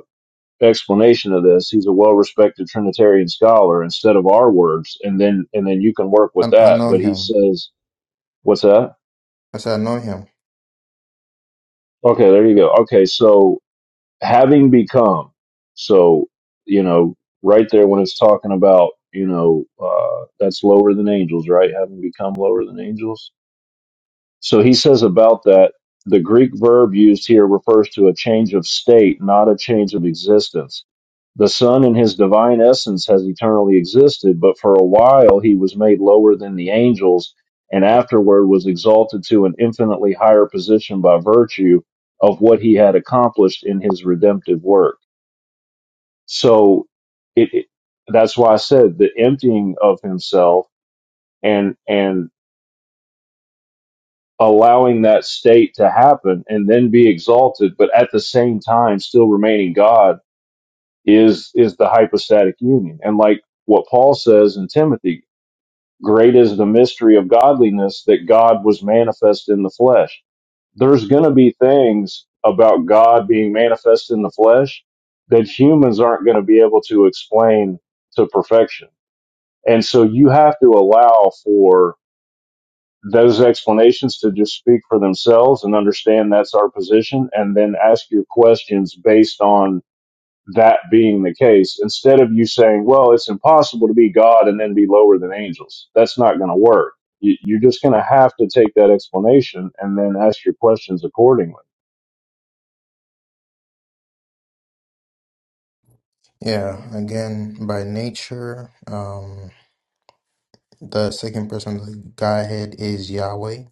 S8: explanation of this he's a well-respected trinitarian scholar instead of our words and then and then you can work with
S6: I, I
S8: that
S6: know
S8: but he
S6: him.
S8: says what's that
S6: As I know him.
S8: okay there you go okay so having become. So, you know, right there when it's talking about, you know, uh, that's lower than angels, right? Having become lower than angels. So he says about that the Greek verb used here refers to a change of state, not a change of existence. The Son in his divine essence has eternally existed, but for a while he was made lower than the angels and afterward was exalted to an infinitely higher position by virtue of what he had accomplished in his redemptive work. So it, it that's why I said the emptying of himself and and allowing that state to happen and then be exalted, but at the same time still remaining God is is the hypostatic union. And like what Paul says in Timothy, great is the mystery of godliness that God was manifest in the flesh. There's gonna be things about God being manifest in the flesh that humans aren't gonna be able to explain to perfection. And so you have to allow for those explanations to just speak for themselves and understand that's our position and then ask your questions based on that being the case instead of you saying well it's impossible to be god and then be lower than angels that's not going to work You- you're just going to have to take that explanation and then ask your questions accordingly
S6: Yeah, again, by nature, um, the second person of the Godhead is Yahweh,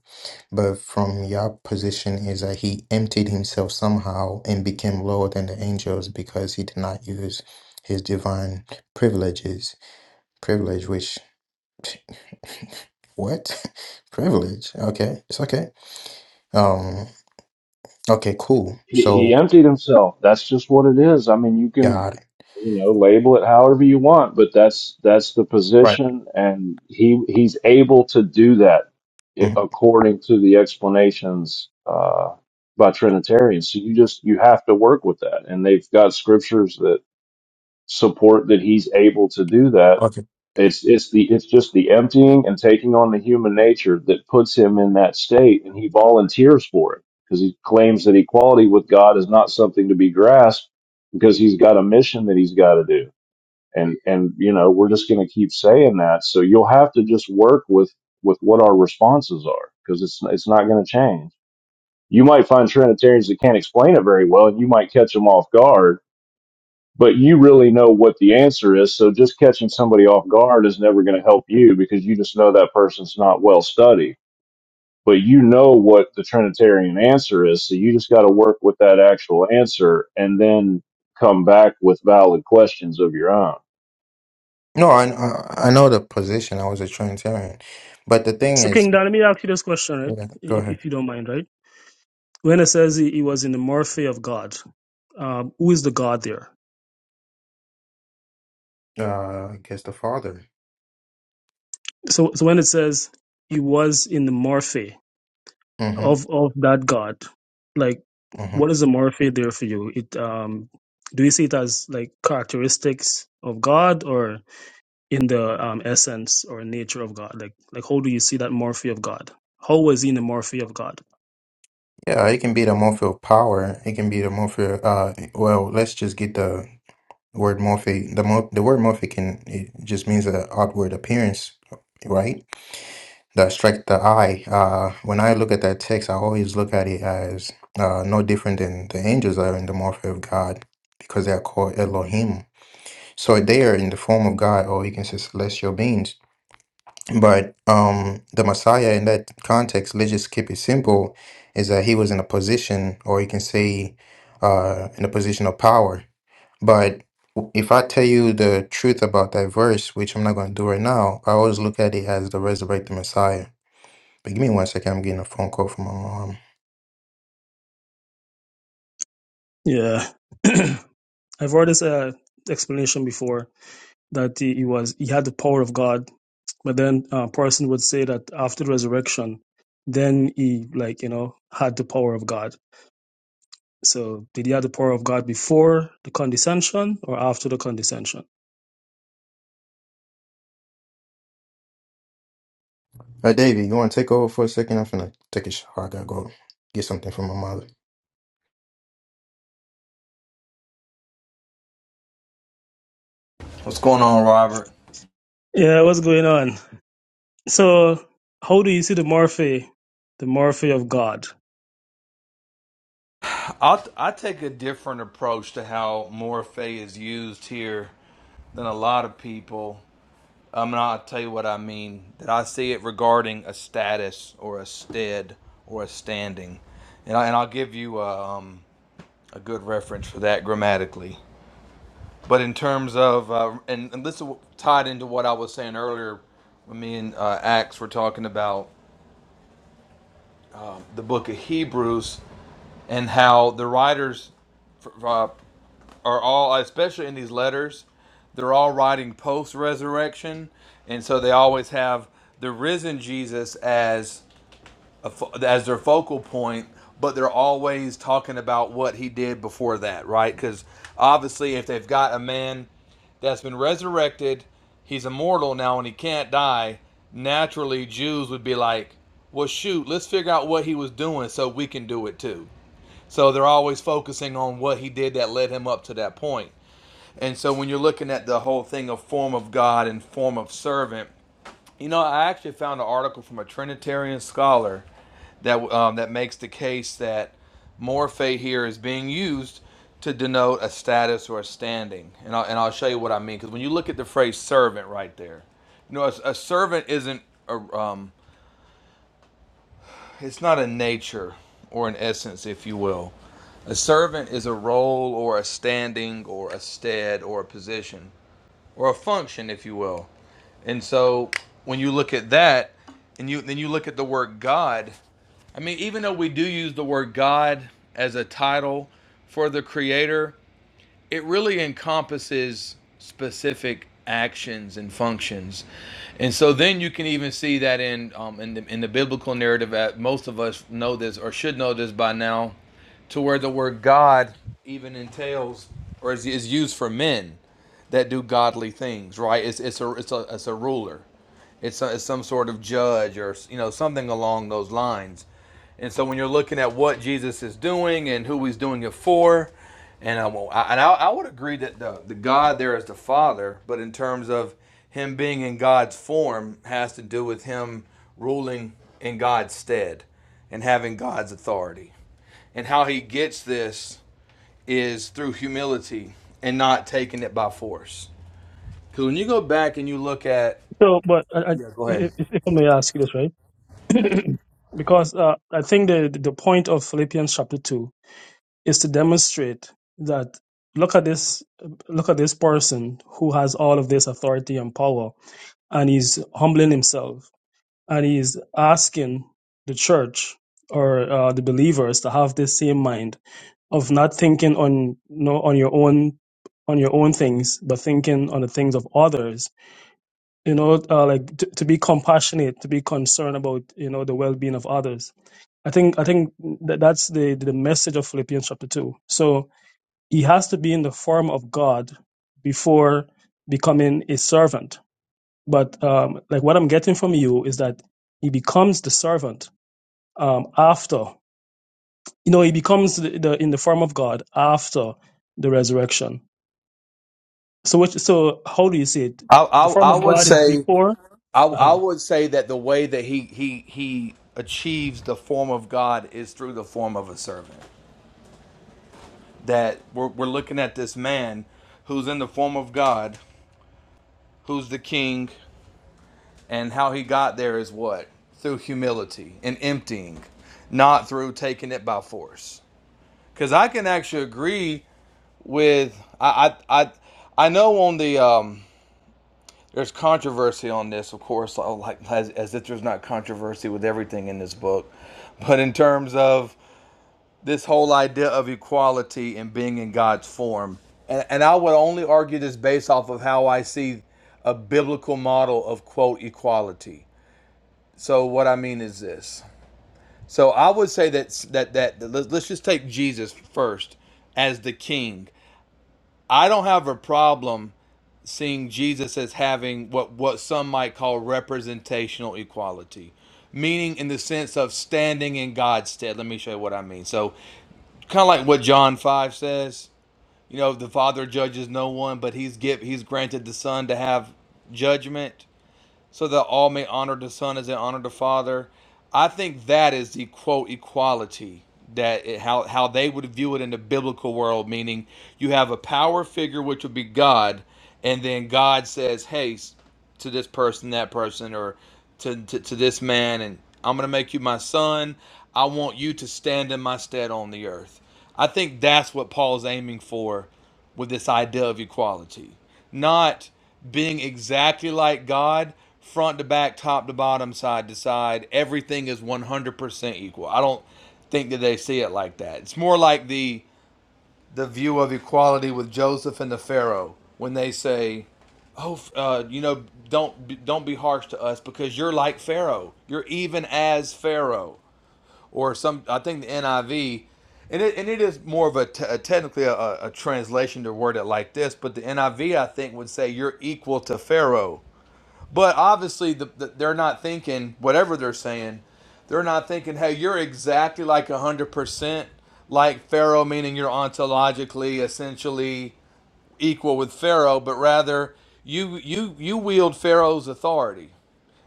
S6: but from your position is that he emptied himself somehow and became lower than the angels because he did not use his divine privileges. Privilege, which what? Privilege? Okay, it's okay. Um, okay, cool.
S8: He, he
S6: So
S8: emptied himself. That's just what it is. I mean, you can,
S6: God,
S8: you know, label it however you want, but that's that's the
S6: right?
S8: position, and he he's able to do that i-
S6: Mhm.
S8: according to the explanations uh, by Trinitarians. So you just you have to work with that, and they've got scriptures that support that he's able to do that. It's it's the it's just the emptying and taking on the human nature that puts him in that state, and he volunteers for it because he claims that equality with God is not something to be grasped because he's got a mission that he's got to do. And and you know we're just going to keep saying that, so you'll have to just work with with what our responses are because it's it's not going to change. You might find Trinitarians that can't explain it very well, and you might catch them off guard but you really know what the answer is. So just catching somebody off guard is never going to help you because you just know that person's not well studied. But you know what the Trinitarian answer is. So you just got to work with that actual answer and then come back with valid questions of your own.
S6: No, I I I know the position. I was a Trinitarian, but the thing
S9: So
S6: is,
S9: King Don, let me ask you this question, right?
S6: yeah, go
S9: If,
S6: ahead.
S9: if you don't mind, right? When it says he, he was in the morphe of God, um, who is the God there?
S6: Uh, I guess the father.
S9: So so when it says he was in the morphe,
S6: hmm
S9: of of that God, like
S6: hmm
S9: what is the amorphe there for you? It um do you see it as like characteristics of God or in the um, essence or nature of God? Like like how do you see that morphe of God? How was he in the morphe of God?
S6: Yeah, it can be the morphe of power. It can be the morphe. Uh, well, let's just get the word morphe. The mo- the word morphe can it just means the outward appearance, right? That strike the eye. Uh, when I look at that text, I always look at it as uh, no different than the angels are in the morphe of God because they are called Elohim So they are in the form of God, or you can say celestial beings. But um, the Messiah, in that context, let's just keep it simple, is that he was in a position, or you can say, uh, in a position of power. But w- if I tell you the truth about that verse, which I'm not going to do right now, I always look at it as the resurrected Messiah. But give me one second. I'm getting a phone call from my mom.
S9: Yeah. I've heard this uh, explanation before that he, he was he had the power of God, but then a person would say that after the resurrection, then he like you know had the power of God So did he have the power of God before the condescension or after the condescension?
S6: Uh, Davey, you want to take over for a second? I'm going gonna take a shower. I gotta go get something from my mother.
S7: What's going on, Robert?
S9: Yeah, what's going on? So how do you see the morphe, the morphe of God?
S7: I'll, I take a different approach to how Morphe is used here than a lot of people. Um, and I'll tell you what I mean. That I see it regarding a status or a stead or a standing, and, I, and I'll give you a, um, a good reference for that grammatically. But in terms of, uh, and, and this tied into what I was saying earlier when me and uh, Axe were talking about the book of Hebrews and how the writers f- uh, are all, especially in these letters, they're all writing post resurrection. And so they always have the risen Jesus as. a fo- as their focal point, but they're always talking about what he did before that, right? Because obviously, if they've got a man that's been resurrected, he's immortal now and he can't die, naturally, Jews would be like, well, shoot, let's figure out what he was doing so we can do it too. So they're always focusing on what he did that led him up to that point. And so when you're looking at the whole thing of form of God and form of servant, you know, I actually found an article from a Trinitarian scholar that um, that makes the case that morphe here is being used to denote a status or a standing, and I'll, and I'll show you what I mean. Because when you look at the phrase servant right there, you know, a, a servant isn't a, um, it's not a nature or an essence, if you will. A servant is a role or a standing or a stead or a position or a function, if you will. And so when you look at that, and you then you look at the word God. I mean, even though we do use the word God as a title for the Creator, it really encompasses specific actions and functions. And so then you can even see that in um, in, the, in the biblical narrative. That most of us know this or should know this by now, to where the word God even entails or is, is used for men that do godly things, right? It's it's a it's a it's a ruler. It's, so- it's some sort of judge or you know something along those lines. And so when you're looking at what Jesus is doing and who he's doing it for, and I, I- and I, I would agree that the, the God there is the Father, but in terms of him being in God's form has to do with him ruling in God's stead and having God's authority. And how he gets this is through humility and not taking it by force. Because when you go back and you look at.
S9: So, but I, I,
S7: Yeah, go ahead.
S9: if, if I may ask you this, right? because uh, I think the the point of Philippians chapter two is to demonstrate that look at this look at this person who has all of this authority and power, and he's humbling himself. and he's asking the church or uh, the believers to have this same mind of not thinking on no on your own on your own things but thinking on the things of others you know uh, like to, to be compassionate to be concerned about you know the well-being of others i think i think that that's the the message of philippians chapter 2 so he has to be in the form of god before becoming a servant but um like what i'm getting from you is that he becomes the servant um, after you know he becomes the, the in the form of God after the resurrection. So which so how do you see it?
S7: I,
S9: The
S7: I
S9: form
S7: I
S9: of
S7: would
S9: God is
S7: say
S9: before.
S7: I I
S9: uh
S7: would say that the way that he he he achieves the form of God is through the form of a servant. That we're we're looking at this man who's in the form of God, who's the king, and how he got there is what? Through humility and emptying, not through taking it by force. Cuz I can actually agree with I I I, I know on the um there's controversy on this, of course, uh, like as, as if there's not controversy with everything in this book. But in terms of this whole idea of equality and being in God's form, and, and I would only argue this based off of how I see a biblical model of quote equality. So what I mean is this. So I would say that that that let's just take Jesus first as the king. I don't have a problem seeing Jesus as having what, what some might call representational equality, meaning in the sense of standing in God's stead. Let me show you what I mean. So, kind of like what John 5 says, you know, the Father judges no one, but he's give, he's granted the Son to have judgment so that all may honor the Son as they honor the Father. I think that is the quote equality that it, how how they would view it in the biblical world, meaning you have a power figure which would be God, and then God says, "Hey, to this person, that person, or to, to, to this man, and I'm going to make you my son. I want you to stand in my stead on the earth. I think that's what Paul's aiming for with this idea of equality. Not being exactly like God, front to back, top to bottom, side to side. Everything is 100% equal. I don't think that they see it like that. It's more like the the view of equality with Joseph and the Pharaoh when they say, "Oh, uh, you know, don't don't be harsh to us because you're like Pharaoh. You're even as Pharaoh." Or some, I think the NIV, and it, and it is more of a, t- a technically a, a a translation to word it like this, but the NIV I V I think would say you're equal to Pharaoh but obviously, the, the, they're not thinking whatever they're saying. They're not thinking, "Hey, you're exactly like one hundred percent like Pharaoh," meaning you're ontologically, essentially equal with Pharaoh. But rather, you you you wield Pharaoh's authority,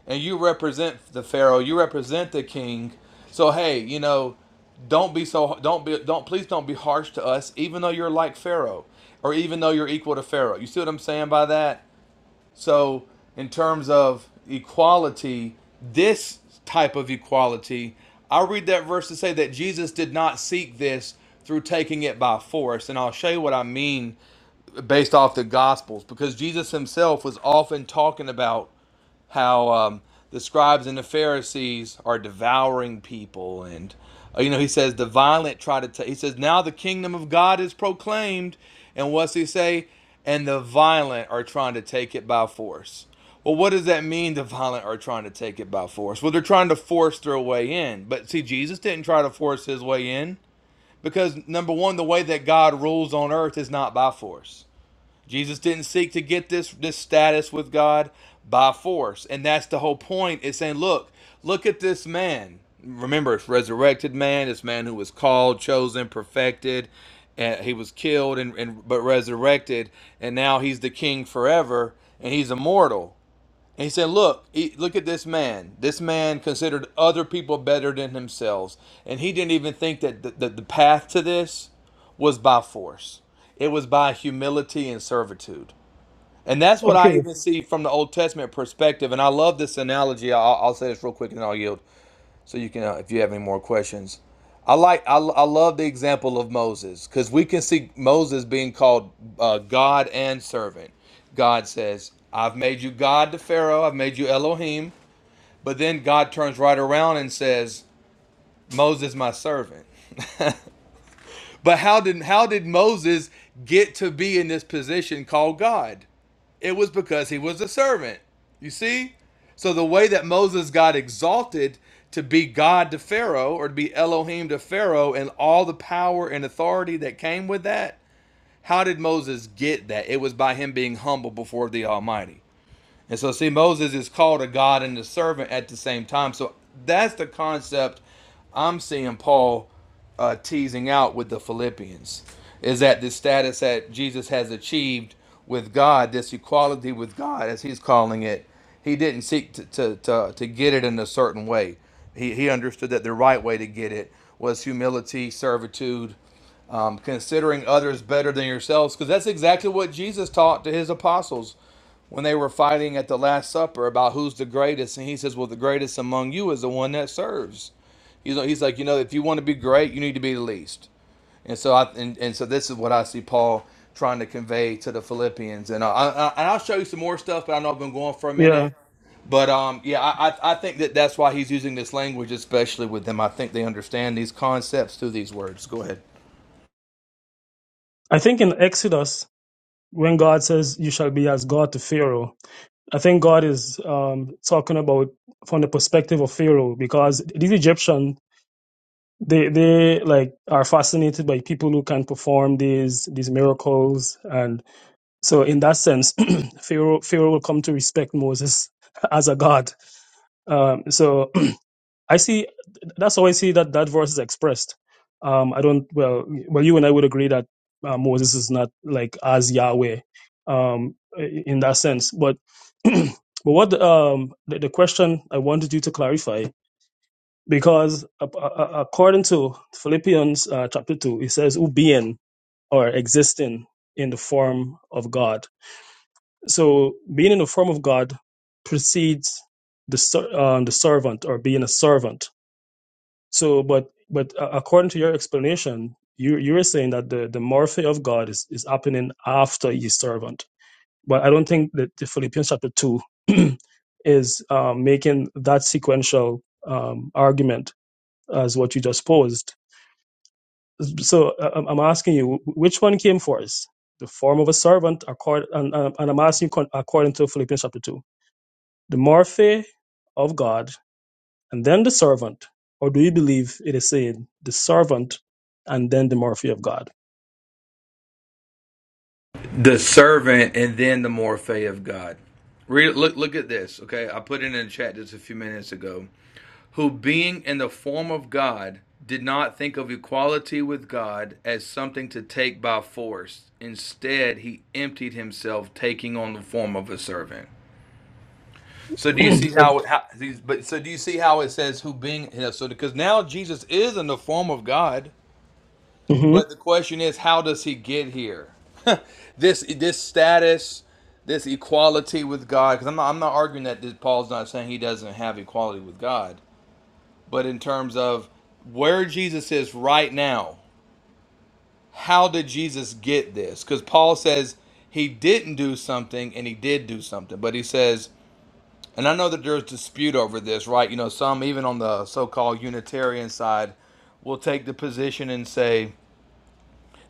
S7: and you represent the Pharaoh. You represent the king. So hey, you know, don't be so don't be don't please don't be harsh to us, even though you're like Pharaoh, or even though you're equal to Pharaoh. You see what I'm saying by that? So, in terms of equality, this type of equality, I read that verse to say that Jesus did not seek this through taking it by force. And I'll show you what I mean based off the Gospels, because Jesus himself was often talking about how um, the scribes and the Pharisees are devouring people, and uh, you know he says the violent try to. ta- he says now the kingdom of God is proclaimed, and what's he say? And the violent are trying to take it by force. Well, what does that mean? The violent are trying to take it by force. Well, they're trying to force their way in. But see, Jesus didn't try to force his way in because number one, the way that God rules on earth is not by force. Jesus didn't seek to get this this status with God by force, and that's the whole point. Is saying, look, look at this man. Remember, it's resurrected man. This man who was called, chosen, perfected, and he was killed and, and but resurrected, and now he's the king forever, and he's immortal. And he said, Look, look at this man. This man considered other people better than themselves. And he didn't even think that the, the, the path to this was by force, it was by humility and servitude. And that's what I
S9: Okay,
S7: even see from the Old Testament perspective. And I love this analogy. I'll, I'll say this real quick and then I'll yield so you can uh, if you have any more questions i like i, I love the example of moses because we can see moses being called uh, god and servant god says i've made you god to pharaoh i've made you elohim but then god turns right around and says moses my servant but how did how did moses get to be in this position called god it was because he was a servant. You see? So the way that Moses got exalted to be God to Pharaoh or to be Elohim to Pharaoh and all the power and authority that came with that, how did Moses get that? It was by him being humble before the Almighty. And so, see, Moses is called a God and a servant at the same time. So that's the concept I'm seeing Paul uh, teasing out with the Philippians is that the status that Jesus has achieved with God, this equality with God, as he's calling it, he didn't seek to, to, to, to get it in a certain way. He, he understood that the right way to get it was humility, servitude, um, considering others better than yourselves, because that's exactly what Jesus taught to his apostles when they were fighting at the Last Supper about who's the greatest, and he says, "Well, the greatest among you is the one that serves." You know, he's like, you know, if you want to be great, you need to be the least. And so I and, and so this is what I see Paul trying to convey to the Philippians, and I, I, I- and I'll show you some more stuff, but I know I've been going for a minute.
S9: yeah.
S7: But um, yeah, I, I I think that that's why he's using this language, especially with them. I think they understand these concepts through these words. Go ahead.
S9: I think in Exodus when God says you shall be as God to Pharaoh, I think God is um, talking about from the perspective of Pharaoh because these Egyptians they they like are fascinated by people who can perform these these miracles and. So in that sense, Pharaoh Pharaoh will come to respect Moses as a god. Um, so I see that's how I see that that verse is expressed. Um, I don't well well you and I would agree that uh, Moses is not like as Yahweh um, i- in that sense, but but what um, the, the question I wanted you to clarify because a- a- a- according to Philippians uh, chapter two, it says "who being or existing in the form of God." So being in the form of God precedes the ser- uh, the servant or being a servant. So, but but uh, according to your explanation, you you were saying that the the morphe of God is is happening after he's servant. But I don't think that the Philippians chapter two is um, making that sequential um, argument as what you just posed. So uh, I'm I'm asking you, wh- which one came first? The form of a servant, accord, and, and and I'm asking you con- according to Philippians chapter 2. the morphe of God, and then the servant? Or do you believe it is saying the servant and then the morphe of God?
S7: The servant, and then the morphe of God. Read, look, look at this. Okay, I put it in the chat just a few minutes ago. who being in the form of God did not think of equality with God as something to take by force. Instead, he emptied himself, taking on the form of a servant. So do you see
S9: hmm
S7: how, how these? But so do you see how it says who being? You know, so because now Jesus is in the form of God, but the question is, how does he get here? this this status, this equality with God. Because I'm not I'm not arguing that this, Paul's not saying he doesn't have equality with God but in terms of where Jesus is right now, how did Jesus get this? Because Paul says he didn't do something and he did do something, but he says, and I know that there's dispute over this, right? You know, some even on the so called Unitarian side will take the position and say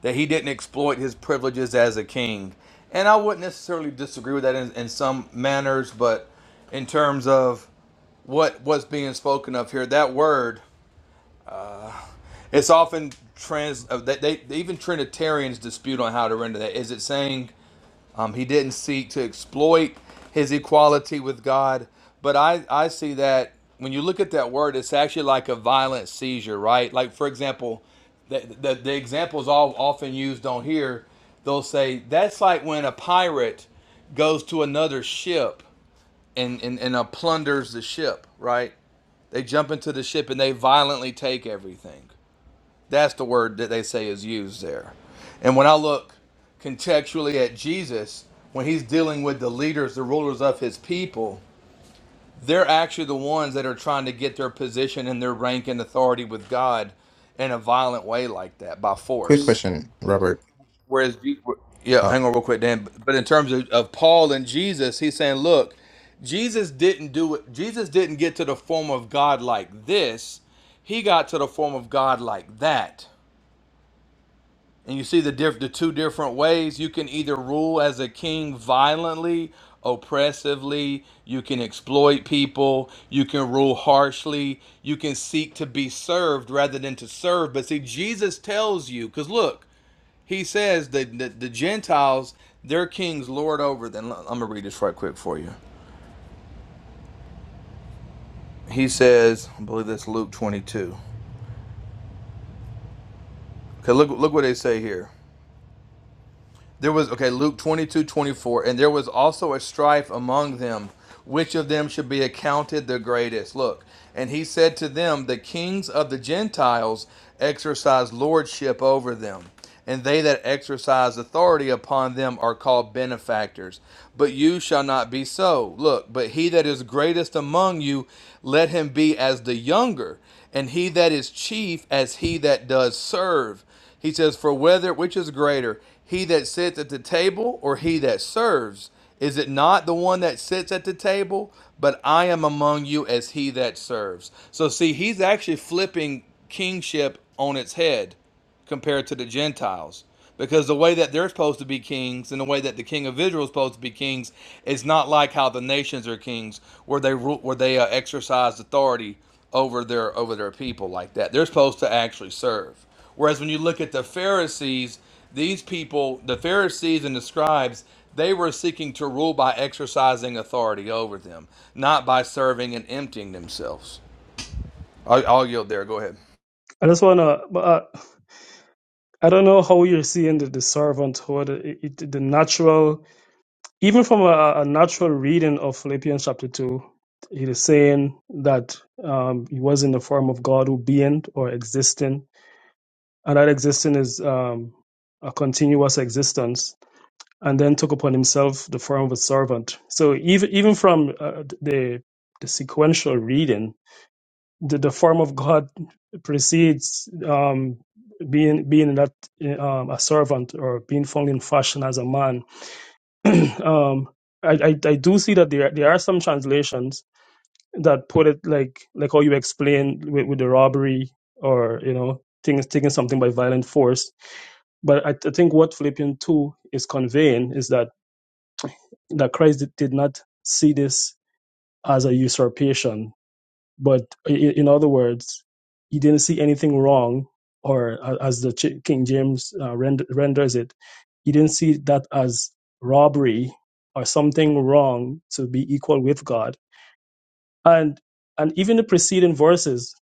S7: that he didn't exploit his privileges as a king. And I wouldn't necessarily disagree with that in, in some manners, but in terms of what what's being spoken of here, that word It's often trans. uh, They, they even Trinitarians dispute on how to render that. Is it saying um, he didn't seek to exploit his equality with God? But I I see that when you look at that word, it's actually like a violent seizure, right? Like for example, the the, the examples all often used on here, they'll say that's like when a pirate goes to another ship and and, and uh, plunders the ship, right? They jump into the ship and they violently take everything. That's the word that they say is used there. And when I look contextually at Jesus, when he's dealing with the leaders, the rulers of his people, they're actually the ones that are trying to get their position and their rank and authority with God in a violent way like that by
S6: Quick
S7: force.
S6: question, Robert.
S7: Whereas, Je- yeah,
S6: uh,
S7: hang on real quick, Dan. But in terms of, of Paul and Jesus, he's saying, look, Jesus didn't do it. Jesus didn't get to the form of God like this. He got to the form of God like that And you see the diff- the two different ways you can either rule as a king violently, oppressively, you can exploit people, you can rule harshly, you can seek to be served rather than to serve. But see Jesus tells you cuz look, he says that the, the Gentiles their kings lord over them. I'm going to read this right quick for you. He says, I believe that's Luke 22. Okay, look look what they say here. There was, okay, Luke 22 24, And there was also a strife among them, which of them should be accounted the greatest. Look, and he said to them, The kings of the Gentiles exercise lordship over them, and they that exercise authority upon them are called benefactors. But you shall not be so. Look, but he that is greatest among you, let him be as the younger, and he that is chief as he that does serve. He says, For whether which is greater, he that sits at the table or he that serves? Is it not the one that sits at the table? But I am among you as he that serves. So see, he's actually flipping kingship on its head compared to the Gentiles. Because the way that they're supposed to be kings and the way that the king of Israel is supposed to be kings is not like how the nations are kings, where they where they uh, exercise authority over their over their people like that. They're supposed to actually serve. Whereas when you look at the Pharisees, these people, the Pharisees and the scribes, they were seeking to rule by exercising authority over them, not by serving and emptying themselves. I- I'll yield there. Go ahead.
S9: I just want to, uh, I don't know how you're seeing the, the servant or the, it, the natural, even from a, a natural reading of Philippians chapter 2, it is saying that um, he was in the form of God who being or existing, and that existing is um, a continuous existence and then took upon himself the form of a servant. So even even from uh, the the sequential reading, the, the form of God precedes um, being being that uh, um, a servant or being found in fashion as a man. um, I, I I do see that there there are some translations that put it like like how you explain with, with the robbery or you know things taking something by violent force. But I, I think what Philippians two is conveying is that that Christ did not see this as a usurpation, but i- in other words, he didn't see anything wrong, or a- as the Ch- King James uh, rend- renders it, he didn't see that as robbery or something wrong to be equal with God. And and even the preceding verses,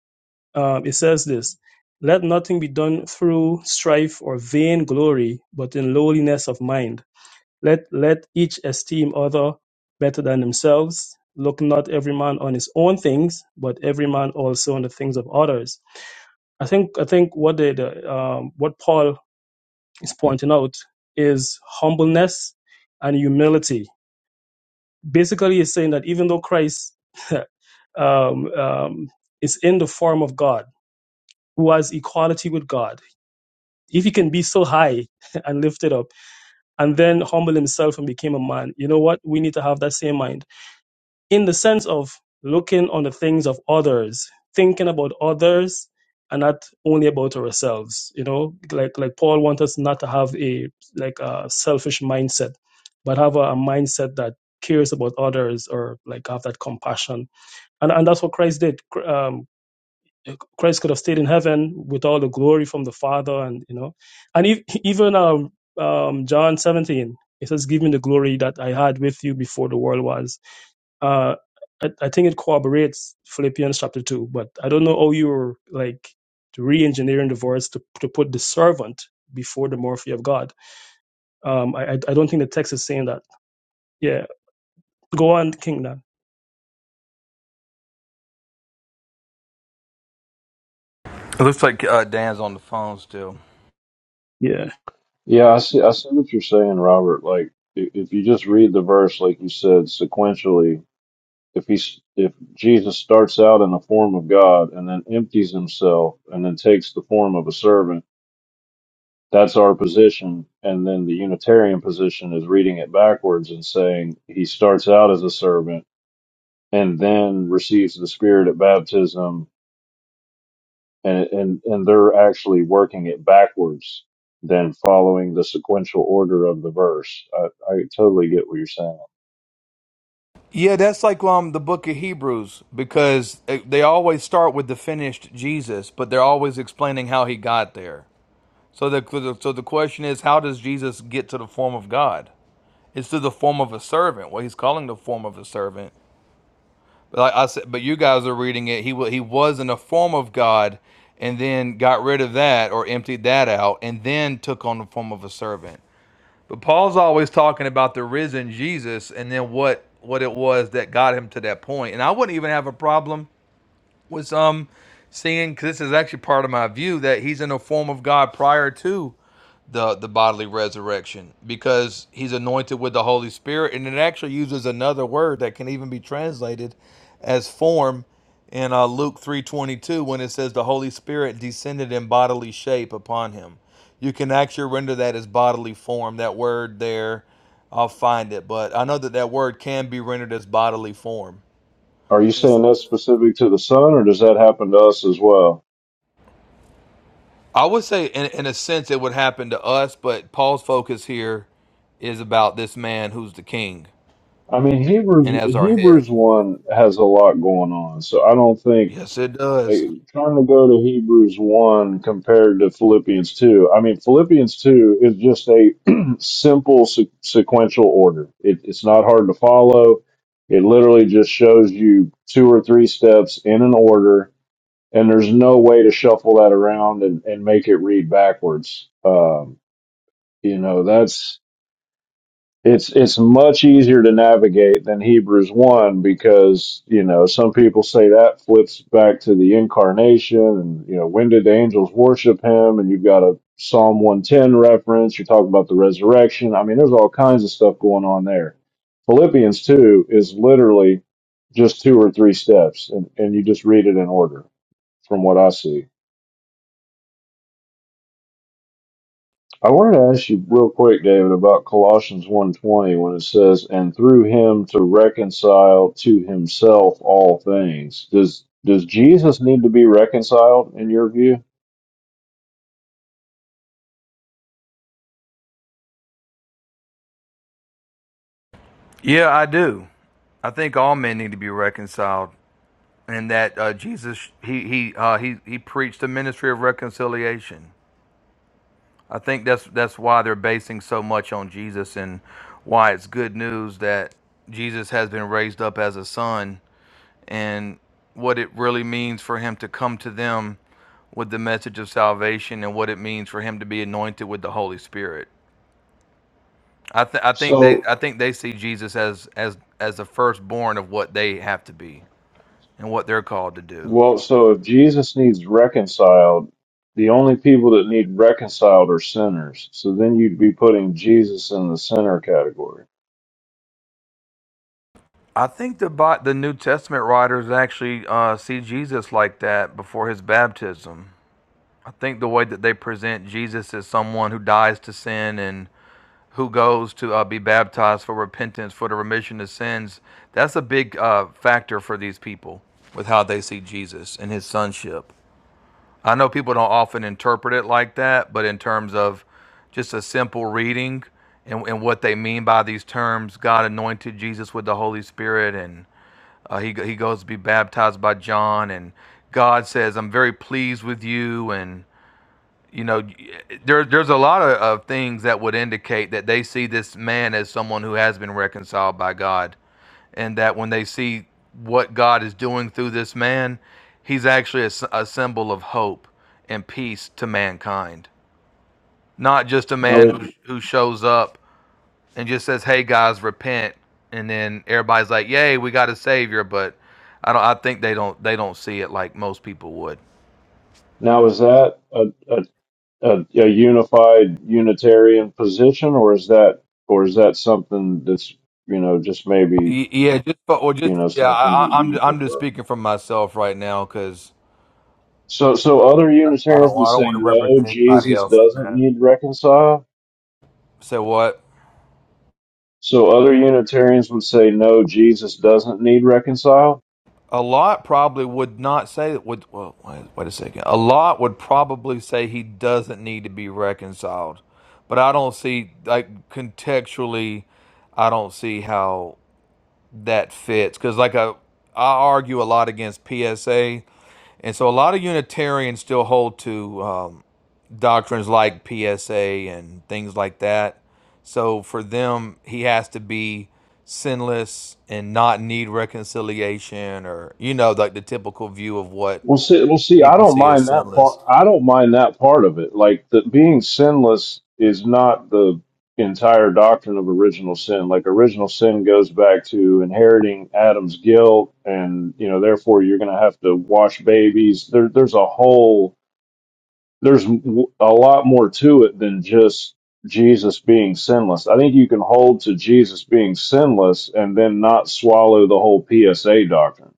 S9: um, it says this: Let nothing be done through strife or vain glory, but in lowliness of mind let let each esteem other better than themselves. Look not every man on his own things, but every man also on the things of others. I think I think what they, the um, what Paul is pointing out is humbleness and humility. Basically, he's saying that even though Christ um, um, is in the form of God, who has equality with God, if he can be so high and lifted up, and then humble himself and became a man, you know what? We need to have that same mind in the sense of looking on the things of others, thinking about others, and not only about ourselves. You know, like like Paul wants us not to have a like a selfish mindset, but have a, a mindset that cares about others or like have that compassion. And and that's what Christ did. Christ could have stayed in heaven with all the glory from the Father, and you know, and e- even um, um, John 17, it says, "Give me the glory that I had with you before the world was." Uh, I, I think it corroborates Philippians chapter two, but I don't know how you're like re-engineering the verse to, to put the servant before the morphe of God. Um, I I I don't think the text is saying that. Yeah, go on, King. Dan.
S7: It looks like uh, Dan's on the phone still.
S9: Yeah,
S8: Yeah, I see, I see what you're saying, Robert. Like, i- if you just read the verse, like you said, sequentially, if he's, if Jesus starts out in the form of God and then empties himself and then takes the form of a servant That's our position. And then the Unitarian position is reading it backwards and saying he starts out as a servant and then receives the Spirit at baptism. And, and, and they're actually working it backwards than following the sequential order of the verse. I, I totally get what you're saying.
S7: Yeah, that's like um the book of Hebrews because they they always start with the finished Jesus, but they're always explaining how he got there. So the so the question is, how does Jesus get to the form of God? It's through the form of a servant. Well, he's calling the form of a servant. But like I said, but you guys are reading it. He wa- he was in the form of God, and then got rid of that or emptied that out, and then took on the form of a servant. But Paul's always talking about the risen Jesus and then what what it was that got him to that point. And I wouldn't even have a problem with some seeing because this is actually part of my view that he's in a form of God prior to the the bodily resurrection because he's anointed with the Holy Spirit, and it actually uses another word that can even be translated as form in uh, Luke three twenty two when it says the Holy Spirit descended in bodily shape upon him. You can actually render that as bodily form. That word there, I'll find it, but I know that that word can be rendered as bodily form.
S8: Are you saying that's specific to the Son or does that happen to us as well?
S7: I would say, in, in a sense, it would happen to us, but Paul's focus here is about this man who's the king
S8: I mean,
S7: and
S8: Hebrews,
S7: as our head.
S8: Hebrews 1 has a lot going on. So I don't think
S7: Yes, it does.
S8: Hey, turn to go to Hebrews 1 compared to Philippians 2. I mean, Philippians 2 is just a simple se- sequential order. It, it's not hard to follow. It literally just shows you two or three steps in an order, and there's no way to shuffle that around and, and make it read backwards. Um, you know, that's it's it's much easier to navigate than Hebrews one because you know some people say that flips back to the incarnation and you know when did the angels worship him and you've got a Psalm one ten reference you're talking about the resurrection I mean there's all kinds of stuff going on there Philippians two is literally just two or three steps and, and you just read it in order from what I see I wanted to ask you real quick, David, about Colossians one twenty, when it says, "And through him to reconcile to himself all things." Does does Jesus need to be reconciled in your view?
S7: Yeah, I do. I think all men need to be reconciled, and that uh, Jesus he he uh, he he preached the ministry of reconciliation. I think that's that's why they're basing so much on Jesus and why it's good news that Jesus has been raised up as a son and what it really means for him to come to them with the message of salvation and what it means for him to be anointed with the Holy Spirit. I th- I think they
S8: So,
S7: I think they see Jesus as as as the firstborn of what they have to be and what they're called to do.
S8: well, so if Jesus needs reconciled, the only people that need reconciled are sinners. So then you'd be putting Jesus in the sinner category.
S7: I think the Bi- the New Testament writers actually uh, see Jesus like that before his baptism. I think the way that they present Jesus as someone who dies to sin and who goes to uh, be baptized for repentance for the remission of sins. That's a big uh, factor for these people with how they see Jesus and his sonship. I know people don't often interpret it like that, but in terms of just a simple reading and, and what they mean by these terms, God anointed Jesus with the Holy Spirit, and uh, he he goes to be baptized by John, and God says, "I'm very pleased with you," and you know, there, there's a lot of, of things that would indicate that they see this man as someone who has been reconciled by God and that when they see what God is doing through this man, he's actually a a symbol of hope and peace to mankind. Not just a man
S8: Now,
S7: who who shows up and just says, "Hey guys, repent," and then everybody's like, "Yay, we got a savior," but I don't. I think they don't. They don't see it like most people would.
S8: now is that a, a a, a unified Unitarian position, or is that or is that something that's you know just maybe
S7: Y- Yeah, just but well,
S8: you
S7: just
S8: know
S7: yeah.
S8: something
S7: I,
S8: that
S7: I- I'm
S8: you
S7: I'm just
S8: prefer?
S7: speaking for myself right now because
S8: So so other
S7: I, I
S8: Unitarians
S7: don't
S8: would
S7: I don't
S8: say
S7: want to
S8: no,
S7: represent anybody
S8: Jesus
S7: else on
S8: doesn't
S7: that.
S8: need reconcile.
S7: Say what?
S8: So other Unitarians would say no, Jesus doesn't need reconcile.
S7: a lot probably would not say would well wait, wait a second a lot would probably say he doesn't need to be reconciled but i don't see like contextually i don't see how that fits because like I, I argue a lot against psa and so a lot of unitarians still hold to um, doctrines like PSA and things like that. So for them, he has to be sinless and not need reconciliation or, you know, like the typical view of what
S8: Well, see, well, see, I
S7: people
S8: don't
S7: see as
S8: mind that
S7: sinless.
S8: part. I don't mind that part of it. Like the being sinless is not the entire doctrine of original sin. Like original sin goes back to inheriting Adam's guilt, and you know, therefore, you're going to have to wash babies. There, there's a whole, there's w- a lot more to it than just Jesus being sinless. I think you can hold to Jesus being sinless and then not swallow the whole PSA doctrine.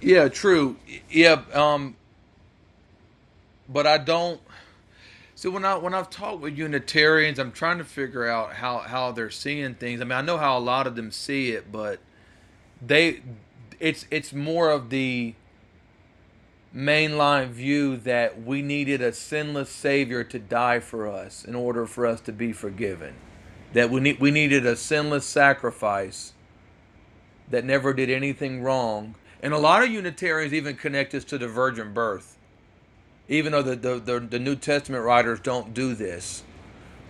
S7: Yeah, true. Yeah, um, but I don't. See, when I when I've talked with Unitarians, I'm trying to figure out how how they're seeing things. I mean, I know how a lot of them see it, but they, it's it's more of the mainline view that we needed a sinless savior to die for us in order for us to be forgiven. That we need we needed a sinless sacrifice that never did anything wrong. And a lot of Unitarians even connect this to the virgin birth. Even though the, the, the, the New Testament writers don't do this.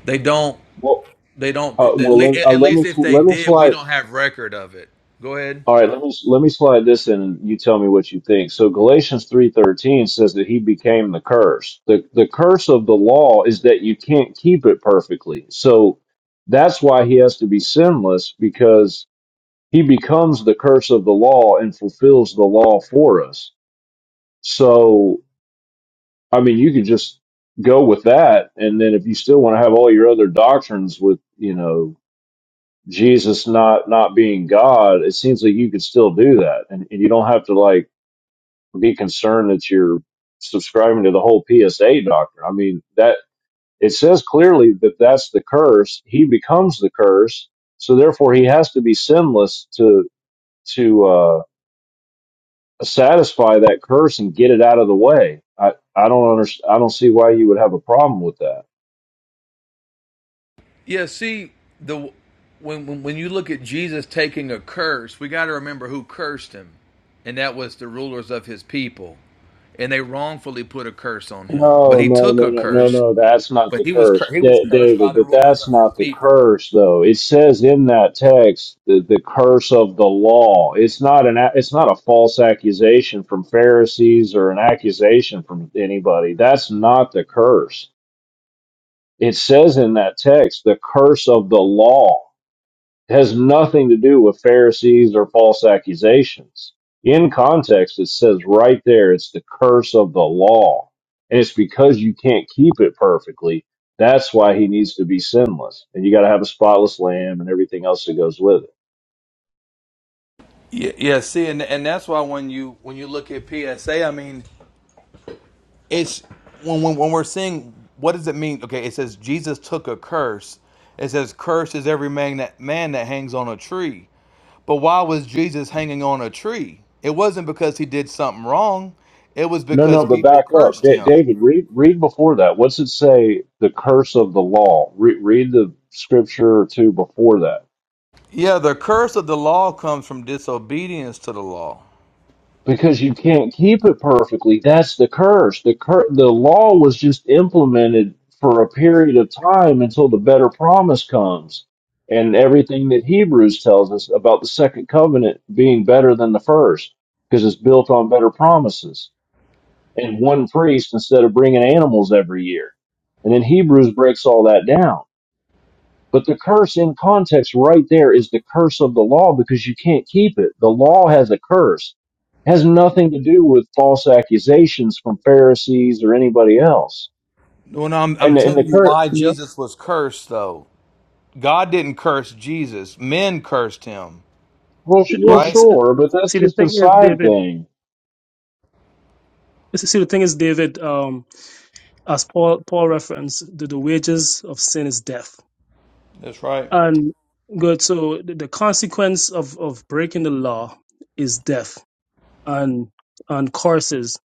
S7: They don't
S8: Well,
S7: they don't
S8: uh,
S7: at
S8: well, let, uh,
S7: at
S8: let
S7: least
S8: me
S7: if they
S8: let me
S7: did, we
S8: slide.
S7: don't have record of it. Go ahead.
S8: All right, let me let me slide this in and you tell me what you think. So Galatians 3:13 says that he became the curse. The the curse of the law is that you can't keep it perfectly. So that's why he has to be sinless because he becomes the curse of the law and fulfills the law for us. So I mean, you could just go with that and then if you still want to have all your other doctrines with, you know, Jesus not not being God, it seems like you could still do that and, and you don't have to like be concerned that you're subscribing to the whole PSA doctrine. I mean, that it says clearly that that's the curse. He becomes the curse, so therefore he has to be sinless to to uh, satisfy that curse and get it out of the way. I I don't understand. I don't see why you would have a problem with that.
S7: Yeah, see the when when, when you look at Jesus taking a curse, we got to remember who cursed him, and that was the rulers of his people, and they wrongfully put a curse on him. But
S8: No,
S7: he
S8: no, no,
S7: took a
S8: no, no,
S7: curse,
S8: no. That's not
S7: but
S8: the
S7: he was
S8: curse,
S7: cur- he was
S8: Da-
S7: cursed by
S8: David.
S7: the
S8: But
S7: rulers
S8: that's
S7: of his
S8: not the
S7: people.
S8: curse, though. It says in that text the, the curse of the law. It's not an. a- It's not a false accusation from Pharisees or an accusation from anybody. That's not the curse. It says in that text the curse of the law. It has nothing to do with Pharisees or false accusations. In context, it says right there, it's the curse of the law. And it's because you can't keep it perfectly. That's why he needs to be sinless. And you got to have a spotless lamb and everything else that goes with it.
S7: Yeah, yeah. See, and and that's why when you when you look at PSA, I mean, it's when when, when we're seeing what does it mean? Okay, it says Jesus took a curse. It says, "Cursed is every man that man that hangs on a tree." But why was Jesus hanging on a tree? It wasn't because he did something wrong. It was
S8: No,
S7: because
S8: no, but
S7: people
S8: back up.
S7: cursed
S8: Da-
S7: him.
S8: David, read, read before that. What's it say? The curse of the law. Re- read the scripture or two before that.
S7: Yeah, the curse of the law comes from disobedience to the law.
S8: because you can't keep it perfectly. That's the curse. The cur- the law was just implemented for a period of time until the better promise comes. And everything that Hebrews tells us about the second covenant being better than the first because it's built on better promises and one priest instead of bringing animals every year. And then Hebrews breaks all that down. But the curse in context right there is the curse of the law because you can't keep it. The law has a curse. It has nothing to do with false accusations from Pharisees or anybody else.
S7: Well, no, I'm,
S8: And
S7: I'm
S8: and
S7: telling
S8: the
S7: you
S8: curse,
S7: why
S9: yeah.
S7: Jesus was cursed, though. God didn't curse Jesus, men cursed him,
S8: well, s-
S9: No,
S8: well,
S7: right?
S9: it's,
S8: sure, but that's
S9: see the
S8: just a
S9: thing is,
S8: side
S9: David.
S8: thing.
S9: See the thing is, David. Um, as Paul Paul referenced, the, the wages of sin is death.
S7: That's right.
S9: And good, so the, the consequence of, of breaking the law is death and and curses.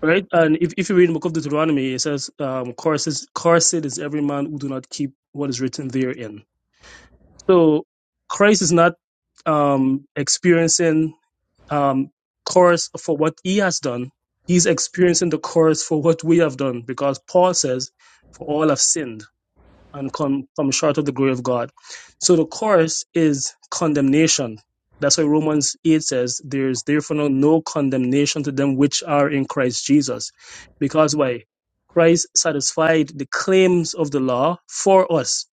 S9: Right? And if, if you read in the book of Deuteronomy, it says, um, curses cursed is every man who do not keep what is written therein. So Christ is not um experiencing um curse for what he has done. He's experiencing the curse for what we have done because Paul says, For all have sinned and come, come short of the glory of God. So the course is condemnation. That's why Romans 8 says, There is therefore no, no condemnation to them which are in Christ Jesus. Because why? Christ satisfied the claims of the law for us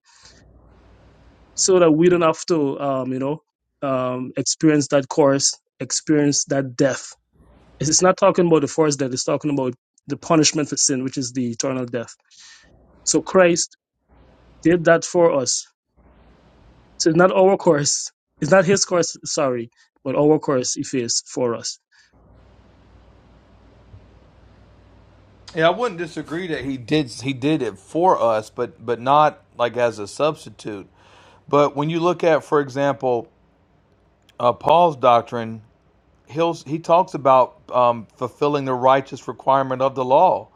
S9: so that we don't have to, um, you know, um, experience that course, experience that death. It's it's not talking about the first death, it's talking about the punishment for sin, which is the eternal death. So Christ did that for us So it's not our course. It's not his course, sorry, but our course if it's for us.
S7: Yeah, I wouldn't disagree that he did he did it for us, but but not like as a substitute. But when you look at, for example, uh, Paul's doctrine, he'll he talks about um, fulfilling the righteous requirement of the law,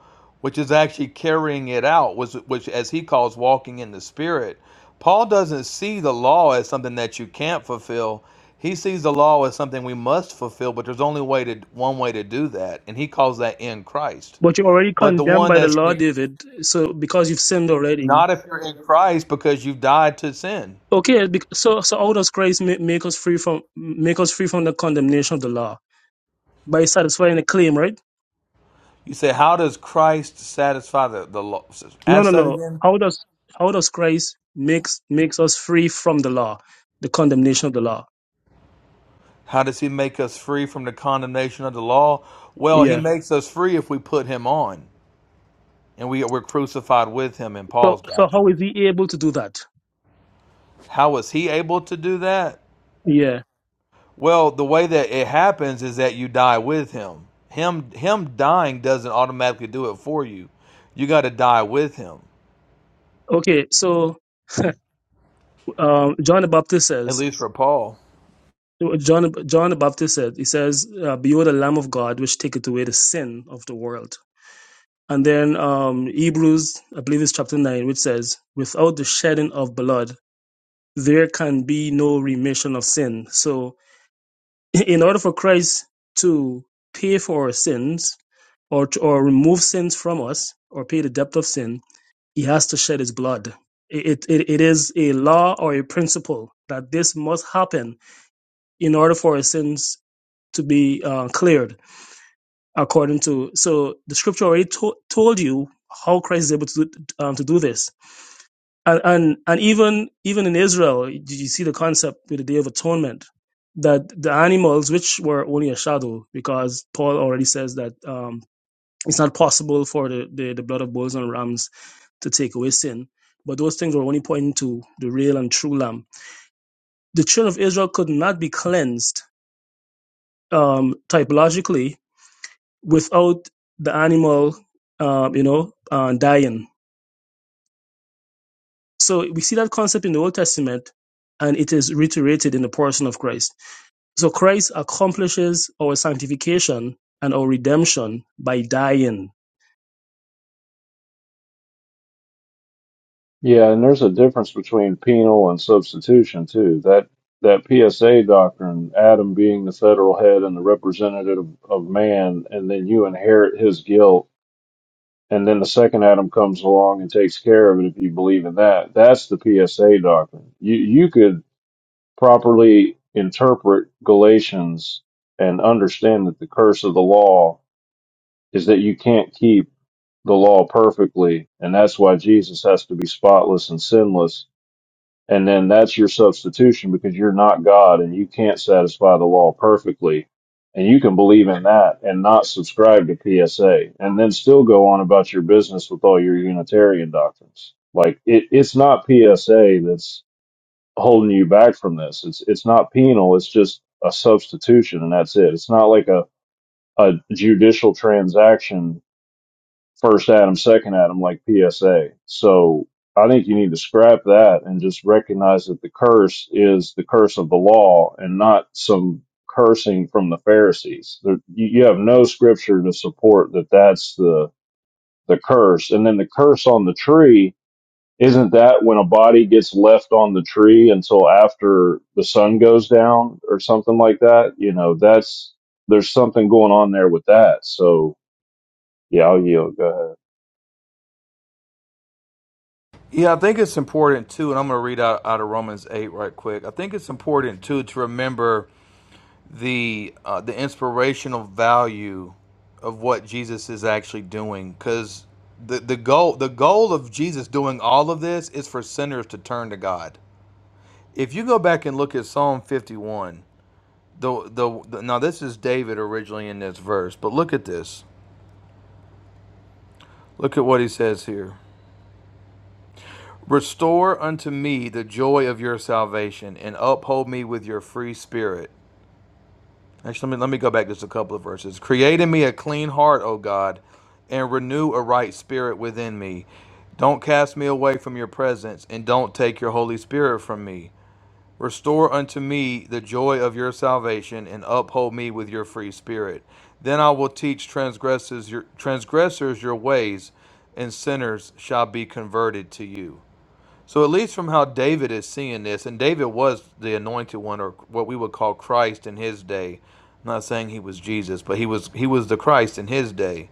S7: which is actually carrying it out, which, which as he calls walking in the spirit. Paul doesn't see the law as something that you can't fulfill. He sees the law as something we must fulfill, but there's only way to one way to do that, and he calls that in Christ.
S9: But you're already
S7: But the
S9: condemned
S7: one
S9: by the
S7: that's
S9: law,
S7: in-
S9: David. So because you've sinned already.
S7: not if you're in Christ because you have died to sin.
S9: Okay, bec- so so how does Christ make, make us free from make us free from the condemnation of the law by satisfying the claim, right?
S7: You say, how does Christ satisfy the, the law?
S9: No, no,
S7: Ask that
S9: no.
S7: again.
S9: How does how does Christ makes makes us free from the law, the condemnation of the law?
S7: How does he make us free from the condemnation of the law? Well, he
S9: Yeah.
S7: makes us free if we put him on and we, we're crucified with him in
S9: So
S7: Paul's
S9: so how
S7: doctrine.
S9: is he able to do that?
S7: How was he able to do that?
S9: Yeah.
S7: Well, the way that it happens is that you die with him. Him him dying doesn't automatically do it for you. You got to die with him.
S9: Okay. So um, John the Baptist
S7: At
S9: says
S7: least for Paul.
S9: John John the Baptist said, he says, uh, "Behold the Lamb of God, which taketh away the sin of the world." And then um, Hebrews, I believe it's chapter nine, which says, "Without the shedding of blood, there can be no remission of sin." So, in order for Christ to pay for our sins or to, or remove sins from us or pay the debt of sin, He has to shed His blood. It, it it is a law or a principle that this must happen in order for our sins to be uh, cleared according to so the scripture already to- told you how Christ is able to do, um, to do this, and, and and even even in Israel, did you see the concept with the Day of Atonement that the animals, which were only a shadow, because Paul already says that um, it's not possible for the, the the blood of bulls and rams to take away sin, but those things were only pointing to the real and true Lamb. The children of Israel could not be cleansed um, typologically without the animal, uh, you know, uh, dying. So we see that concept in the Old Testament, and it is reiterated in the person of Christ. So Christ accomplishes our sanctification and our redemption by dying.
S8: Yeah, and there's a difference between penal and substitution too. That that PSA doctrine, Adam being the federal head and the representative of man, and then you inherit his guilt and then the second Adam comes along and takes care of it if you believe in that. That's the PSA doctrine. You you could properly interpret Galatians and understand that the curse of the law is that you can't keep the law perfectly, and that's why Jesus has to be spotless and sinless and then that's your substitution because you're not God and you can't satisfy the law perfectly. And you can believe in that and not subscribe to PSA and then still go on about your business with all your Unitarian doctrines. Like it, it's not PSA that's holding you back from this. It's, it's not penal. It's just a substitution and that's it. It's not like a, a judicial transaction first Adam, second Adam, like PSA. So I think you need to scrap that and just recognize that the curse is the curse of the law and not some cursing from the Pharisees. There, you you have no scripture to support that that's the, the curse. And then the curse on the tree, isn't that when a body gets left on the tree until after the sun goes down or something like that? You know, that's, there's something going on there with that. So yeah, I'll yield. Go ahead.
S7: Yeah, I think it's important too, and I'm going to read out, out of Romans 8 right quick. I think it's important too to remember the uh, the inspirational value of what Jesus is actually doing because the, the goal the goal of Jesus doing all of this is for sinners to turn to God. If you go back and look at Psalm 51, the, the, the now this is David originally in this verse, but look at this. Look at what he says here. Restore unto me the joy of your salvation and uphold me with your free spirit. Actually, let me, let me go back just a couple of verses. Create in me a clean heart, O God, and renew a right spirit within me. Don't cast me away from your presence, and don't take your Holy Spirit from me. Restore unto me the joy of your salvation, and uphold me with your free spirit. Then I will teach transgressors your, transgressors your ways, and sinners shall be converted to you. So at least from how David is seeing this, and David was the anointed one, or what we would call Christ in his day. I'm not saying he was Jesus, but he was he was the Christ in his day.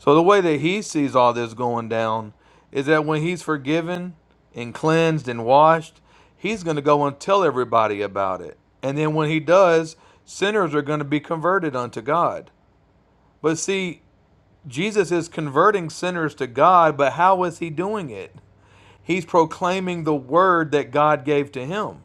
S7: So the way that he sees all this going down is that when he's forgiven and cleansed and washed, he's going to go and tell everybody about it. And then when he does, sinners are going to be converted unto God. But see, Jesus is converting sinners to God, but how is he doing it? He's proclaiming the word that God gave to him,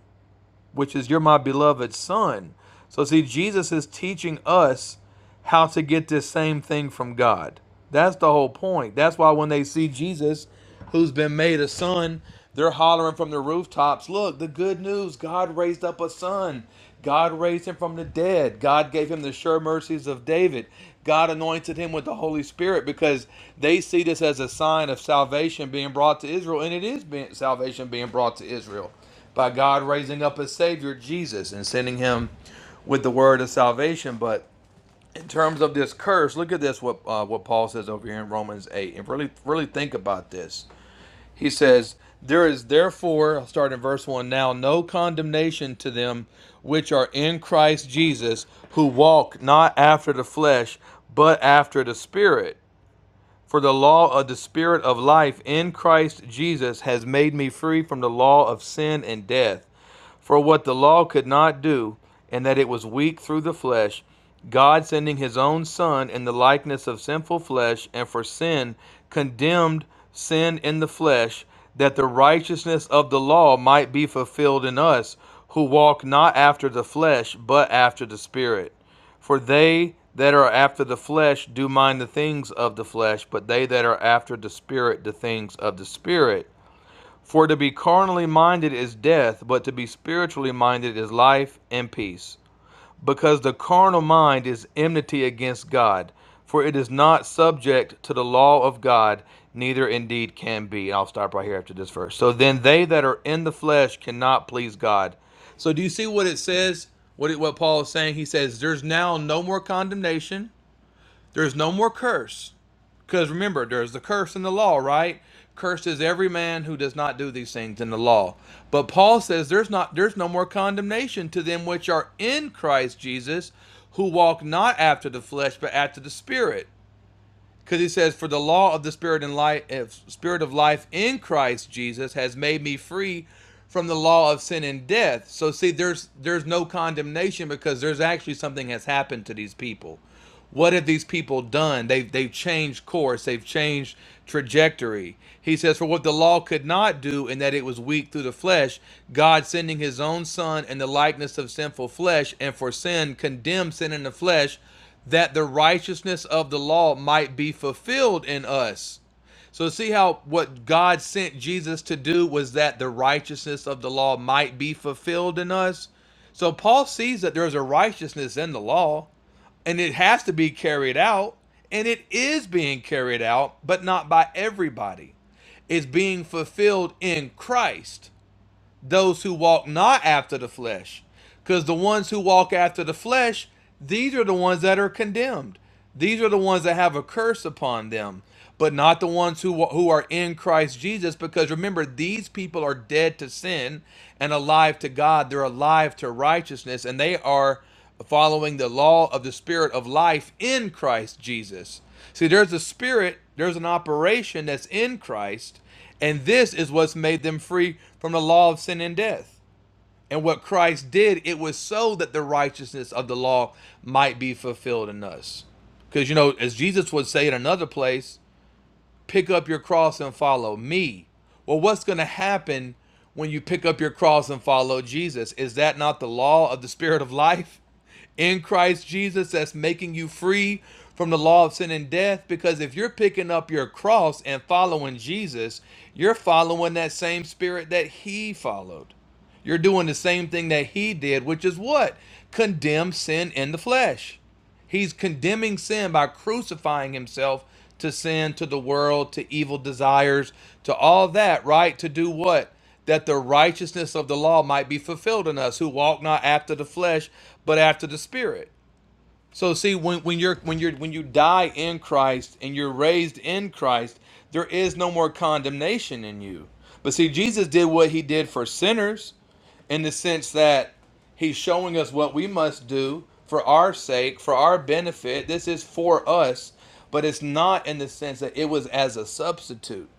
S7: which is, You're my beloved son. So, see, Jesus is teaching us how to get this same thing from God. That's the whole point. That's why when they see Jesus, who's been made a son, they're hollering from the rooftops, Look, the good news God raised up a son. God raised him from the dead. God gave him the sure mercies of David. God anointed him with the Holy Spirit because they see this as a sign of salvation being brought to Israel, and it is being, salvation being brought to Israel by God raising up a Savior, Jesus, and sending him with the word of salvation. But in terms of this curse, look at this what uh, what Paul says over here in Romans eight, and really really think about this. He says, "There is therefore, I'll start in verse one now, no condemnation to them which are in Christ Jesus, who walk not after the flesh, but after the Spirit." For the law of the Spirit of life in Christ Jesus has made me free from the law of sin and death. For what the law could not do, and that it was weak through the flesh, God sending his own Son in the likeness of sinful flesh, and for sin, condemned sin in the flesh, that the righteousness of the law might be fulfilled in us, who walk not after the flesh, but after the Spirit. For they that are after the flesh do mind the things of the flesh, but they that are after the Spirit, the things of the Spirit. For to be carnally minded is death, but to be spiritually minded is life and peace. Because the carnal mind is enmity against God, for it is not subject to the law of God, neither indeed can be. And I'll stop right here after this verse. So then they that are in the flesh cannot please God. So do you see what it says? What, it, what Paul is saying? He says, There's now no more condemnation there's no more curse. Because remember, there's the curse in the law, right? Cursed is every man who does not do these things in the law. But Paul says there's not there's no more condemnation to them which are in Christ Jesus, who walk not after the flesh, but after the spirit because he says, "For the law of the spirit and life, eh, spirit of life in Christ Jesus has made me free from the law of sin and death." So see, there's there's no condemnation because there's actually something has happened to these people. What have these people done? They've they've changed course. They've changed trajectory. He says, "For what the law could not do, in that it was weak through the flesh, God sending His own Son in the likeness of sinful flesh, and for sin condemned sin in the flesh." that the righteousness of the law might be fulfilled in us. So, see how what God sent Jesus to do was that the righteousness of the law might be fulfilled in us? So, Paul sees that there's a righteousness in the law and it has to be carried out, and it is being carried out, but not by everybody. It's being fulfilled in Christ those who walk not after the flesh. Because the ones who walk after the flesh, these are the ones that are condemned. These are the ones that have a curse upon them, but not the ones who, who are in Christ Jesus. Because remember, these people are dead to sin and alive to God. They're alive to righteousness, and they are following the law of the Spirit of life in Christ Jesus. See, there's a spirit, there's an operation that's in Christ, and this is what's made them free from the law of sin and death. And what Christ did, it was so that the righteousness of the law might be fulfilled in us. Because, you know, as Jesus would say in another place, pick up your cross and follow me. Well, what's going to happen when you pick up your cross and follow Jesus? Is that not the law of the Spirit of life in Christ Jesus that's making you free from the law of sin and death? Because if you're picking up your cross and following Jesus, you're following that same Spirit that He followed. You're doing the same thing that He did, which is what? Condemn sin in the flesh. He's condemning sin by crucifying himself to sin, to the world, to evil desires, to all that, right? To do what? That the righteousness of the law might be fulfilled in us who walk not after the flesh, but after the spirit. So see when, when you're when you're when you die in Christ and you're raised in Christ, there is no more condemnation in you. But see Jesus did what he did for sinners in the sense that he's showing us what we must do for our sake, for our benefit. This is for us, but it's not in the sense that it was as a substitute.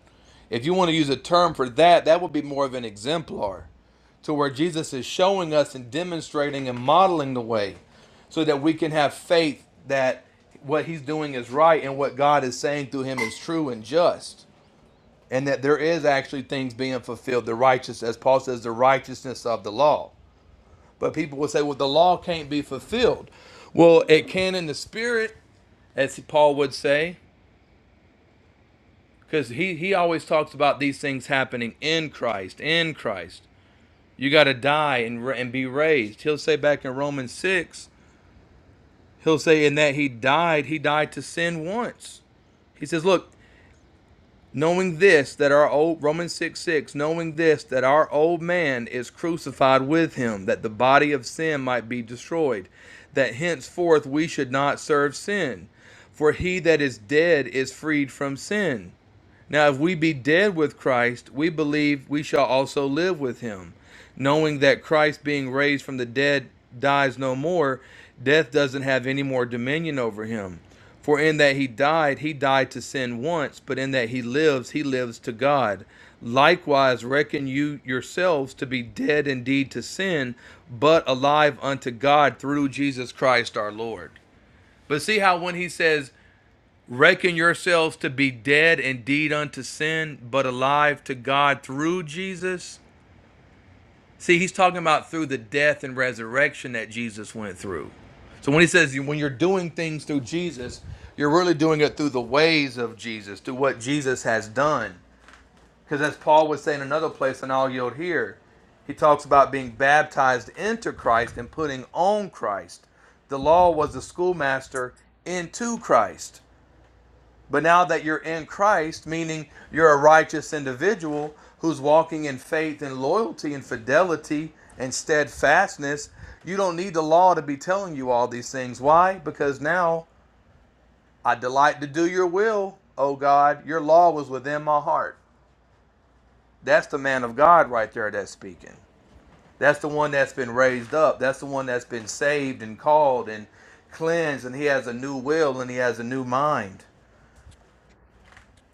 S7: If you want to use a term for that, that would be more of an exemplar to where Jesus is showing us and demonstrating and modeling the way so that we can have faith that what he's doing is right and what God is saying through him is true and just. And that there is actually things being fulfilled, the righteous, as Paul says, the righteousness of the law. But people would say, well, the law can't be fulfilled. Well, it can in the spirit, as Paul would say, because he, he always talks about these things happening in Christ, in Christ. You got to die and, and be raised. He'll say back in Romans 6, he'll say, in that he died, he died to sin once. He says, look, knowing this that our old Romans 6 6, knowing this that our old man is crucified with him, that the body of sin might be destroyed, that henceforth we should not serve sin. For he that is dead is freed from sin. Now, if we be dead with Christ, we believe we shall also live with him, knowing that Christ, being raised from the dead, dies no more. Death doesn't have any more dominion over him. For in that he died, he died to sin once, but in that he lives, he lives to God. Likewise, reckon you yourselves to be dead indeed to sin, but alive unto God through Jesus Christ our Lord. But see how when he says, reckon yourselves to be dead indeed unto sin, but alive to God through Jesus. See, he's talking about through the death and resurrection that Jesus went through. So when he says when you're doing things through Jesus, you're really doing it through the ways of Jesus, through what Jesus has done. Because as Paul would say in another place, and I'll yield here, he talks about being baptized into Christ and putting on Christ. The law was the schoolmaster into Christ. But now that you're in Christ, meaning you're a righteous individual who's walking in faith and loyalty and fidelity and steadfastness, you don't need the law to be telling you all these things. Why? Because now I delight to do your will, O God. Your law was within my heart. That's the man of God right there that's speaking. That's the one that's been raised up. That's the one that's been saved and called and cleansed, and he has a new will and he has a new mind.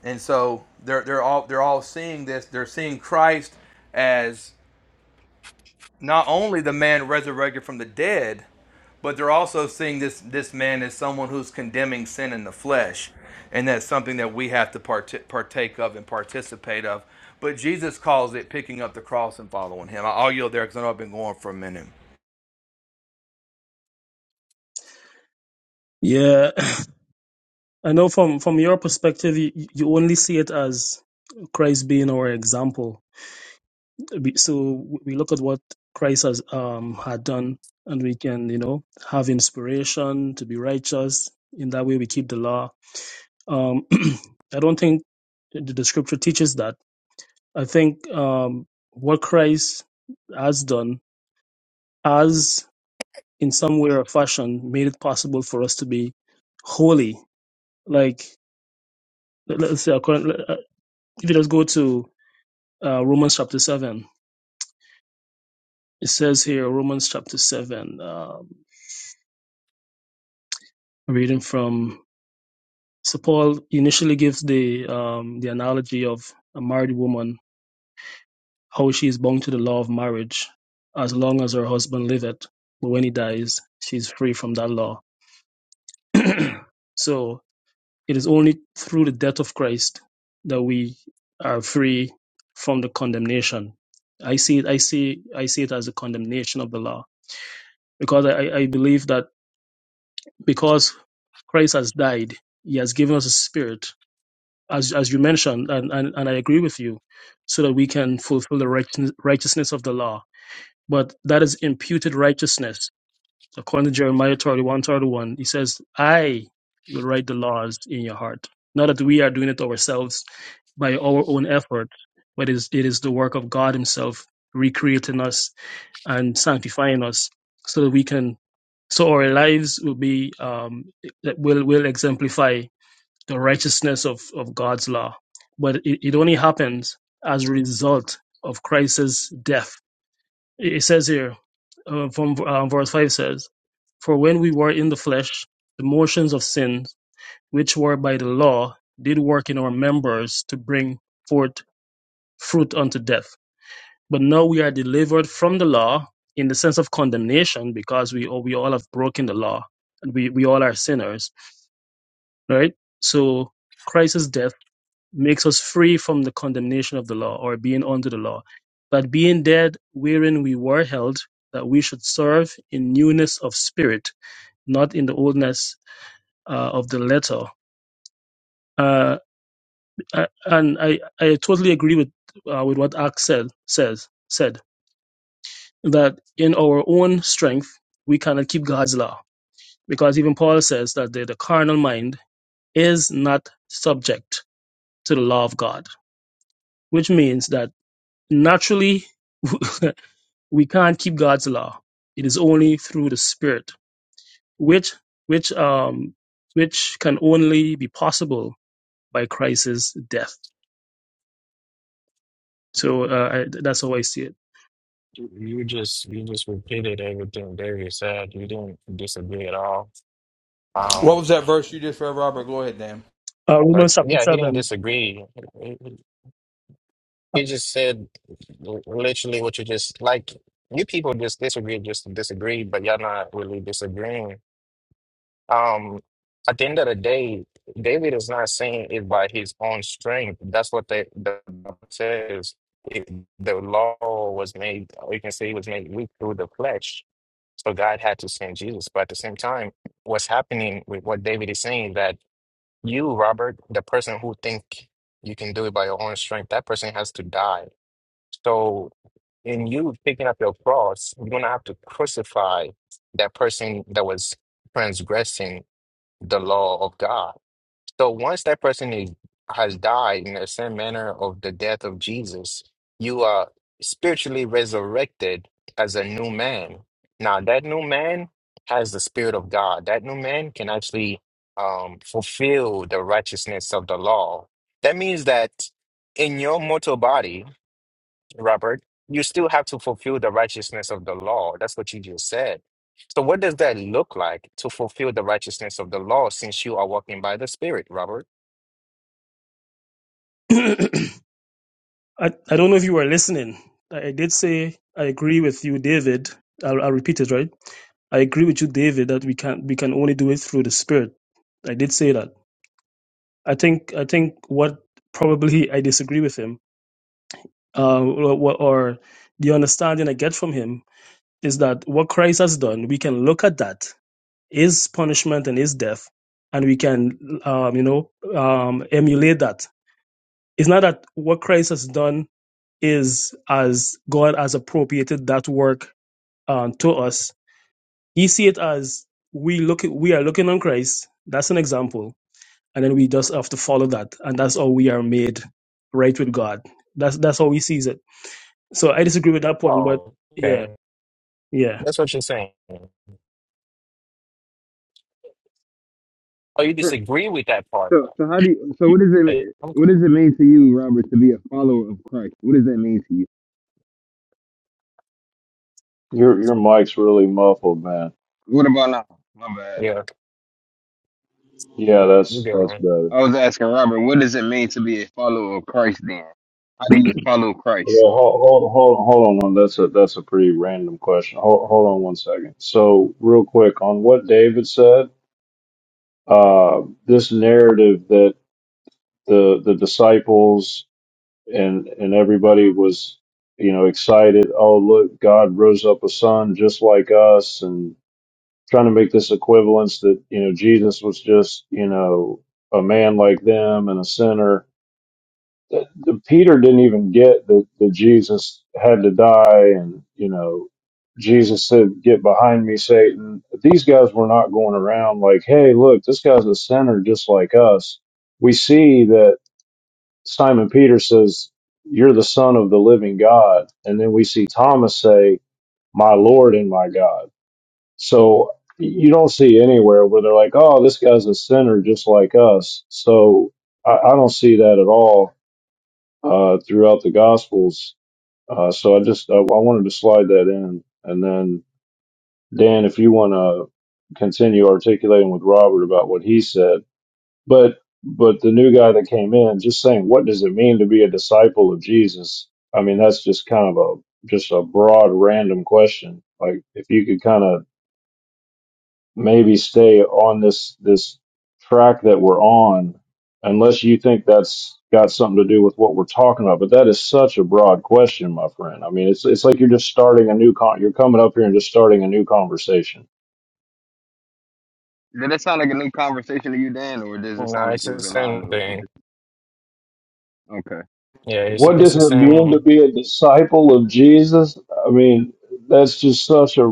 S7: And so they're they're all they're all seeing this. They're seeing Christ as not only the man resurrected from the dead, but they're also seeing this this man as someone who's condemning sin in the flesh, and that's something that we have to part- partake of and participate of. But Jesus calls it picking up the cross and following Him. I'll yield there because I know I've been going for a minute.
S9: Yeah, I know from from your perspective, you, you only see it as Christ being our example. We- So we look at what Christ has um had done, and we can you know have inspiration to be righteous. In that way, we keep the law Um, I don't think the, the scripture teaches that. I think um, what Christ has done has, in some way or fashion, made it possible for us to be holy. Like, let- let's say, according, let- uh, if you just go to uh, Romans chapter 7, it says here, Romans chapter 7, um, reading from, so Paul initially gives the, um, the analogy of a married woman how she is bound to the law of marriage as long as her husband liveth, but when he dies, she is free from that law. so it is only through the death of Christ that we are free from the condemnation. I see it, I see I see it as a condemnation of the law. Because I, I believe that because Christ has died, he has given us a spirit, as as you mentioned, and, and, and I agree with you, so that we can fulfill the righteous- righteousness of the law but that is imputed righteousness. According to Jeremiah 31, thirty-one, he says, I will write the laws in your heart. Not that we are doing it ourselves by our own effort, but it is, it is the work of God himself recreating us and sanctifying us so that we can, so our lives will be, um, that will, will exemplify the righteousness of, of God's law. But it, it only happens as a result of Christ's death it says here, uh, from uh, verse 5 says, For when we were in the flesh, the motions of sins, which were by the law, did work in our members to bring forth fruit unto death. But now we are delivered from the law in the sense of condemnation because we all, we all have broken the law and we, we all are sinners, right? So Christ's death makes us free from the condemnation of the law or being under the law, that being dead wherein we were held, that we should serve in newness of spirit, not in the oldness uh, of the letter. Uh, I- and I, I totally agree with uh, with what Axe said says said that in our own strength we cannot keep God's law because even Paul says that the, the carnal mind is not subject to the law of God, which means that naturally we can't keep God's law. It is only through the Spirit, which which um which can only be possible by Christ's death. So uh, I, that's how I see it.
S6: You you just you just repeated everything Darius said. You didn't disagree at all.
S7: What
S6: Um,
S7: was that verse you did for Robert? Go ahead, Dan.
S9: Uh,
S6: but
S9: Romans chapter
S6: yeah, he didn't
S9: seven.
S6: disagree. He he just said l- literally what you just like. You people just disagree just to disagree, but y'all not really disagreeing. Um, at the end of the day, David is not saying it by his own strength. That's what the the Bible says. It, the law was made, or you can say it was made weak through the flesh. So God had to send Jesus. But at the same time, what's happening with what David is saying that you, Robert, the person who think you can do it by your own strength, that person has to die. So in you picking up your cross, you're gonna have to crucify that person that was transgressing the law of God. So once that person is, has died in the same manner of the death of Jesus, you are spiritually resurrected as a new man. Now, that new man has the Spirit of God. That new man can actually um, fulfill the righteousness of the law. That means that in your mortal body, Robert, you still have to fulfill the righteousness of the law. That's what you just said. So, what does that look like to fulfill the righteousness of the law since you are walking by the Spirit, Robert?
S9: I, I don't know if you were listening. I, I did say I agree with you, David. I'll, I'll repeat it, right? I agree with you, David, that we can we can only do it through the Spirit. I did say that. I think I think what probably I disagree with him uh, or, or the understanding I get from him is that what Christ has done, we can look at that, his punishment and his death, and we can, um, you know, um, emulate that. It's not that what Christ has done is as God has appropriated that work um, to us. He see it as we look, we are looking on Christ. That's an example, and then we just have to follow that, and that's how we are made right with God. That's that's how he sees it. So I disagree with that point, but
S6: Oh,
S9: yeah.
S6: okay.
S9: Yeah.
S6: That's what you're saying. Oh, you disagree with that part.
S10: So, so how do you? So, what does
S6: Hey,
S10: it?
S6: I'm-
S10: What does it mean to you, Robert, to be a follower of Christ? What does that mean to you?
S8: Your your mic's really muffled, man.
S10: What about now? My bad.
S6: yeah,
S8: Yeah,
S6: you
S8: that's
S6: good,
S8: that's
S6: man.
S8: better.
S10: I was asking Robert, what does it mean to be a follower of Christ? Then, how do you follow Christ?
S8: Well, hold, hold hold hold on one. That's a that's a pretty random question. Hold hold on one second. So real quick on what David said, uh, this narrative that the the disciples and and everybody was you know excited. Oh look, God rose up a son just like us, and trying to make this equivalence that you know Jesus was just you know a man like them and a sinner that- that Peter didn't even get that, that Jesus had to die, and you know, Jesus said, "Get behind me, Satan." But These guys were not going around like, "Hey, look, this guy's a sinner just like us." We see that Simon Peter says, "You're the Son of the Living God," and then we see Thomas say, "My Lord and my God." So you don't see anywhere where they're like, "Oh, this guy's a sinner just like us." So I, I don't see that at all uh, throughout the Gospels. Uh, so I just I, I wanted to slide that in, and then Dan, if you want to continue articulating with Robert about what he said, but but the new guy that came in, just saying, what does it mean to be a disciple of Jesus? I mean, that's just kind of a just a broad random question. Like if you could kind of maybe stay on this this track that we're on unless you think that's got something to do with what we're talking about but that is such a broad question my friend i mean it's it's like you're just starting a new con you're coming up here and just starting a new conversation
S10: Did that sound like a new conversation to you, Dan, or does it
S6: No,
S10: sound like
S6: it's
S10: it
S6: the
S10: was a line?
S6: same thing.
S10: Of, okay.
S6: Yeah, it's
S8: What
S6: it's
S8: does
S6: the
S8: it mean to
S6: same.
S8: be a disciple of Jesus? I mean, that's just such a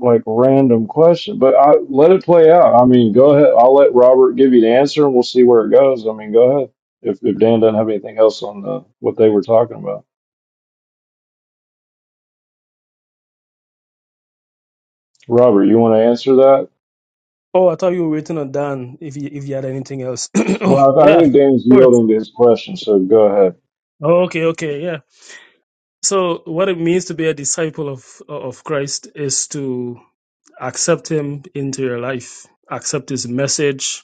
S8: like random question, but I let it play out. I mean, go ahead. I'll let Robert give you the answer and we'll see where it goes. I mean, go ahead. If, if Dan doesn't have anything else on the, what they were talking about, Robert, you want to answer that?
S9: Oh, I thought you were waiting on Dan if you if you had anything else. oh,
S8: Well, I, I
S9: yeah, of
S8: think Dan's
S9: course.
S8: yielding to his question, so go ahead.
S9: Oh, okay, okay, yeah. So what it means to be a disciple of of Christ is to accept him into your life, accept his message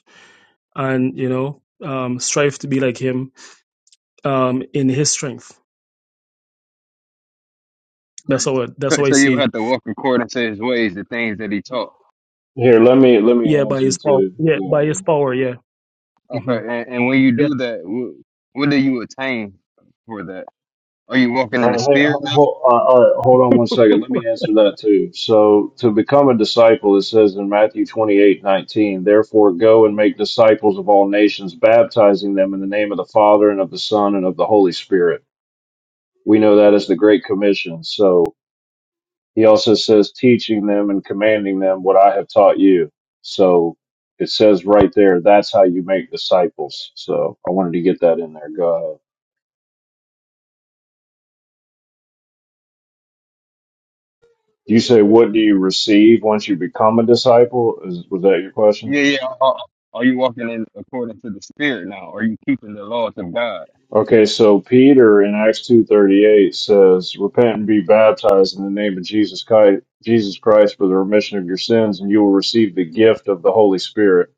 S9: and you know, um strive to be like him um in his strength.
S10: Right.
S9: That's all.
S10: So,
S9: that's all I
S10: so you
S9: see.
S10: have to walk according to His ways, the things that He taught.
S8: Here, let me let
S9: Yeah,
S8: me
S9: by
S8: answer
S9: his power.
S8: too.
S9: Yeah, by
S8: Yeah,
S9: his power, yeah.
S10: Okay.
S9: hmm
S10: And, and when you
S9: Yeah.
S10: do that, what, what do you attain for that? Are you walking
S8: All
S10: in the
S8: right, hey,
S10: Spirit
S8: ho- ho- uh, all right, hold on one second. Let me answer that too. So, to become a disciple, it says in Matthew 28:19, therefore go and make disciples of all nations, baptizing them in the name of the Father and of the Son and of the Holy Spirit. We know that as the Great Commission. So, he also says, teaching them and commanding them what I have taught you. So, it says right there, that's how you make disciples. So, I wanted to get that in there. Go ahead. You say, what do you receive once you become a disciple? Is, was that your question?
S10: Yeah, yeah. Are, are you walking in according to the Spirit now? Are you keeping the laws of God?
S8: Okay, so Peter in Acts 2.38 says, Repent and be baptized in the name of Jesus Christ, Jesus Christ for the remission of your sins, and you will receive the gift of the Holy Spirit.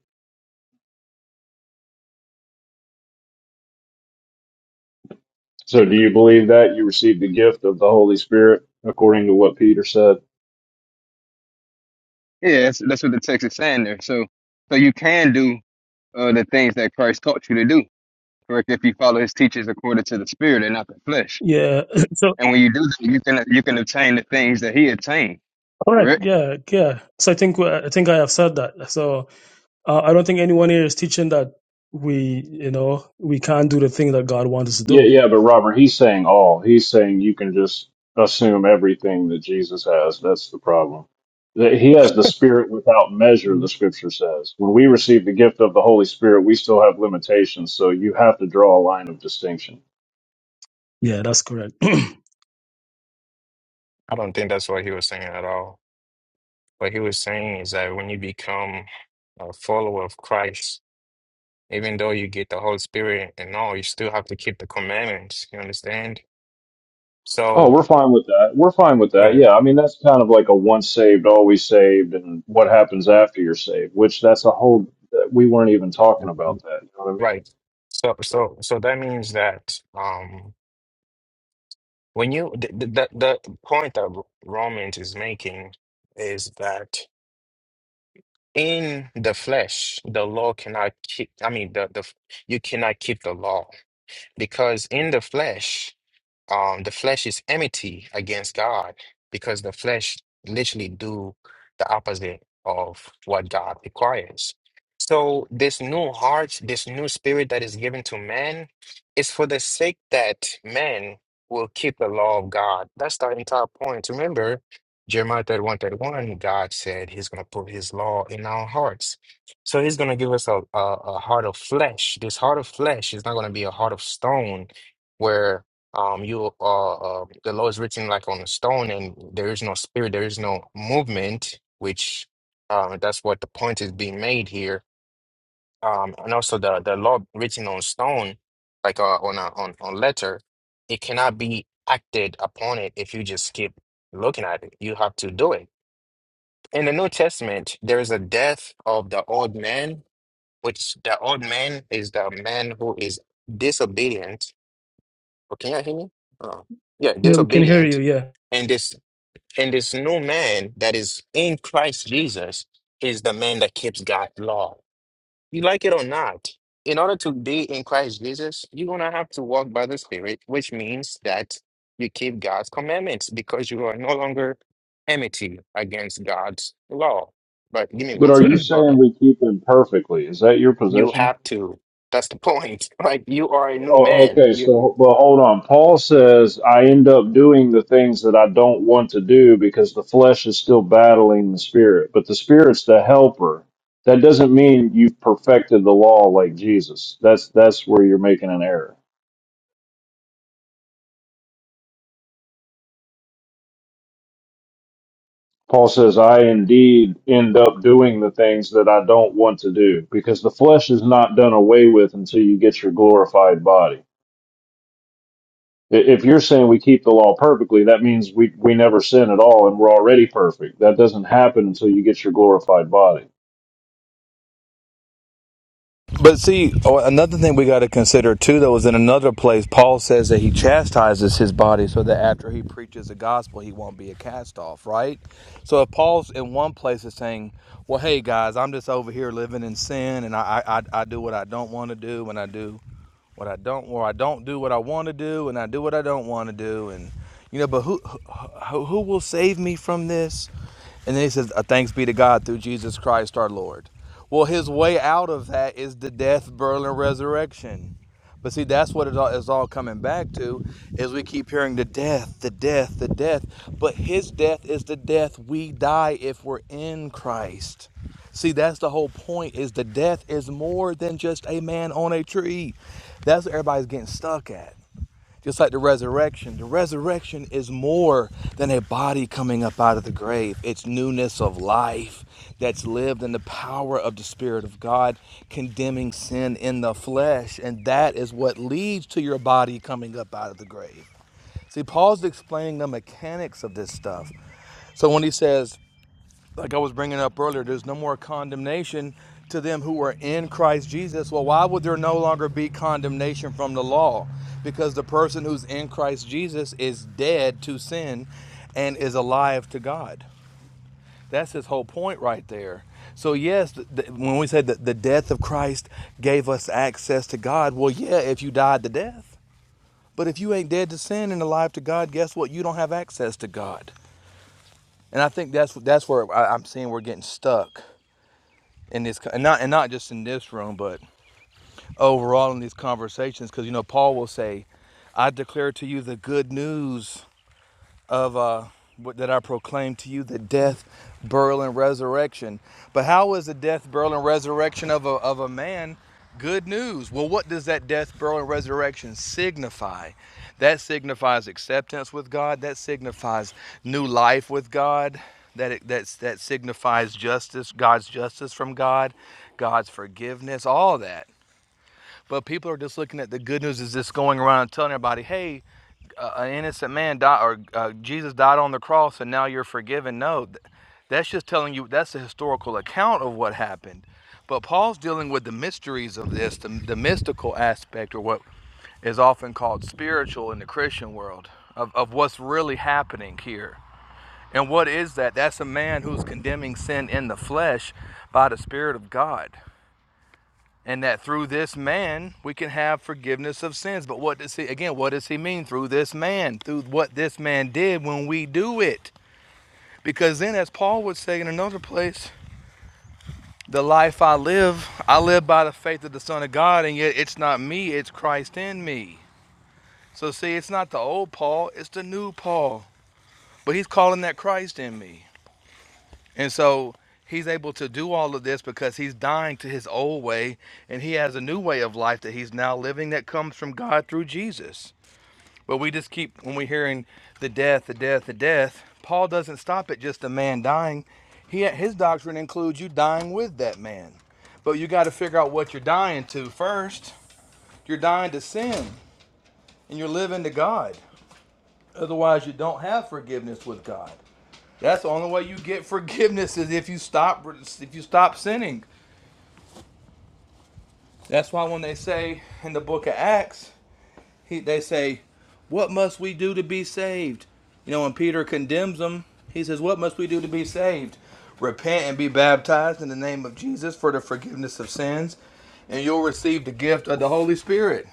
S8: So do you believe that you receive the gift of the Holy Spirit according to what Peter said?
S10: Yeah, that's, that's what the text is saying there. So, so you can do uh, the things that Christ taught you to do, correct? If you follow His teachings according to the Spirit and not the flesh.
S9: Yeah. So
S10: And when you do that, you can you can obtain the things that He attained,
S9: all right,
S10: correct?
S9: yeah, yeah. So I think I think I have said that. So Uh, I don't think anyone here is teaching that we, you know, we can't do the thing that God wants us to
S8: Yeah,
S9: do.
S8: yeah, but Robert, he's saying all. He's saying you can just assume everything that Jesus has. That's the problem. That He has the Spirit without measure,
S9: Mhm.
S8: the scripture says. When we receive the gift of the Holy Spirit, we still have limitations, so you have to draw a line of distinction.
S9: Yeah, that's correct. yeah,
S6: I don't think that's what he was saying at all. What he was saying is that when you become a follower of Christ, even though you get the Holy Spirit and all, you still have to keep the commandments. You understand?
S8: Oh,
S6: So,
S8: we're fine with that. We're fine with that.
S6: right,
S8: Yeah, I mean, that's kind of like a once saved, always saved, and what happens after you're saved, which that's a whole, we weren't even talking about that. You know what I mean?
S6: right. So, so, so that means that um, when you the the, the point that Romans is making is that in the flesh, the law cannot keep. I mean, the the you cannot keep the law Because in the flesh, um the flesh is enmity against God because the flesh literally do the opposite of what God requires. So this new heart, this new spirit that is given to man is for the sake that man will keep the law of God. That's the entire point. Remember, Jeremiah 31, thirty-one, God said he's going to put his law in our hearts. So he's going to give us a, a, a heart of flesh. This heart of flesh is not going to be a heart of stone where um, you uh, uh, the law is written like on a stone, and there is no spirit, there is no movement, which uh, that's what the point is being made here. Um, and also the the law written on stone, like uh, on a on on letter, it cannot be acted upon it if you just keep looking at it. You have to do it. In the New Testament, there is a death of the old man, which the old man is the man who is disobedient Oh, can y'all hear me? Oh. Yeah,
S9: we can hear you.
S6: disobedient.
S9: Yeah,
S6: And this and this new man that is in Christ Jesus is the man that keeps God's law. You like it or not, in order to be in Christ Jesus, you're gonna have to walk by the Spirit, which means that you keep God's commandments because you are no longer enmity against God's law. But give me
S8: But
S6: one
S8: are you
S6: second. Go
S8: saying
S6: ahead.
S8: we keep him perfectly? Is that your
S6: You
S8: position?
S6: have to. That's the point. Like you are a new
S8: Oh,
S6: man.
S8: okay,
S6: You, you
S8: so well, hold on. Paul says I end up doing the things that I don't want to do because the flesh is still battling the spirit, but the spirit's the helper. That doesn't mean you've perfected the law like Jesus. That's that's where you're making an error. Paul says I indeed end up doing the things that I don't want to do because the flesh is not done away with until you get your glorified body. I- If you're saying we keep the law perfectly, that means we, we never sin at all and we're already perfect. That doesn't happen until you get your glorified body.
S7: But see, oh, another thing we got to consider too, though, is in another place, Paul says that he chastises his body so that after he preaches the gospel, he won't be a cast off, right? So if Paul's in one place is saying, well, hey, guys, I'm just over here living in sin and I, I, I I do what I don't want to do and I do what I don't, or I don't do what I want to do and I do what I don't want to do. And, you know, but who, who, who will save me from this? And then he says, "Uh, Thanks be to God through Jesus Christ our Lord. Well, his way out of that is the death, burial, and resurrection. But see, that's what it all is all coming back to is we keep hearing the death, the death, the death. But his death is the death we die if we're in Christ. See, that's the whole point is the death is more than just a man on a tree. That's what everybody's getting stuck at. Just like the resurrection, the resurrection is more than a body coming up out of the grave. It's newness of life that's lived in the power of the Spirit of God, condemning sin in the flesh. And that is what leads to your body coming up out of the grave. See, Paul's explaining the mechanics of this stuff. So when he says, like I was bringing up earlier, there's no more condemnation to them who are in Christ Jesus. Well, why would there no longer be condemnation from the law? Because the person who's in Christ Jesus is dead to sin and is alive to God. That's his whole point right there. So, yes, th- th- when we said that the death of Christ gave us access to God, well, yeah, if you died to death. But if you ain't dead to sin and alive to God, guess what? You don't have access to God. And I think that's that's where I, I'm seeing we're getting stuck in this and not and not just in this room but overall in these conversations because you know paul will say i declare to you the good news of uh, that I proclaim to you the death, burial, and resurrection. But how is the death, burial, and resurrection of a, of a man good news? Well, what does that death, burial, and resurrection signify? That signifies acceptance with God, that signifies new life with God. That, that that signifies justice, God's justice from God, God's forgiveness, all that. But people are just looking at the good news is just going around and telling everybody, hey, uh, an innocent man died or uh, Jesus died on the cross and now you're forgiven. No, th- that's just telling you that's a historical account of what happened. But Paul's dealing with the mysteries of this, the, the mystical aspect or what is often called spiritual in the Christian world of, of what's really happening here. And what is that? That's a man who's condemning sin in the flesh by the Spirit of God and that through this man we can have forgiveness of sins. But what does he again? What does he mean through this man? Through what this man did when we do it? Because then, as Paul would say in another place, the life I live, I live by the faith of the Son of God, and yet it's not me; it's Christ in me. So see, it's not the old Paul; it's the new Paul. But he's calling that Christ in me. And so he's able to do all of this because he's dying to his old way and he has a new way of life that he's now living that comes from God through Jesus. But we just keep, when we're hearing the death, the death, the death, Paul doesn't stop at just a man dying. He, his doctrine includes you dying with that man. But you got to figure out what you're dying to first. You're dying to sin and you're living to God. Otherwise, you don't have forgiveness with God. That's the only way you get forgiveness is if you stop if you stop sinning. That's why when they say in the book of Acts, he, they say, "What must we do to be saved?" You know, when Peter condemns them, he says, "What must we do to be saved? Repent and be baptized in the name of Jesus for the forgiveness of sins, and you'll receive the gift of the Holy Spirit."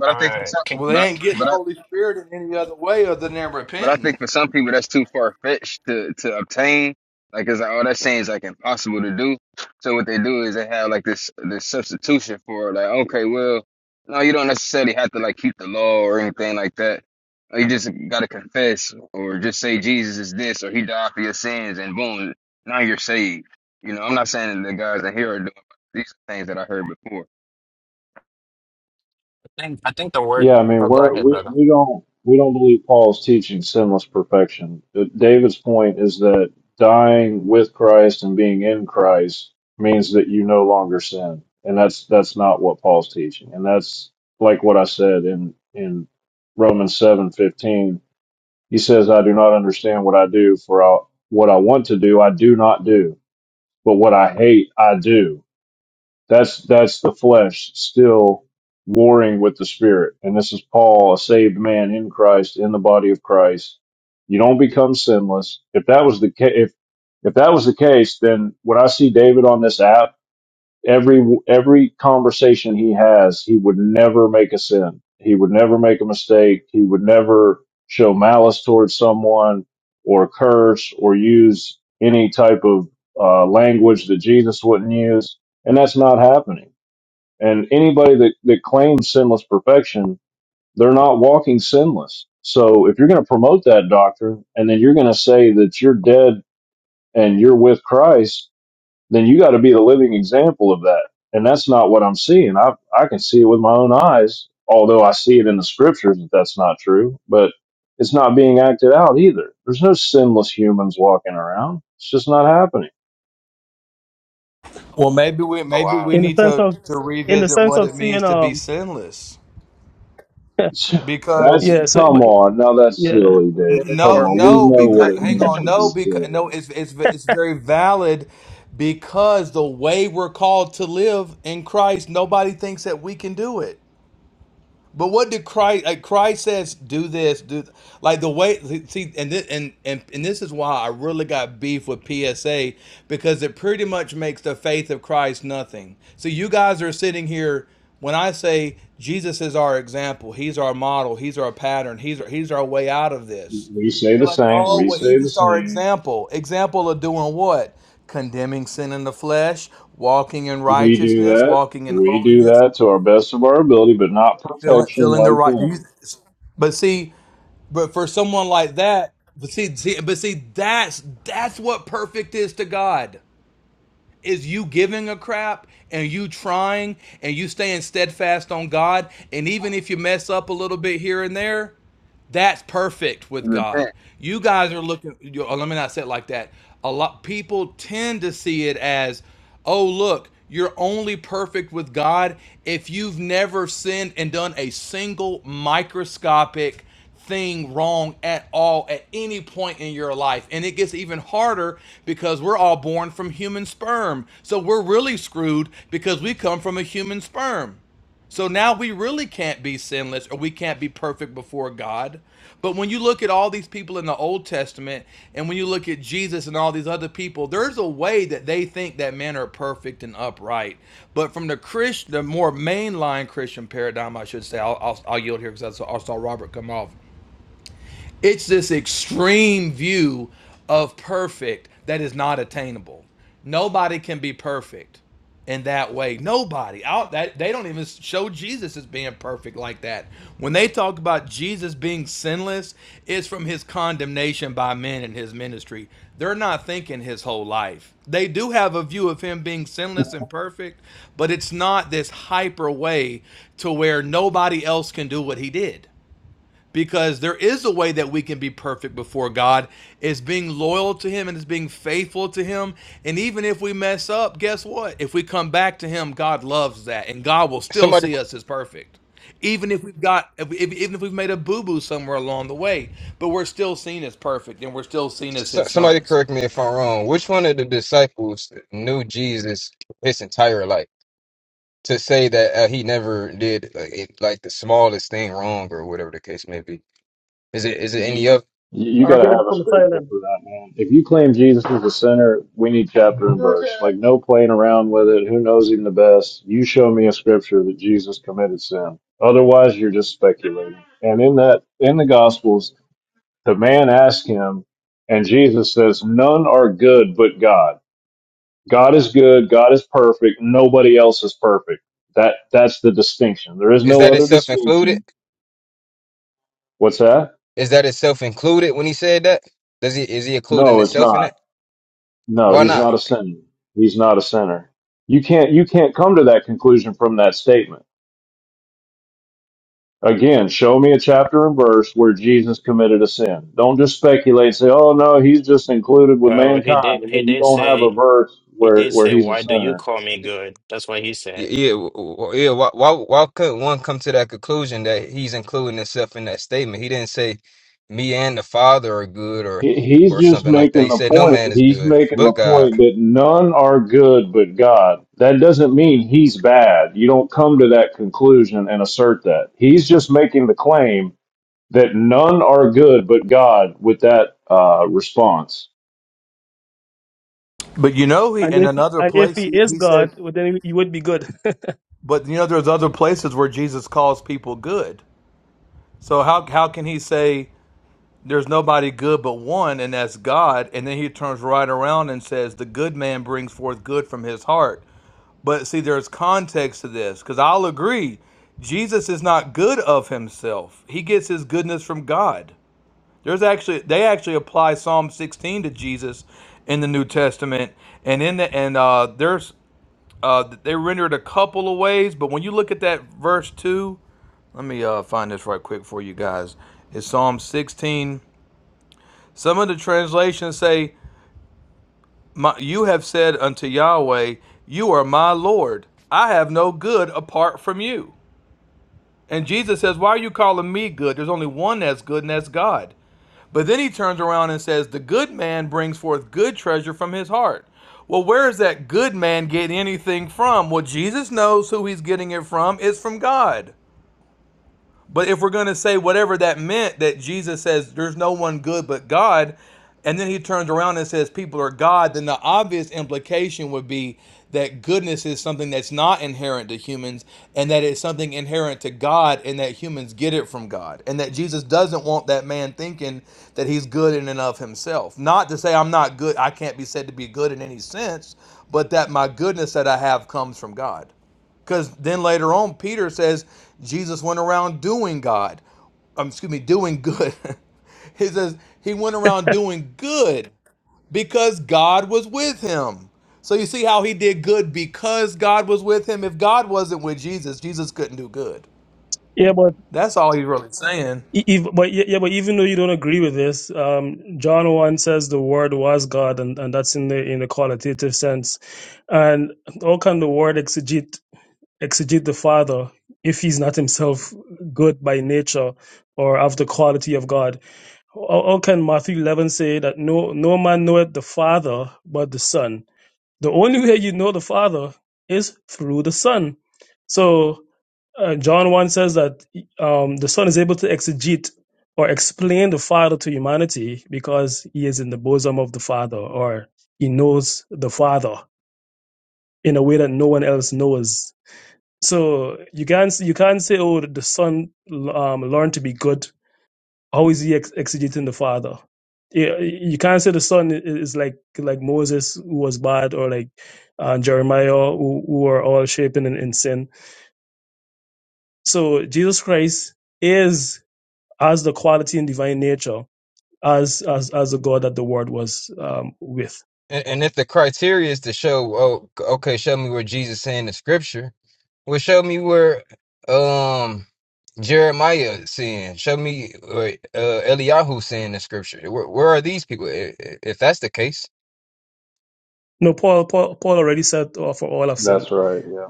S10: But I
S6: all
S10: think for some,
S6: right.
S7: Well, they
S10: but
S7: ain't getting the
S10: but I,
S7: Holy Spirit in any other way other than
S10: But I
S7: repenting.
S10: think for some people that's too far fetched to to obtain. Like it's like, oh, that seems like impossible to do. So what they do is they have like this this substitution for like, okay, well, no, you don't necessarily have to like keep the law or anything like that. You just gotta confess or just say Jesus is this or He died for your sins and boom, now you're saved. You know, I'm not saying that the guys that here are doing these are things that I heard before.
S6: think I think the word.
S8: Yeah, I mean,
S6: Oh, go
S8: we're,
S6: ahead,
S8: we,
S6: brother.
S8: we don't, we don't believe Paul's teaching sinless perfection. Uh, David's point is that dying with Christ and being in Christ means that you no longer sin. And that's, that's not what Paul's teaching. And that's like what I said in, in Romans seven fifteen He says, I do not understand what I do, for I, what I want to do, I do not do, but what I hate, I do. That's, that's the flesh still warring with the spirit. And this is Paul, a saved man in Christ, in the body of Christ. You don't become sinless. If that was the case, if, if that was the case, then would I see David on this app? every every conversation he has, he would never make a sin. He would never make a mistake. He would never show malice towards someone or curse or use any type of uh, language that Jesus wouldn't use. And that's not happening. And anybody that, that claims sinless perfection, they're not walking sinless. So if you're going to promote that doctrine and then you're going to say that you're dead and you're with Christ, then you got to be the living example of that. And that's not what I'm seeing. I I can see it with my own eyes, although I see it in the scriptures that that's not true. But it's not being acted out either. There's no sinless humans walking around. It's just not happening.
S7: Well, maybe we
S6: Oh
S7: maybe
S6: wow.
S7: we
S9: in the
S7: need
S9: sense
S7: to
S9: of,
S7: to
S9: in the
S7: revisit
S9: sense
S7: what
S9: of
S7: it means
S9: seeing,
S7: to be
S9: um,
S7: sinless.
S8: That's
S7: Because
S9: yeah. So,
S8: come
S9: but
S8: on. Now that's
S10: Or
S9: yeah,
S8: silly,
S10: or
S8: David.
S10: or,
S8: Come
S7: no,
S10: or,
S8: on.
S10: or,
S8: We
S7: no,
S10: or,
S8: know what
S10: back-
S7: because
S8: it
S10: or,
S7: hang
S8: means
S7: on,
S8: to
S7: no,
S8: be
S10: backwards.
S7: because no,
S8: sinning.
S7: it's it's it's very valid because the way we're called to live in Christ, nobody thinks that we can do it. But what did Christ like Christ says do this, do th- like the way see and this and, and and this is why I really got beef with PSA because it pretty much makes the faith of Christ nothing. So you guys are sitting here when I say Jesus is our example, he's our model, he's our pattern, he's he's our way out of this.
S8: We say
S7: They're
S8: the
S7: like,
S8: same.
S7: oh,
S8: We
S7: well, he's
S8: say the
S7: just our
S8: same.
S7: example. Example of doing what? Condemning sin in the flesh, walking in
S8: We do
S7: righteousness,
S8: that.
S7: walking in
S8: We do
S7: holiness,
S8: that to our best of our ability, but not
S7: feeling
S8: perfection
S7: feeling the
S8: like
S7: right. Do you,
S8: him.
S7: but see, but for someone like that, but see, see, but see, that's that's what perfect is to God. Is you giving a crap and you trying and you staying steadfast on God, and even if you mess up a little bit here and there, that's perfect with God.
S10: repent.
S7: You guys are looking. You, oh, let me not say it like that. A lot people tend to see it as, oh look, you're only perfect with God if you've never sinned and done a single microscopic thing wrong at all at any point in your life. And it gets even harder because we're all born from human sperm. So we're really screwed because we come from a human sperm. So now we really can't be sinless or we can't be perfect before God. But when you look at all these people in the Old Testament and when you look at Jesus and all these other people, there's a way that they think that men are perfect and upright. But from the Christian, the more mainline Christian paradigm, I should say, I'll, I'll, I'll yield here because I saw Robert come off. It's this extreme view of perfect that is not attainable. Nobody can be perfect in that way. Nobody. Out that they don't even show Jesus as being perfect like that. When they talk about Jesus being sinless, it's from his condemnation by men in his ministry. They're not thinking his whole life. They do have a view of him being sinless and perfect, but it's not this hyper way to where nobody else can do what he did because there is a way that we can be perfect before God is being loyal to him and is being faithful to him and even if we mess up guess what if we come back to him God loves that and God will still see us as perfect even if we've got if, if- even if we've made a boo-boo somewhere along the way but we're still seen as perfect and we're still seen as
S10: so,
S7: his
S10: somebody
S7: sons
S10: correct me if I'm wrong. Which one of the disciples knew Jesus his entire life to say that uh, he never did like, it, like the smallest thing wrong or whatever the case may be? Is it is it any of
S8: You, you got to
S9: argument
S8: have a
S9: from
S8: scripture
S9: silence.
S8: for that, man. If you claim Jesus is the sinner, we need chapter and verse. Like, no playing around with it. Who knows him the best? You show me a scripture that Jesus committed sin. Otherwise, you're just speculating. And in that, in the Gospels, the man asked him, and Jesus says, None are good but God. God is good. God is perfect. Nobody else is perfect. That, that's the distinction. There is
S10: is
S8: no
S10: that
S8: other
S10: itself included?
S8: distinction. What's that?
S10: Is that itself included when he said that? Does he is he including
S8: No, it's
S10: himself in
S8: not.
S10: that?
S8: No,
S10: Why
S8: he's
S10: not?
S8: not a sinner. He's not a sinner. You can't you can't come to that conclusion from that statement. Again, show me a chapter and verse where Jesus committed a sin. Don't just speculate and say, "Oh no, he's just included with
S6: Well, he
S8: mankind,"
S6: did
S8: and
S6: he
S8: then you
S6: did
S8: don't have a
S6: say
S8: verse
S6: he
S8: where
S6: did
S8: where
S6: say,
S8: he's a
S6: Why do you
S8: sinner.
S6: call me good? That's what he
S10: Y-
S6: said.
S10: Yeah, w- w- yeah. Why, why why could one come to that conclusion that he's including himself in that statement? He didn't say me and the Father are good or
S8: He, he's
S10: or
S8: just
S10: something like that.
S8: making
S10: He
S8: the
S10: said no
S8: point.
S10: man is
S8: He's
S10: good
S8: making the
S10: but God.
S8: point that none are good but God. That doesn't mean he's bad. You don't come to that conclusion and assert that. He's just making the claim that none are good but God with that uh, response.
S7: but you know he
S9: And
S7: in
S9: if
S7: another
S9: and if
S7: place
S9: he
S7: he,
S9: is
S7: he says
S9: God, well, then he would be good.
S7: but you know there's other places where Jesus calls people good so how how can he say there's nobody good but one, and that's God. And then he turns right around and says, The good man brings forth good from his heart. But see, there's context to this because I'll agree, Jesus is not good of himself, he gets his goodness from God. There's actually they actually apply Psalm 16 to Jesus in the New Testament, and in the and uh, there's uh, they render it a couple of ways, but when you look at that verse two, let me uh, find this right quick for you guys. It's Psalm 16 some of the translations say, my, You have said unto Yahweh, You are my Lord. I have no good apart from you. And Jesus says, Why are you calling me good? There's only one that's good, and that's God. But then he turns around and says, The good man brings forth good treasure from his heart. Well, where is that good man getting anything from? Well, Jesus knows who he's getting it from. It's from God. But if we're going to say whatever that meant, that Jesus says there's no one good but God, and then he turns around and says people are God, then the obvious implication would be that goodness is something that's not inherent to humans and that it's something inherent to God and that humans get it from God. And that Jesus doesn't want that man thinking that he's good in and of himself. Not to say I'm not good, I can't be said to be good in any sense, but that my goodness that I have comes from God. Because then later on, Peter says Jesus went around doing God. Um, excuse me, doing good. he says he went around doing good because God was with him. So you see how he did good because God was with him. If God wasn't with Jesus, Jesus couldn't do good.
S9: Yeah, but
S7: That's all he's really saying.
S9: e- ev- but yeah, yeah, but even though you don't agree with this, um, John one says the Word was God, and, and that's in the in the qualitative sense. And how can the Word exegete? exegete the Father if he's not himself good by nature or of the quality of God? How, how can Matthew 11 say that no, no man knoweth the Father but the Son? The only way you know the Father is through the Son. So uh, John 1 says that um, the Son is able to exegete or explain the Father to humanity because he is in the bosom of the Father or he knows the Father in a way that no one else knows so you can't you can't say, "Oh, the son um, learned to be good." How is he ex- exegeting the father? You you can't say the son i- is like like Moses who was bad, or like uh, Jeremiah who, who were all shaping in, in sin. So Jesus Christ is as the quality in divine nature as as as the God that the Word was um, with.
S10: And, and if the criteria is to show, oh, okay, show me where Jesus saying the scripture. Well, show me where um Jeremiah saying. Show me where uh, Eliyahu saying the scripture. Where, where are these people? I- i- If that's the case,
S9: No, Paul Paul, Paul already said, oh, "For all have sinned."
S8: That's right. Yeah.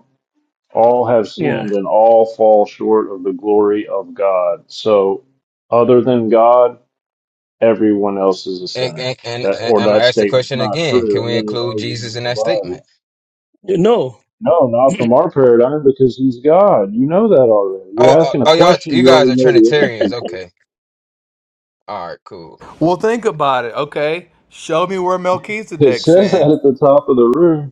S8: All have
S9: Yeah.
S8: sinned and all fall short of the glory of God. So, other than God, everyone else is a
S10: and,
S8: sinner.
S10: and, and
S8: That or
S10: I'm gonna
S8: that
S10: ask the
S8: statement's
S10: question
S8: not
S10: again:
S8: true,
S10: Can
S8: and
S10: we
S8: then you're
S10: include
S8: arguing
S10: Jesus
S8: with
S10: in
S8: the
S10: that statement?
S8: Bible.
S9: No.
S8: No, not from our paradigm because He's God. You know that already. You're
S10: Oh, oh,
S8: asking a
S10: oh, y'all,
S8: question
S10: you
S8: you
S10: guys
S8: already
S10: are
S8: know the
S10: Trinitarians.
S8: answer to.
S10: Okay, all right, cool.
S7: Well, think about it. Okay, show me where
S8: It
S7: Melchizedek
S8: says that
S7: sinned.
S8: at the top of the room.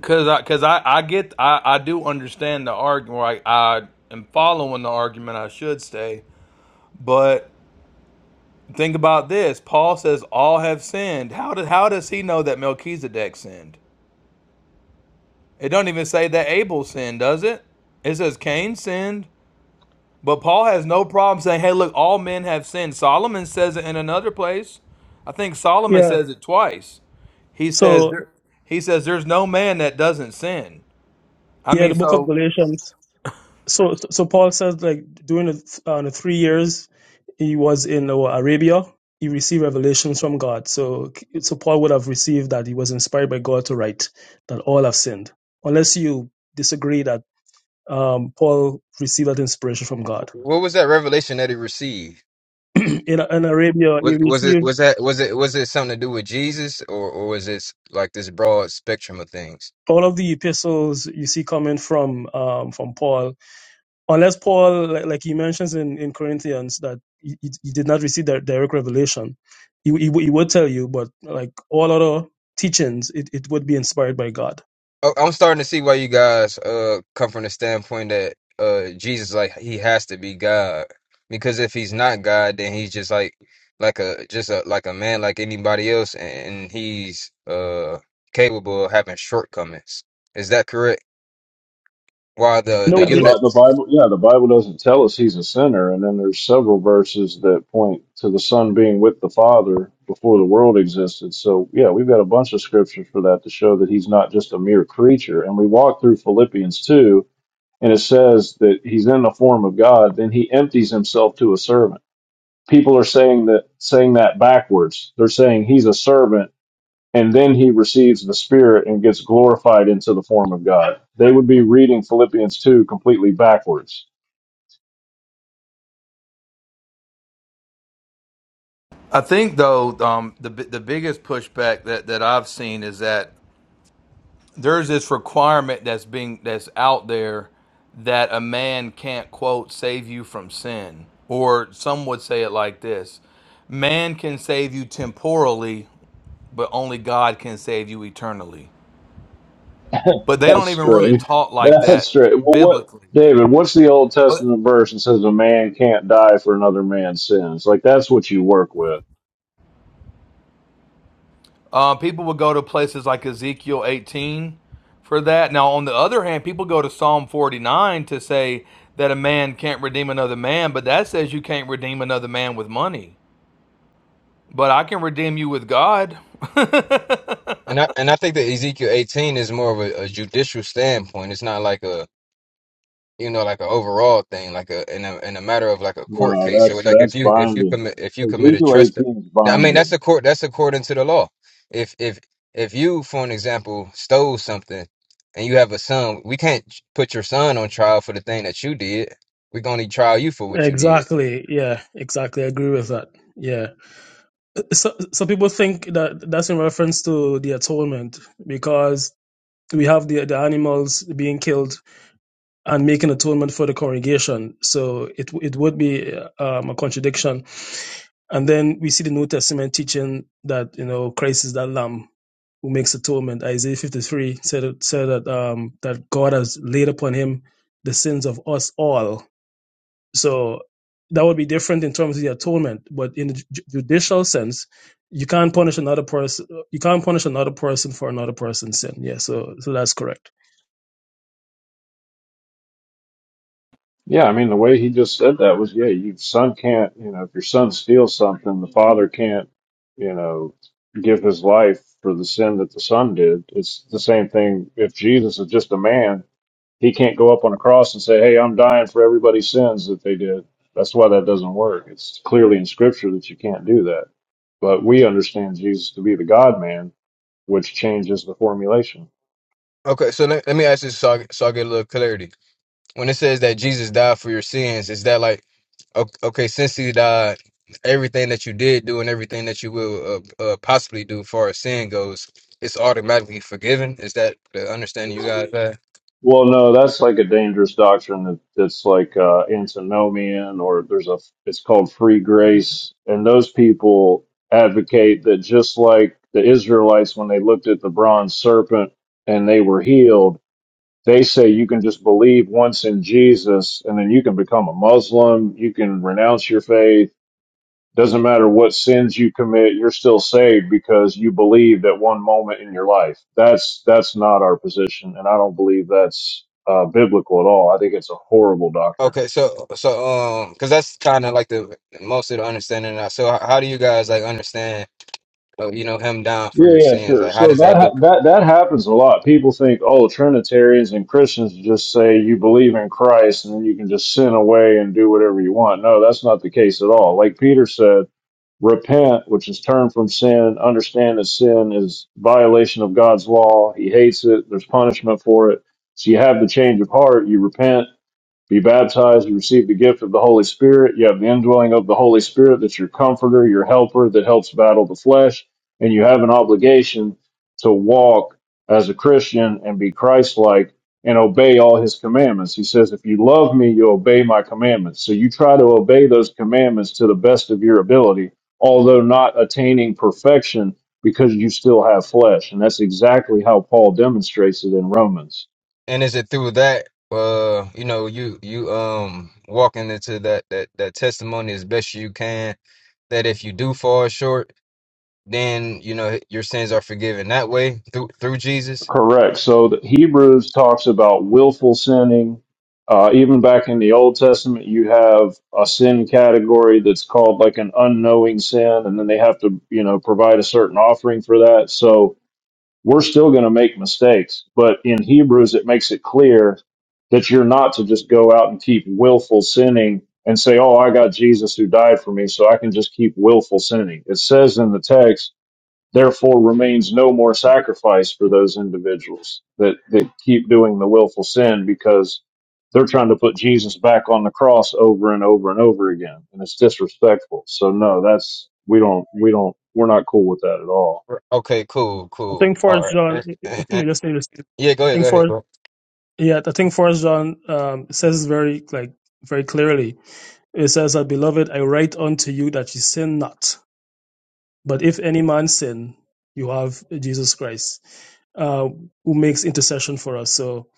S7: Cause I, cause I, I get, I, I do understand the argument. Right? I am following the argument. I should say, but Think about this. Paul says all have sinned. How did how does he know that Melchizedek sinned? It don't even say that Abel sinned, does it? It says Cain sinned. But Paul has no problem saying, "Hey, look, all men have sinned." Solomon says it in another place. I think Solomon
S9: Yeah.
S7: says it twice. He says
S9: So
S7: there, he says there's no man that doesn't sin. I
S9: yeah, the
S7: mean,
S9: book of
S7: so
S9: Galatians. So, so Paul says like during the, uh, the three years he was in uh, Arabia, he received revelations from God. So, so Paul would have received that he was inspired by God to write that all have sinned, unless you disagree that um, Paul received that inspiration from God.
S10: What was that revelation that he received?
S9: in, in Arabia, he
S10: Was was it
S9: received
S10: was that was it was it something to do with Jesus or or was it like this broad spectrum of things?
S9: all of the epistles you see coming from um, from Paul unless Paul, like, like he mentions in, in Corinthians, that he, he did not receive that direct revelation, he, he, would- he would tell you, but like all other teachings, it, it would be inspired by God.
S10: Oh, I'm starting to see why you guys uh come from the standpoint that uh Jesus like he has to be God because if he's not God then he's just like like a just a like a man like anybody else and he's uh capable of having shortcomings. Is that correct? While the
S9: No,
S10: the
S8: Yeah, the,
S9: but-
S8: Bi-
S10: unit
S8: the Bible. Yeah, the Bible doesn't tell us he's a sinner, and then there's several verses that point to the Son being with the Father before the world existed. So yeah, we've got a bunch of scriptures for that to show that he's not just a mere creature. And we walk through Philippians two, and it says that he's in the form of God, then he empties himself to a servant. People are saying that saying that backwards. They're saying he's a servant and then he receives the Spirit and gets glorified into the form of God. They would be reading Philippians 2 completely backwards.
S7: I think though um, the the biggest pushback that that I've seen is that there's this requirement that's being that's out there that a man can't quote save you from sin or some would say it like this man can save you temporally but only god can save you eternally but they
S8: That's
S7: don't even really
S8: strange.
S7: talk like
S8: That's
S7: that
S8: strange. Well, what,
S7: biblically
S8: David, what's the Old
S7: but
S8: Testament verse that says a man can't die for another man's sins? Like, that's what you work with.
S7: uh, people would go to places like ezekiel 18 for that now on the other hand people go to psalm 49 to say that a man can't redeem another man but that says you can't redeem another man with money But I can redeem you with God. yeah,
S10: and I and I think that Ezekiel 18 is more of a, a judicial standpoint. It's not like a you know, like an overall thing, like a in a in a matter of like a court
S8: No,
S10: case. So
S8: that's,
S10: like if
S8: that's
S10: you if you
S8: binding.
S10: commit if you committed
S8: Ezekiel
S10: trespass,
S8: 18 is
S10: I mean
S8: binding.
S10: that's a court that's according to the law. If if if you, for an example, stole something and you have a son, we can't put your son on trial for the thing that you did. We are gonna trial you for what you did.
S9: exactly. Yeah, exactly. I agree with that. Yeah. So, so people think that that's in reference to the atonement because we have the, the animals being killed and making atonement for the congregation. So it, w- it would be um, a contradiction And then we see the New Testament teaching that, you know, Christ is that lamb who makes atonement. Isaiah 53 said, said that, um, that God has laid upon him the sins of us all. So that would be different in terms of the atonement. But in the ju- judicial sense, you can't punish another person. You can't punish another person for another person's sin. Yeah. So, so that's correct.
S8: Yeah, I mean, the way he just said that was, yeah, your son can't, you know, if your son steals something, the father can't, you know, give his life for the sin that the son did. It's the same thing. If Jesus is just a man, he can't go up on a cross and say, hey, I'm dying for everybody's sins that they did. That's why that doesn't work. It's clearly in scripture that you can't do that. But we understand Jesus to be the God man, which changes the formulation.
S10: Okay, so let, let me ask this so I, so I get a little clarity. when it says that Jesus died for your sins, is that like o- okay, since he died, everything that you did do and everything that you will uh, uh, possibly do, far as sin goes, it's automatically forgiven. Is that the understanding you guys have?
S8: Well, no, that's like a dangerous doctrine that, that's like uh, antinomian, or there's a it's called free grace, and those people advocate that just like the Israelites when they looked at the bronze serpent and they were healed, they say you can just believe once in Jesus, and then you can become a Muslim, you can renounce your faith, doesn't matter what sins you commit, you're still saved because you believed at one moment in your life. That's that's not our position, and I don't believe that's uh, biblical at all. I think it's a horrible doctrine.
S10: Okay, so so um, because that's kind of like the most of the understanding. Now. So h- how do you guys like understand, uh, you know, him down for your
S8: Yeah, yeah,
S10: sins?
S8: sure.
S10: Like, how
S8: So
S10: does
S8: that
S10: that
S8: ha-
S10: look?
S8: that that happens a lot. People think, oh, Trinitarians and Christians just say you believe in Christ and then you can just sin away and do whatever you want. No, that's not the case at all. Like Peter says. repent, which is turn from sin, understand that sin is violation of God's law. He hates it. There's punishment for it. So you have the change of heart. You repent be baptized and receive the gift of the Holy Spirit. You have the indwelling of the Holy Spirit that's your comforter, your helper that helps battle the flesh. And you have an obligation to walk as a Christian and be Christ like and obey all his commandments. He says, If you love me, you obey my commandments. So you try to obey those commandments to the best of your ability, although not attaining perfection because you still have flesh. And that's exactly how Paul demonstrates it in Romans.
S10: And is it through that, uh, you know, you you um walking into that that that testimony as best you can? that if you do fall short, then you know your sins are forgiven that way through through Jesus.
S8: Correct. So the Hebrews talks about willful sinning. Uh, even back in the Old Testament, you have a sin category that's called like an unknowing sin, and then they have to, you know, provide a certain offering for that. So we're still going to make mistakes, but in Hebrews, it makes it clear that you're not to just go out and keep willful sinning and say, "Oh, I got Jesus who died for me, so I can just keep willful sinning." It says in the text Therefore remains no more sacrifice for those individuals that, that keep doing the willful sin because they're trying to put Jesus back on the cross over and over and over again. And it's disrespectful. So no, that's, we don't, we don't, we're not cool with that at all.
S10: Okay, cool,
S9: I
S10: cool.
S9: think First
S10: All
S9: John,
S10: right.
S9: let me just say this.
S10: yeah, go
S9: I
S10: ahead,
S9: think
S10: go ahead.
S9: First, yeah, I think First John um, says very like very clearly It says that, Beloved, I write unto you that you sin not. But if any man sin, you have Jesus Christ, uh, who makes intercession for us. So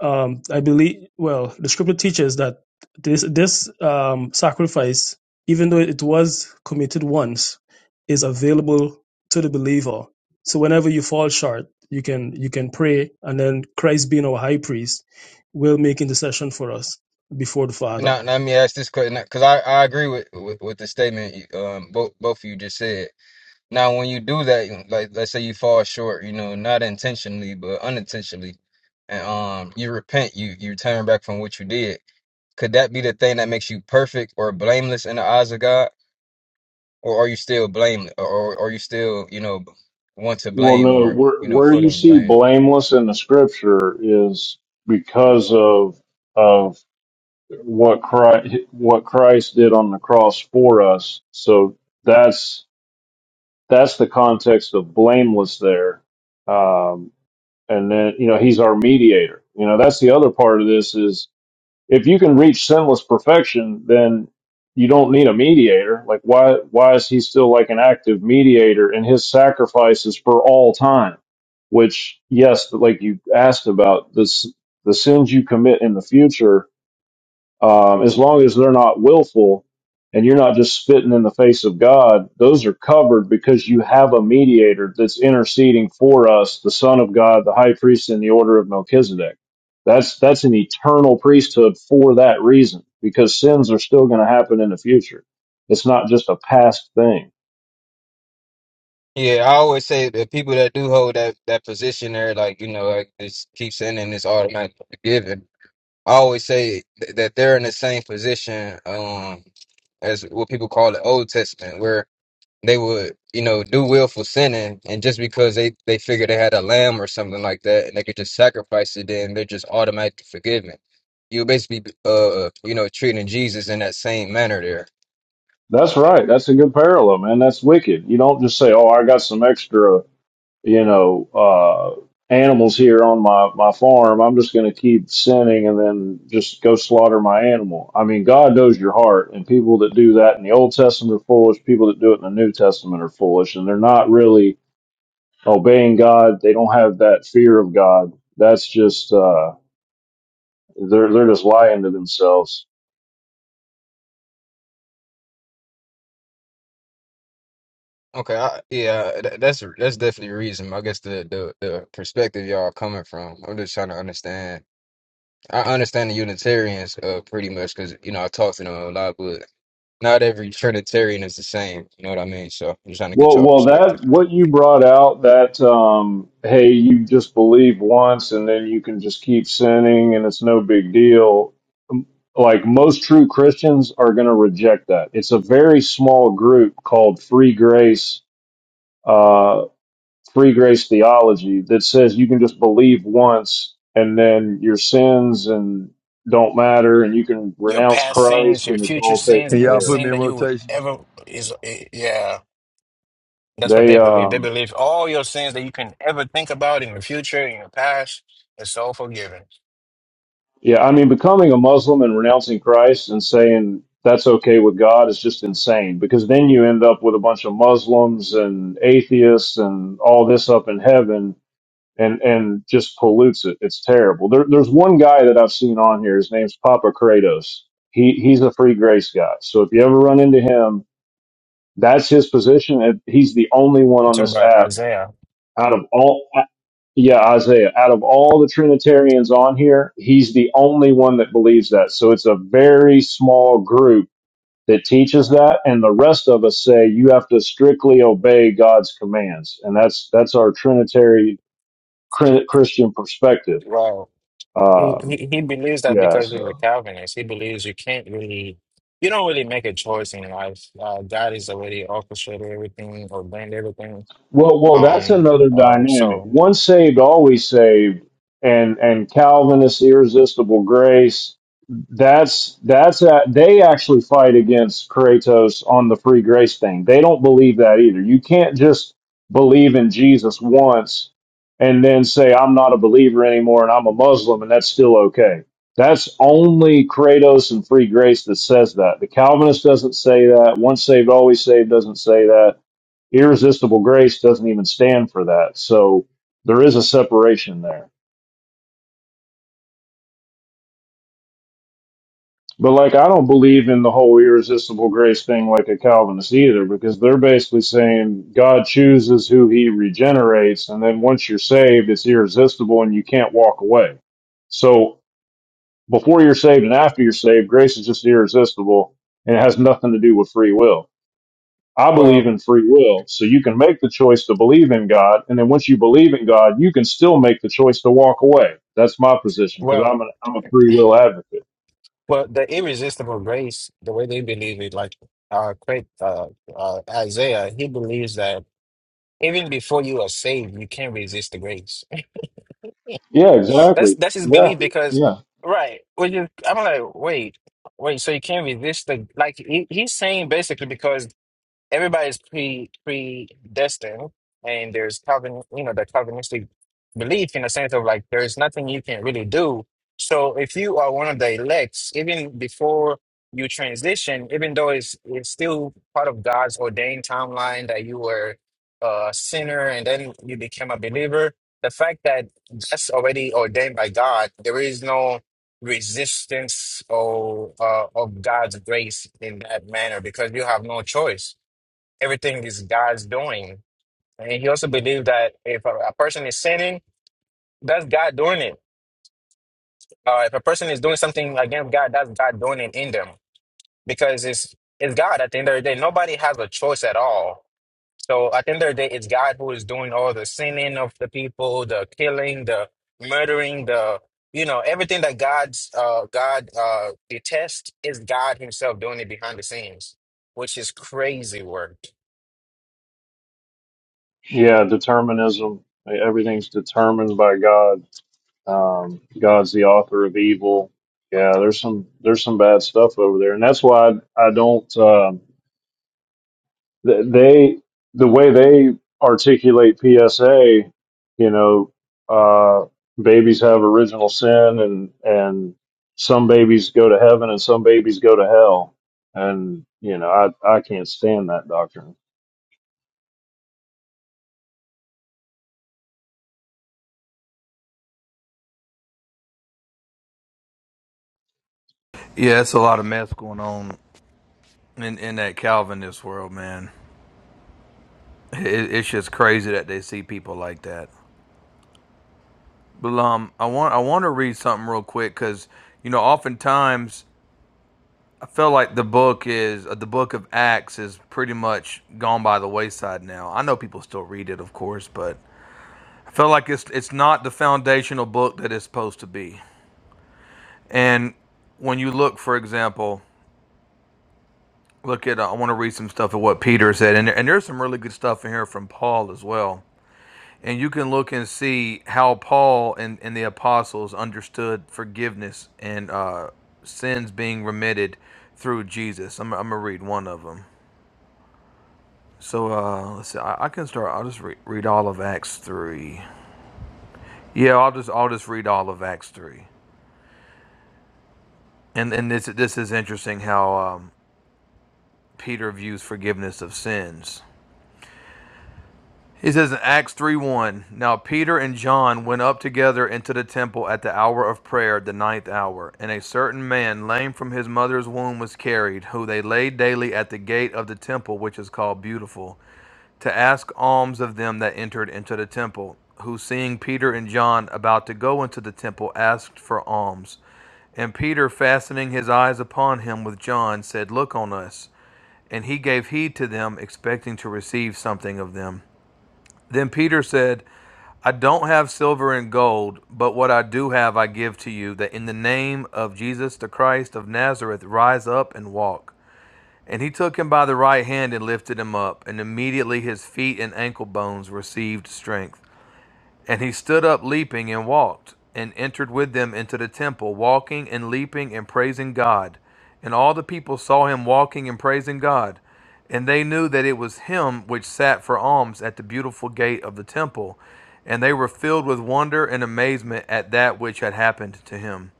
S9: um, I believe, well, the scripture teaches that this this um, sacrifice, even though it was committed once, is available to the believer. So whenever you fall short, you can you can pray, and then Christ, being our High Priest, will make intercession for us before the Father.
S10: Now, now let me ask this question because I, I agree with, with with the statement you- um both both of you just said. Now, when you do that, like let's say you fall short, you know, not intentionally but unintentionally, and um you repent, you you turn back from what you did. Could that be the thing that makes you perfect or blameless in the eyes of God? Or are you still blame? Or or are you still, you know, want to
S8: Well,
S10: blame
S8: no,
S10: or,
S8: where,
S10: you know,
S8: where
S10: full
S8: you
S10: of
S8: see
S10: blame?
S8: blameless in the scripture is because of, of what Christ, what Christ did on the cross for us. So that's that's the context of blameless there. Um, and then, you know, he's our mediator. You know, that's the other part of this is if you can reach sinless perfection, then you don't need a mediator. Like why, why is he still like an active mediator and his sacrifice is for all time? Which yes, like you asked about this, the sins you commit in the future um, as long as they're not willful and you're not just spitting in the face of God, those are covered because you have a mediator that's interceding for us, the Son of God, the High Priest in the order of Melchizedek. That's that's an eternal priesthood for that reason because sins are still going to happen in the future. It's not just a past thing.
S10: Yeah, I always say the people that do hold that that position there, like, you know, like just keep sending this automatic forgiving. I always say th that they're in the same position um as what people call the Old Testament, where they would, you know, do willful sinning, and just because they they figured they had a lamb or something like that, and they could just sacrifice it, then they're just automatically forgiven. You're basically, uh, you know, treating Jesus in that same manner there.
S8: That's right. That's a good parallel, man. That's wicked. You don't just say, "Oh, I got some extra." you know, uh, animals here on my, my farm. I'm just going to keep sinning and then just go slaughter my animal. I mean, God knows your heart, and people that do that in the Old Testament are foolish. People that do it in the New Testament are foolish, and they're not really obeying God. They don't have that fear of God. That's just uh, they're they're just lying to themselves.
S10: Okay, I, yeah, that, that's that's definitely a reason. I guess the, the the perspective y'all are coming from. I'm just trying to understand. I understand the Unitarians, uh, pretty much because you know I talk to them a lot, but not every Trinitarian is the same. You know what I mean? So I'm just trying to get
S8: Well,
S10: y'all
S8: well,
S10: perspective.
S8: that what you brought out that um, hey, you just believe once and then you can just keep sinning and it's no big deal. Um, Like most true Christians are going to reject that. It's a very small group called Free Grace, uh, Free Grace Theology that says you can just believe once and then your sins and don't matter and you can
S6: Your
S8: renounce
S6: past sins,
S8: Christ
S6: your
S8: and it's
S6: future
S8: all
S6: sins,
S11: Can
S8: taken
S6: any
S11: y'all
S8: care
S11: put
S8: of.
S11: me
S6: sin
S11: in
S6: that you would
S11: rotation?
S6: ever is, eh, yeah, that's what
S8: They
S6: they believe. They
S8: um
S6: believe all your sins that you can ever think about in your future, in your past, it's all forgiven.
S8: Yeah, I mean, becoming a Muslim and renouncing Christ and saying that's okay with God is just insane because then you end up with a bunch of Muslims and atheists and all this up in heaven and, and just pollutes it. It's terrible. There, there's one guy that I've seen on here. His name's Papa Kratos. He, he's a free grace guy. So if you ever run into him, that's his position. and He's the only one
S6: It's
S8: on
S6: talking
S8: this
S6: about
S8: app
S6: Isaiah.
S8: out of all. Yeah, Isaiah. Out of all the Trinitarians on here, he's the only one that believes that. So it's a very small group that teaches that, and the rest of us say you have to strictly obey God's commands, and that's that's our Trinitary Christian perspective.
S6: Wow. He,
S8: Um,
S6: he he believes that
S8: yeah,
S6: because he's a
S8: so.
S6: Calvinist, he believes you can't really, you don't really make a choice in life. Uh, God is already orchestrated everything, or ordained everything.
S8: Well, well, that's
S6: Um,
S8: another
S6: uh,
S8: dynamic.
S6: so,
S8: Once saved, always saved, and and Calvinist irresistible grace. That's that's a, they actually fight against Kratos on the free grace thing. They don't believe that either. You can't just believe in Jesus once and then say I'm not a believer anymore and I'm a Muslim and that's still okay. That's only Kratos and free grace that says that. The Calvinist doesn't say that. Once saved, always saved doesn't say that irresistible grace doesn't even stand for that. So there is a separation there. But like, I don't believe in the whole irresistible grace thing like a Calvinist either, because they're basically saying God chooses who he regenerates. And then once you're saved, it's irresistible and you can't walk away. So before you're saved and after you're saved, grace is just irresistible and it has nothing to do with free will. I believe
S6: well,
S8: in free will. So you can make the choice to believe in God. And then once you believe in God, you can still make the choice to walk away. That's my position because
S6: well,
S8: I'm, an, I'm a free will advocate.
S6: well, the irresistible grace, the way they believe it, like uh, Craig, uh, uh, Isaiah, he believes that even before you are saved, you can't resist the grace.
S8: Yeah,
S6: That's
S8: exactly.
S6: that's his
S8: Yeah.
S6: belief because,
S8: Yeah.
S6: right? When you, I'm like, wait, wait, so you can't resist the like he, he's saying basically because. everybody's pre predestined and there's Calvin you know the Calvinistic belief in the sense of like there's nothing you can really do. So if you are one of the elects, even before you transition, even though it's it's still part of God's ordained timeline that you were uh, a sinner and then you became a believer, the fact that that's already ordained by God, there is no resistance or uh, of God's grace in that manner because you have no choice everything is God's doing. And he also believed that if a, a person is sinning, that's God doing it. Uh, if a person is doing something against God, that's God doing it in them because it's it's God at the end of the day. Nobody has a choice at all. So at the end of the day, it's God who is doing all the sinning of the people, the killing, the murdering, the you know everything that God's uh, God uh, detests is God Himself doing it behind the scenes, which is crazy work.
S8: Yeah. Determinism. Everything's determined by God. Um, God's the author of evil. Yeah. There's some, there's some bad stuff over there. And that's why I, I don't, um Th- They the way they articulate PSA, you know, uh, babies have original sin, and and some babies go to heaven, and some babies go to hell, and you know, I I can't stand that doctrine.
S7: it's a lot of mess going on in, in that Calvinist world, man. It, it's just crazy that they see people like that. But um, I want I want to read something real quick because you know oftentimes I feel like the book is uh, the book of Acts is pretty much gone by the wayside now. I know people still read it, of course, but I feel like it's it's not the foundational book that it's supposed to be. And when you look, for example. look at uh, i want to read some stuff of what peter said and, and there's some really good stuff in here from paul as well and you can look and see how paul and, and the apostles understood forgiveness and uh, sins being remitted through jesus i'm, I'm gonna read one of them so uh, let's see I, I can start i'll just re- read all of acts 3 yeah i'll just i'll just read all of acts 3 and and this this is interesting how um, peter views forgiveness of sins He says in Acts 3 1, Now Peter and John went up together into the temple at the hour of prayer, the ninth hour, and a certain man, lame from his mother's womb, was carried, who they laid daily at the gate of the temple, which is called Beautiful, to ask alms of them that entered into the temple, who seeing Peter and John about to go into the temple, asked for alms. And Peter, fastening his eyes upon him with John, said, Look on us. And he gave heed to them, expecting to receive something of them. Then Peter said, I don't have silver and gold, but what I do have I give to you, that in the name of Jesus the Christ of Nazareth rise up and walk. And he took him by the right hand and lifted him up, and immediately his feet and ankle bones received strength. And he stood up leaping and walked, and entered with them into the temple, walking and leaping and praising God. And all the people saw him walking and praising God. And they knew that it was him which sat for alms at the beautiful gate of the temple. And they were filled with wonder and amazement at that which had happened to him.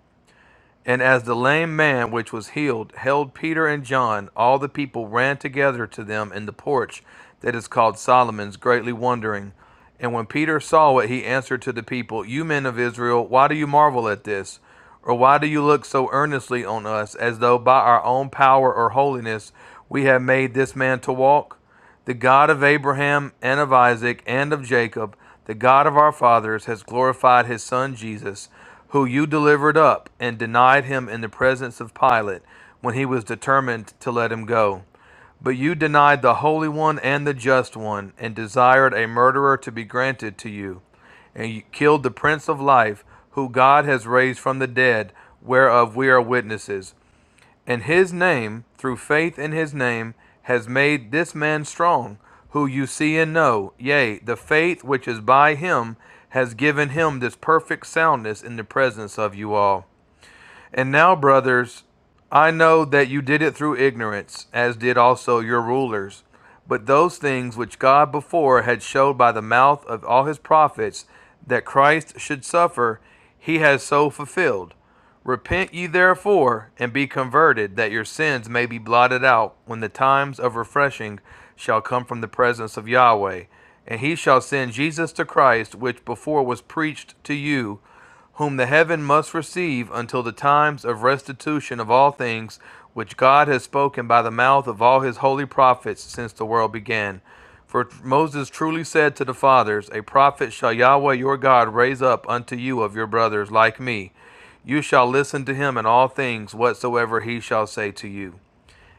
S7: And as the lame man which was healed held Peter and John, all the people ran together to them in the porch that is called Solomon's, greatly wondering. And when Peter saw it, he answered to the people, You men of Israel, why do you marvel at this? Or why do you look so earnestly on us, as though by our own power or holiness we had made this man to walk? The God of Abraham and of Isaac and of Jacob, the God of our fathers, has glorified his Son Jesus, who you delivered up and denied him in the presence of Pilate when he was determined to let him go. But you denied the Holy One and the Just One, and desired a murderer to be granted to you. And you killed the Prince of Life, who God has raised from the dead, whereof we are witnesses. And his name, through faith in his name, has made this man strong, who you see and know. Yea, the faith which is by him has given him this perfect soundness in the presence of you all. And now, brothers, I know that you did it through ignorance, as did also your rulers. But those things which God before had showed by the mouth of all his prophets that Christ should suffer, he has so fulfilled. Repent ye therefore, and be converted, that your sins may be blotted out, when the times of refreshing shall come from the presence of Yahweh. And he shall send Jesus to Christ, which before was preached to you whom the heaven must receive until the times of restitution of all things which God has spoken by the mouth of all his holy prophets since the world began. For Moses truly said to the fathers, A prophet shall Yahweh your God raise up unto you of your brothers like me. You shall listen to him in all things whatsoever he shall say to you.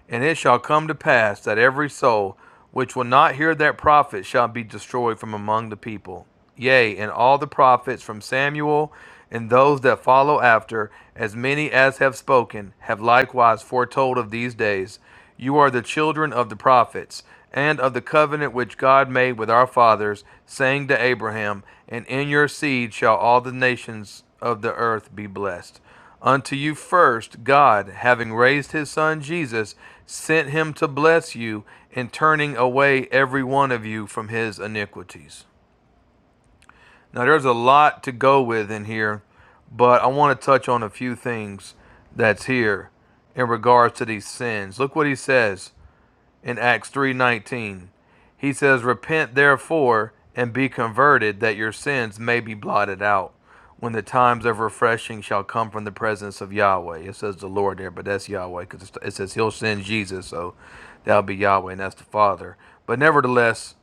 S7: And it shall come to pass that every soul which will not hear that prophet shall be destroyed from among the people. Yea, and all the prophets from Samuel and those that follow after, as many as have spoken, have likewise foretold of these days. You are the children of the prophets, and of the covenant which God made with our fathers, saying to Abraham, And in your seed shall all the nations of the earth be blessed. Unto you first, God, having raised his Son Jesus, sent him to bless you in turning away every one of you from his iniquities. Now, there's a lot to go with in here, but I want to touch on a few things that's here in regards to these sins. Look what he says in Acts 3:19. He says, "Repent therefore and be converted that your sins may be blotted out when the times of refreshing shall come from the presence of Yahweh." It says the Lord there, but that's Yahweh cuz it says he'll send Jesus, so that'll be Yahweh and that's the Father. But nevertheless,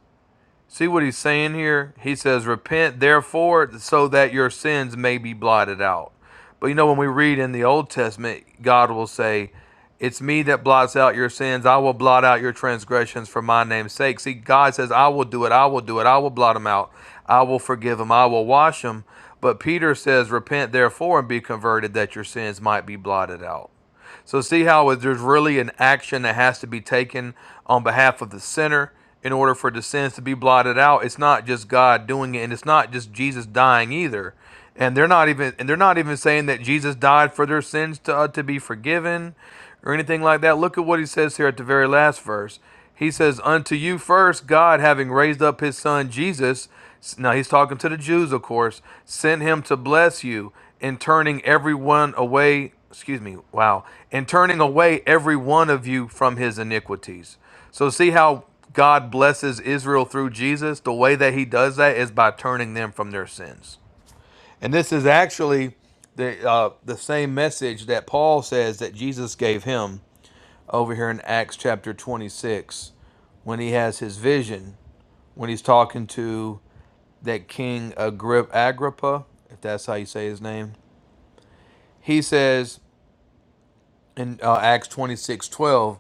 S7: See what he's saying here? He says, Repent therefore, so that your sins may be blotted out. But you know, when we read in the Old Testament, God will say, It's me that blots out your sins. I will blot out your transgressions for my name's sake. See, God says, I will do it. I will do it. I will blot them out. I will forgive them. I will wash them. But Peter says, Repent therefore and be converted that your sins might be blotted out. So see how there's really an action that has to be taken on behalf of the sinner in order for the sins to be blotted out. It's not just God doing it, and it's not just Jesus dying either. And they're not even and they're not even saying that Jesus died for their sins to uh, to be forgiven or anything like that. Look at what he says here at the very last verse. He says, "Unto you first, God, having raised up His Son Jesus." Now he's talking to the Jews, of course. Sent him to bless you in turning everyone away excuse me, wow, and turning away every one of you from his iniquities. So, see how God blesses Israel through Jesus? The way that he does that is by turning them from their sins. And this is actually the, uh, the same message that Paul says that Jesus gave him over here in Acts chapter 26 when he has his vision, when he's talking to that King Agrip- Agrippa, if that's how you say his name, he says in uh, Acts 26:12,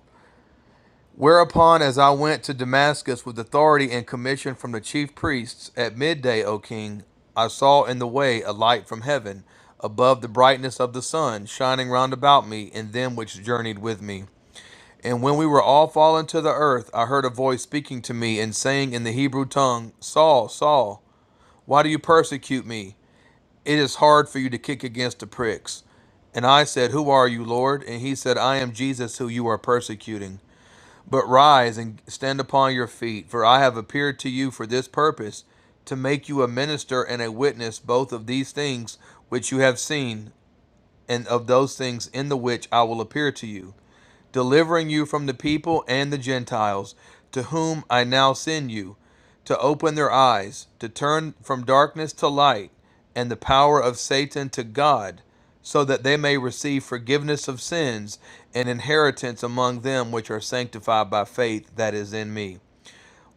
S7: Whereupon, as I went to Damascus with authority and commission from the chief priests at midday, O king, I saw in the way a light from heaven, above the brightness of the sun, shining round about me and them which journeyed with me. And when we were all fallen to the earth, I heard a voice speaking to me and saying in the Hebrew tongue, Saul, Saul, why do you persecute me? It is hard for you to kick against the pricks. And I said, Who are you, Lord? And he said, I am Jesus who you are persecuting. But rise and stand upon your feet, for I have appeared to you for this purpose, to make you a minister and a witness both of these things which you have seen, and of those things in the which I will appear to you, delivering you from the people and the Gentiles, to whom I now send you, to open their eyes, to turn from darkness to light, and the power of Satan to God, so that they may receive forgiveness of sins and inheritance among them which are sanctified by faith that is in me.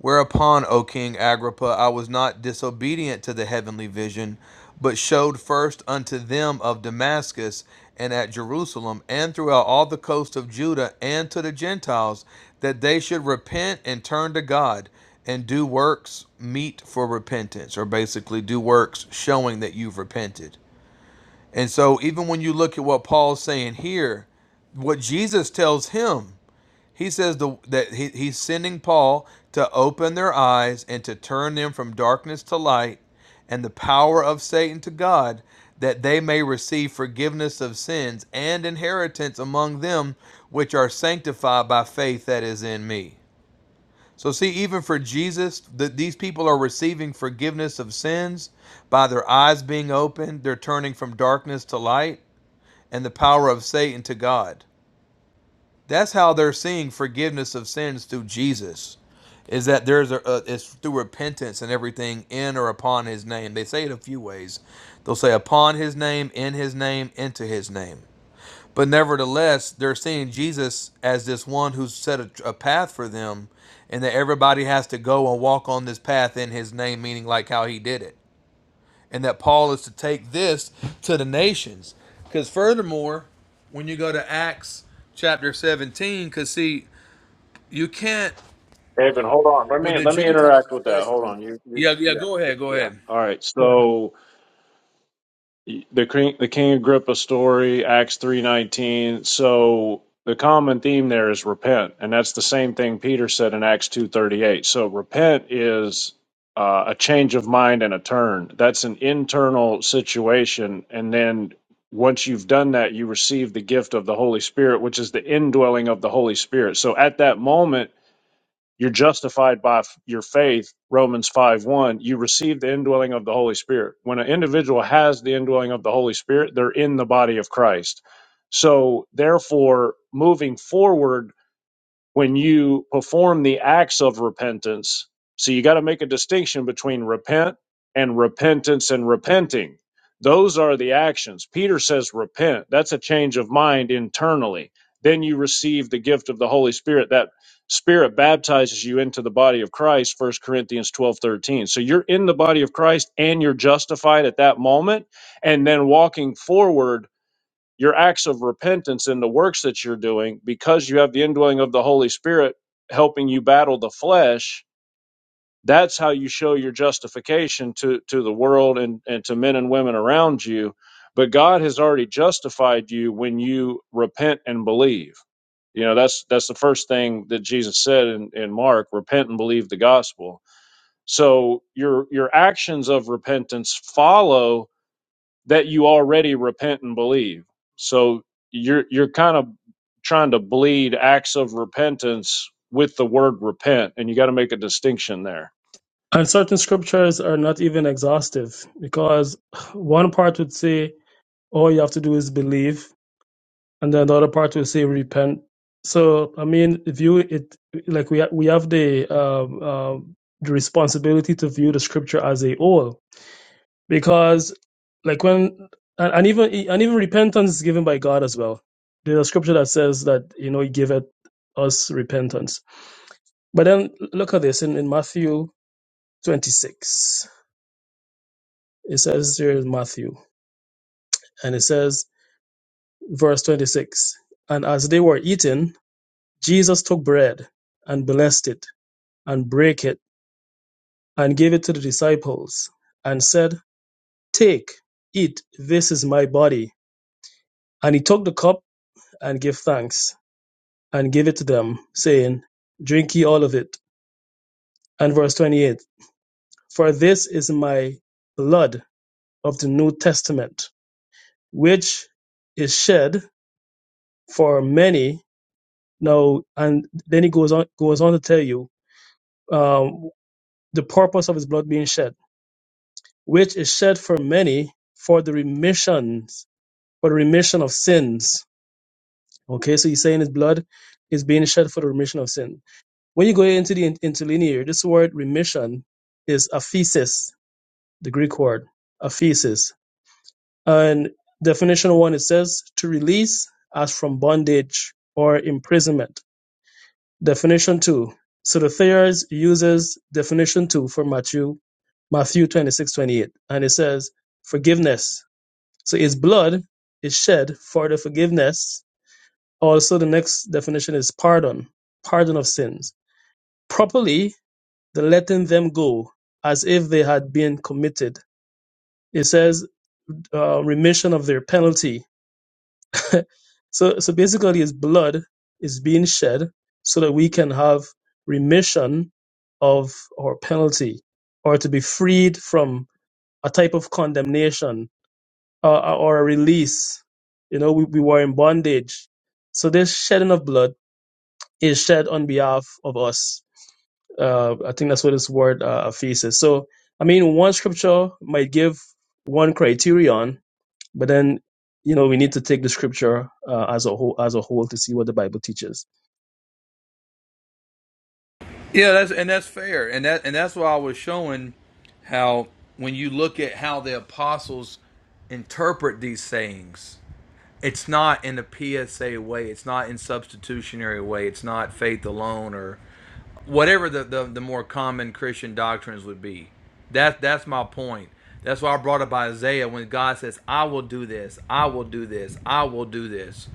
S7: Whereupon, O King Agrippa, I was not disobedient to the heavenly vision, but showed first unto them of Damascus and at Jerusalem and throughout all the coast of Judah and to the Gentiles that they should repent and turn to God and do works meet for repentance, or basically do works showing that you've repented. And so, even when you look at what Paul's saying here, what Jesus tells him he says the, that he, he's sending Paul to open their eyes and to turn them from darkness to light and the power of Satan to God, that they may receive forgiveness of sins and inheritance among them which are sanctified by faith that is in me. So, see, even for Jesus, that these people are receiving forgiveness of sins by their eyes being opened, they're turning from darkness to light, and the power of Satan to God. That's how they're seeing forgiveness of sins through Jesus. Is that there's a, a it's through repentance and everything in or upon His name. They say it a few ways. They'll say upon His name, in His name, into His name. But nevertheless, they're seeing Jesus as this one who's set a, a path for them, and that everybody has to go and walk on this path in His name, meaning like how He did it and that Paul is to take this to the nations. Because furthermore, when you go to Acts chapter 17, because see, you can't
S8: Evan, hold on. Let
S7: with
S8: me
S7: the
S8: let me
S7: Gentiles
S8: interact with that. Hold
S7: especially.
S8: on. You, you
S7: Yeah, yeah.
S8: yeah,
S7: Go ahead, go
S8: yeah.
S7: ahead.
S8: All right. So the king, the king agrippa story acts 319 so the common theme there is repent and that's the same thing peter said in acts 238 so repent is uh, a change of mind and a turn that's an internal situation and then once you've done that you receive the gift of the holy spirit which is the indwelling of the holy spirit so at that moment you're justified by f- your faith, Romans 5 1. You receive the indwelling of the Holy Spirit. When an individual has the indwelling of the Holy Spirit, they're in the body of Christ. So, therefore, moving forward, when you perform the acts of repentance. So you got to make a distinction between repent and repentance and repenting. Those are the actions. Peter says repent. That's a change of mind internally. Then you receive the gift of the Holy Spirit. That spirit baptizes you into the body of Christ, First Corinthians 12 13. So you're in the body of Christ and you're justified at that moment and then walking forward your acts of repentance and the works that you're doing because you have the indwelling of the Holy Spirit helping you battle the flesh. That's how you show your justification to, to the world and, and to men and women around you. But God has already justified you when you repent and believe. You know, that's that's the first thing that Jesus said in, in Mark, repent and believe the gospel. So your your actions of repentance follow that you already repent and believe. So you're you're kind of trying to bleed acts of repentance with the word repent, and you got to make a distinction there.
S9: And certain scriptures are not even exhaustive because one part would say all you have to do is believe, and then the other part would say repent. So I mean, view it like we ha- we have the um, um, the responsibility to view the scripture as a whole because like when and, and even and even repentance is given by God as well. There's a scripture that says that you know He giveth us repentance. But then look at this in, in Matthew 26. It says here in Matthew, and it says, verse 26 And as they were eating, Jesus took bread and blessed it and brake it and gave it to the disciples and said, Take, eat, this is my body. And he took the cup and gave thanks and gave it to them, saying, Drink ye all of it. And verse 28 For this is my blood of the New Testament, which is shed for many No, and then he goes on goes on to tell you um, the purpose of his blood being shed, which is shed for many for the remissions for the remission of sins. Okay, so he's saying his blood is being shed for the remission of sin. When you go into the in- interlinear, this word remission is aphesis, the Greek word aphesis, and definition one it says to release as from bondage or imprisonment Definition two. So the Thayers uses definition two for Matthew, Matthew 26 28, And it says, forgiveness. So his blood is shed for the forgiveness. Also, the next definition is pardon, pardon of sins. Properly, the letting them go as if they had been committed. It says, uh, remission of their penalty So, so basically, his blood is being shed so that we can have remission of our penalty or to be freed from a type of condemnation uh, uh, or a release. You know, we, we were in bondage. So, this shedding of blood is shed on behalf of us. Uh, I think that's what this word uh, aphesis. So, I mean, one scripture might give one criterion, but then, you know, we need to take the scripture uh, as a whole as a whole to see what the Bible teaches.
S7: Yeah, that's and that's fair, and that and that's why I was showing how when you look at how the apostles interpret these sayings, it's not in a PSA way. It's not in substitutionary way. It's not faith alone or whatever the, the, the more common Christian doctrines would be. That that's my point. That's why I brought up Isaiah when God says, "I will do this. I will do this. I will do this."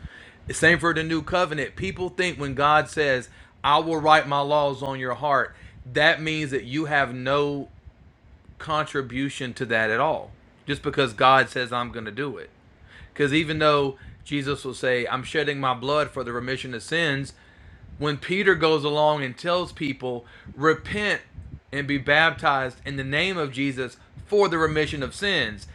S7: Same for the new covenant. People think when God says, "I will write my laws on your heart," that means that you have no contribution to that at all. Just because God says, "I'm going to do it." Because even though Jesus will say, I'm shedding my blood for the remission of sins, when Peter goes along and tells people, repent and be baptized in the name of Jesus for the remission of sins,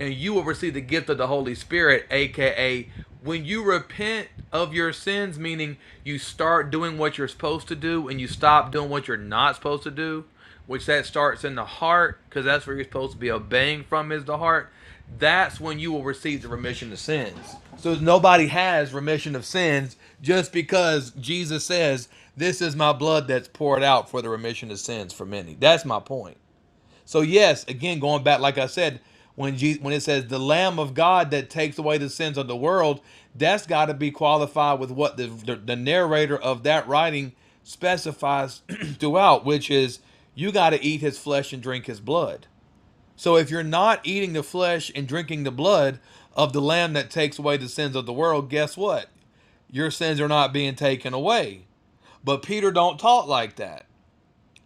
S7: and you will receive the gift of the Holy Spirit, aka when you repent of your sins, meaning you start doing what you're supposed to do and you stop doing what you're not supposed to do, which that starts in the heart, because that's where you're supposed to be obeying from is the heart that's when you will receive the remission of sins. So nobody has remission of sins just because Jesus says, This is my blood that's poured out for the remission of sins for many. That's my point. So, yes, again, going back, like I said, when, Jesus, when it says the Lamb of God that takes away the sins of the world, that's got to be qualified with what the, the, the narrator of that writing specifies throughout, which is you got to eat his flesh and drink his blood. So if you're not eating the flesh and drinking the blood of the lamb that takes away the sins of the world, guess what? Your sins are not being taken away. But Peter don't talk like that.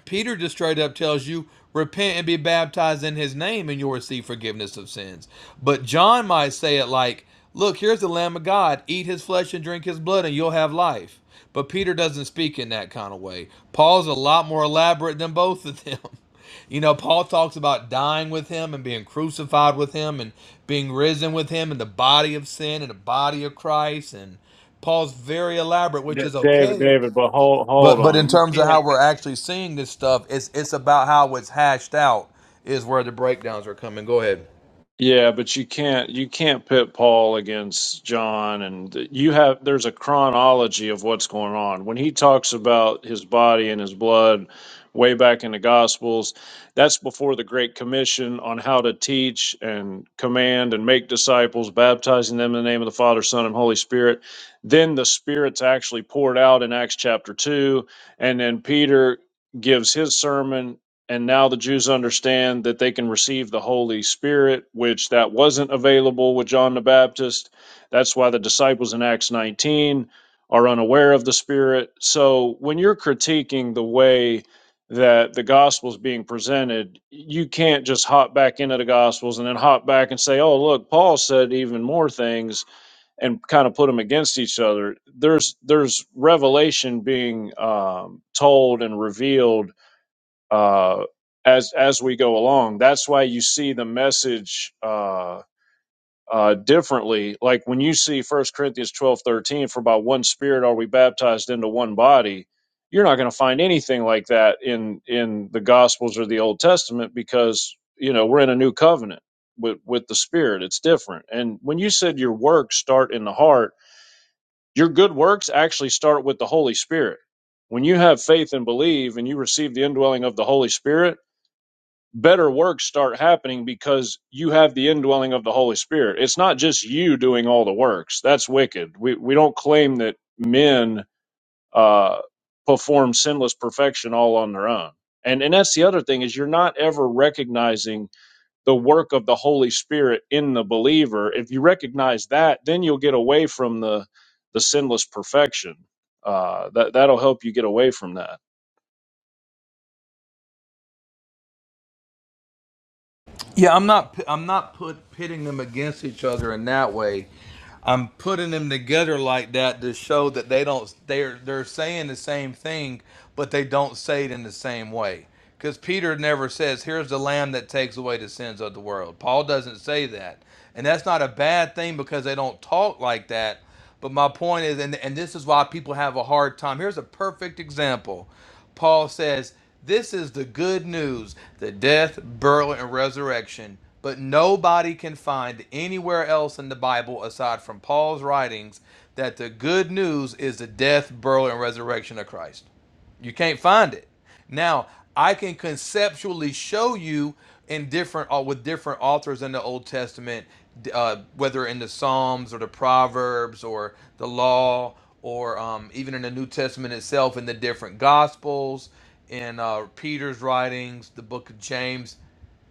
S7: Peter just straight up tells you, repent and be baptized in his name, and you'll receive forgiveness of sins. But John might say it like, look, here's the Lamb of God, eat his flesh and drink his blood, and you'll have life. But Peter doesn't speak in that kind of way. Paul's a lot more elaborate than both of them. You know, Paul talks about dying with him and being crucified with him and being risen with him in the body of sin and the body of Christ. And Paul's very elaborate, which
S8: D-
S7: is
S8: David,
S7: okay
S8: David, but hold hold
S7: but but in
S8: on. You
S7: terms of
S8: can't.
S7: how we're actually seeing this stuff, it's it's about how it's hashed out is where the breakdowns are coming. Go ahead.
S8: Yeah, but you can't you can't pit Paul against John, and you have there's a chronology of what's going on. When he talks about his body and his blood way back in the Gospels, that's before the Great Commission on how to teach and command and make disciples, baptizing them in the name of the Father, Son, and Holy Spirit. Then the Spirit's actually poured out in Acts chapter two, and then Peter gives his sermon and now the Jews understand that they can receive the Holy Spirit, which that wasn't available with John the Baptist. That's why the disciples in Acts 19 are unaware of the Spirit. So when you're critiquing the way that the gospel's being presented, you can't just hop back into the gospels and then hop back and say, "Oh, look, Paul said even more things," and kind of put them against each other. There's there's revelation being um, told and revealed uh, as as we go along. That's why you see the message uh, uh, differently. Like when you see First Corinthians twelve thirteen, for by one Spirit are we baptized into one body. You're not going to find anything like that in in the Gospels or the Old Testament because you know we're in a new covenant with with the Spirit. It's different. And when you said your works start in the heart, your good works actually start with the Holy Spirit. When you have faith and believe, and you receive the indwelling of the Holy Spirit better works start happening because you have the indwelling of the Holy Spirit. It's not just you doing all the works. That's wicked. We we don't claim that men uh, perform sinless perfection all on their own. And and that's the other thing is you're not ever recognizing the work of the Holy Spirit in the believer. If you recognize that, then you'll get away from the the sinless perfection. Uh, that that'll help you get away from that.
S7: Yeah, I'm not I'm not put pitting them against each other in that way. I'm putting them together like that to show that they don't they're they're saying the same thing, but they don't say it in the same way. Because Peter never says, "Here's the Lamb that takes away the sins of the world." Paul doesn't say that, and that's not a bad thing because they don't talk like that. But my point is, and, and this is why people have a hard time. Here's a perfect example. Paul says, This is the good news the death, burial, and resurrection. But nobody can find anywhere else in the Bible, aside from Paul's writings, that the good news is the death, burial, and resurrection of Christ. You can't find it. Now, I can conceptually show you in different uh, with different authors in the Old Testament, uh, whether in the Psalms or the Proverbs or the Law or um, even in the New Testament itself in the different Gospels, in uh, Peter's writings, the Book of James.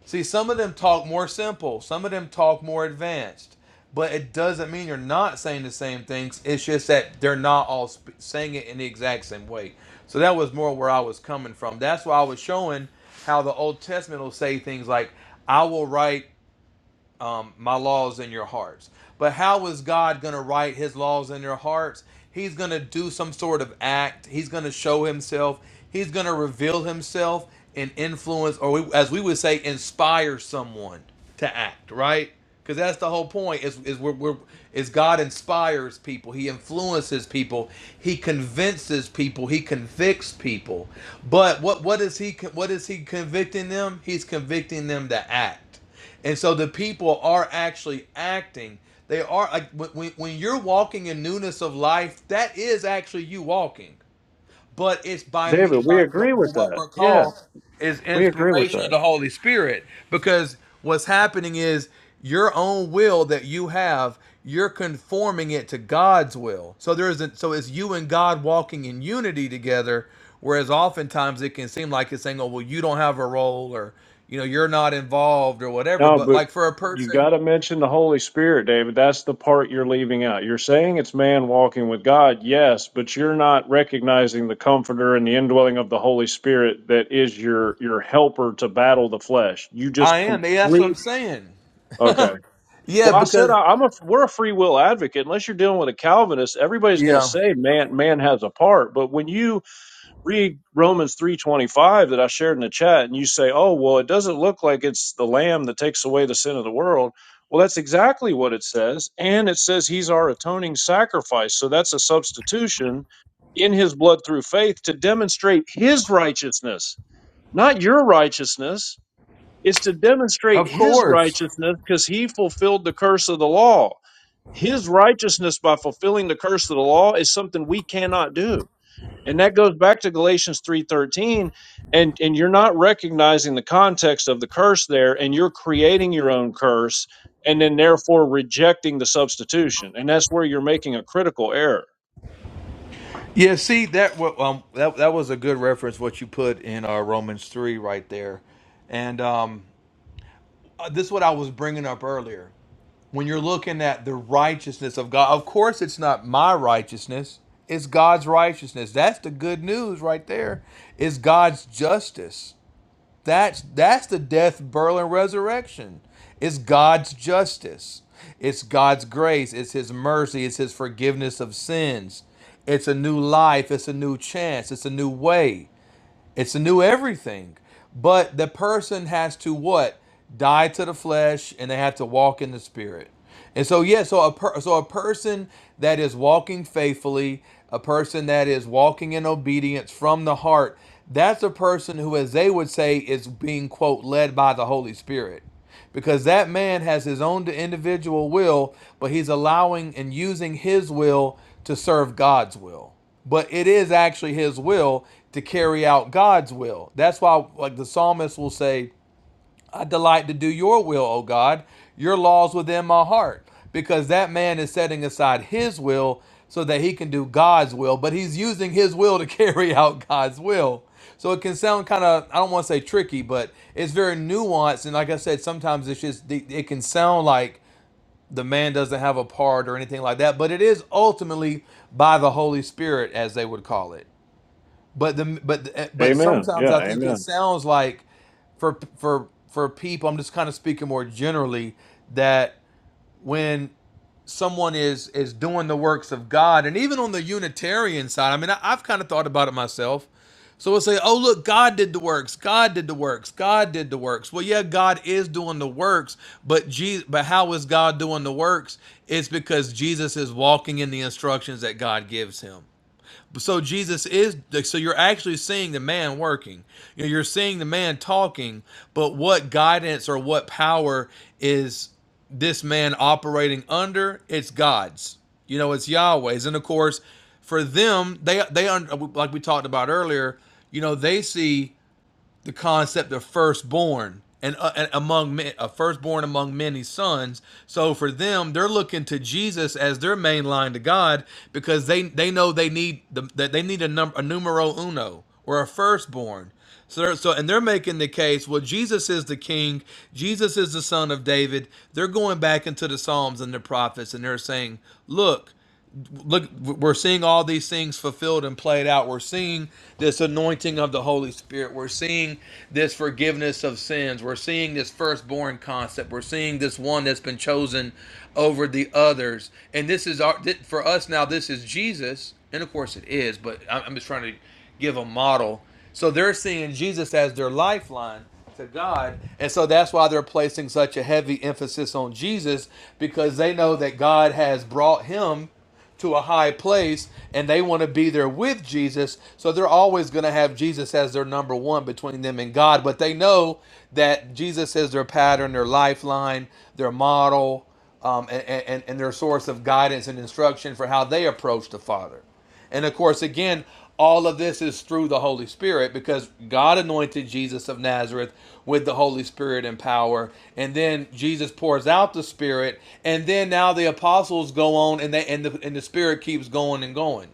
S7: See, some of them talk more simple, some of them talk more advanced, but it doesn't mean you're not saying the same things. It's just that they're not all sp- saying it in the exact same way. So that was more where I was coming from. That's why I was showing how the Old Testament will say things like, I will write um, my laws in your hearts. But how is God going to write his laws in your hearts? He's going to do some sort of act. He's going to show himself. He's going to reveal himself and influence, or we, as we would say, inspire someone to act, right? Because that's the whole point is, is, we're, we're, is God inspires people. He influences people. He convinces people. He convicts people. But what, what, is he, what is he convicting them? He's convicting them to act. And so the people are actually acting. They are like when, when when you're walking in newness of life, that is actually you walking but it's by me
S8: David, we
S7: by what,
S8: agree with
S7: what
S8: that.
S7: we're
S8: Yeah,
S7: called is
S8: we agree with
S7: inspiration
S8: that.
S7: of the Holy Spirit because what's happening is your own will that you have you're conforming it to God's will so there isn't so it's you and God walking in unity together whereas oftentimes it can seem like it's saying oh well you don't have a role or you know you're not involved or whatever
S8: No,
S7: but
S8: but
S7: like for a
S8: you got
S7: person
S8: to mention the Holy Spirit, David. That's the part you're leaving out. You're saying it's man walking with God, yes, but you're not recognizing the comforter and the indwelling of the Holy Spirit that is your your helper to battle the flesh. You just
S7: I am yeah, that's what I'm
S8: complete
S7: saying
S8: Okay.
S7: yeah
S8: Well, I said
S7: because
S8: I, I'm a we're a free will advocate. Unless you're dealing with a Calvinist, everybody's going to
S7: yeah
S8: say man man has a part. But when you read Romans 3:25 that I shared in the chat and you say, "Oh, well, it doesn't look like it's the lamb that takes away the sin of the world." Well, that's exactly what it says, and it says he's our atoning sacrifice. So that's a substitution in his blood through faith to demonstrate his righteousness, not your righteousness. It's to demonstrate
S7: of
S8: his
S7: course
S8: righteousness because he fulfilled the curse of the law. His righteousness by fulfilling the curse of the law is something we cannot do and that goes back to galatians 3.13 and and you're not recognizing the context of the curse there and you're creating your own curse and then therefore rejecting the substitution and that's where you're making a critical error
S7: Yeah, see that wa- um that that was a good reference what you put in uh, Romans three right there, and um uh, this is what I was bringing up earlier. When you're looking at the righteousness of God, of course it's not my righteousness; it's God's righteousness. That's the good news right there. It's God's justice. That's that's the death, burial, and resurrection. It's God's justice. It's God's grace. It's His mercy. It's His forgiveness of sins. It's a new life. It's a new chance. It's a new way. It's a new everything. But the person has to what? Die to the flesh and they have to walk in the spirit. And so yeah, so a per- so a person that is walking faithfully, a person that is walking in obedience from the heart, that's a person who as they would say is being quote led by the Holy Spirit. Because that man has his own individual will, but he's allowing and using his will to serve God's will but it is actually his will to carry out God's will. That's why, like the psalmist will say, I delight to do your will, O God, your laws within my heart, because that man is setting aside his will so that he can do God's will, but he's using his will to carry out God's will. So it can sound kind of, I don't want to say tricky, but it's very nuanced. And like I said, sometimes it's just, it can sound like the man doesn't have a part or anything like that, but it is ultimately by the Holy Spirit, as they would call it. But the but but
S8: Amen.
S7: sometimes
S8: Yeah,
S7: I think it
S8: amen.
S7: sounds like for for for people, I'm just kind of speaking more generally that when someone is is doing the works of God, and even on the Unitarian side, I mean, I, I've kind of thought about it myself. So we'll say, "Oh, look, God did the works. God did the works. God did the works." Well, yeah, God is doing the works, but Jesus, but how is God doing the works? It's because Jesus is walking in the instructions that God gives him so Jesus is like, so you're actually seeing the man working. You know, you're seeing the man talking, but what guidance or what power is this man operating under? It's God's. You know, it's Yahweh's, and of course, for them, they they like we talked about earlier. You know, they see the concept of firstborn and, uh, and among men, a firstborn among many sons. So for them, they're looking to Jesus as their main line to God because they they know they need the, that they need a number a numero uno or a firstborn. So, so and they're making the case. Well, Jesus is the King. Jesus is the Son of David. They're going back into the Psalms and the prophets, and they're saying, "Look, look we're seeing all these things fulfilled and played out we're seeing this anointing of the holy spirit we're seeing this forgiveness of sins we're seeing this firstborn concept we're seeing this one that's been chosen over the others and this is our th- for us now this is jesus and of course it is but i'm I'm just trying to give a model so they're seeing jesus as their lifeline to God. And so that's why they're placing such a heavy emphasis on Jesus because they know that God has brought him to a high place and they want to be there with Jesus. So they're always going to have Jesus as their number one between them and God. But they know that Jesus is their pattern, their lifeline, their model, um, and, and, and their source of guidance and instruction for how they approach the Father. And of course, again, all of this is through the Holy Spirit because God anointed Jesus of Nazareth with the Holy Spirit and power. And then Jesus pours out the Spirit. And then now the apostles go on and they and the, and the Spirit keeps going and going.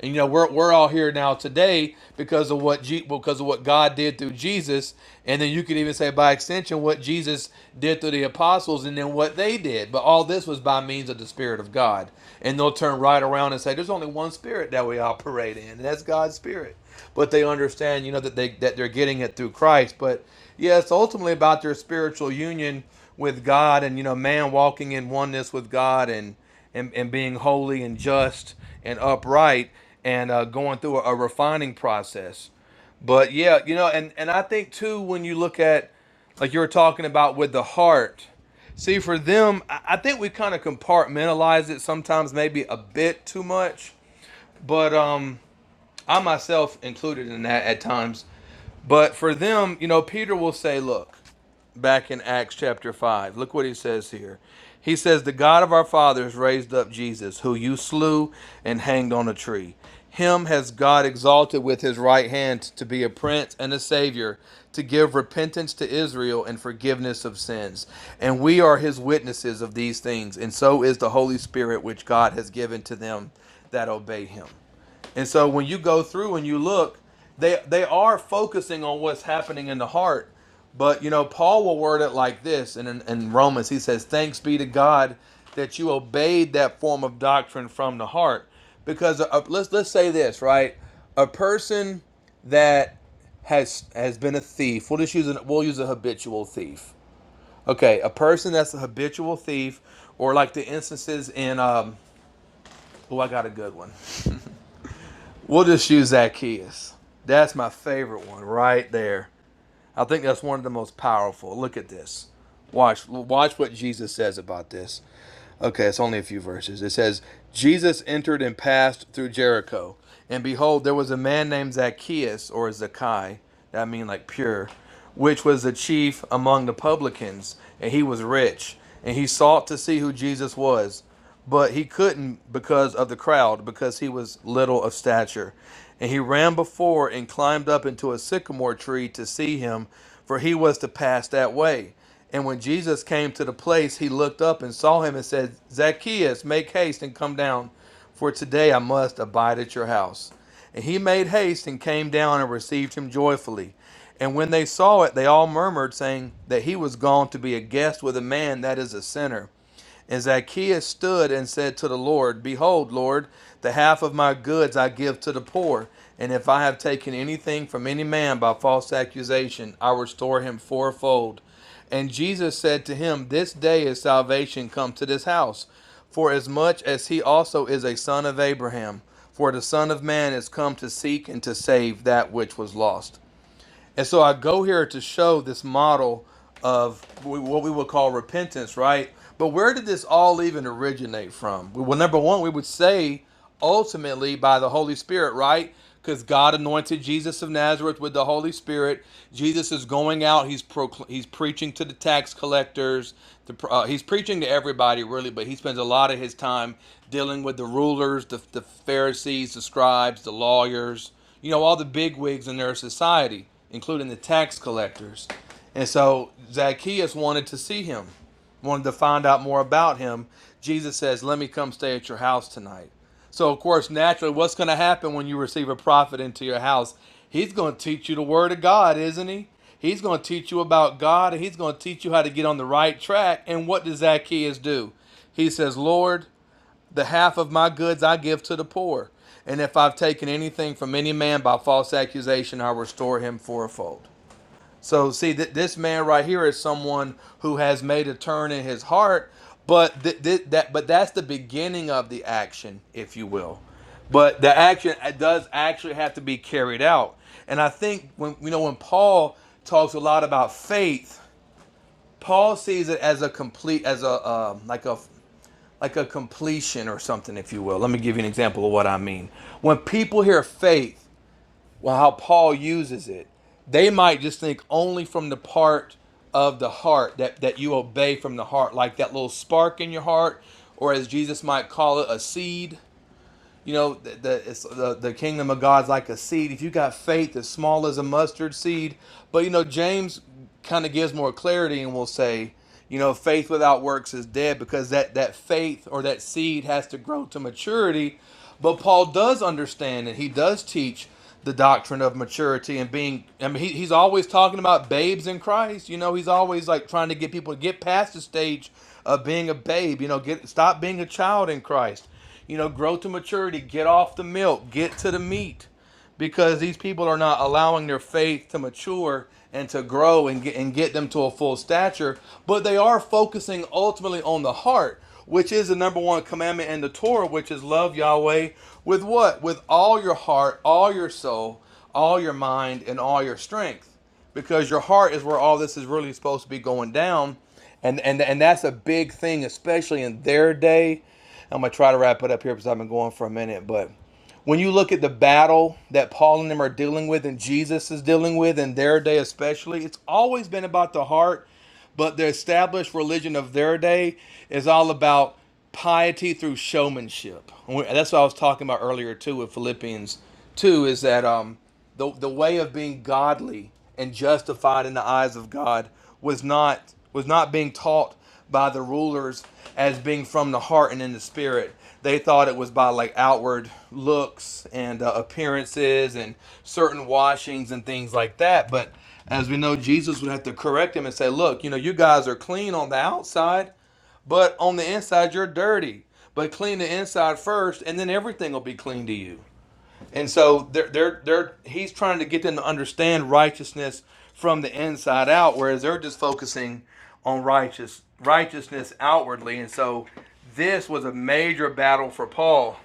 S7: And you know, we're we're all here now today because of what Je- because of what God did through Jesus, and then you could even say by extension what Jesus did through the apostles, and then what they did. But all this was by means of the Spirit of God. And they'll turn right around and say, "There's only one Spirit that we operate in, and that's God's Spirit." But they understand, you know, that they that they're getting it through Christ. But yeah, it's ultimately about their spiritual union with God, and you know, man walking in oneness with God, and and, and being holy and just and upright and uh, going through a, a refining process. But yeah, you know, and, and I think too, when you look at, like you were talking about with the heart, see, for them, I, I think we kind of compartmentalize it sometimes, maybe a bit too much. But um, I myself included in that at times. But for them, you know, Peter will say, look, back in Acts chapter 5. Look what he says here. He says, The God of our fathers raised up Jesus, who you slew and hanged on a tree. Him has God exalted with his right hand to be a prince and a savior, to give repentance to Israel and forgiveness of sins. And we are his witnesses of these things, and so is the Holy Spirit which God has given to them that obey him. And so when you go through and you look, they they are focusing on what's happening in the heart. But you know, Paul will word it like this in, in, in Romans. He says, Thanks be to God that you obeyed that form of doctrine from the heart. Because uh, let's let's say this, right? A person that has has been a thief. We'll just use an, we'll use a habitual thief. Okay, a person that's a habitual thief, or like the instances in um oh I got a good one. We'll just use Zacchaeus. That's my favorite one right there. I think that's one of the most powerful. Look at this. Watch watch what Jesus says about this. Okay, it's only a few verses. It says, "Jesus entered and passed through Jericho, and behold, there was a man named Zacchaeus or Zacchae, that I mean like pure, which was the chief among the publicans, and he was rich, and he sought to see who Jesus was." but he couldn't because of the crowd, because he was little of stature. And he ran before and climbed up into a sycamore tree to see him, for he was to pass that way. And when Jesus came to the place, he looked up and saw him and said, Zacchaeus, make haste and come down, for today I must abide at your house. And he made haste and came down and received him joyfully. And when they saw it, they all murmured, saying that he was gone to be a guest with a man that is a sinner. And Zacchaeus stood and said to the Lord, Behold, Lord, the half of my goods I give to the poor. And if I have taken anything from any man by false accusation, I restore him fourfold. And Jesus said to him, This day is salvation come to this house, for as much as he also is a son of Abraham. For the Son of Man is come to seek and to save that which was lost. And so I go here to show this model of w- what we would call repentance, right? But where did this all even originate from? Well, number one, we would say ultimately by the Holy Spirit, right? Because God anointed Jesus of Nazareth with the Holy Spirit. Jesus is going out. He's procl- he's preaching to the tax collectors. The, pr- uh, he's preaching to everybody, really, but he spends a lot of his time dealing with the rulers, the, the Pharisees, the scribes, the lawyers you know, all the big wigs in their society, including the tax collectors. And so Zacchaeus wanted to see him, wanted to find out more about him. Jesus says, Let me come stay at your house tonight. So, of course, naturally, what's going to happen when you receive a prophet into your house? He's going to teach you the word of God, isn't he? He's going to teach you about God and he's going to teach you how to get on the right track. And what does Zacchaeus do? He says, Lord, the half of my goods I give to the poor. And if I've taken anything from any man by false accusation, I restore him fourfold. So, see, th- this man right here is someone who has made a turn in his heart, but th- th- that but that's the beginning of the action, if you will. But the action does actually have to be carried out. And I think when you know when Paul talks a lot about faith, Paul sees it as a complete as a um like a like a completion or something, if you will. Let me give you an example of what I mean. When people hear faith, well, how Paul uses it, they might just think only from the part of the heart that, that you obey from the heart, like that little spark in your heart, or as Jesus might call it, a seed you know, the, the, it's, the, the kingdom of God's like a seed. If you got faith as small as a mustard seed, but you know, James kind of gives more clarity and will say, you know, faith without works is dead because that, that faith or that seed has to grow to maturity. But Paul does understand and he does teach the doctrine of maturity and being i mean he, he's always talking about babes in christ you know he's always like trying to get people to get past the stage of being a babe you know get stop being a child in christ you know, grow to maturity, get off the milk, get to the meat, because these people are not allowing their faith to mature and to grow and get, and get them to a full stature, but they are focusing ultimately on the heart, which is the number one commandment in the Torah, which is love Yahweh with what? With all your heart, all your soul, all your mind, and all your strength because your heart is where all this is really supposed to be going down and and and that's a big thing especially in their day I'm gonna try to wrap it up here because I've been going for a minute. But when you look at the battle that Paul and them are dealing with, and Jesus is dealing with in their day, especially, it's always been about the heart. But the established religion of their day is all about piety through showmanship. And we- That's what I was talking about earlier too with Philippians two. Is that um the, the way of being godly and justified in the eyes of God was not was not being taught by the rulers as being from the heart and in the spirit. They thought it was by like outward looks and uh, appearances and certain washings and things like that. But as we know, Jesus would have to correct him and say, "Look, you know, you guys are clean on the outside, but on the inside you're dirty. But clean the inside first, and then everything will be clean to you." And so they're, they're, they're, he's trying to get them to understand righteousness from the inside out, whereas they're just focusing on righteous righteousness outwardly. And so this was a major battle for Paul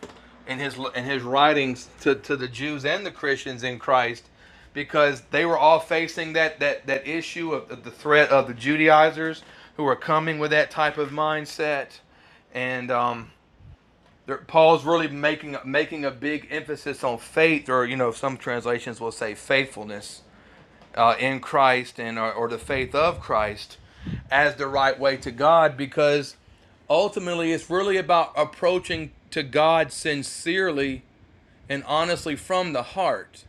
S7: in his in his writings to, to the Jews and the Christians in Christ, because they were all facing that that that issue of, of the threat of the Judaizers who were coming with that type of mindset, and um, there, Paul's really making making a big emphasis on faith, or you know, some translations will say faithfulness uh, in Christ and or, or the faith of Christ as the right way to God, because ultimately it's really about approaching to God sincerely and honestly from the heart,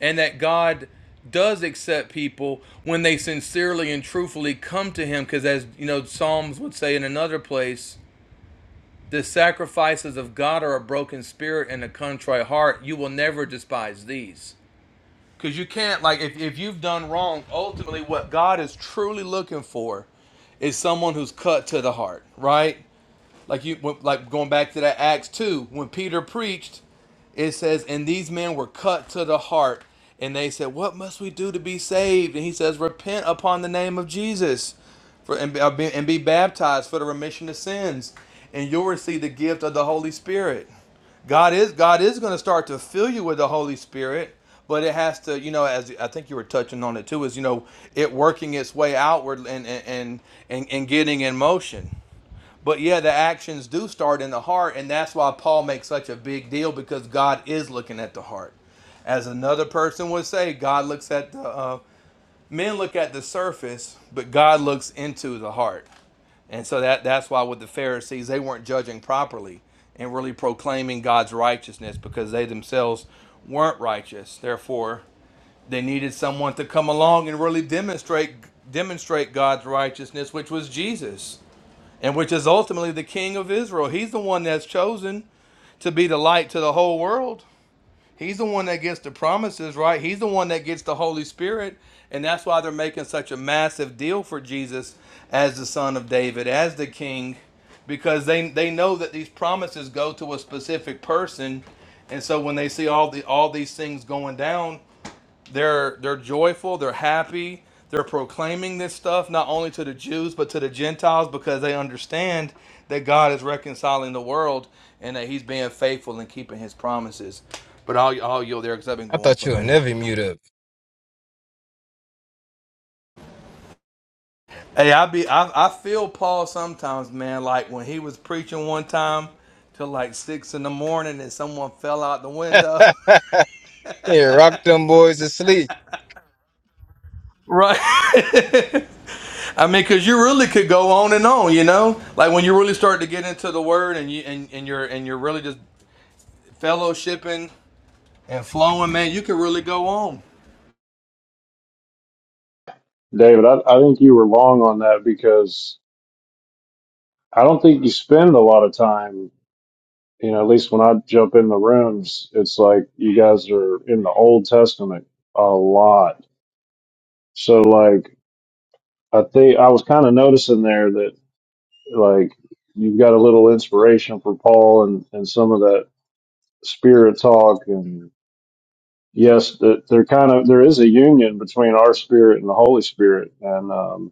S7: and that God does accept people when they sincerely and truthfully come to him because as you know psalms would say in another place the sacrifices of God are a broken spirit and a contrite heart. You will never despise these. Because you can't, like, if, if you've done wrong, ultimately what God is truly looking for is someone who's cut to the heart, right? Like you, like going back to that Acts two, when Peter preached, it says, And these men were cut to the heart, and they said, What must we do to be saved? And he says, Repent upon the name of Jesus for, and, be, uh, be- and be baptized for the remission of sins, and you'll receive the gift of the Holy Spirit. God is God is going to start to fill you with the Holy Spirit, but it has to, you know, as I think you were touching on it too, is you know, it working its way outward and and and, and getting in motion. But yeah, the actions do start in the heart, and that's why Paul makes such a big deal because God is looking at the heart. As another person would say, God looks at the uh, men look at the surface, but God looks into the heart. And so that that's why with the Pharisees, they weren't judging properly and really proclaiming God's righteousness because they themselves weren't righteous. Therefore, they needed someone to come along and really demonstrate demonstrate God's righteousness, which was Jesus and which is ultimately the king of Israel. He's the one that's chosen to be the light to the whole world. He's the one that gets the promises, right? He's the one that gets the Holy Spirit. And that's why they're making such a massive deal for Jesus as the son of David, as the king, because they, they know that these promises go to a specific person. And so when they see all the all these things going down, they're they're joyful, they're happy, they're proclaiming this stuff not only to the Jews but to the Gentiles because they understand that God is reconciling the world and that He's being faithful and keeping His promises. But I'll, I'll yield there because I've been
S10: I
S7: going
S10: thought
S7: for a
S10: you would
S7: minute.
S10: never mute up.
S7: Hey, I be I, I feel Paul sometimes, man. Like when he was preaching one time till like six in the morning and someone fell out the window.
S10: yeah, rock them boys to sleep.
S7: Right. I mean, because you really could go on and on, you know. Like when you really start to get into the word, and you and, and you're and you're really just fellowshipping and flowing, man. You could really go on.
S8: David, I, I think you were long on that because I don't think you spend a lot of time, you know, at least when I jump in the rooms, it's like you guys are in the Old Testament a lot. So, like, I think I was kind of noticing there that. Like you've got a little inspiration for Paul and, and some of that spirit talk. And yes, th- there kind of, there is a union between our spirit and the Holy Spirit. And, um,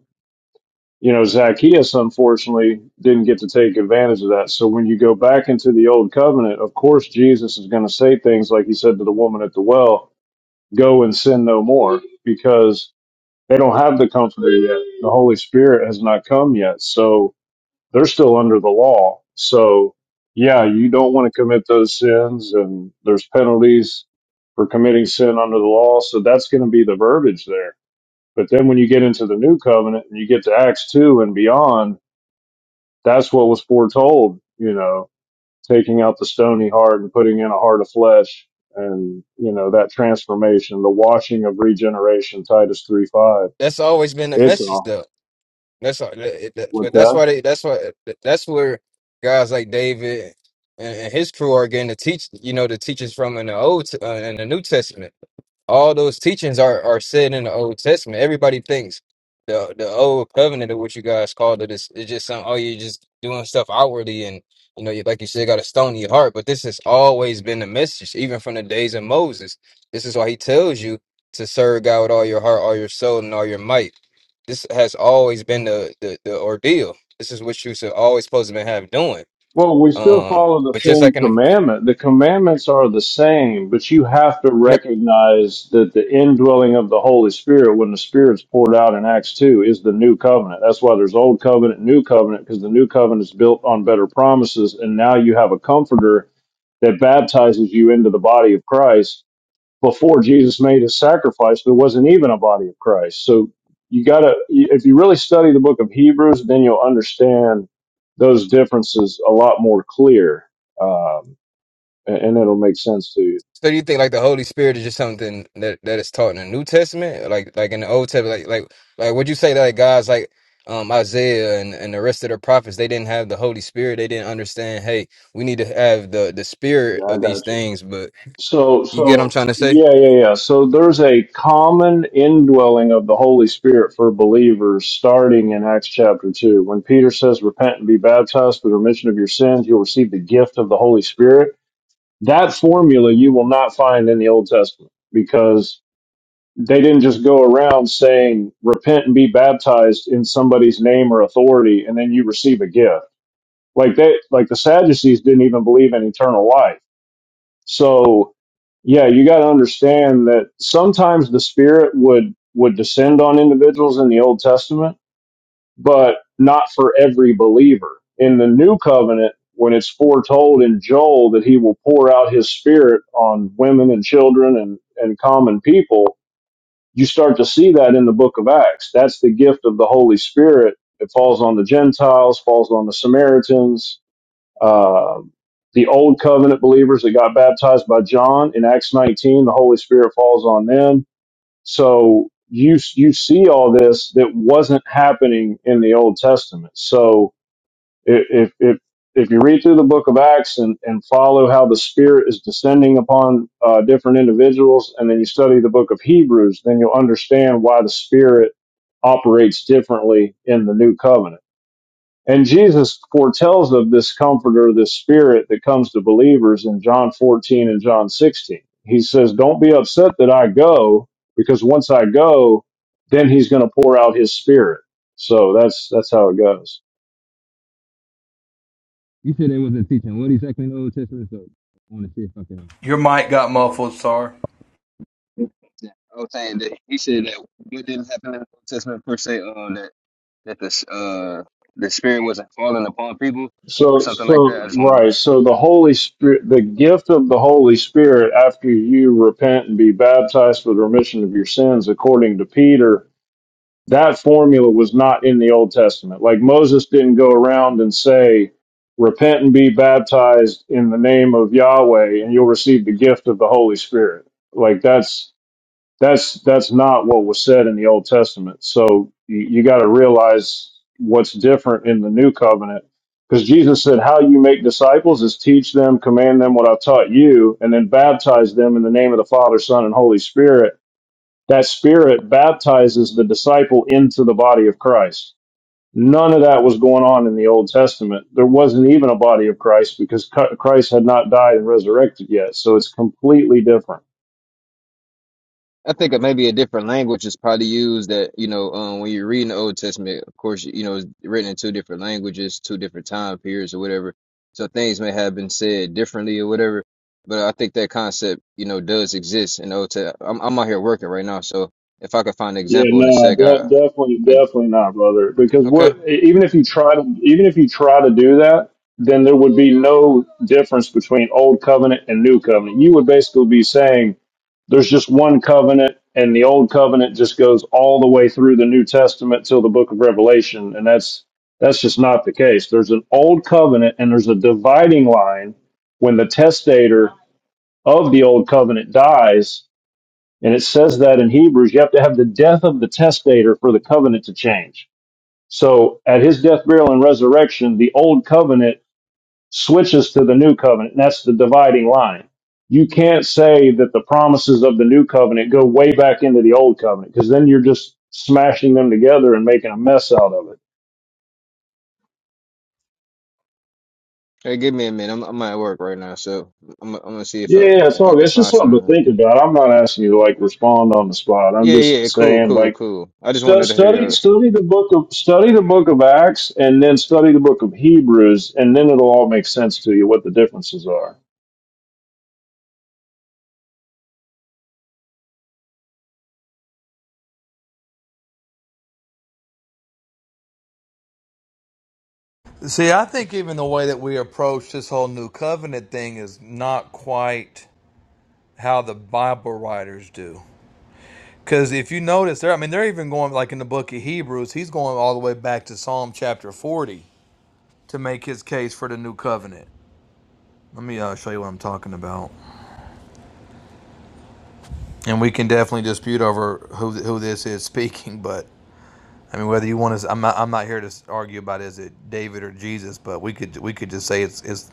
S8: you know, Zacchaeus unfortunately didn't get to take advantage of that. So when you go back into the old covenant, of course, Jesus is going to say things like he said to the woman at the well, go and sin no more because they don't have the comforter yet. The Holy Spirit has not come yet. So, they're still under the law. So yeah, you don't want to commit those sins and there's penalties for committing sin under the law. So that's going to be the verbiage there. But then when you get into the new covenant and you get to Acts 2 and beyond, that's what was foretold, you know, taking out the stony heart and putting in a heart of flesh and, you know, that transformation, the washing of regeneration, Titus 3 5.
S10: That's always been the
S8: It's
S10: message,
S8: on.
S10: though. That's all, it- it-
S8: What's
S10: but that's
S8: that?
S10: why they. That's why that's where guys like David and, and his crew are getting to teach. You know, the teachers from in the old T- uh, in the New Testament. all those teachings are, are said in the Old Testament. Everybody thinks the the old covenant of what you guys called it is it's just some oh you're just doing stuff outwardly and you know you like you said got a stony heart. But this has always been the message, even from the days of Moses. This is why he tells you to serve God with all your heart, all your soul, and all your might. This has always been the the, the ordeal. This is what you should always supposed to be have doing.
S8: Well, we still
S10: Um,
S8: follow the
S10: but just
S8: same
S10: like in
S8: commandment. The commandments are the same, but you have to
S10: no,
S8: recognize that the indwelling of the Holy Spirit, when the Spirit's poured out in Acts 2, is the new covenant. That's why there's old covenant, new covenant, because the new covenant is built on better promises. And now you have a comforter that baptizes you into the body of Christ before Jesus made his sacrifice, there wasn't even a body of Christ. So you gotta, if you really study the book of Hebrews, then you'll understand those differences a lot more clear, um, and, and it'll make sense to you.
S10: So do you think like the Holy Spirit is just something that that is taught in the New Testament, like like in the Old Testament, like like like would you say that like guys like um Isaiah and, and the rest of the prophets they didn't have the Holy Spirit, they didn't understand. Hey, we need to have the the spirit
S8: Yeah,
S10: of
S8: I
S10: these
S8: got you.
S10: things. But
S8: So,
S10: you get what I'm
S8: so
S10: trying to say?
S8: yeah, yeah, yeah. So there's a common indwelling of the Holy Spirit for believers starting in Acts chapter 2. When Peter says, Repent and be baptized for the remission of your sins, you'll receive the gift of the Holy Spirit That formula you will not find in the Old Testament because they didn't just go around saying, repent and be baptized in somebody's name or authority, and then you receive a gift. Like they, like the Sadducees didn't even believe in eternal life. So yeah, you got to understand that sometimes the Spirit would would descend on individuals in the Old Testament but not for every believer. In the new covenant, when it's foretold in Joel that he will pour out his spirit on women and children and, and common people, you start to see that in the book of Acts. That's the gift of the Holy Spirit. It falls on the Gentiles, falls on the Samaritans, uh, the old covenant believers that got baptized by John in Acts 19, the Holy Spirit falls on them so you you see all this that wasn't happening in the Old Testament. So i- if if if you read through the Book of Acts and and follow how the Spirit is descending upon uh, different individuals, and then you study the Book of Hebrews, then you'll understand why the Spirit operates differently in the New Covenant and Jesus foretells of this comforter, this spirit that comes to believers in John 14 and John 16. He says, Don't be upset that I go, because once I go, then he's going to pour out his spirit. So that's, that's how it goes.
S10: You said they wasn't teaching what exactly in the Old Testament, so I want to see if I can.
S7: Your mic got muffled, sir.
S10: Yeah, I was saying that he said that what didn't happen in the Old Testament per se, uh, that that the uh the Spirit wasn't falling upon people or
S8: So,
S10: something like that. I
S8: so,
S10: just want to.
S8: right. So the Holy Spirit, the gift of the Holy Spirit after you repent and be baptized for the remission of your sins, according to Peter, That formula was not in the Old Testament. Like Moses didn't go around and say, Repent and be baptized in the name of Yahweh, and you'll receive the gift of the Holy Spirit. Like that's that's that's not what was said in the Old Testament. So you, you got to realize what's different in the New Covenant, because Jesus said, "How you make disciples is teach them, command them what I've taught you, and then baptize them in the name of the Father, Son, and Holy Spirit." That Spirit baptizes the disciple into the body of Christ. None of that was going on in the Old Testament. There wasn't even a body of Christ because Christ had not died and resurrected yet. So it's completely different.
S10: I think it maybe a different language is probably used that, you know, um, when you're reading the Old Testament, of course, you know, it's written in two different languages, two different time periods or whatever. So things may have been said differently or whatever. But I think that concept, you know, does exist in the Old Testament. I'm, I'm out here working right now. So if I could find an
S8: Yeah,
S10: example in a
S8: no,
S10: sec, I,
S8: de- definitely,
S10: I,
S8: definitely not, brother. Because
S10: okay.
S8: what, even if you try to, even if you try to do that, then there would be no difference between old covenant and new covenant. You would basically be saying There's just one covenant, and the old covenant just goes all the way through the New Testament till the book of Revelation, and that's that's just not the case. There's an old covenant, and there's a dividing line when the testator of the old covenant dies, and it says that in Hebrews, you have to have the death of the testator for the covenant to change. So at his death, burial, and resurrection, the old covenant switches to the new covenant. And that's the dividing line. You can't say that the promises of the new covenant go way back into the old covenant because then you're just smashing them together and making a mess out of it.
S10: Hey, give me a minute. I'm, I'm at work right now. So I'm, I'm going to see if I,
S8: Yeah, it's
S10: if I
S8: all,
S10: could
S8: it's just
S10: find
S8: something to think
S10: something.
S8: about. I'm not asking you to like respond on the spot. I'm
S10: Yeah,
S8: just
S10: yeah. Cool,
S8: saying
S10: cool,
S8: like
S10: cool. I just
S8: stu-
S10: wanted to hear yours.
S8: study study the book of study the book of Acts and then study the book of Hebrews and then it'll all make sense to you what the differences are.
S7: See, I think even the way that we approach this whole new covenant thing is not quite how the Bible writers do. Because if you notice, there, I mean, they're even going like in the book of Hebrews, he's going all the way back to Psalm chapter 40 to make his case for the new covenant. Let me uh, show you what I'm talking about. And we can definitely dispute over who who this is speaking, but I mean whether you want to, I'm not I'm not here to argue about is it David or Jesus, but we could we could just say it's it's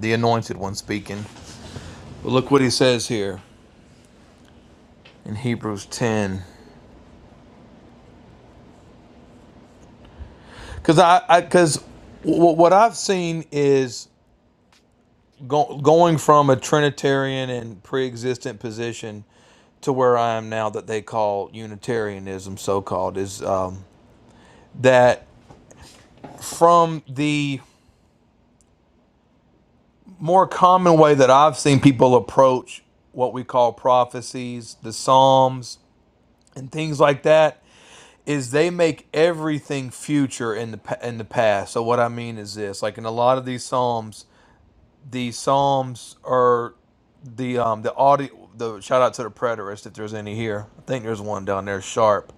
S7: the anointed one speaking. But look what he says here in Hebrews 10, because I I because w- what I've seen is go, going from a Trinitarian and pre-existent position to where I am now that they call Unitarianism, so called, is um, that from the more common way that I've seen people approach what we call prophecies, the Psalms, and things like that is they make everything future in the in the past. So what I mean is this: like in a lot of these Psalms, the Psalms are the um the audio. The shout out to the preterist if there's any here. I think there's one down there, sharp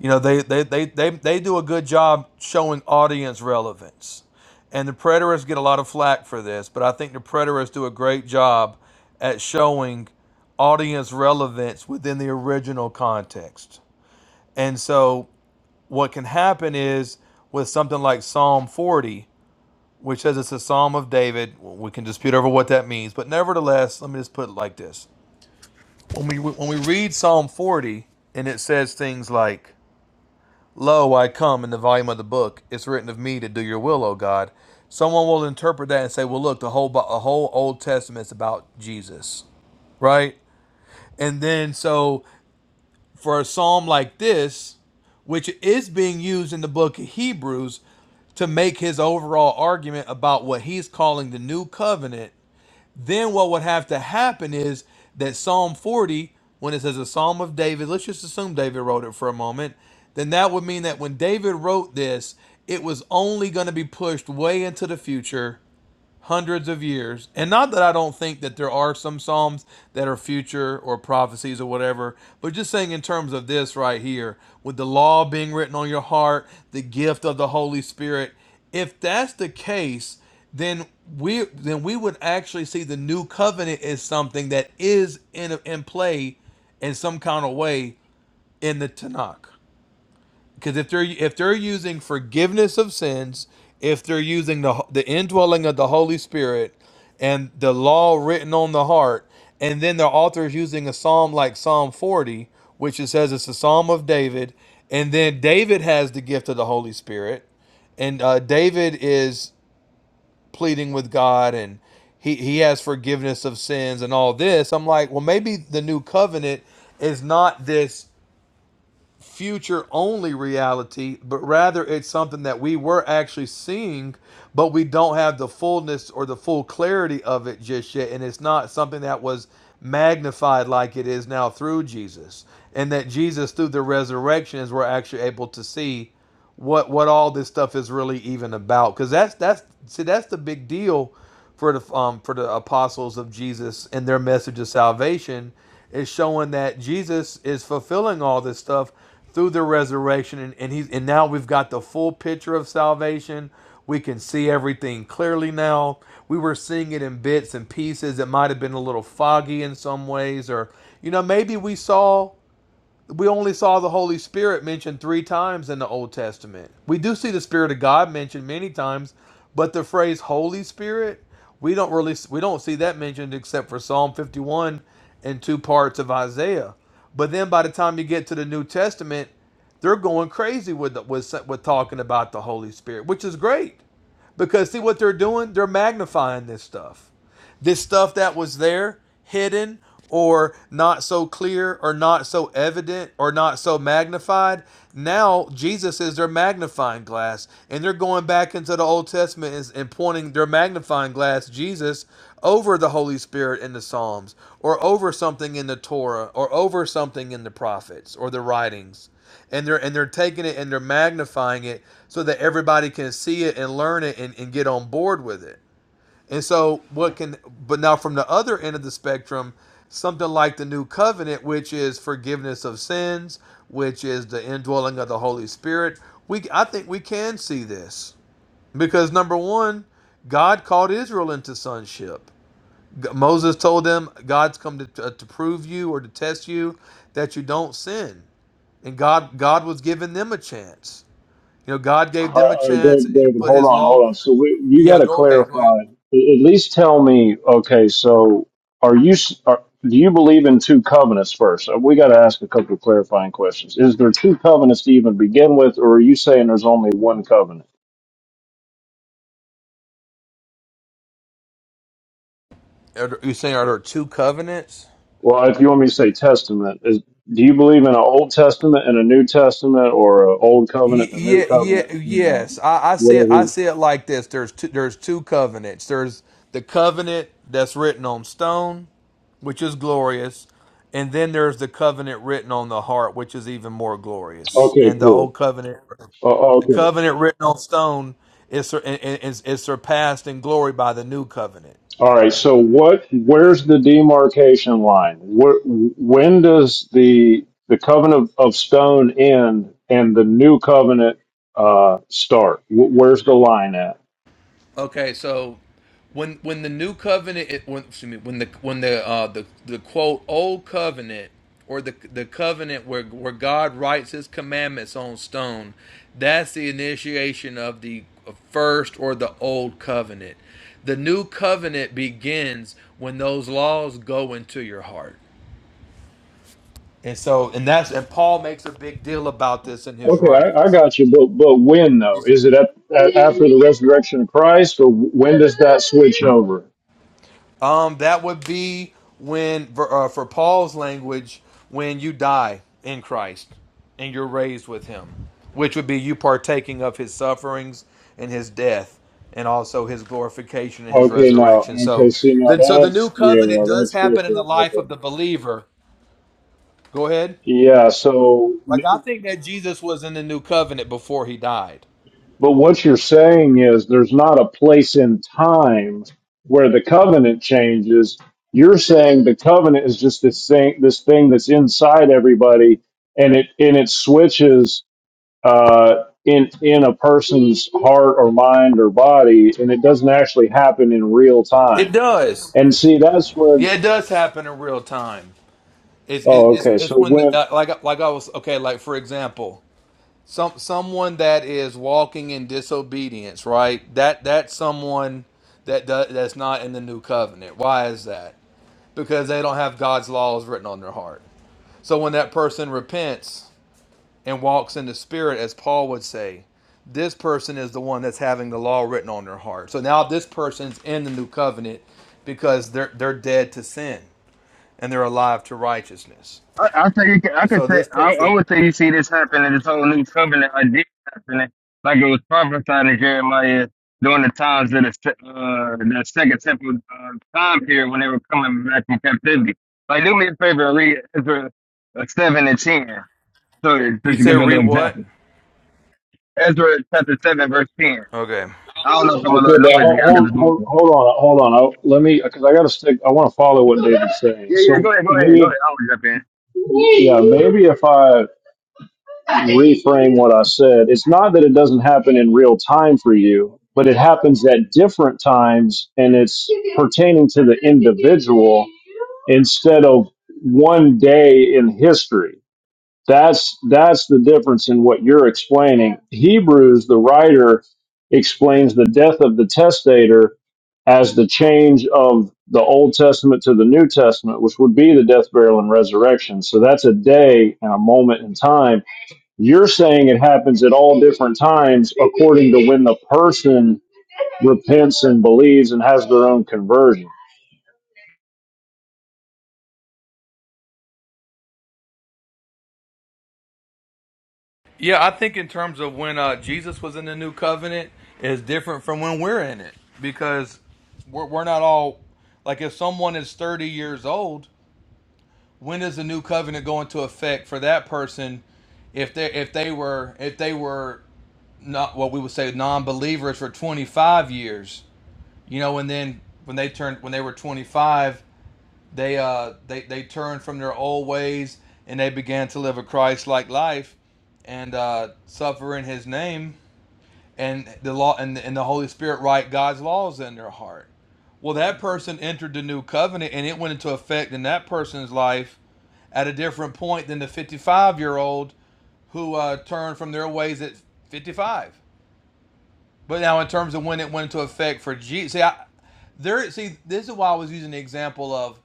S7: you know, they they, they, they they do a good job showing audience relevance. And the preterists get a lot of flack for this, but I think the preterists do a great job at showing audience relevance within the original context. And so what can happen is with something like Psalm 40, which says it's a psalm of David, we can dispute over what that means, but nevertheless, let me just put it like this. When we when we read Psalm 40 and it says things like Lo, I come in the volume of the book. It's written of me to do your will, O God. Someone will interpret that and say, well, look, the whole, Bi- the whole Old Testament's about Jesus, right? And then, so for a psalm like this, which is being used in the book of Hebrews to make his overall argument about what he's calling the new covenant then what would have to happen is that Psalm 40, when it says a Psalm of David, let's just assume David wrote it for a moment, then that would mean that when David wrote this, it was only going to be pushed way into the future hundreds of years. And not that I don't think that there are some Psalms that are future or prophecies or whatever, but just saying in terms of this right here, with the law being written on your heart, the gift of the Holy Spirit, if that's the case, then we then we would actually see the new covenant as something that is in in play in some kind of way in the Tanakh. Because if they're if they're using forgiveness of sins, if they're using the the indwelling of the Holy Spirit and the law written on the heart, and then the author is using a psalm like Psalm 40, which it says it's a psalm of David, and then David has the gift of the Holy Spirit, and uh, David is pleading with God and he, he has forgiveness of sins and all this. I'm like, well, maybe the new covenant is not this future only reality, but rather it's something that we were actually seeing, but we don't have the fullness or the full clarity of it just yet. And it's not something that was magnified like it is now through Jesus. And that Jesus, through the resurrection, is we're actually able to see what what all this stuff is really even about because that's that's see that's the big deal for the um, for the apostles of Jesus and their message of salvation is showing that Jesus is fulfilling all this stuff through the resurrection and, and he's and now we've got the full picture of salvation we can see everything clearly now we were seeing it in bits and pieces it might have been a little foggy in some ways or you know maybe we saw we only saw the Holy Spirit mentioned three times in the Old Testament. We do see the Spirit of God mentioned many times, but the phrase Holy Spirit, we don't really we don't see that mentioned except for Psalm 51 and two parts of Isaiah. But then by the time you get to the New Testament, they're going crazy with the, with with talking about the Holy Spirit, which is great because see what they're doing? They're magnifying this stuff this stuff that was there hidden or not so clear or not so evident or not so magnified now jesus is their magnifying glass and they're going back into the old testament and, pointing their magnifying glass jesus over the holy spirit in the psalms or over something in the torah or over something in the prophets or the writings and they're and they're taking it and they're magnifying it so that everybody can see it and learn it and, and get on board with it and so, what can, but now from the other end of the spectrum, something like the new covenant, which is forgiveness of sins, which is the indwelling of the Holy Spirit, we, I think we can see this because number one, God called Israel into sonship. Moses told them, God's come to, to, to prove you or to test you that you don't sin. And God, God was giving them a chance. You know, God
S8: All
S7: gave
S8: right,
S7: them a
S8: all right,
S7: chance and
S8: David,
S7: put
S8: hold
S7: his
S8: on,
S7: law.
S8: hold on. So we, you
S7: Yeah,
S8: got to
S7: go ahead. Go
S8: clarify.
S7: ahead.
S8: A- At least tell me. Okay, so are you? s- Are, do you believe in two covenants first? Uh, We got to ask a couple of clarifying questions. Is there two covenants to even begin with, or are you saying there's only one covenant?
S7: Are you saying are there two covenants?
S8: Well, if you want me to say testament, is do you believe in an Old Testament and a New Testament, or an Old
S7: Y-
S8: Covenant and a New
S7: yeah,
S8: Covenant?
S7: yeah,
S8: You know,
S7: yes. I, I see it. I see
S8: whatever.
S7: it like this. There's two, there's two covenants. There's the covenant that's written on stone, which is glorious, and then there's the covenant written on the heart, which is even more glorious.
S8: Okay,
S7: And the
S8: cool.
S7: old covenant,
S8: Oh,
S7: the
S8: okay.
S7: covenant written on stone, is is, is surpassed in glory by the new covenant.
S8: All right. So what? Where's the demarcation line? Where, when does the the covenant of, of stone end and the new covenant uh, start? Wh- Where's the line at?
S7: Okay, so when when the new covenant, it, when, excuse me, when the when the uh, the the quote old covenant or the the covenant where where God writes His commandments on stone, that's the initiation of the first or the old covenant. The new covenant begins when those laws go into your heart. And so, and that's and Paul makes a big deal about this in his
S8: Okay, I, I
S7: writings.
S8: got you. But but when though? Is it at, at after the resurrection of Christ, or when does that switch over?
S7: Um, that would be when for, uh, for Paul's language, when you die in Christ and you're raised with Him, which would be you partaking of His sufferings and His death, and also His glorification and His
S8: Okay, now
S7: resurrection.
S8: okay.
S7: So,
S8: See now
S7: then, so the new
S8: that's yeah,
S7: covenant does
S8: that's
S7: happen in the
S8: different.
S7: life of
S8: Okay.
S7: the believer. Go ahead.
S8: Yeah. So
S7: Like I think that Jesus was in the new covenant before He died.
S8: But what you're saying is there's not a place in time where the covenant changes. You're saying the covenant is just this thing, this thing that's inside everybody, and it and it switches uh, in in a person's heart or mind or body, and it doesn't actually happen in real
S7: It
S8: time.
S7: does.
S8: And see, that's when.
S7: Yeah, it does happen in real time. It's
S8: Oh,
S7: it's
S8: okay.
S7: it's
S8: So
S7: when
S8: when
S7: uh, like like I was okay. Like for example, some someone that is walking in disobedience, right? That that's someone that does, that's not in the new covenant. Why is that? Because they don't have God's laws written on their heart. So when that person repents and walks in the spirit as Paul would say, this person is the one that's having the law written on their heart. So now this person's in the new covenant because they're they're dead to sin and they're alive to righteousness.
S10: I, I say you can, I
S7: And
S10: could
S7: so
S10: say
S7: this
S10: I, I
S7: person
S10: would say you see this happening, this whole new covenant idea happening, like it was prophesied in Jeremiah during the times of the se- uh, the second temple uh, time period when they were coming back from captivity. Like do me a favor and read Ezra uh, seven and ten. So just to
S7: You
S10: give
S7: said
S10: you a
S7: re
S10: little
S7: what?
S10: example, Ezra chapter seven verse ten.
S7: Okay.
S10: I don't know if I'm a little
S8: okay, but
S10: noisy. I got
S8: hold
S10: this. mic
S8: hold hold,
S10: on.
S8: hold on, hold on. I, let me because I got to stick. I want to follow what David's saying.
S10: Yeah, yeah.
S8: So
S10: Go ahead, go ahead, go
S8: maybe
S10: ahead.
S8: Yeah, maybe if I reframe what I said, it's not that it doesn't happen in real time for you, but it happens at different times and it's pertaining to the individual instead of one day in history. That's that's the difference in what you're explaining. Hebrews, the writer explains the death of the testator as the change of the Old Testament to the New Testament, which would be the death, burial, and resurrection. So that's a day and a moment in time. You're saying it happens at all different times according to when the person repents and believes and has their own conversion.
S7: Yeah, I think in terms of when uh, Jesus was in the new covenant is different from when we're in it because we're, we're not all like if someone is 30 years old, when does the new covenant go into effect for that person if they if they were if they were not what we would say non-believers for 25 years, you know, and then when they turned when they were 25, they uh they they turned from their old ways and they began to live a Christ-like life and uh, suffer in his name and the law and the, and the Holy Spirit write God's laws in their heart. Well, that person entered the new covenant and it went into effect in that person's life at a different point than the 55 year old who uh, turned from their ways at 55. But now, in terms of when it went into effect for Jesus, see, I, there, see, this is why I was using the example of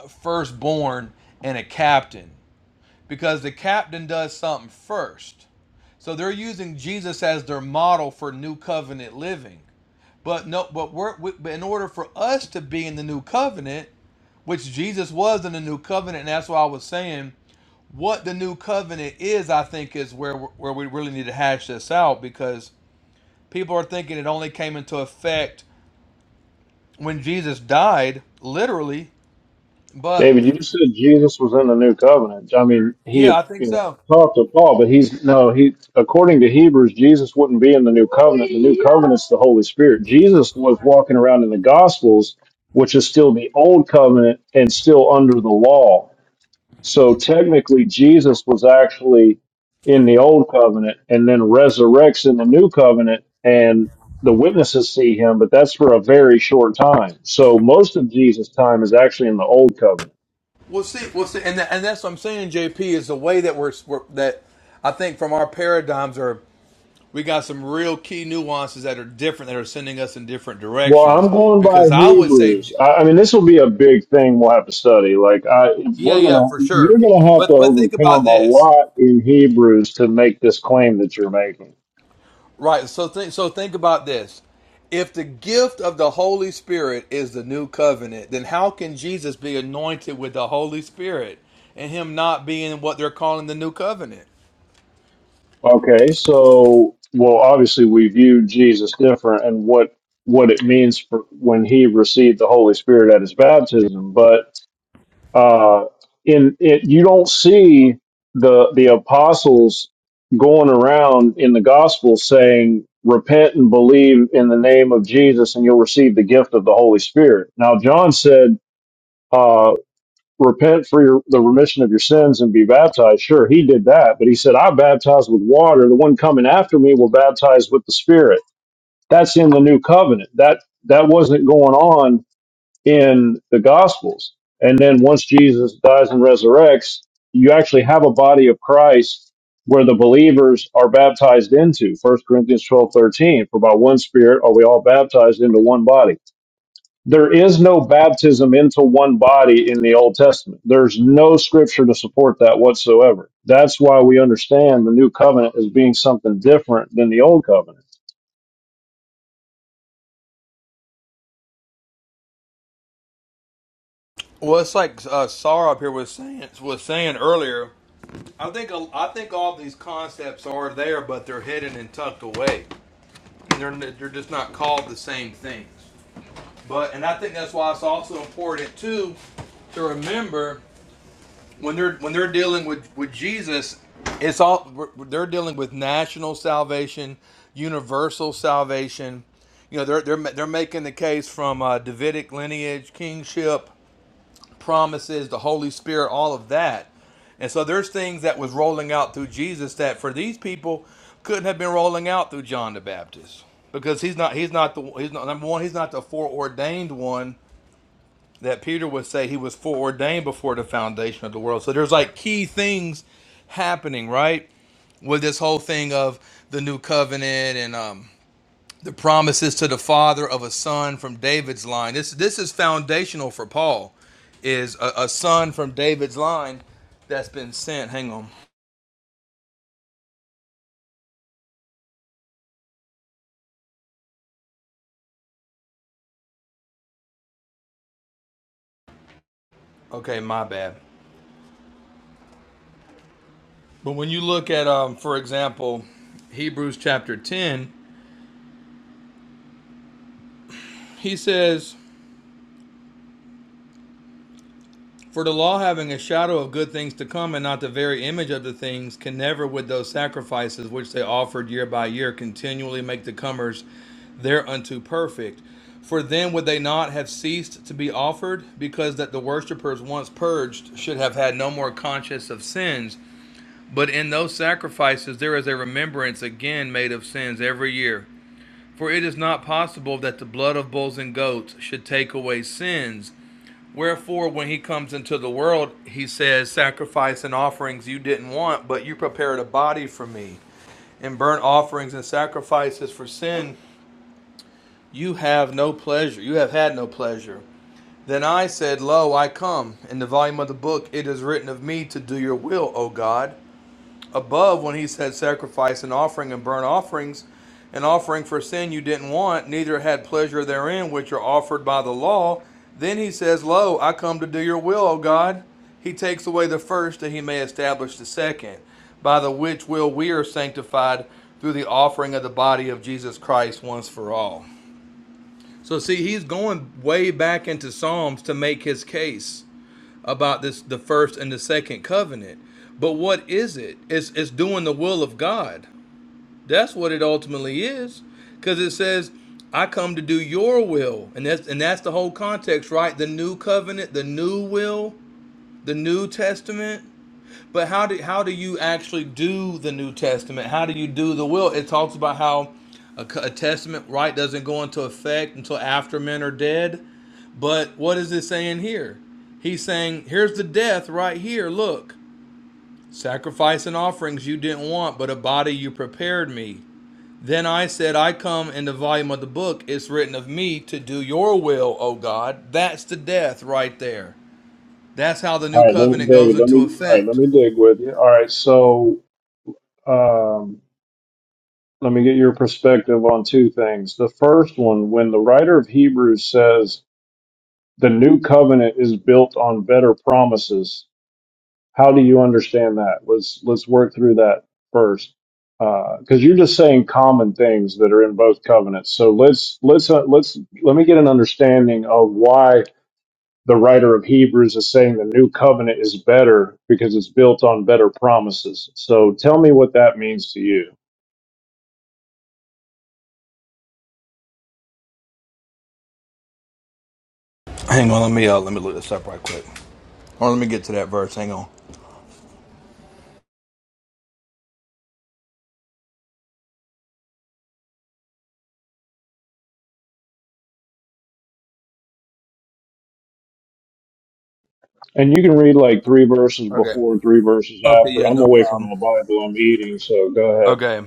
S7: a firstborn and a captain because the captain does something first. So they're using Jesus as their model for new covenant living. But no, but we're we, but in order for us to be in the new covenant, which Jesus was in the new covenant, and that's why I was saying what the new covenant is. I think is where where we really need to hash this out because people are thinking it only came into effect when Jesus died, literally. But
S8: David, you said Jesus was in the new covenant. I mean, he
S7: yeah,
S8: had,
S7: I think
S8: you know
S7: so.
S8: talked to Paul, but he's no he. According to Hebrews, Jesus wouldn't be in the new covenant. The new covenant's the Holy Spirit. Jesus was walking around in the Gospels, which is still the old covenant and still under the law. So technically, Jesus was actually in the old covenant, and then resurrects in the new covenant, and the witnesses see him, but that's for a very short time. So most of Jesus' time is actually in the old covenant.
S7: We'll see. We'll see. And tha- and that's what I'm saying. JP is the way that we're, we're that I think from our paradigms are. we got some real key nuances that are different that are sending us in different
S8: Well, I'm
S7: directions
S8: going by
S7: because i would say
S8: Hebrews. I, I mean, this will be a big thing we'll have to study. Like, I,
S7: yeah
S8: we're
S7: yeah
S8: gonna,
S7: for
S8: you're
S7: sure
S8: gonna have to
S7: but but think about
S8: overcome a
S7: this
S8: lot in Hebrews to make this claim that you're making.
S7: right so think so think about this if the gift of the holy spirit is the new covenant then how can jesus be anointed with the holy spirit and him not being what they're calling the new covenant
S8: Okay, so, well, obviously we view Jesus different and what what it means for when he received the Holy Spirit at his baptism, but uh, in it you don't see the the apostles going around in the gospel saying repent and believe in the name of jesus and you'll receive the gift of the holy spirit now john said uh, repent for your, the remission of your sins and be baptized sure he did that but he said i baptize with water the one coming after me will baptize with the spirit that's in the new covenant that that wasn't going on in the Gospels. And then once Jesus dies and resurrects, you actually have a body of Christ where the believers are baptized into. First Corinthians 12 13. For by one spirit are we all baptized into one body. There is no baptism into one body in the Old Testament. There's no scripture to support that whatsoever. That's why we understand the new covenant as being something different than the old covenant.
S7: well it's like uh, sarah up here was saying was saying earlier I think I think all these concepts are there, but they're hidden and tucked away. They're they're just not called the same things. But and I think that's why it's also important too to remember when they're when they're dealing with with Jesus, it's all they're dealing with national salvation, universal salvation. You know, they're they're they're making the case from uh, Davidic lineage, kingship, promises, the Holy Spirit, all of that. And so there's things that was rolling out through Jesus that for these people couldn't have been rolling out through John the Baptist because he's not he's not the he's not number one he's not the foreordained one that Peter would say he was foreordained before the foundation of the world. So there's like key things happening right with this whole thing of the new covenant and um the promises to the father of a son from David's line. This this is foundational for Paul, is a, a son from David's line that's been sent. Hang on. Okay, my bad. But when you look at um, for example, Hebrews chapter ten, he says For the law having a shadow of good things to come and not the very image of the things can never with those sacrifices which they offered year by year continually make the comers thereunto perfect. For then would they not have ceased to be offered, because that the worshippers once purged should have had no more conscience of sins. But in those sacrifices there is a remembrance again made of sins every year. For it is not possible that the blood of bulls and goats should take away sins. Wherefore, when he comes into the world, he says, Sacrifice and offerings you didn't want, but you prepared a body for me. And burnt offerings and sacrifices for sin, you have no pleasure. You have had no pleasure. Then I said, Lo, I come. In the volume of the book, it is written of me to do your will, O God above when he said sacrifice and offering and burnt offerings an offering for sin you didn't want neither had pleasure therein which are offered by the law then he says lo i come to do your will o god he takes away the first that he may establish the second by the which will we are sanctified through the offering of the body of jesus christ once for all so see he's going way back into psalms to make his case about this the first and the second covenant. But what is it? It's it's doing the will of God. That's what it ultimately is. Cause it says, I come to do your will. And that's and that's the whole context, right? The new covenant, the new will, the New Testament. But how do how do you actually do the New Testament? How do you do the will? It talks about how a, a testament right doesn't go into effect until after men are dead but what is it saying here? He's saying, here's the death right here. Look, sacrifice and offerings you didn't want, but a body you prepared me. Then I said, I come in the volume of the book. It's written of me to do your will, O God. That's the death right there. That's how the
S8: All
S7: new
S8: right, let,
S7: covenant
S8: David,
S7: goes
S8: let
S7: into
S8: me all right, let
S7: effect.
S8: me dig with you. All right, so um, let me get your perspective on two things. The first one, when the writer of Hebrews says the new covenant is built on better promises, how do you understand that? Let's let's work through that first, because you're just saying common things that are in both covenants. So let's let's uh, let's let me get an understanding of why the writer of Hebrews is saying the new covenant is better because it's built on better promises. So tell me what that means to you.
S7: Hang on, let me uh, let me look this up right quick. Or let me get to that verse. Hang on.
S8: And you can read like three verses
S7: Okay.
S8: before, three verses
S7: Okay.
S8: after.
S7: Yeah.
S8: I'm
S7: No
S8: away from
S7: problem.
S8: the Bible. I'm eating, so go ahead.
S7: Okay.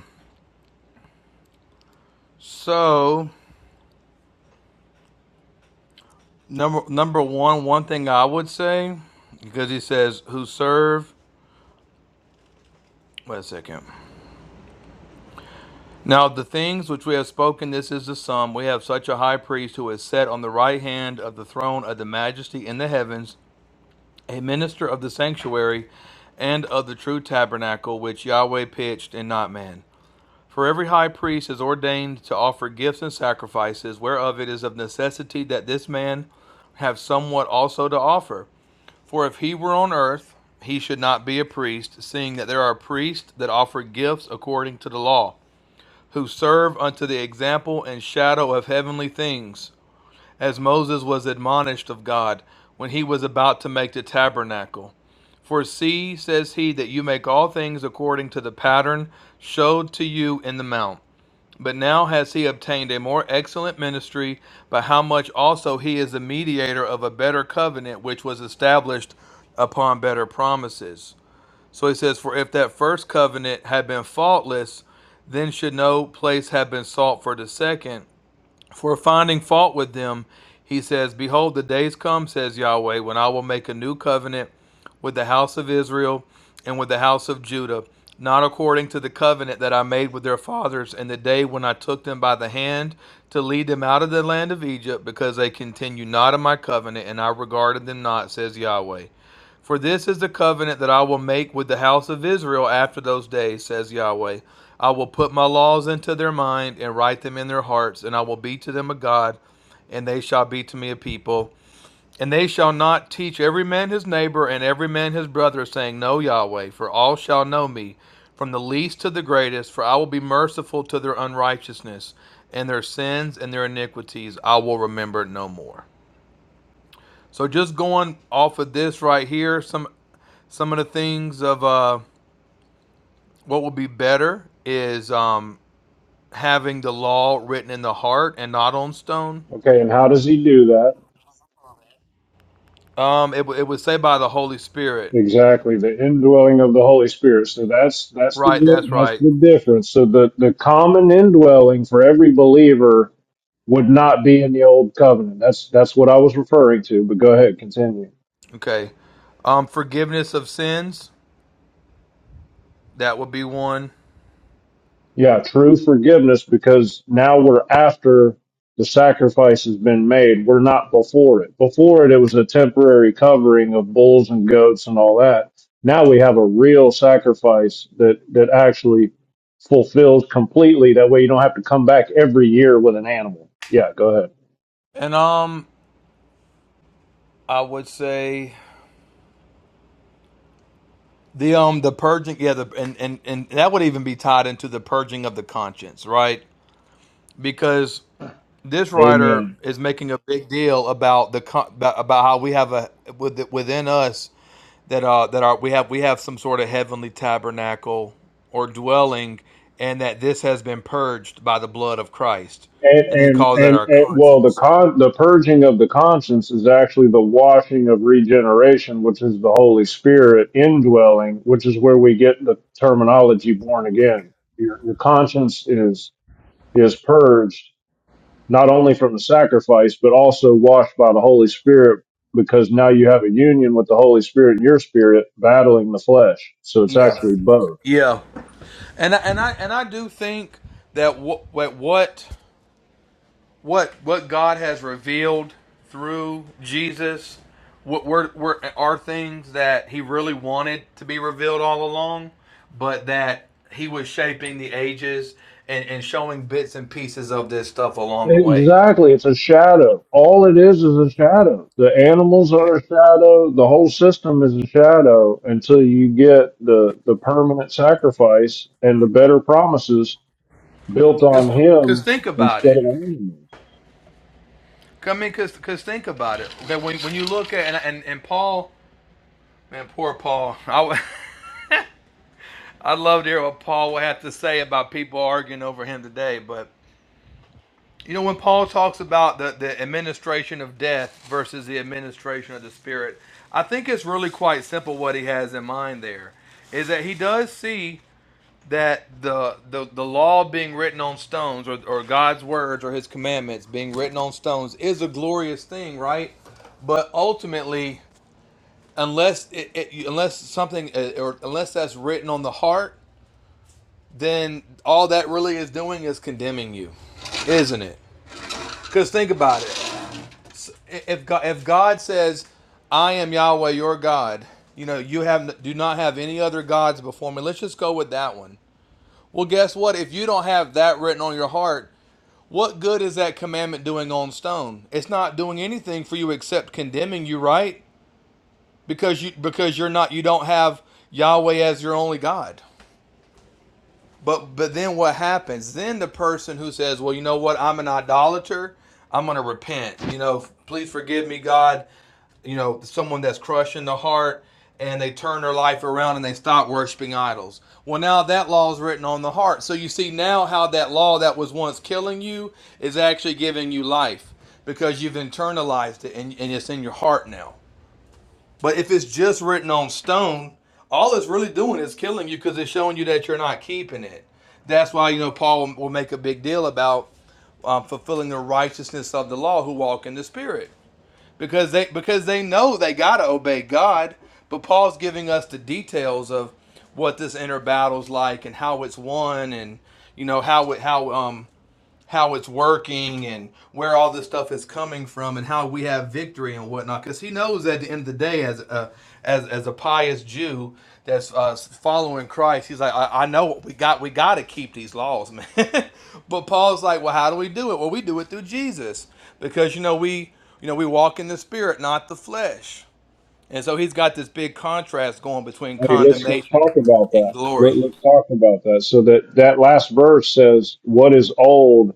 S7: So Number number one, one thing I would say, because he says, "Who serve." Wait a second. Now the things which we have spoken, this is the sum. We have such a high priest who is set on the right hand of the throne of the Majesty in the heavens, a minister of the sanctuary, and of the true tabernacle which Yahweh pitched and not man. For every high priest is ordained to offer gifts and sacrifices, whereof it is of necessity that this man have somewhat also to offer. For if he were on earth, he should not be a priest, seeing that there are priests that offer gifts according to the law, who serve unto the example and shadow of heavenly things, as Moses was admonished of God when he was about to make the tabernacle. For see, says he, that you make all things according to the pattern showed to you in the mount. But now has he obtained a more excellent ministry, by how much also he is the mediator of a better covenant, which was established upon better promises. So he says, For if that first covenant had been faultless, then should no place have been sought for the second for finding fault with them, he says, Behold, the days come, says Yahweh, when I will make a new covenant with the house of Israel and with the house of Judah, not according to the covenant that I made with their fathers in the day when I took them by the hand to lead them out of the land of Egypt, because they continued not in my covenant, and I regarded them not, says Yahweh. For this is the covenant that I will make with the house of Israel after those days, says Yahweh. I will put my laws into their mind and write them in their hearts, and I will be to them a God, and they shall be to me a people. And they shall not teach every man his neighbor and every man his brother, saying, Know Yahweh, for all shall know me, from the least to the greatest, for I will be merciful to their unrighteousness, and their sins and their iniquities I will remember no more. So just going off of this right here, some some of the things of uh, what would be better is um, having the law written in the heart and not on stone.
S8: Okay, and how does he do that?
S7: Um, it, w- it would say by the Holy Spirit.
S8: Exactly, the indwelling of the Holy Spirit. So that's that's the
S7: Right, that's
S8: that's
S7: right.
S8: the difference. So the the common indwelling for every believer would not be in the old covenant. That's that's what I was referring to. But go ahead, continue.
S7: Okay. Um, forgiveness of sins, that would be one.
S8: Yeah, true forgiveness because now we're after the sacrifice has been made. We're not before it. Before it, it was a temporary covering of bulls and goats and all that. Now we have a real sacrifice that, that actually fulfills completely. That way you don't have to come back every year with an animal. Yeah, go ahead.
S7: And um, I would say the um the purging, yeah, the and and and that would even be tied into the purging of the conscience, right? Because this writer is making a big deal about the co- about how we have a within us that uh that are we have we have some sort of heavenly tabernacle or dwelling and that this has been purged by the blood of Christ
S8: And,
S7: and they
S8: and
S7: call that
S8: and
S7: our
S8: and well, the
S7: conscience
S8: con the purging of the conscience is actually the washing of regeneration, which is the Holy Spirit indwelling, which is where we get the terminology born again. Your your conscience is is purged not only from the sacrifice, but also washed by the Holy Spirit, because now you have a union with the Holy Spirit and your spirit battling the flesh. So it's
S7: yeah
S8: actually both.
S7: yeah and I, and I and I do think that what what what what God has revealed through Jesus, what were, were are things that He really wanted to be revealed all along, but that He was shaping the ages and, and showing bits and pieces of this stuff along the way.
S8: Exactly, it's a shadow. All it is is a shadow. The animals are a shadow. The whole system is a shadow until you get the the permanent sacrifice and the better promises built on
S7: Because
S8: him
S7: think about
S8: instead
S7: it.
S8: of animals.
S7: I mean, because cause think about it. Okay, when, when you look at and, and and Paul, man, poor Paul. I I'd love to hear what Paul would have to say about people arguing over him today, but You know, when Paul talks about the, the administration of death versus the administration of the Spirit, I think it's really quite simple what he has in mind there. Is that he does see that the the, the law being written on stones or, or God's words or his commandments being written on stones is a glorious thing, right? But ultimately, unless it, it, unless something uh, or unless that's written on the heart, then all that really is doing is condemning you isn't it? Because think about it. if God, if God says, "I am Yahweh your God," you know, you have do not have any other gods before me. Let's just go with that one. Well, guess what? If you don't have that written on your heart, what good is that commandment doing on stone? It's not doing anything for you except condemning you, right? Because you because you're not you don't have Yahweh as your only God. But but then what happens? Then the person who says, "Well, you know what? I'm an idolater. I'm going to repent. You know, please forgive me, God." You know, someone that's crushing the heart and they turn their life around and they stop worshiping idols. Well, now that law is written on the heart. So you see now how that law that was once killing you is actually giving you life because you've internalized it and, and it's in your heart now. But if it's just written on stone, all it's really doing is killing you because it's showing you that you're not keeping it. That's why you know Paul will- will make a big deal about um, fulfilling the righteousness of the law who walk in the Spirit because they because they know they gotta obey God. But Paul's giving us the details of what this inner battle's like and how it's won and you know how it how um how it's working and where all this stuff is coming from and how we have victory and whatnot because he knows at the end of the day as a as, as a pious jew that's uh, following christ he's like I, I know we got we got to keep these laws man but paul's like well how do we do it well we do it through jesus because you know we you know we walk in the spirit not the flesh and so he's got this big contrast going between
S8: Hey, let's let's
S7: condemnation
S8: talk about
S7: and
S8: that.
S7: glory
S8: Let, let's talk about that. So that that last verse says, "What is old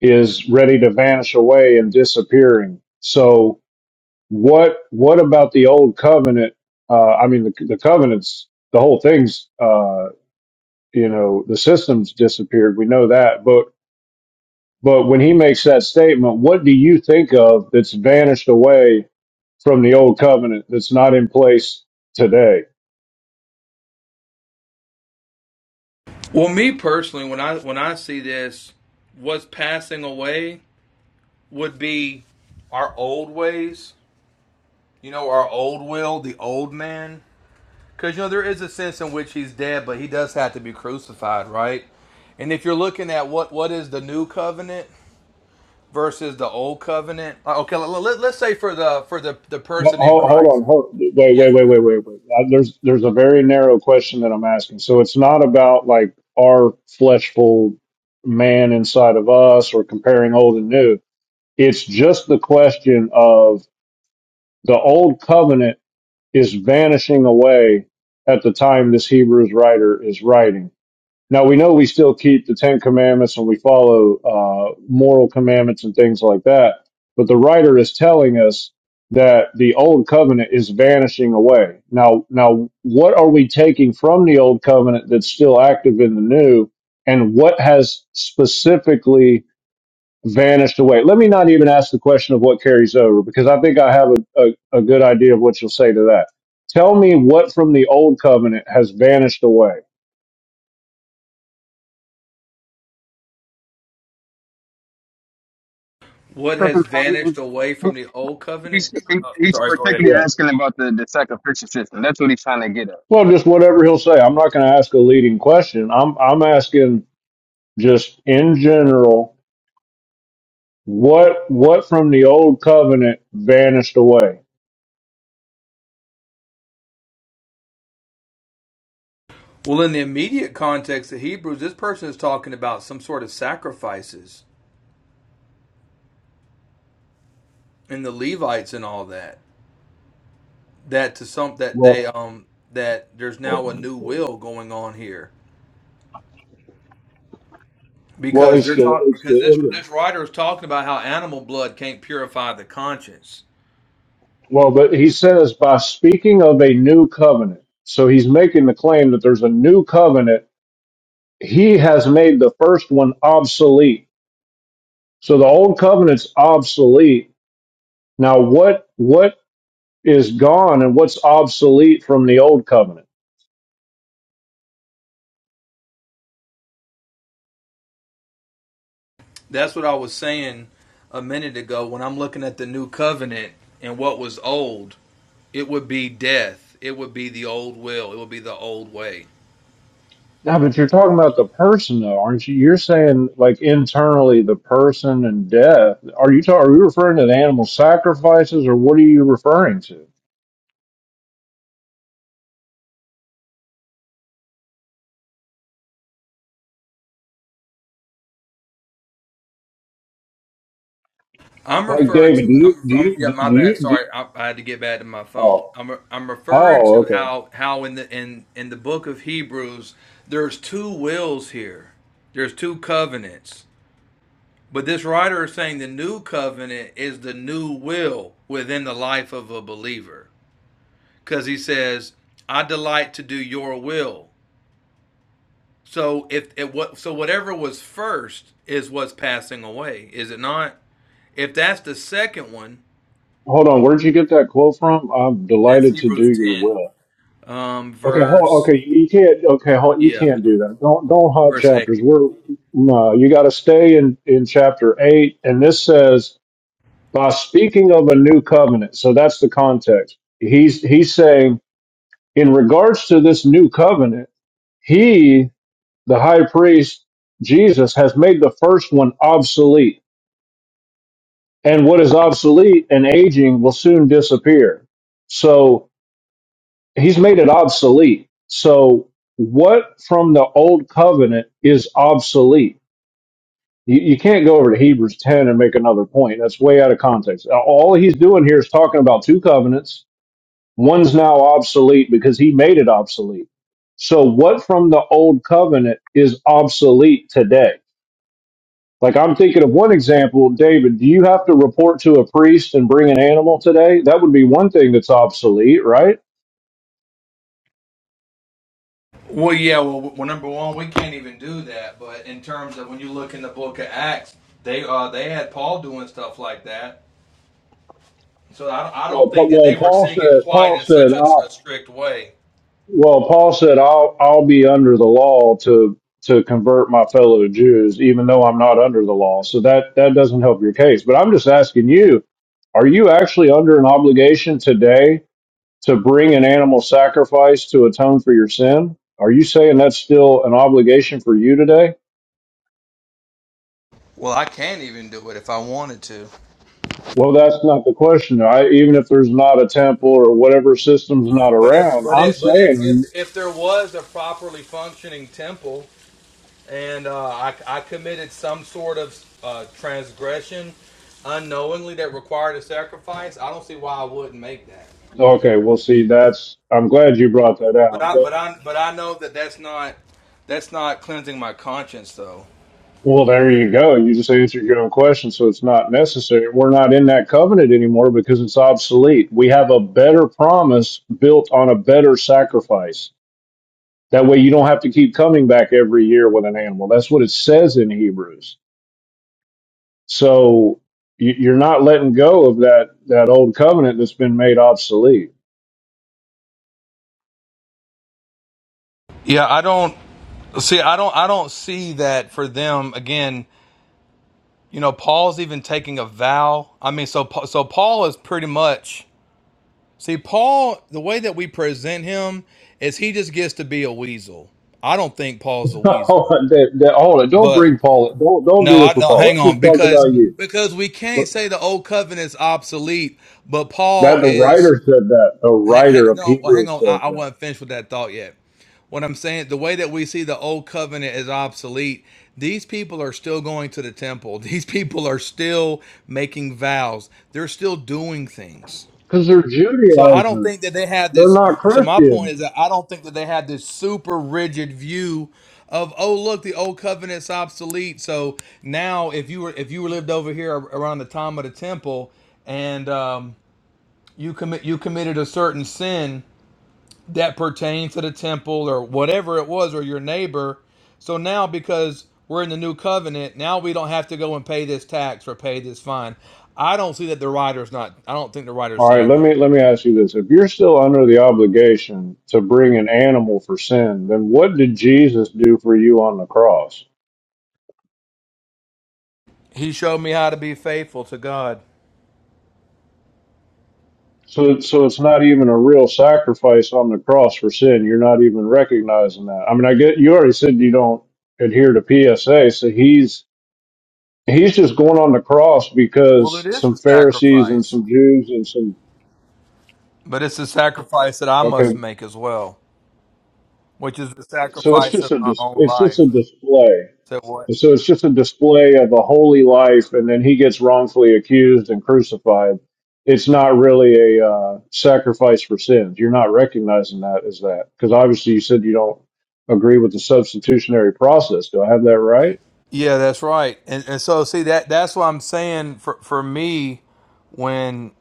S8: is ready to vanish away and disappearing." So what what about the old covenant uh i mean the, the covenants the whole thing's uh you know the system's disappeared we know that but but when he makes that statement what do you think of that's vanished away from the old covenant that's not in place today
S7: Well, me personally, when I when I see this, what's passing away would be our old ways. You know, our old will, the old man. Because you know there is a sense in which he's dead, but he does have to be crucified, right? And if you're looking at what what is the new covenant versus the old covenant, uh, okay, let, let, let's say for the for the the
S8: Ho-
S7: person in
S8: ho- hold
S7: Christ,
S8: on hold, wait
S7: yeah,
S8: wait wait wait wait wait Uh, there's there's a very narrow question that i'm asking so it's not about like our fleshful man inside of us or comparing old and new It's just the question of the old covenant is vanishing away at the time this Hebrews writer is writing. Now we know we still keep the Ten Commandments and we follow uh, moral commandments and things like that, but the writer is telling us that the old covenant is vanishing away. Now, now what are we taking from the old covenant that's still active in the new, and what has specifically vanished away. Let me not even ask the question of what carries over because I think I have a, a, a good idea of what you'll say to that. Tell me what from the old covenant has vanished away.
S7: what
S10: I'll
S7: has
S10: jump
S7: vanished away
S10: in.
S7: from the old covenant?
S10: He's,
S7: Oh,
S10: he's
S7: sorry, go ahead.
S10: particularly
S8: Yeah.
S10: asking about the, the sacrificial system. That's what he's trying to get at.
S8: Well, just whatever he'll say. I'm not going to ask a leading question. I'm I'm asking just in general what what from the old covenant vanished away.
S7: Well, in the immediate context of Hebrews, this person is talking about some sort of sacrifices and the Levites and all that. That to some that they
S8: Well,
S7: um that there's now a
S8: Well,
S7: new will going on here because
S8: it's
S7: they're
S8: the
S7: talking
S8: it's
S7: because
S8: the
S7: this
S8: end.
S7: this writer is talking about how animal blood can't purify the conscience.
S8: Well, but he says by speaking of a new covenant, so he's making the claim that there's a new covenant he has made the first one obsolete. So the old covenant's obsolete. Now what what is gone and what's obsolete from the old covenant?
S7: That's what I was saying a minute ago when I'm looking at the new covenant and what was old. It would be death. It would be the old will. It would be the old way.
S8: Now, but you're talking about the person though, aren't you? You're saying like internally the person and death. Are you talking, are you referring to the animal sacrifices or what are you referring to?
S7: I'm
S8: Like
S7: referring
S8: David, do
S7: to
S8: you
S7: I'm,
S8: do
S7: I'm
S8: you
S7: yeah
S8: do
S7: my bad
S8: you, do you-
S7: sorry I, I had to get back to my phone
S8: oh
S7: I'm re- I'm referring
S8: oh
S7: to
S8: okay.
S7: how how in the in in the book of Hebrews there's two wills here there's two covenants but this writer is saying the new covenant is the new will within the life of a believer because he says I delight to do your will so if it what so whatever was first is what's passing away is it not if that's the second one
S8: Hold on, where'd you get that quote from? I'm
S7: that's
S8: delighted to do
S7: Hebrews
S8: your
S7: 10
S8: will.
S7: Um,
S8: Okay, hold,
S7: verse
S8: okay, you can't. Okay, hold, you
S7: yeah,
S8: can't do that. Don't don't hop
S7: verse eight.
S8: chapters. We're no, you got to stay in in chapter eight, and this says by speaking of a new covenant. So that's the context. He's he's saying in regards to this new covenant, he, the high priest Jesus, has made the first one obsolete, and what is obsolete and aging will soon disappear. So he's made it obsolete. So what from the old covenant is obsolete? You, you can't go over to Hebrews 10 and make another point. That's way out of context. All he's doing here is talking about two covenants. One's now obsolete because he made it obsolete. So what from the old covenant is obsolete today? Like I'm thinking of one example, David, do you have to report to a priest and bring an animal today? That would be one thing that's obsolete, right?
S7: Well, yeah. Well, well, number one, we can't even do that. But in terms of when you look in the book of Acts, they uh they had Paul doing stuff like that. So I don't, I don't
S8: Well,
S7: think
S8: but,
S7: that
S8: well,
S7: they were
S8: Paul
S7: seeing it
S8: said,
S7: quite
S8: Paul
S7: in
S8: said,
S7: such a, a
S8: I,
S7: strict way.
S8: Well, Paul said, "I'll I'll be under the law to to convert my fellow Jews, even though I'm not under the law." So that that doesn't help your case. But I'm just asking you: Are you actually under an obligation today to bring an animal sacrifice to atone for your sin? Are you saying that's still an obligation for you today?
S7: Well, I can't even do it if I wanted to.
S8: Well, that's not the question. I, even if there's not a temple or whatever system's not
S7: But if
S8: around,
S7: but
S8: I'm
S7: it but if if
S8: saying,
S7: if there was a properly functioning temple. and uh, I, I committed some sort of uh, transgression unknowingly that required a sacrifice, I don't see why I wouldn't make that.
S8: okay, well, see, that's, I'm glad you brought that
S7: But
S8: out.
S7: I but I but I know that that's not that's not cleansing my conscience though.
S8: Well, there you go. You just answered your own question, so it's not necessary. We're not in that covenant anymore because it's obsolete. We have a better promise built on a better sacrifice. That way, you don't have to keep coming back every year with an animal. That's what it says in Hebrews. So you- you're not letting go of that that old covenant that's been made obsolete.
S7: Yeah, I don't see. I don't I don't see that for them again. You know, Paul's even taking a vow. I mean, so so Paul is pretty much see Paul. The way that we present him is he just gets to be a weasel. I don't think Paul's a weasel,
S8: hold, on, Dave, Dave, hold on, don't
S7: but
S8: bring Paul. Don't don't
S7: No,
S8: do this
S7: I
S8: with
S7: don't.
S8: Paul.
S7: Hang
S8: Let's
S7: on,
S8: just talk
S7: because
S8: about you.
S7: because we can't say the old covenant's obsolete, but Paul
S8: That the
S7: is.
S8: writer said that. The
S7: Hang, hang,
S8: writer of
S7: no, well, hang
S8: Hebrews
S7: on. I,
S8: said
S7: I
S8: that.
S7: wasn't finished with that thought yet. What I'm saying, the way that we see the old covenant is obsolete. These people are still going to the temple. These people are still making vows. They're still doing things.
S8: because they're
S7: So I don't
S8: Judaizers.
S7: think that they had
S8: They're
S7: this.
S8: not
S7: So my
S8: Christians.
S7: point is that I don't think that they had this super rigid view of oh look the old covenant's obsolete. So now if you were if you were lived over here around the time of the temple and um, you commit you committed a certain sin that pertained to the temple or whatever it was or your neighbor. So now because we're in the new covenant, now we don't have to go and pay this tax or pay this fine. I don't see that the writer's not. I don't think the writer's
S8: All right,
S7: saying
S8: let me
S7: that.
S8: let me ask you this: If you're still under the obligation to bring an animal for sin, then what did Jesus do for you on the cross?
S7: He showed me how to be faithful to God.
S8: So, so it's not even a real sacrifice on the cross for sin. You're not even recognizing that. I mean, I get you already said you don't adhere to PSA, so he's he's just going on the cross
S7: Well,
S8: because
S7: it is
S8: some
S7: a
S8: Pharisees and
S7: sacrifice,
S8: some Jews and some
S7: but it's a sacrifice that I
S8: okay.
S7: must make as well, which is the
S8: So it's
S7: sacrifice
S8: just
S7: of
S8: a
S7: my
S8: dis-
S7: own
S8: it's just
S7: life.
S8: a display.
S7: So what?
S8: And so it's just a display of a holy life, and then he gets wrongfully accused and crucified. It's not really a uh, sacrifice for sins. You're not recognizing that as that, because obviously you said you don't agree with the substitutionary process. Do I have that right,
S7: Yeah, that's right. And, and so see that that's what I'm saying for for me when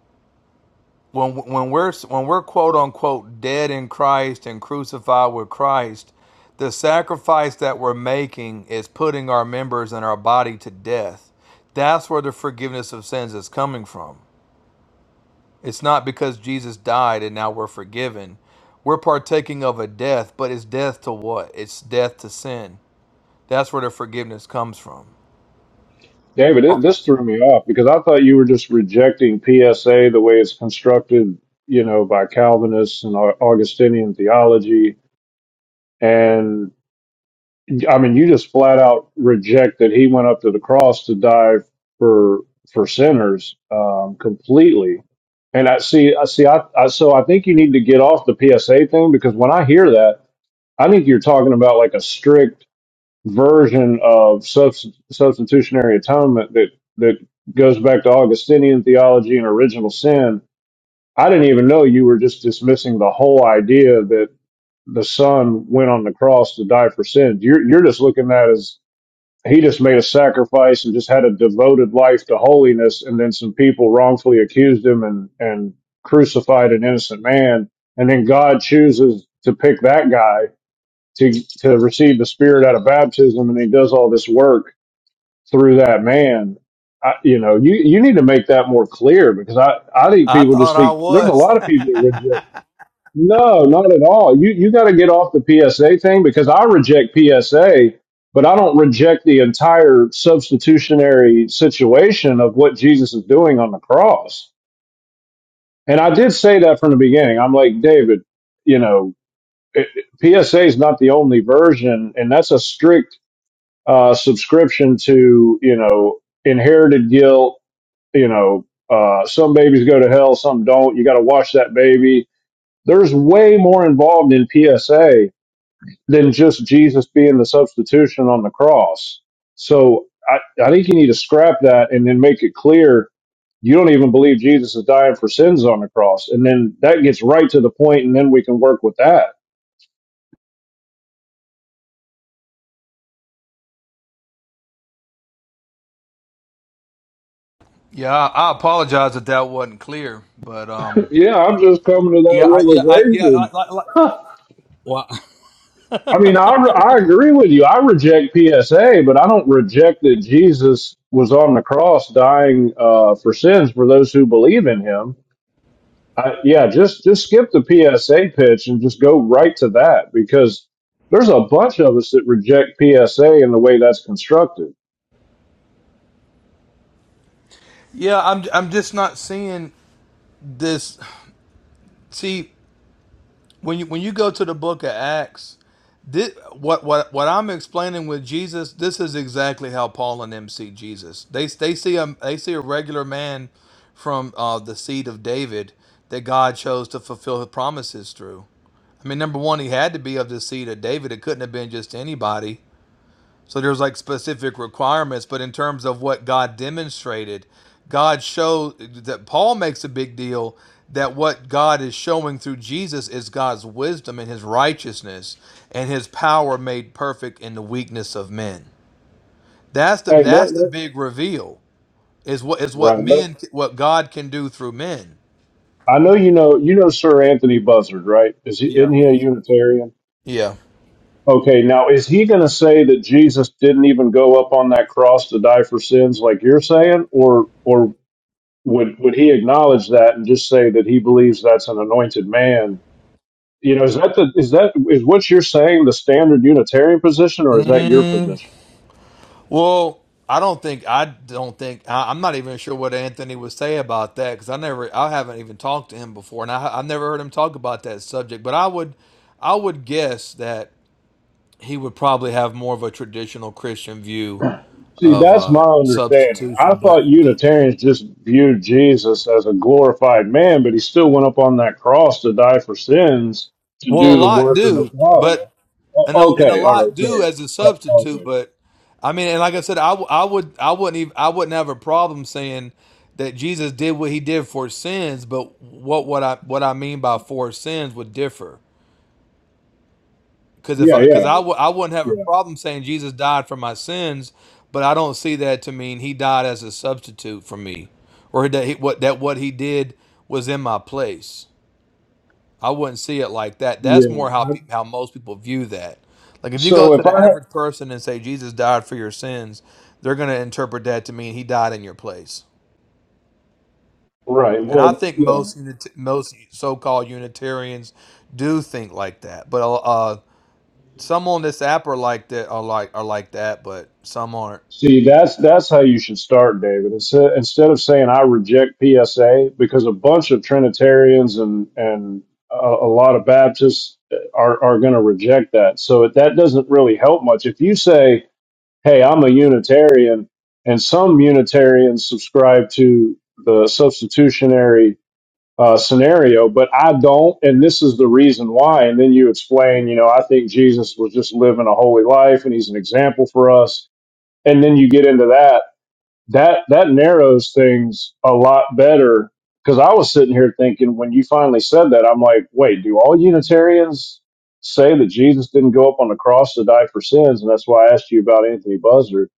S7: when when we're when we're quote unquote dead in Christ and crucified with Christ, the sacrifice that we're making is putting our members and our body to death. That's where the forgiveness of sins is coming from. It's not because Jesus died and now we're forgiven. We're partaking of a death, but it's death to what? It's death to sin. That's where the forgiveness comes from.
S8: David? It, this threw me off because I thought you were just rejecting PSA the way it's constructed, you know, by Calvinists and Au- Augustinian theology, and I mean, you just flat out reject that he went up to the cross to die for for sinners um, completely. And I see, I see, I, I so I think you need to get off the PSA thing because when I hear that, I think you're talking about like a strict version of subst- substitutionary atonement that that goes back to Augustinian theology and original sin. I didn't even know you were just dismissing the whole idea that the son went on the cross to die for sins. You're you're just looking at it as he just made a sacrifice and just had a devoted life to holiness and then some people wrongfully accused him and and crucified an innocent man and then god chooses to pick that guy to to receive the spirit out of baptism and he does all this work through that man I, you know you you need to make that more clear because i i think
S7: I
S8: people just
S7: thought I
S8: think there's a
S7: was.
S8: lot of people that reject no, not at all. You you got to get off the PSA thing because I reject PSA, but I don't reject the entire substitutionary situation of what Jesus is doing on the cross. And I did say that from the beginning. I'm like, David, you know, it, it- PSA is not the only version, and that's a strict uh, subscription to you know inherited guilt. You know, uh, some babies go to hell, some don't. You got to wash that baby there's way more involved in PSA. than just Jesus being the substitution on the cross. So I, I think you need to scrap that and then make it clear you don't even believe Jesus is dying for sins on the cross. And then that gets right to the point, and then we can work with that.
S7: Yeah, I, I apologize if that wasn't clear, but um,
S8: Yeah, I'm just coming to
S7: yeah,
S8: that
S7: I, yeah, I, yeah,
S8: realization.
S7: like, like, like, well,
S8: I mean, I, re- I agree with you. I reject PSA, but I don't reject that Jesus was on the cross dying uh, for sins for those who believe in him. I, yeah, just just skip the PSA pitch and just go right to that because there's a bunch of us that reject PSA in the way that's constructed.
S7: yeah, I'm, I'm just not seeing this. See, when you when you go to the Book of Acts. This, what what what I'm explaining with Jesus, this is exactly how Paul and them see Jesus. They they see a they see a regular man from uh, the seed of David that God chose to fulfill His promises through. I mean, number one, he had to be of the seed of David. It couldn't have been just anybody. So there's like specific requirements, but in terms of what God demonstrated, God showed that Paul makes a big deal that what God is showing through Jesus is God's wisdom and his righteousness and his power made perfect in the weakness of men. That's the
S8: Hey, no,
S7: that's the
S8: no,
S7: big reveal is what is what
S8: right? No,
S7: men what God can do through men.
S8: I know you know you know Sir Anthony Buzzard, right? Is he
S7: Yeah.
S8: isn't he a Unitarian?
S7: Yeah.
S8: Okay, now is he going to say that Jesus didn't even go up on that cross to die for sins like you're saying, or or would would he acknowledge that and just say that he believes that's an anointed man You know, is that the is that is what you're saying the standard Unitarian position, or is that your
S7: Mm,
S8: position?
S7: Well, I don't think I don't think I, I'm not even sure what Anthony would say about that because I never I haven't even talked to him before and I I've never heard him talk about that subject. But I would I would guess that he would probably have more of a traditional Christian view
S8: See,
S7: of
S8: that's my
S7: uh,
S8: understanding. I
S7: substitution. But
S8: thought Unitarians just viewed Jesus as a glorified man, but he still went up on that cross to die for sins to
S7: well, a
S8: do the
S7: lot
S8: work of the
S7: do,
S8: Father.
S7: but and
S8: O-
S7: a, and a
S8: Okay, all right,
S7: lot do
S8: fair.
S7: as a
S8: O-
S7: substitute.
S8: Okay,
S7: But I mean, and like I said, I, w- I would I wouldn't even I wouldn't have a problem saying that Jesus did what he did for sins. But what what I what I mean by for sins would differ because if
S8: yeah,
S7: I because
S8: yeah,
S7: I w- I wouldn't have a
S8: yeah,
S7: problem saying Jesus died for my sins, but I don't see that to mean he died as a substitute for me, or that he, what that what he did was in my place. I wouldn't see it like that. That's more how
S8: yeah. I-
S7: pe- how most people view that. Like if you go
S8: So
S7: to
S8: if
S7: the
S8: I
S7: average person and say Jesus died for your sins, they're going to interpret that to mean he died in your place.
S8: right,
S7: And I
S8: well,
S7: think
S8: yeah.
S7: most unit- most so-called Unitarians do think like that. But uh, some on this app are like that are like are like that, but some aren't.
S8: See, that's that's how you should start, David. Instead, instead of saying I reject PSA, because a bunch of Trinitarians and and a, a lot of Baptists are are going to reject that. So that doesn't really help much. If you say, "Hey, I'm a Unitarian," and some Unitarians subscribe to the substitutionary uh, scenario, but I don't, and this is the reason why, and then you explain, you know, I think Jesus was just living a holy life, and he's an example for us and then you get into that that that narrows things a lot better because i was sitting here thinking when you finally said that i'm like wait do all unitarians say that jesus didn't go up on the cross to die for sins and that's why i asked you about anthony buzzard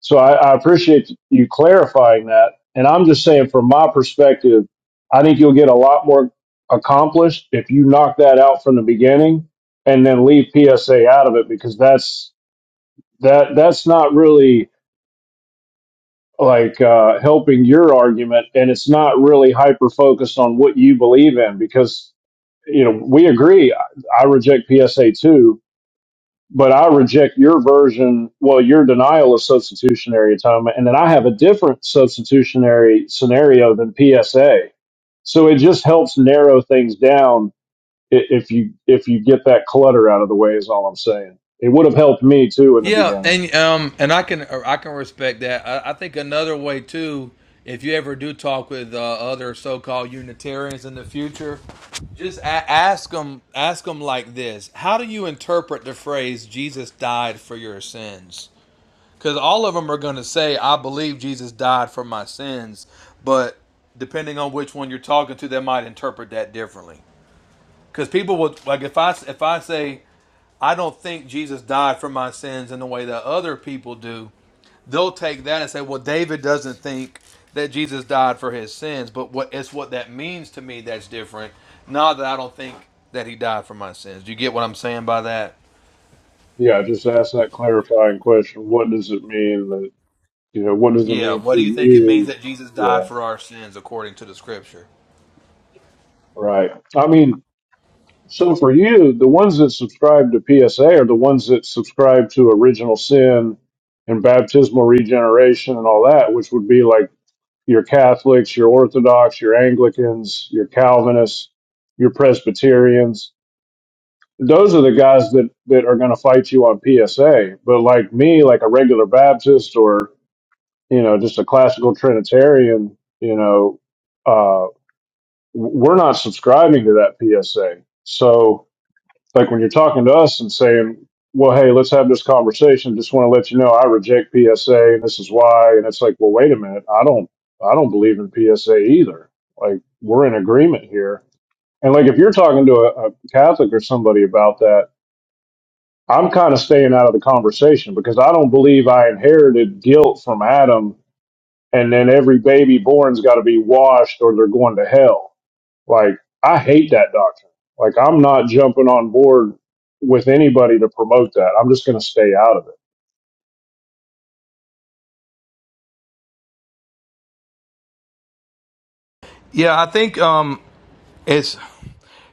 S8: so i, I appreciate you clarifying that and i'm just saying from my perspective i think you'll get a lot more accomplished if you knock that out from the beginning and then leave psa out of it because that's that that's not really like uh, helping your argument, and it's not really hyper focused on what you believe in because you know we agree. I, I reject PSA too, but I reject your version. Well, your denial of substitutionary atonement, and then I have a different substitutionary scenario than PSA. So it just helps narrow things down i- if you if you get that clutter out of the way. Is all I'm saying. It would have helped me too in the
S7: Yeah,
S8: beginning.
S7: and um, and I can I can respect that. I, I think another way too, if you ever do talk with uh, other so-called Unitarians in the future, just a- ask them ask them like this: How do you interpret the phrase "Jesus died for your sins"? Because all of them are going to say, "I believe Jesus died for my sins," but depending on which one you're talking to, they might interpret that differently. Because people would like if I if I say I don't think Jesus died for my sins in the way that other people do. They'll take that and say, well, David doesn't think that Jesus died for his sins, but what it's what that means to me that's different. Not that I don't think that he died for my sins. Do you get what I'm saying by that?
S8: Yeah, just ask that clarifying question. What does it mean? Yeah, what does it
S7: Yeah.
S8: mean to
S7: What do you think it means
S8: you?
S7: that Jesus died
S8: Yeah,
S7: for our sins according to the scripture?
S8: right. I mean, so for you, the ones that subscribe to PSA are the ones that subscribe to original sin and baptismal regeneration and all that, which would be like your Catholics, your Orthodox, your Anglicans, your Calvinists, your Presbyterians. Those are the guys that, that are going to fight you on PSA. But like me, like a regular Baptist or, you know, just a classical Trinitarian, you know, uh, we're not subscribing to that PSA. So, like when you're talking to us and saying, well, hey, let's have this conversation. Just want to let you know I reject PSA and this is why. And it's like, well, wait a minute. I don't, I don't believe in PSA either. Like we're in agreement here. And like if you're talking to a, a Catholic or somebody about that, I'm kind of staying out of the conversation because I don't believe I inherited guilt from Adam and then every baby born's got to be washed or they're going to hell like, I hate that doctrine. Like, I'm not jumping on board with anybody to promote that. I'm just going to stay out of it.
S7: Yeah, I think um, it's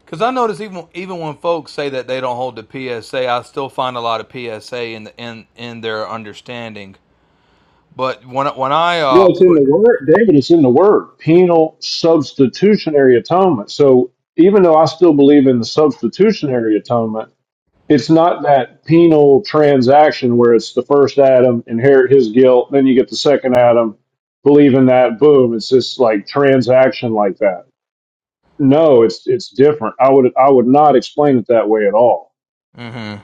S7: because I notice even even when folks say that they don't hold the PSA, I still find a lot of PSA in the, in in their understanding. But when I- when I
S8: Well,
S7: uh
S8: it's in
S7: put
S8: the word, David, it's in the word penal substitutionary atonement. So, even though I still believe in the substitutionary atonement, it's not that penal transaction where it's the first Adam, inherit his guilt, then you get the second Adam, believe in that, boom. It's this like transaction like that. No, it's it's different. I would I would not explain it that way at all.
S7: mm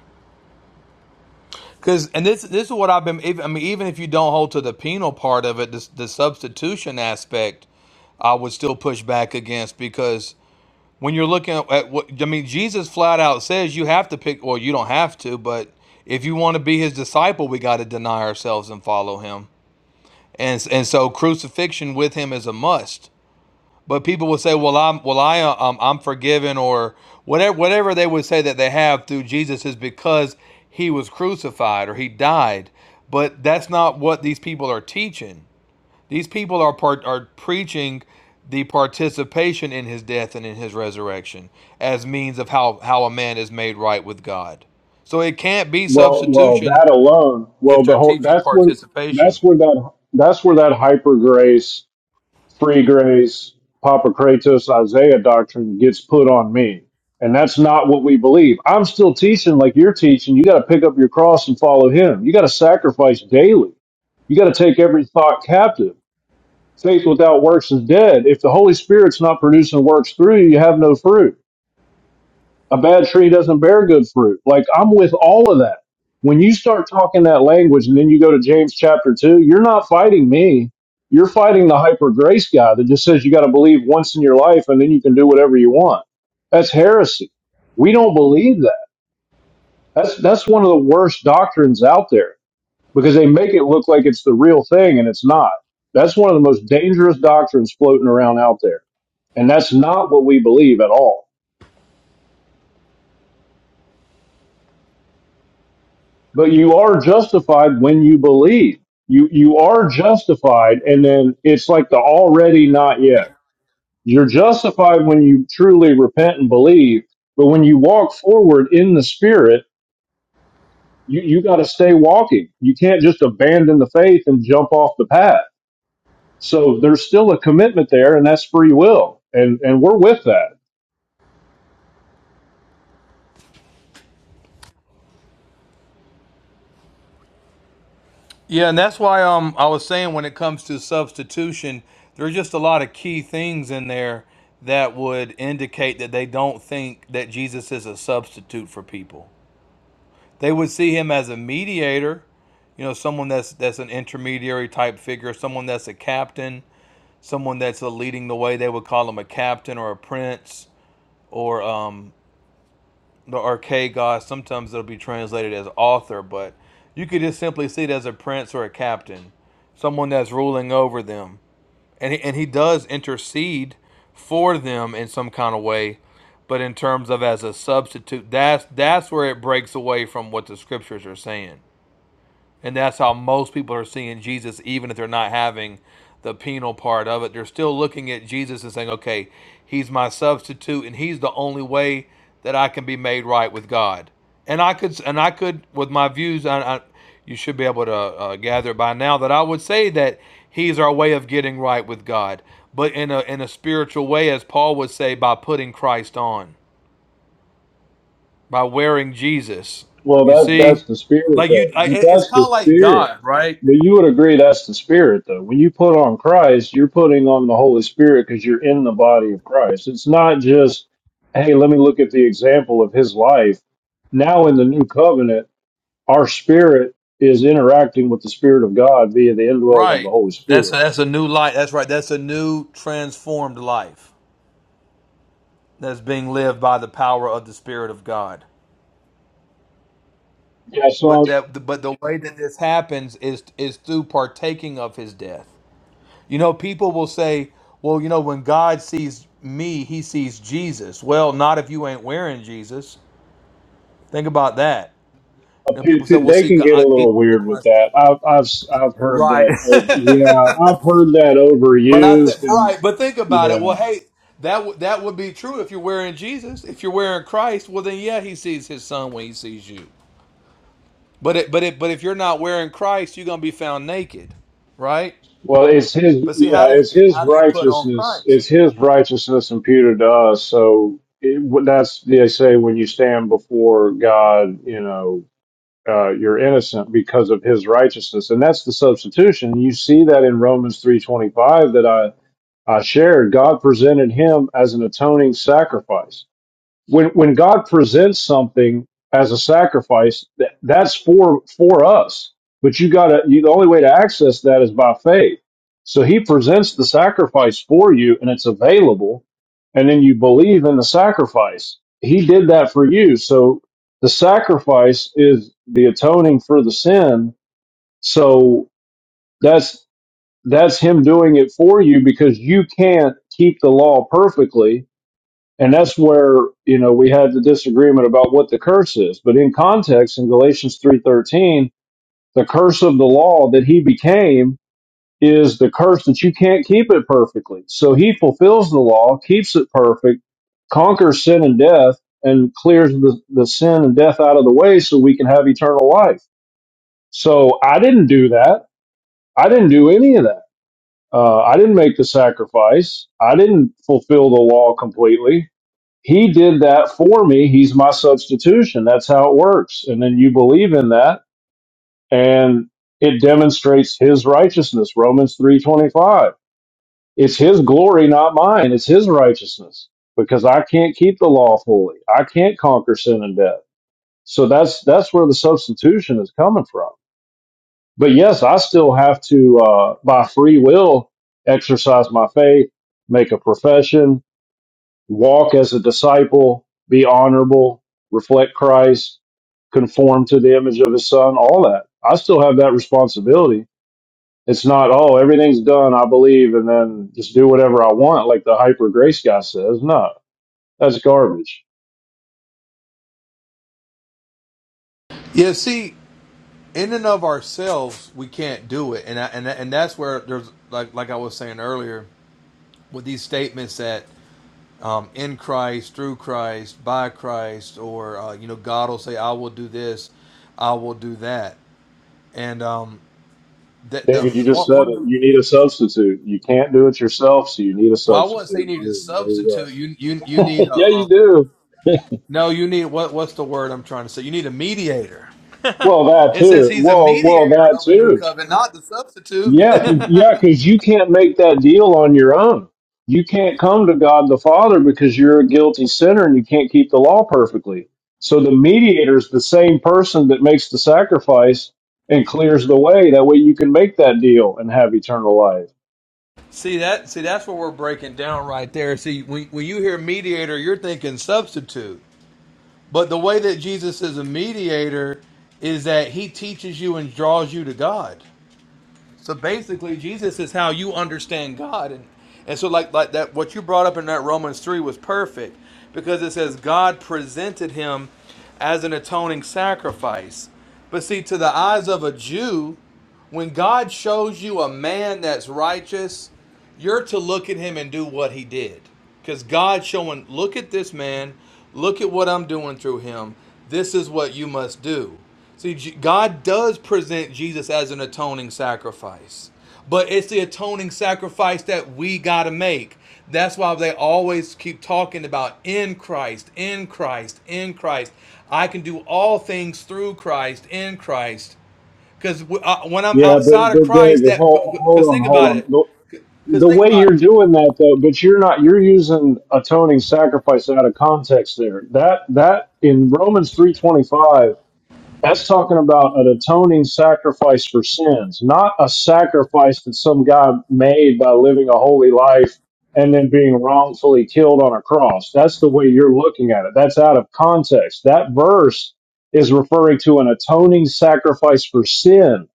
S7: because and this this is what I've been. Even, I mean, even if you don't hold to the penal part of it, this, the substitution aspect, I would still push back against because when you're looking at at what I mean, Jesus flat out says you have to pick. Well, you don't have to, but if you want to be his disciple, we got to deny ourselves and follow him. And and so crucifixion with him is a must. But people will say, "Well, I'm well, I um, I'm forgiven," or whatever whatever they would say that they have through Jesus is because he was crucified or he died. But that's not what these people are teaching. These people are part, are preaching the participation in his death and in his resurrection as means of how how a man is made right with God. So it can't be
S8: Well, well,
S7: substitution
S8: that alone,
S7: if
S8: well, the
S7: they're
S8: whole
S7: teaching
S8: that's where
S7: participation.
S8: that's where that that's where that hyper grace, free grace, Papocratus, Isaiah doctrine gets put on me, and that's not what we believe. I'm still teaching like you're teaching. You got to pick up your cross and follow Him. You got to sacrifice daily. You got to take every thought captive. Faith without works is dead. If the Holy Spirit's not producing works through you, you have no fruit a bad tree doesn't bear good fruit. Like I'm with all of that. When you start talking that language and then you go to James chapter two, you're not fighting me. You're fighting the hyper grace guy that just says you got to believe once in your life and then you can do whatever you want. That's heresy. We don't believe that. That's that's one of the worst doctrines out there because they make it look like it's the real thing and it's not. That's one of the most dangerous doctrines floating around out there. And that's not what we believe at all. but you are justified when you believe. You you are justified, and then it's like the already not yet. You're justified when you truly repent and believe, but when you walk forward in the spirit, you, you gotta stay walking. You can't just abandon the faith and jump off the path. So there's still a commitment there, and that's free will. And and we're with that.
S7: Yeah, and that's why um I was saying when it comes to substitution, there are just a lot of key things in there that would indicate that they don't think that Jesus is a substitute for people. They would see him as a mediator, you know, someone that's that's an intermediary type figure, someone that's a captain, someone that's a leading the way. They would call him a captain or a prince or um the archaic god. Sometimes it'll be translated as author, but you could just simply see it as a prince or a captain, someone that's ruling over them, and he, and he does intercede for them in some kind of way. But in terms of as a substitute, that's that's where it breaks away from what the scriptures are saying. And that's how most people are seeing Jesus, even if they're not having the penal part of it. They're still looking at Jesus and saying, okay, he's my substitute and he's the only way that I can be made right with God. And I could, and I could, with my views, I, I, you should be able to uh, gather by now that I would say that he's our way of getting right with God, but in a, in a spiritual way, as Paul would say, by putting Christ on, by wearing Jesus.
S8: Well
S7: You
S8: that
S7: see?
S8: that's the spirit
S7: Like
S8: though.
S7: you, I,
S8: But
S7: it's
S8: that's
S7: kind
S8: the
S7: of like
S8: spirit.
S7: God, right?
S8: But you would agree that's the spirit, though. When you put on Christ, you're putting on the Holy Spirit because you're in the body of Christ. It's not just, hey, let me look at the example of his life. Now in the new covenant, our spirit is interacting with the Spirit of God via the indwelling of the
S7: Right.
S8: Holy
S7: That's a,
S8: Spirit.
S7: that's a new life. That's right. That's a new transformed life that's being lived by the power of the Spirit of God.
S8: Yeah, so
S7: But that but the way that this happens is is through partaking of His death. You know, people will say, "Well, you know, when God sees me, He sees Jesus." Well, not if you ain't wearing Jesus. Think about that.
S8: I,
S7: You know, people say, "Well,
S8: they
S7: see,
S8: can get a
S7: God, Jesus
S8: little
S7: is
S8: weird
S7: my
S8: with
S7: son."
S8: that. I've I've s- I've heard that. uh,
S7: Right.
S8: Yeah, I've heard that
S7: But I th-
S8: overused, and
S7: right, but think about it.
S8: yeah.
S7: Well, hey, that w- that would be true if you're wearing Jesus. If you're wearing Christ, well then yeah, he sees his son when he sees you. But it, but it, but if you're not wearing Christ, you're gonna be found naked, right?
S8: Well, it's his
S7: But see,
S8: yeah,
S7: how do you
S8: it's his
S7: how do you put on
S8: righteousness,
S7: Christ?
S8: it's his righteousness imputed to us. So it, what- that's they say when you stand before God, you know, uh, you're innocent because of His righteousness, and that's the substitution. You see that in Romans three twenty five that I I shared. God presented Him as an atoning sacrifice when when God presents something as a sacrifice, that, that's for for us. But you gotta you, the only way to access that is by faith. So He presents the sacrifice for you, and it's available, and then you believe in the sacrifice. He did that for you. So the sacrifice is the atoning for the sin. So that's that's Him doing it for you because you can't keep the law perfectly and that's where, you know, we had the disagreement about what the curse is. But in context, in Galatians 3.13, the curse of the law that he became is the curse that you can't keep it perfectly. So he fulfills the law, keeps it perfect, conquers sin and death, and clears the, the sin and death out of the way so we can have eternal life. So I didn't do that. I didn't do any of that. Uh, I didn't make the sacrifice. I didn't fulfill the law completely. He did that for me. He's my substitution. That's how it works. And then you believe in that and it demonstrates his righteousness. Romans 3:25. It's his glory, not mine. It's his righteousness because I can't keep the law fully. I can't conquer sin and death. So that's that's where the substitution is coming from. But yes, I still have to uh by free will exercise my faith, make a profession, walk as a disciple, be honorable, reflect Christ, conform to the image of his son, all that. I still have that responsibility. It's not, oh, everything's done, I believe, and then just do whatever I want, like the hyper grace guy says. No, that's garbage.
S7: Yeah, see, in and of ourselves, we can't do it, and I, and and that's where there's like like I was saying earlier with these statements that um, in Christ, through Christ, by Christ, or uh, you know, God will say, "I will do this, I will do that," and um, that the
S8: David, you just
S7: one,
S8: said
S7: one of
S8: it.
S7: the
S8: You need a substitute. You can't do it yourself, so you need a
S7: well, I wouldn't say you
S8: substitute.
S7: need a
S8: Boom, there you
S7: substitute. You you you need
S8: go.
S7: a
S8: yeah, you
S7: um,
S8: do.
S7: no, you need what what's the word I'm trying to say? You need a mediator.
S8: Well, that
S7: it says
S8: too.
S7: he's a
S8: Well, well,
S7: mediator
S8: that
S7: of a new
S8: too.
S7: covenant, not the substitute.
S8: Yeah, 'cause- yeah, because you can't make that deal on your own. You can't come to God the Father because you're a guilty sinner and you can't keep the law perfectly. So the mediator is the same person that makes the sacrifice and clears the way. That way you can make that deal and have eternal life.
S7: see that? See that's what we're breaking down right there. See, when when you hear mediator, you're thinking substitute. But the way that Jesus is a mediator is that he teaches you and draws you to God. So basically, Jesus is how you understand God, and and so like like that what you brought up in that Romans three was perfect because it says God presented him as an atoning sacrifice. But see, to the eyes of a Jew, when God shows you a man that's righteous. You're to look at him and do what he did. Because God's showing, look at this man, look at what I'm doing through him. This is what you must do. See, God does present Jesus as an atoning sacrifice, but it's the atoning sacrifice that we got to make. That's why they always keep talking about in Christ, in Christ, in Christ. I can do all things through Christ, in Christ. Because when I'm
S8: Yeah, but
S7: outside of
S8: but
S7: Christ,
S8: David,
S7: that
S8: hold
S7: because
S8: hold on,
S7: think
S8: hold
S7: about
S8: on.
S7: it.
S8: Look,
S7: Because
S8: The
S7: think
S8: way
S7: about
S8: you're
S7: it.
S8: doing that though, but you're not you're using atoning sacrifice out of context there. That that in Romans 3:25 That's talking about an atoning sacrifice for sins, not a sacrifice that some guy made by living a holy life and then being wrongfully killed on a cross. That's the way you're looking at it. That's out of context. That verse is referring to an atoning sacrifice for sin,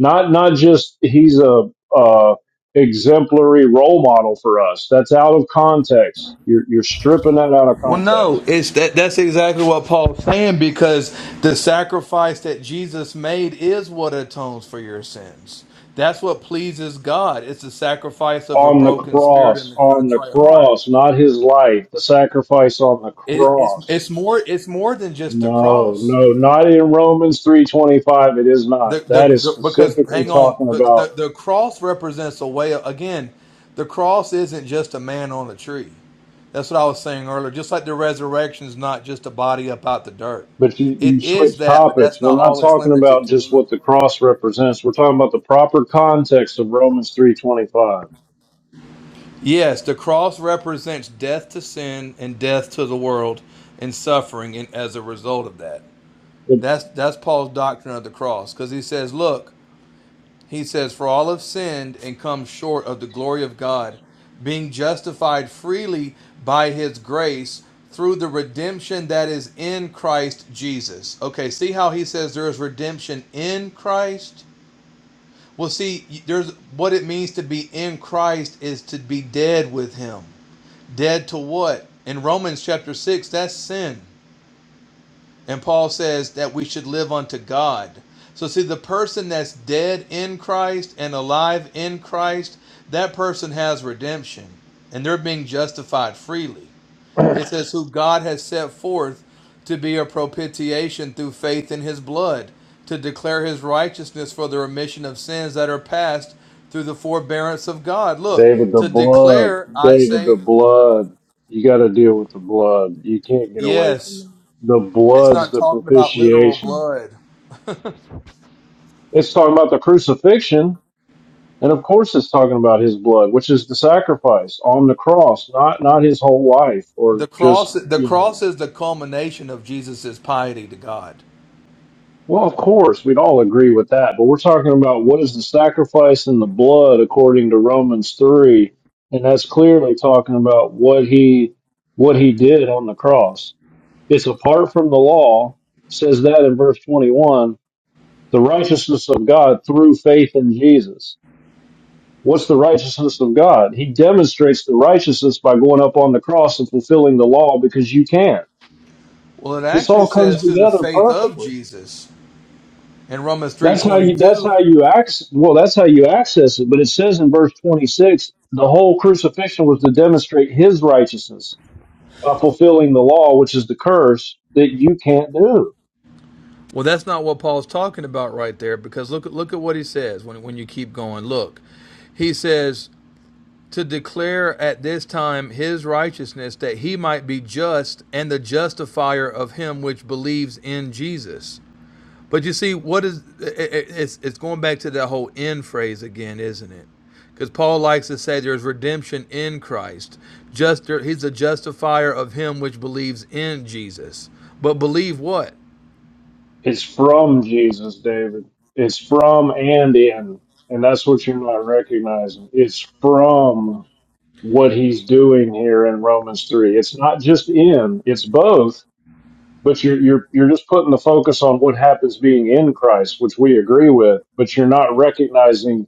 S8: not not just he's a, uh exemplary role model for us. That's out of context. You're you're stripping that out of
S7: Well,
S8: context.
S7: no, it's that. That's exactly what Paul's saying because the sacrifice that Jesus made is what atones for your sins. That's what pleases God. It's the sacrifice of a
S8: on the
S7: broken spirit and
S8: cross,
S7: a
S8: on the
S7: contrite heart.
S8: cross, not his life, the sacrifice on the
S7: It, it's
S8: cross.
S7: it's more it's more than just the
S8: No,
S7: cross.
S8: no, not in Romans 3:25 it is
S7: The,
S8: not.
S7: the,
S8: That is
S7: the because
S8: specifically
S7: hang on,
S8: talking
S7: the,
S8: about
S7: the the cross represents a way. Of, again, the cross isn't just a man on a tree. That's what I was saying earlier. Just like the resurrection is not just a body up out the dirt.
S8: but you,
S7: It
S8: you switch
S7: is that, but
S8: topics.
S7: that's not
S8: We're not
S7: all it's
S8: talking
S7: limited
S8: about just
S7: to.
S8: what the cross represents. We're talking about the proper context of Romans 3:25.
S7: Yes, the cross represents death to sin and death to the world and suffering and as a result of that.
S8: The-
S7: That's that's Paul's doctrine of the cross because he says, look. He says, For all have sinned and come short of the glory of God, being justified freely by his grace through the redemption that is in Christ Jesus. Okay, see how he says there is redemption in Christ? Well, see, there's what it means to be in Christ is to be dead with him. Dead to what? In Romans chapter 6, that's sin. And Paul says that we should live unto God. So, see, the person that's dead in Christ and alive in Christ, that person has redemption and they're being justified freely. It says, who God has set forth to be a propitiation through faith in his blood, to declare his righteousness for the remission of sins that are past through the forbearance of God. Look,
S8: David the
S7: to declare,
S8: blood,
S7: I
S8: David the
S7: say,
S8: blood. You got to deal with the blood. You can't get away from it.
S7: yes,
S8: The
S7: it's
S8: blood's
S7: not
S8: the
S7: talking about literal
S8: propitiation.
S7: blood.
S8: It's talking about the crucifixion, and of course it's talking about his blood, which is the sacrifice on the cross, not not his whole life or
S7: The cross,
S8: just
S7: the
S8: you know,
S7: cross is the culmination of Jesus' piety to God.
S8: well, of course, we'd all agree with that, but we're talking about what is the sacrifice in the blood according to Romans 3, and that's clearly talking about what he what he did on the cross. It's apart from the law, says that in verse 21, the righteousness of God through faith in Jesus. What's the righteousness of God? He demonstrates the righteousness by going up on the cross and fulfilling the law because you can.
S7: Well, it
S8: This
S7: actually
S8: all comes
S7: says through the
S8: together
S7: faith of
S8: perfectly.
S7: Jesus in Romans three
S8: That's how
S7: twenty
S8: you that's
S7: two.
S8: how you access well, that's how you access it. But it says in verse twenty six, the whole crucifixion was to demonstrate his righteousness by fulfilling the law, which is the curse that you can't do.
S7: Well, that's not what Paul's talking about right there, because look at look at what he says when when you keep going. Look, he says to declare at this time his righteousness that he might be just and the justifier of him which believes in Jesus. But you see, what is it's it's going back to that whole "in" phrase again, isn't it? Because Paul likes to say there's redemption in Christ. Just he's a justifier of him which believes in Jesus. But believe what?
S8: It's from Jesus, David. It's from and in. And that's what you're not recognizing. It's from what he's doing here in Romans 3. It's not just in, it's both, but you're you're you're just putting the focus on what happens being in Christ, which we agree with, but you're not recognizing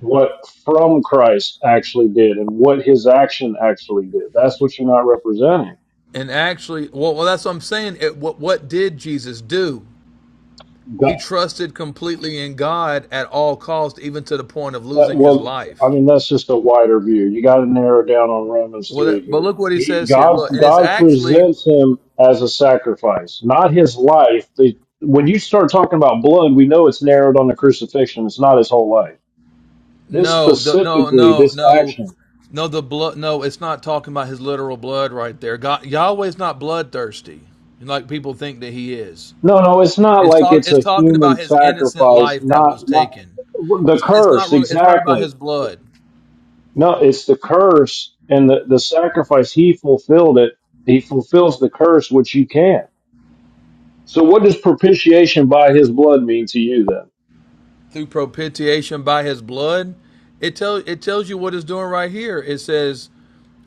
S8: what from Christ actually did and what his action actually did. That's what you're not representing.
S7: And actually, well, well that's what I'm saying. It, what what did Jesus do? He trusted completely in God at all costs, even to the point of
S8: That,
S7: losing his
S8: well, I
S7: life.
S8: mean, that's just a wider view. You got to narrow down on Romans
S7: Well,
S8: 3
S7: that, but
S8: here.
S7: look what he
S8: He,
S7: says here.
S8: God,
S7: Look, and it's
S8: God
S7: actually
S8: presents him as a sacrifice, not his life. The, when you start talking about blood, we know it's narrowed on the crucifixion. It's not his whole life. This
S7: No, the, no,
S8: specifically,
S7: no,
S8: this
S7: no,
S8: action.
S7: no. The blood. No, it's not talking about his literal blood right there. God, Yahweh's not bloodthirsty, like people think that he is.
S8: No, no, it's not
S7: It's
S8: like
S7: talk.
S8: it's
S7: It's
S8: a
S7: talking about
S8: human
S7: his innocent
S8: sacrifice.
S7: life that was
S8: Not, not
S7: taken.
S8: the
S7: It's, it's
S8: curse
S7: not really. It's not about
S8: exactly.
S7: his blood
S8: No, it's the curse and the, the sacrifice. He fulfilled it. He fulfills the curse, which you can So what does propitiation by his blood mean to you then?
S7: through propitiation by his blood. It tells. It tells you what it's doing right here. It says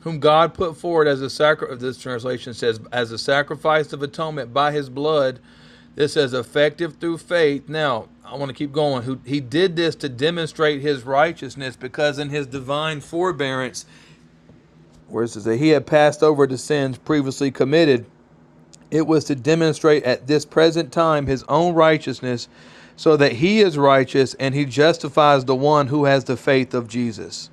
S7: whom God put forward as a sacrifice. This translation says, as a sacrifice of atonement by His blood. This is effective through faith. Now, I want to keep going. Who He did this to demonstrate His righteousness, because in His divine forbearance, where it says that He had passed over the sins previously committed, it was to demonstrate at this present time His own righteousness, so that He is righteous and He justifies the one who has the faith of Jesus.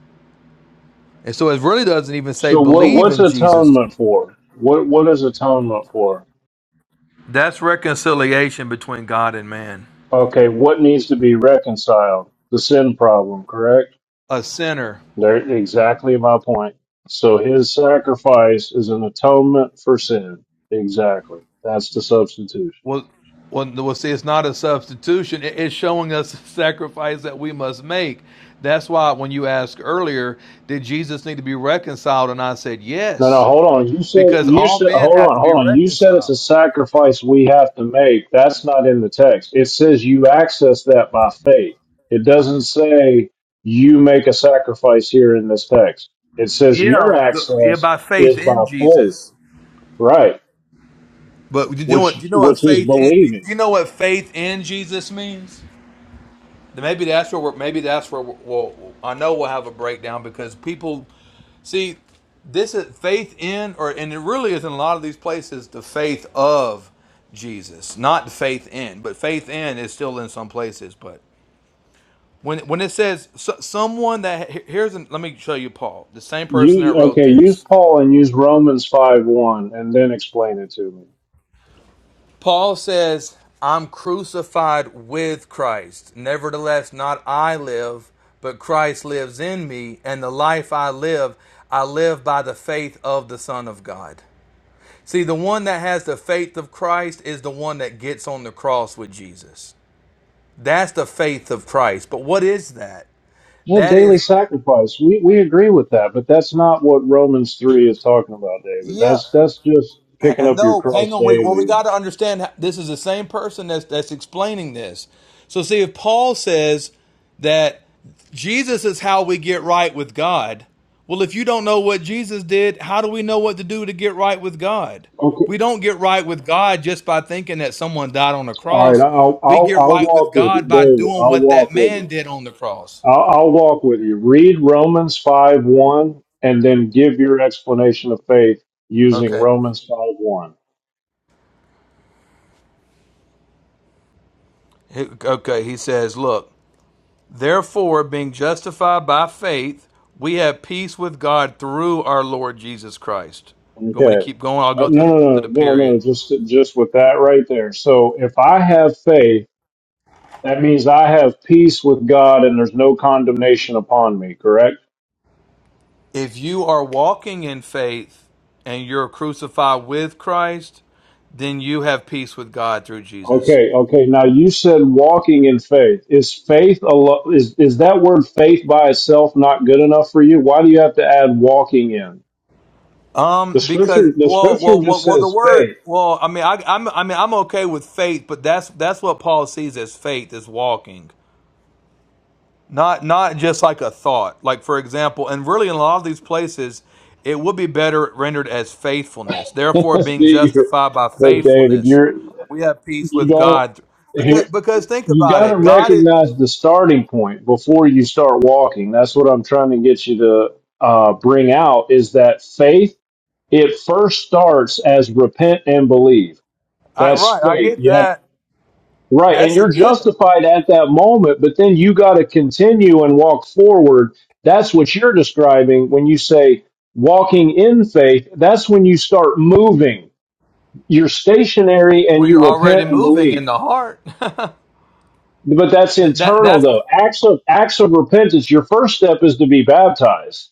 S7: And so it really doesn't even say
S8: So what
S7: believe
S8: what's
S7: in Jesus
S8: atonement for? What what is atonement for?
S7: That's reconciliation between God and man.
S8: Okay, what needs to be reconciled? The sin problem, correct?
S7: A sinner
S8: There exactly my point. So his sacrifice is an atonement for sin. Exactly. That's the substitution.
S7: will well, well, see, it's not a substitution. It- It's showing us the sacrifice that we must make. That's why when you asked earlier, did Jesus need to be reconciled? And I said
S8: No, no,
S7: yes,
S8: hold on. You said
S7: because
S8: you
S7: all
S8: said
S7: men
S8: hold
S7: have
S8: on,
S7: to be
S8: hold on. You said it's a
S7: reconciled.
S8: sacrifice we have to make. That's not in the text. It says you access that by faith. It doesn't say you make a sacrifice here in this text. It says
S7: Yeah,
S8: your
S7: the, yeah,
S8: access
S7: by faith
S8: is by
S7: in
S8: faith,
S7: Jesus.
S8: right?
S7: But you know what?
S8: Which
S7: You know what
S8: which is
S7: faith in?
S8: believing.
S7: You know what faith in Jesus means? Maybe that's where. We're, maybe that's where. We're, well, I know we'll have a breakdown because people. See, this is faith in, or and it really is in a lot of these places the faith of Jesus, not faith in, but faith in is still in some places. But when when it says so, someone that here's, an, let me show you Paul, the same person that
S8: You
S7: wrote
S8: okay? Use
S7: this.
S8: Paul and use Romans five one, and then explain it to me.
S7: Paul says, "I'm crucified with Christ. Nevertheless, not I live, but Christ lives in me, and the life I live, I live by the faith of the Son of God." See, the one that has the faith of Christ is the one that gets on the cross with Jesus. That's the faith of Christ. But what is that?
S8: The
S7: That
S8: daily
S7: is
S8: sacrifice. We we agree with that, but that's not what Romans three is talking about, David.
S7: Yeah,
S8: That's that's just picking up your
S7: No,
S8: cross
S7: hang on. We, well, we
S8: daily.
S7: got to understand this is the same person that's, that's explaining this. So, see, if Paul says that Jesus is how we get right with God, well, if you don't know what Jesus did, how do we know what to do to get right with God?
S8: Okay.
S7: We don't get right with God just by thinking that someone died on the
S8: All right.
S7: cross.
S8: I'll
S7: We
S8: I'll
S7: get
S8: I'll
S7: right with
S8: walk with you,
S7: God by
S8: David.
S7: doing
S8: I'll
S7: what that
S8: walk with
S7: man
S8: you.
S7: did on the cross.
S8: I'll, I'll walk with you. Read Romans five one, and then give your explanation of faith using
S7: Okay.
S8: Romans five one.
S7: Okay, he says, look. Therefore, being justified by faith, we have peace with God through our Lord Jesus Christ. You want me to
S8: Okay.
S7: keep going? I'll
S8: No,
S7: go to,
S8: no, no,
S7: to the
S8: no, no.
S7: period.
S8: no. Just just with that right there. So if I have faith. That means I have peace with God and there's no condemnation upon me, correct?
S7: If you are walking in faith and you're crucified with Christ, then you have peace with God through Jesus.
S8: Okay, okay. Now you said walking in faith. Is faith alo- is is that word faith by itself not good enough for you? Why do you have to add walking in?
S7: Um,
S8: The scripture
S7: because
S8: the
S7: well,
S8: scripture
S7: well, well,
S8: just
S7: well, the
S8: says
S7: word,
S8: faith.
S7: well, I mean, I, I'm, I mean, I'm okay with faith, but that's that's what Paul sees as faith is walking. not not just like a thought like for example and really in a lot of these places it would be better rendered as faithfulness therefore being
S8: See, you're-
S7: justified by
S8: but David,
S7: faithfulness
S8: you're
S7: we have peace
S8: you
S7: with
S8: don't
S7: god because
S8: here
S7: because think
S8: you
S7: about
S8: got to
S7: it god is
S8: recognize the starting point before you start walking. That's what I'm trying to get you to uh, bring out is that faith It first starts as repent and believe.
S7: I,
S8: That's
S7: right i
S8: faith.
S7: get
S8: You have
S7: that
S8: right, and
S7: that's a
S8: you're
S7: given
S8: justified at that moment, but then you got to continue and walk forward. That's what you're describing when you say walking in faith. That's when you start moving. You're stationary and
S7: well you're
S8: you
S7: already
S8: repent and
S7: moving
S8: believe.
S7: in the heart that,
S8: But that's
S7: that
S8: internal
S7: that's
S8: though. Acts of acts of repentance. Your first step is to be baptized.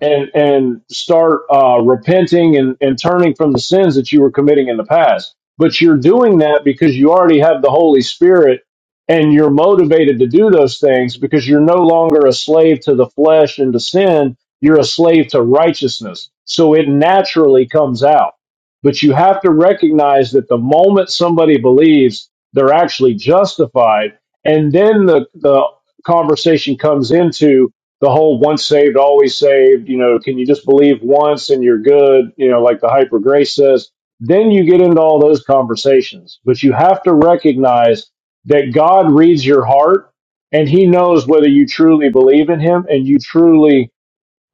S8: and and start uh, repenting and, and turning from the sins that you were committing in the past. But you're doing that because you already have the Holy Spirit and you're motivated to do those things because you're no longer a slave to the flesh and to sin. You're a slave to righteousness. So it naturally comes out. But you have to recognize that the moment somebody believes they're actually justified, and then the, the conversation comes into the whole once saved, always saved, you know, can you just believe once and you're good, you know, like the hyper grace says, then you get into all those conversations. But you have to recognize that God reads your heart and he knows whether you truly believe in him and you truly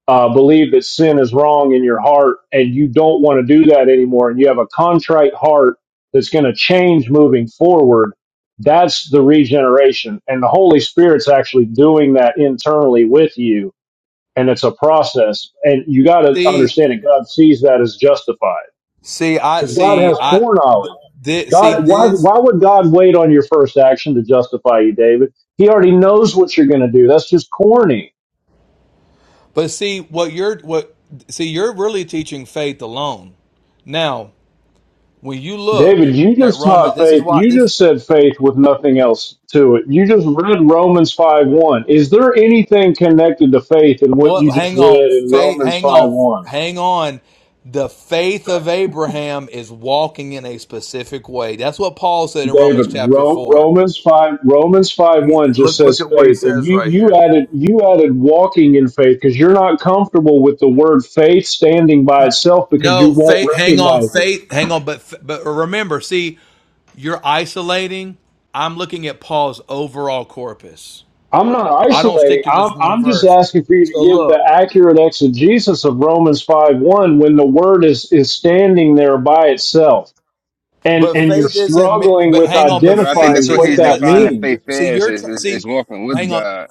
S8: uh, believe that sin is wrong in your heart and you don't want to do that anymore and you have a contrite heart that's going to change moving forward that's the regeneration and the holy spirit's actually doing that internally with you and it's a process. And you got to
S7: see
S8: understand it. God sees that as justified
S7: see i
S8: because God
S7: see
S8: has
S7: i th-
S8: foreknowledge.
S7: th- see
S8: God, why,
S7: this
S8: why would God wait on your first action to justify you, David? He already knows what you're going to do. That's just corny.
S7: but see what you're what see you're really teaching faith alone now when you look
S8: David, you
S7: at
S8: just
S7: Roman,
S8: taught
S7: this is
S8: faith.
S7: why
S8: You
S7: this
S8: just said faith with nothing else to it. You just read Romans 5 1. Is there anything connected to faith in what you
S7: what
S8: just
S7: hang on
S8: read in
S7: faith
S8: Romans
S7: hang
S8: 5
S7: on
S8: 1?
S7: hang on the faith of Abraham is walking in a specific way. That's what Paul said in Romans
S8: David,
S7: chapter
S8: Ro-
S7: 4.
S8: Romans five, Romans five
S7: He
S8: one just
S7: look
S8: says
S7: look at what he
S8: faith, and
S7: says
S8: you
S7: right
S8: you
S7: here.
S8: added you added walking in faith because you're not comfortable with the word faith standing by itself because you
S7: No,
S8: won't
S7: faith hang on
S8: recognize it.
S7: faith hang on but but remember, see, you're isolating. I'm looking at Paul's overall corpus.
S8: I'm not
S7: I don't
S8: isolating.
S7: stick to
S8: I'm
S7: just one
S8: I'm just
S7: verse.
S8: asking for you to
S7: So
S8: give the
S7: look
S8: accurate exegesis of Romans five one when the word is is standing there by itself, and
S7: But
S8: and you're
S7: faith isn't. me-
S8: struggling
S7: But
S8: with
S7: hang on. But
S10: But I think
S7: faith
S10: that's
S8: identifying
S10: what
S8: what
S10: he's
S7: isn't
S8: that
S7: just.
S10: defining
S7: See,
S8: means.
S10: faith
S7: you're, see,
S10: as
S7: you're
S10: is,
S7: trying.
S10: is,
S7: See,
S10: is walking with
S7: hang on.
S10: God.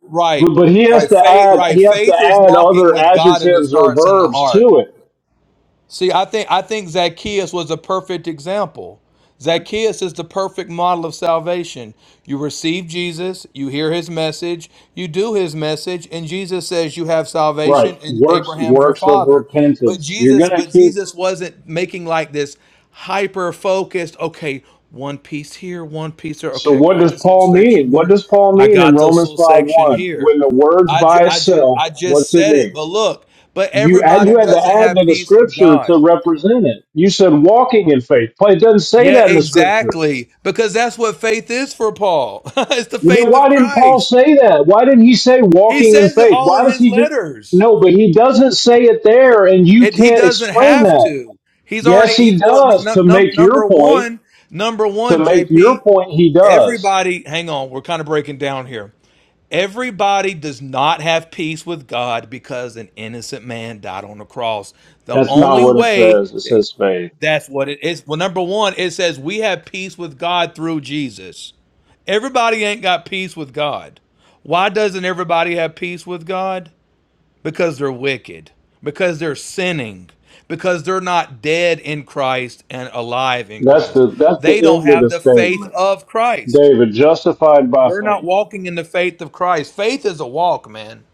S7: Right,
S8: But, but he has
S7: right.
S8: to
S7: Faith,
S8: add
S7: right.
S8: he has to
S7: Faith is
S8: add
S7: walking
S8: other
S7: with God, and it
S8: adjectives or
S7: starts in the
S8: verbs
S7: heart.
S8: to it
S7: See, I think I think Zacchaeus was a perfect example. Zacchaeus is the perfect model of salvation. You receive Jesus, you hear his message, you do his message, and Jesus says you have
S8: Right.
S7: salvation and
S8: Works
S7: Abraham's your
S8: works of
S7: father. But
S8: repentance. You're
S7: Jesus,
S8: gonna
S7: but
S8: keep
S7: Jesus wasn't making like this hyper focused, okay, one piece here, one piece there.
S8: so
S7: Okay, I
S8: what
S7: got
S8: does
S7: this little
S8: Paul
S7: section
S8: mean? What
S7: here.
S8: does Paul
S7: I
S8: mean in
S7: got this
S8: Romans
S7: little
S8: 5
S7: section
S8: 1?
S7: here.
S8: When the word's
S7: I, ju-
S8: by
S7: I just
S8: itself,
S7: I just
S8: what's it
S7: said it,
S8: mean?
S7: but look, but
S8: You add
S7: everybody
S8: you had
S7: doesn't
S8: to add
S7: have
S8: to the
S7: peace with
S8: scripture
S7: God.
S8: to represent it. You said walking in faith. But it doesn't say
S7: Yeah,
S8: that in the scripture.
S7: exactly. Because that's what faith is for Paul. it's the
S8: Well, then
S7: faith
S8: why
S7: of
S8: didn't Paul
S7: Christ.
S8: say that? Why didn't he say
S7: He
S8: walking in
S7: says it
S8: faith?
S7: all
S8: Why
S7: in
S8: does
S7: his
S8: he just
S7: letters.
S8: no, but he doesn't say it there and you
S7: It, he
S8: can't
S7: doesn't
S8: explain
S7: have
S8: that.
S7: to. He's already,
S8: Yes,
S7: he's,
S8: he
S7: look, n-
S8: does
S7: n-
S8: to
S7: num-
S8: make your
S7: number
S8: point.
S7: one, number
S8: To
S7: one,
S8: make your
S7: JP,
S8: point, he does.
S7: everybody, hang on, we're kind of breaking down here. Everybody does not have peace with God because an innocent man died on the cross. The
S8: That's not
S7: only
S8: what it
S7: way
S8: says. It says faith.
S7: that's what it is. Well, number one, it says we have peace with God through Jesus. Everybody ain't got peace with God. Why doesn't everybody have peace with God? Because they're wicked, because they're sinning, because they're not dead in Christ and alive in
S8: That's
S7: Christ.
S8: the that's
S7: They
S8: the
S7: don't
S8: end of the
S7: have the faith
S8: statement.
S7: of Christ.
S8: David, justified by
S7: They're not
S8: faith.
S7: walking in the faith of Christ. Faith is a walk, man.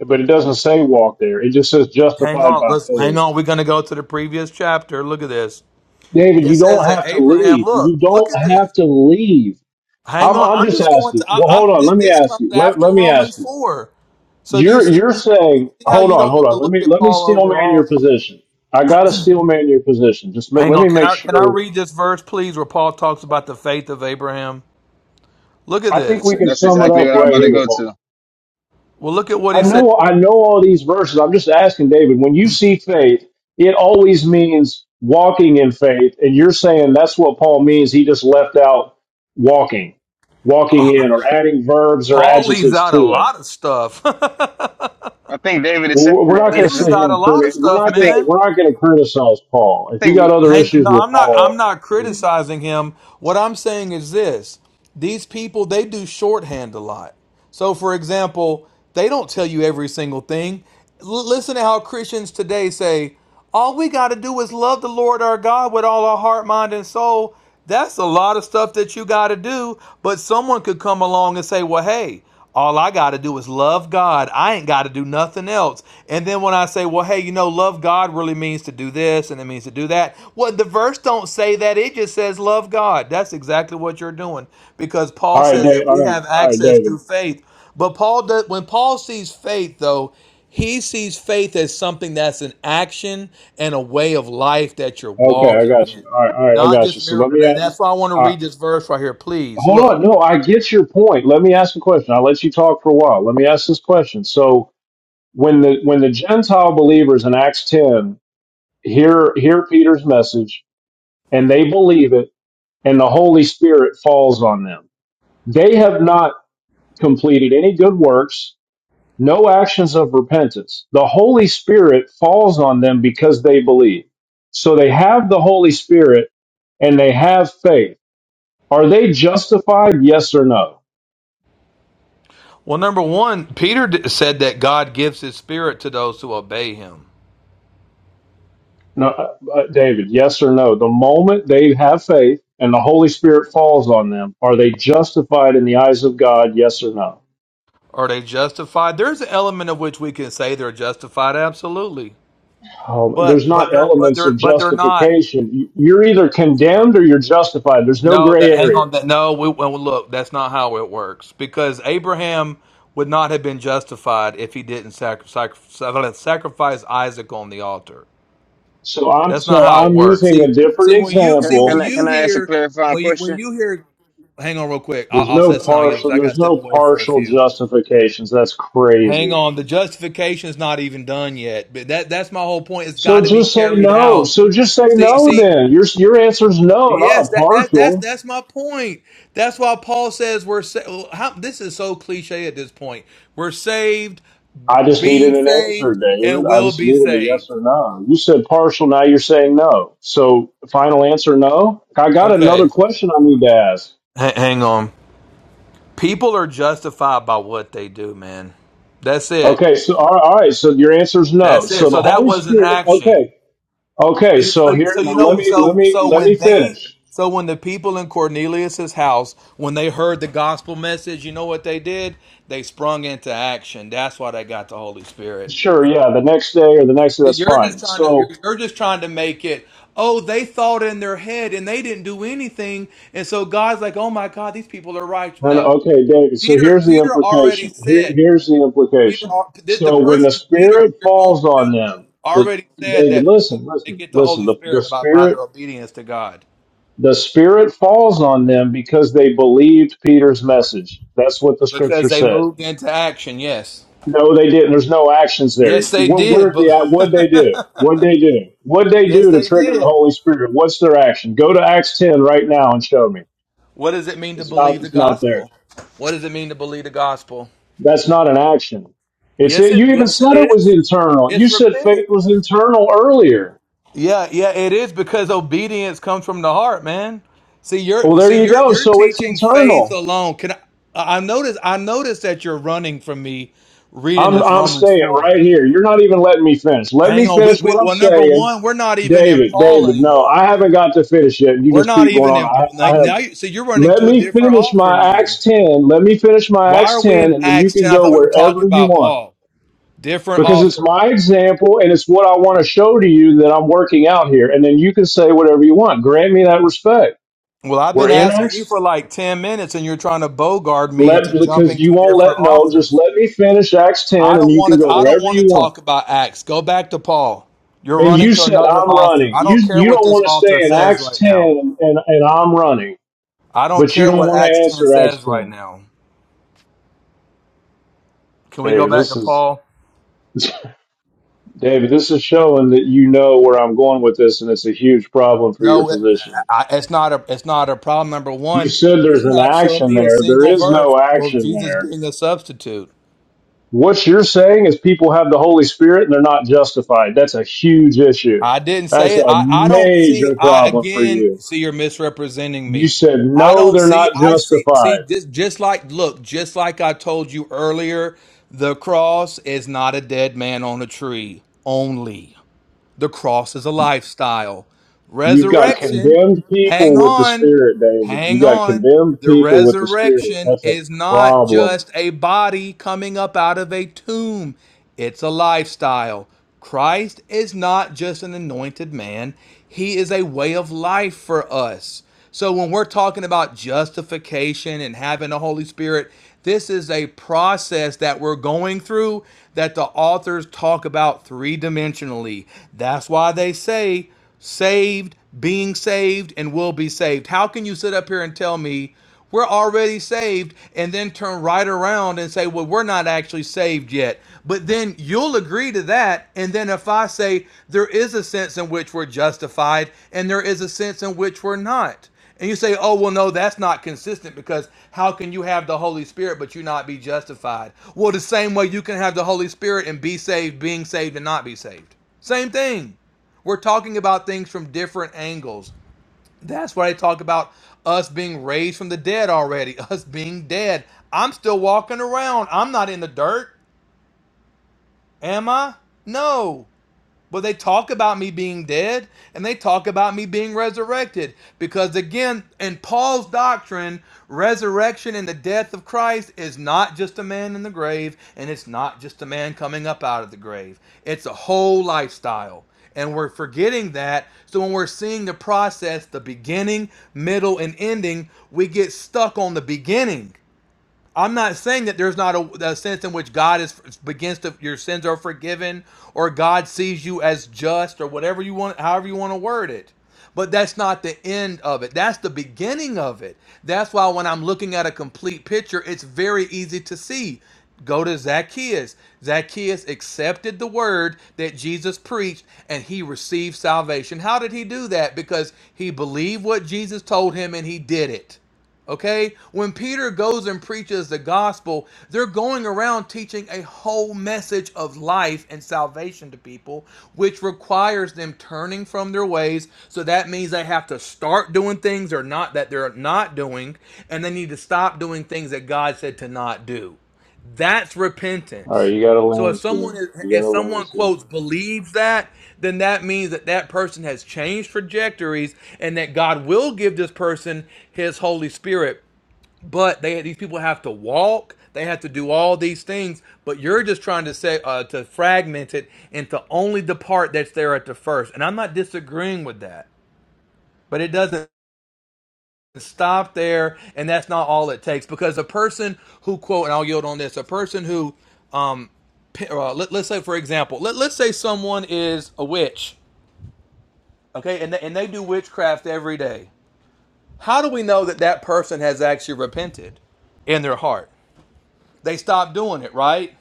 S8: But it doesn't say walk there. It just says
S7: Hang
S8: justified
S7: on,
S8: by
S7: let's hang
S8: faith.
S7: on. We're gonna go to the previous chapter. Look at this.
S8: David,
S7: It
S8: you don't
S7: says that
S8: have to
S7: Abraham,
S8: leave. You
S7: look, look
S8: don't
S7: at
S8: have
S7: this.
S8: to leave.
S7: Hang
S8: I'm
S7: on,
S8: I'm
S7: I'm
S8: just
S7: just going to.
S8: asking.
S7: I,
S8: Well,
S7: I'm.
S8: hold on.
S7: Th-
S8: Let me
S7: this
S8: ask
S7: comes
S8: you. Let, let
S7: after
S8: me ask
S7: Romans
S8: you.
S7: four. So do you
S8: You're
S7: see,
S8: you're
S7: do you
S8: saying,
S7: see how
S8: hold
S7: you
S8: on,
S7: don't
S8: hold
S7: want to
S8: on. Let
S7: look
S8: me
S7: at
S8: let me
S7: Paul
S8: steel man your
S7: overall?
S8: position. I gotta steel man your position. Just ma-
S7: Hang
S8: let
S7: on,
S8: me
S7: can
S8: make
S7: I can I
S8: sure.
S7: read this verse, please, where Paul talks about the faith of Abraham? Look at
S8: I think
S10: That's,
S8: we
S7: this.
S8: can
S10: that's
S8: sum it
S10: exactly
S8: up
S10: what I'm
S8: right
S10: about to
S8: here,
S10: go
S8: Paul.
S10: to.
S7: Well, look at what
S8: I
S7: he says.
S8: know I
S7: here.
S8: know all these verses. I'm just asking David, when you see faith, it always means walking in faith, and you're saying that's what Paul means. He just left out walking, walking in, or adding verbs or
S7: Paul leaves
S8: adjectives
S7: out
S8: to
S7: a
S8: it.
S7: lot of stuff.
S10: I think David is saying
S8: Well, we're
S10: that
S8: not
S10: he
S8: going
S7: they
S8: to
S10: doesn't.
S8: sit
S7: leave
S8: here
S7: out a
S8: and
S7: lot
S8: criti-
S7: of
S8: we're
S7: stuff,
S10: I
S8: not going
S10: think
S8: to
S7: man.
S8: we're not going to criticize Paul.
S10: I
S8: If you
S10: think
S8: got other
S7: Hang,
S8: issues
S7: no,
S8: with
S7: I'm not. I'm
S8: Paul,
S7: not
S8: I mean,
S7: criticizing him. What I'm saying is this: these people they do shorthand a lot. So, for example, they don't tell you every single thing. L- listen to how Christians today say, "All we got to do is love the Lord our God with all our heart, mind, and soul." That's a lot of stuff that you got to do, but someone could come along and say, "Well, hey, all I got to do is love God. I ain't got to do nothing else." And then when I say, "Well, hey, you know, love God really means to do this and it means to do that." Well, the verse don't say that. It just says love God. That's exactly what you're doing because
S8: all
S7: Paul
S8: right,
S7: says
S8: Dave,
S7: that
S8: all
S7: we
S8: right,
S7: have
S8: all right,
S7: access
S8: David.
S7: through faith. But Paul does, when Paul sees faith though, he sees faith as something that's an action and a way of life that you're
S8: Okay, I
S7: walking
S8: got
S7: in.
S8: you. All right, all right, I
S7: Not
S8: got you.
S7: just
S8: So let me
S7: miracle. And
S8: add.
S7: that's why I want to read this verse right here. Please
S8: Hold
S7: look.
S8: on. No, I get your point. Let me ask a question. I'll let you talk for a while. Let me ask this question. So when the when the Gentile believers in Acts 10 hear hear Peter's message and they believe it and the Holy Spirit falls on them, they have not completed any good works, no actions of repentance. The Holy Spirit falls on them because they believe. So they have the Holy Spirit and they have faith. Are they justified? Yes or no?
S7: Well, number one, Peter d- said that God gives his spirit to those who obey him.
S8: No, uh, uh, David, yes or no? The moment they have faith and the Holy Spirit falls on them, are they justified in the eyes of God? Yes or no?
S7: Are they justified? There's an element of which we can say they're justified, absolutely.
S8: Um, there's
S7: But but
S8: not
S7: they're but
S8: elements
S7: they're
S8: of
S7: but they're not.
S8: justification. Y- You're either
S7: you know,
S8: condemned or you're justified. There's no
S7: No,
S8: gray
S7: that hang
S8: area.
S7: on. That no, we, well, look, that's not how it works because Abraham would not have been justified if he didn't sac- sac- sacrifice Isaac on the altar.
S8: So I'm
S7: That's not
S8: so
S7: how it
S8: I'm
S7: works.
S8: using a
S7: See,
S8: different
S7: see when you
S10: can
S7: see when
S8: example.
S10: I,
S7: you
S10: can I ask a
S7: hear
S10: clarifying
S7: when you when
S10: question?
S7: you hear. Hang on, real quick. I'll,
S8: There's
S7: I'll
S8: no
S7: say something. You because
S8: partial.
S7: I got to
S8: There's
S7: step
S8: no
S7: away for a
S8: partial
S7: few.
S8: justifications. That's
S7: Hang
S8: crazy.
S7: on, the justification is not even done yet. But that that's my whole point. It's
S8: So
S7: got to be
S8: just say
S7: carried
S8: no.
S7: out.
S8: So just say
S7: See,
S8: no.
S7: see,
S8: Then your your answer is no, not a
S7: yes, that that that's
S8: partial.
S7: that's my point. That's why Paul says we're sa- well, how, this is so cliche at this point. We're saved, b-
S8: I just needed
S7: being
S8: an answer,
S7: saved,
S8: David.
S7: and
S8: I
S7: will
S8: just
S7: be
S8: needed a yes
S7: saved.
S8: or no. You said partial, now you're saying no. So final answer, no. I got another
S7: Okay,
S8: question I need to ask.
S7: H- hang on. People are justified by what they do, man. That's it.
S8: Okay, so all right, all right, so your answer is no.
S7: That's it.
S8: So the
S7: So that
S8: Holy
S7: was an
S8: Spirit,
S7: action.
S8: okay, okay.
S7: So, you- so,
S8: So
S7: you-
S8: here
S7: so you
S8: now, let
S7: know,
S8: me let
S7: so
S8: me
S7: so
S8: let me
S7: when they,
S8: finish.
S7: so when the people in Cornelius's house, when they heard the gospel message, you know what they did? They sprung into action. That's why they got the Holy Spirit.
S8: Sure, yeah, the next day or the next day, that's
S7: You're just
S8: fine.
S7: trying to, you're,
S8: So
S7: you're just trying to make it. Oh, they thought in their head and they didn't do anything, and so God's like, oh my God, these people are right.
S8: No, no,
S7: No,
S8: okay, David. So
S7: Peter,
S8: here's the
S7: Peter already
S8: implication. Here,
S7: said.
S8: here's the
S7: Peter,
S8: implication.
S7: uh, the, the
S8: So when the
S7: person Peter
S8: spirit
S7: you're going
S8: falls
S7: to
S8: on them, the
S7: already said
S8: David,
S7: that people
S8: listen,
S7: they
S8: listen,
S7: get the
S8: listen.
S7: Holy
S8: The, the
S7: Spirit by, by their
S8: spirit,
S7: obedience to God
S8: the spirit falls on them because they believed Peter's message. That's what the scripture
S7: because they
S8: says.
S7: moved into action. Yes,
S8: No, they didn't. There's no actions there.
S7: yes, they
S8: What,
S7: did.
S8: what the
S7: But
S8: the, what they do? What they do? What they
S7: yes,
S8: do to
S7: they
S8: trigger the
S7: did.
S8: Holy Spirit? What's their action? Go to Acts 10 right now and show me.
S7: What does it mean to
S8: It's not,
S7: believe the
S8: it's not there.
S7: gospel? What does it mean to believe the gospel?
S8: That's not an action. It's
S7: Yes,
S8: it.
S7: it
S8: You even
S7: yes
S8: said
S7: it
S8: it was
S7: is.
S8: internal. You
S7: It's
S8: said
S7: repent.
S8: faith was internal earlier.
S7: Yeah, yeah, it is because obedience comes from the heart, man. See,
S8: Well,
S7: you're
S8: there
S7: see,
S8: you
S7: you're
S8: go.
S7: you're
S8: So it's
S7: teaching faith
S8: internal.
S7: alone. Can I, I notice? I notice that you're running from me, reading
S8: I'm
S7: this
S8: I'm
S7: Romans
S8: staying
S7: four.
S8: right here. You're not even letting me finish. Let me
S7: Hang on, we,
S8: finish
S7: we
S8: what I'm
S7: well, number
S8: saying,
S7: one, we're not even in
S8: David.
S7: Paul
S8: David, no,
S7: anymore.
S8: I haven't got to finish yet. You
S7: We're
S8: just
S7: not
S8: keep going
S7: even
S8: on.
S7: in Paul. Now,
S8: I, I have.
S7: now you, see, you're running
S8: Let
S7: to a
S8: me
S7: different
S8: finish
S7: author
S8: my
S7: now.
S8: Acts 10. Let me finish my
S7: Why
S8: Acts
S7: are
S8: 10,
S7: we in
S8: and then you
S7: Acts
S8: can
S7: ten? I
S8: go
S7: thought we were
S8: wherever
S7: talking
S8: you
S7: about
S8: want
S7: Paul, different
S8: because it's
S7: author.
S8: my example and it's what I want to show to you that I'm working out here. And then you can say whatever you want. Grant me that respect.
S7: Well, I've
S8: We're
S7: been
S8: in
S7: asking you
S8: Acts.
S7: for like ten minutes, and you're trying to bogard me
S8: Let
S7: into
S8: because
S7: jumping
S8: you
S7: to
S8: won't let
S7: different
S8: no. Just
S7: authors.
S8: let me finish Acts ten,
S7: I
S8: and
S7: don't
S8: you
S7: want
S8: can
S7: to.
S8: go
S7: I don't
S8: wherever
S7: want to
S8: you want.
S7: talk about Acts. Go back to Paul. You're
S8: And
S7: running
S8: you
S7: to
S8: said
S7: another
S8: I'm
S7: author.
S8: running.
S7: I
S8: You
S7: don't care
S8: you
S7: what
S8: don't
S7: this
S8: want to stay
S7: author
S8: in
S7: says
S8: Acts
S7: right
S8: ten,
S7: now.
S8: and and and I'm running,
S7: I don't
S8: but you
S7: care
S8: don't
S7: what
S8: want to
S7: Acts ten
S8: answer Acts
S7: says right
S8: ten,
S7: now. Can we go
S8: David.
S7: back
S8: This
S7: to
S8: is
S7: Paul?
S8: David. This is showing that you know where I'm going with this, and it's a huge problem for your
S7: No, it,
S8: position.
S7: I, it's not a. It's not a problem. Number
S8: You
S7: one,
S8: said there's
S7: you've
S8: an
S7: not shown
S8: action
S7: me a
S8: there. There
S7: single
S8: is
S7: verse
S8: no
S7: of
S8: action
S7: Jesus
S8: there
S7: being a substitute.
S8: What you're saying is people have the Holy Spirit and they're not justified. That's a huge issue.
S7: I didn't say
S8: That's
S7: it.
S8: a
S7: I, I don't see.
S8: major
S7: I
S8: problem for
S7: again
S8: you.
S7: see you're misrepresenting
S8: You
S7: me.
S8: said,
S7: I
S8: no,
S7: don't
S8: they're
S7: see.
S8: not
S7: I see. See
S8: justified.
S7: just just like look, just like I told you earlier, the cross is not a dead man on a tree. Only the cross is a lifestyle.
S8: You've got
S7: Resurrection.
S8: condemned
S7: Hang
S8: people with the
S7: on.
S8: Spirit, David. You
S7: Hang
S8: got
S7: on.
S8: condemned
S7: The
S8: people with the Spirit.
S7: resurrection
S8: That's a
S7: is not
S8: problem.
S7: just a body coming up out of a tomb, it's a lifestyle. Christ is not just an anointed man, he is a way of life for us. So when we're talking about justification and having the Holy Spirit, this is a process that we're going through that the authors talk about three dimensionally. That's why they say, saved, being saved, and will be saved. How can you sit up here and tell me we're already saved and then turn right around and say, well, we're not actually saved yet? But then you'll agree to that. And then if I say there is a sense in which we're justified and there is a sense in which we're not. And you say, oh, well, no, that's not consistent because how can you have the Holy Spirit but you not be justified? Well, the same way you can have the Holy Spirit and be saved, being saved, and not be saved. Same thing. We're talking about things from different angles. That's why I talk about us being raised from the dead already, us being dead. I'm still walking around. I'm not in the dirt, am I? No. But they talk about me being dead and they talk about me being resurrected. Because again, in Paul's doctrine, resurrection and the death of Christ is not just a man in the grave and it's not just a man coming up out of the grave, it's a whole lifestyle. And we're forgetting that. So when we're seeing the process, the beginning, middle, and ending, we get stuck on the beginning I'm not saying that there's not a, a sense in which God is begins to your sins are forgiven or God sees you as just or whatever you want, however you want to word it. But that's not the end of it. That's the beginning of it. That's why when I'm looking at a complete picture, it's very easy to see. Go to Zacchaeus. Zacchaeus accepted the word that Jesus preached and he received salvation. How did he do that? Because he believed what Jesus told him and he did it. Okay? When Peter goes and preaches the gospel, they're going around teaching a whole message of life and salvation to people, which requires them turning from their ways. So that means they have to start doing things or not that they're not doing, and they need to stop doing things that God said to not do. That's
S8: All right,
S7: repentance.
S8: you got to
S7: So if
S8: land
S7: someone
S8: soon.
S7: is,
S8: You got
S7: if
S8: to
S7: someone
S8: land soon.
S7: quotes believes that, then that means that that person has changed trajectories and that God will give this person his Holy Spirit. But they these people have to walk, they have to do all these things. But you're just trying to say uh, to fragment it into only the part that's there at the first. And I'm not disagreeing with that, but it doesn't stop there and that's not all it takes because a person who quote and i'll yield on this a person who um p- uh, let, us say for example let, let's say someone is a witch okay and they, and they do witchcraft every day how do we know that that person has actually repented in their heart they stopped doing it right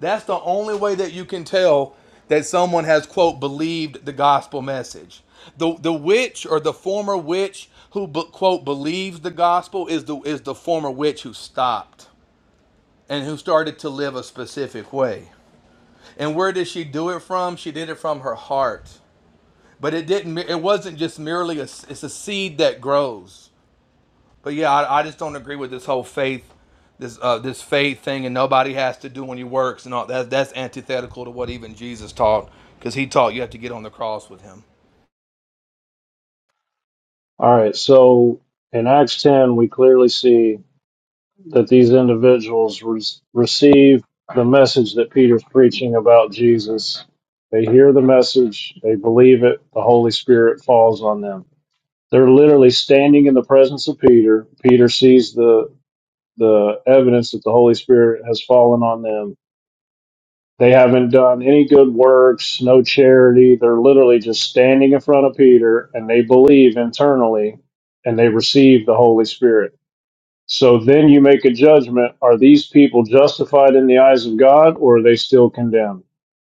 S7: That's the only way that you can tell that someone has, quote, believed the gospel message. The, the witch or the former witch who, quote, believes the gospel is the, is the former witch who stopped and who started to live a specific way. And where did she do it from? She did it from her heart. But it didn't, it wasn't just merely a. it's a seed that grows. But yeah, I, I just don't agree with this whole faith, this uh, this faith thing, and nobody has to do any works and all that. That's antithetical to what even Jesus taught, because he taught you have to get on the cross with him.
S8: All right, so in Acts 10, we clearly see. that these individuals re- receive the message that Peter's preaching about Jesus. They hear the message, they believe it, the Holy Spirit falls on them. They're literally standing in the presence of Peter. Peter sees the the evidence that the Holy Spirit has fallen on them. They haven't done any good works, no charity. They're literally just standing in front of Peter and they believe internally and they receive the Holy Spirit so then you make a judgment. Are these people justified in the eyes of God or are they still condemned?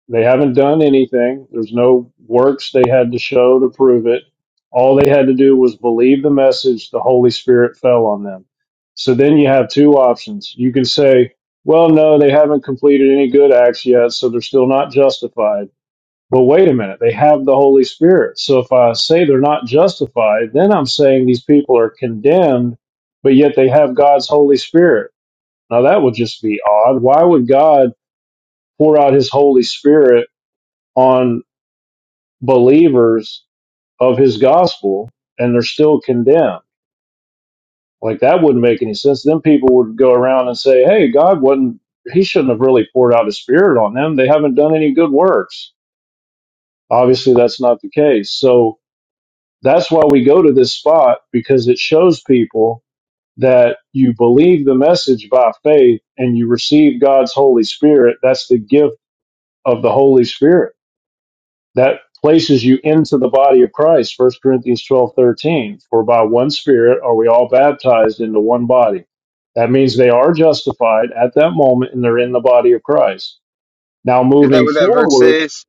S8: They haven't done anything. There's no works they had to show to prove it. All they had to do was believe the message. The Holy Spirit fell on them. So then you have two options. You can say, well, no, they haven't completed any good acts yet, so they're still not justified but wait a minute, they have the Holy Spirit. So if I say they're not justified, then I'm saying these people are condemned, but yet they have God's Holy Spirit. Now that would just be odd. Why would God pour out his Holy Spirit on believers of his gospel and they're still condemned? Like that wouldn't make any sense. Then people would go around and say, hey, God wasn't, he shouldn't have really poured out his Spirit on them. They haven't done any good works. Obviously, that's not the case. So, That's why we go to this spot because it shows people that you believe the message by faith and you receive God's Holy Spirit. That's the gift of the Holy Spirit that places you into the body of Christ. First Corinthians 12 13. For by one Spirit are we all baptized into one body. That means they are justified at that moment and they're in the body of Christ. Now
S10: Is that
S8: moving
S10: what that verse
S8: forward,
S10: says?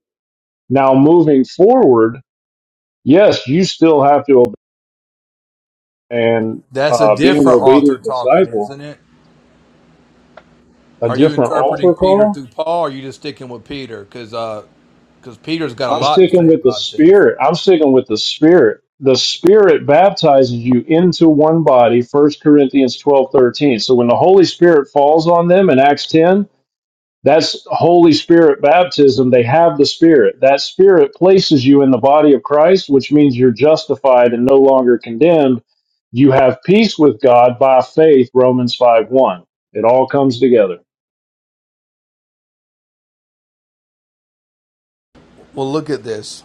S8: now moving forward, yes, you still have to and
S7: That's a
S8: uh, being an
S7: different author
S8: obedient
S7: talking,
S8: disciple,
S7: isn't it?
S8: a
S7: Are you
S8: different
S7: interpreting
S8: altar
S7: Peter through
S8: call.
S7: Paul? Or are you just sticking with Peter? Because uh, because Peter's got a
S8: I'm
S7: lot to
S8: sticking
S7: say
S8: with the
S7: about this.
S8: Spirit. I'm sticking with the Spirit. The Spirit baptizes you into one body, First Corinthians 12 13. So when the Holy Spirit falls on them in Acts 10, that's Holy Spirit baptism. They have the Spirit. That Spirit places you in the body of Christ, which means you're justified and no longer condemned. You have peace with God by faith, Romans 5 1. It all comes together.
S7: Well, look at this.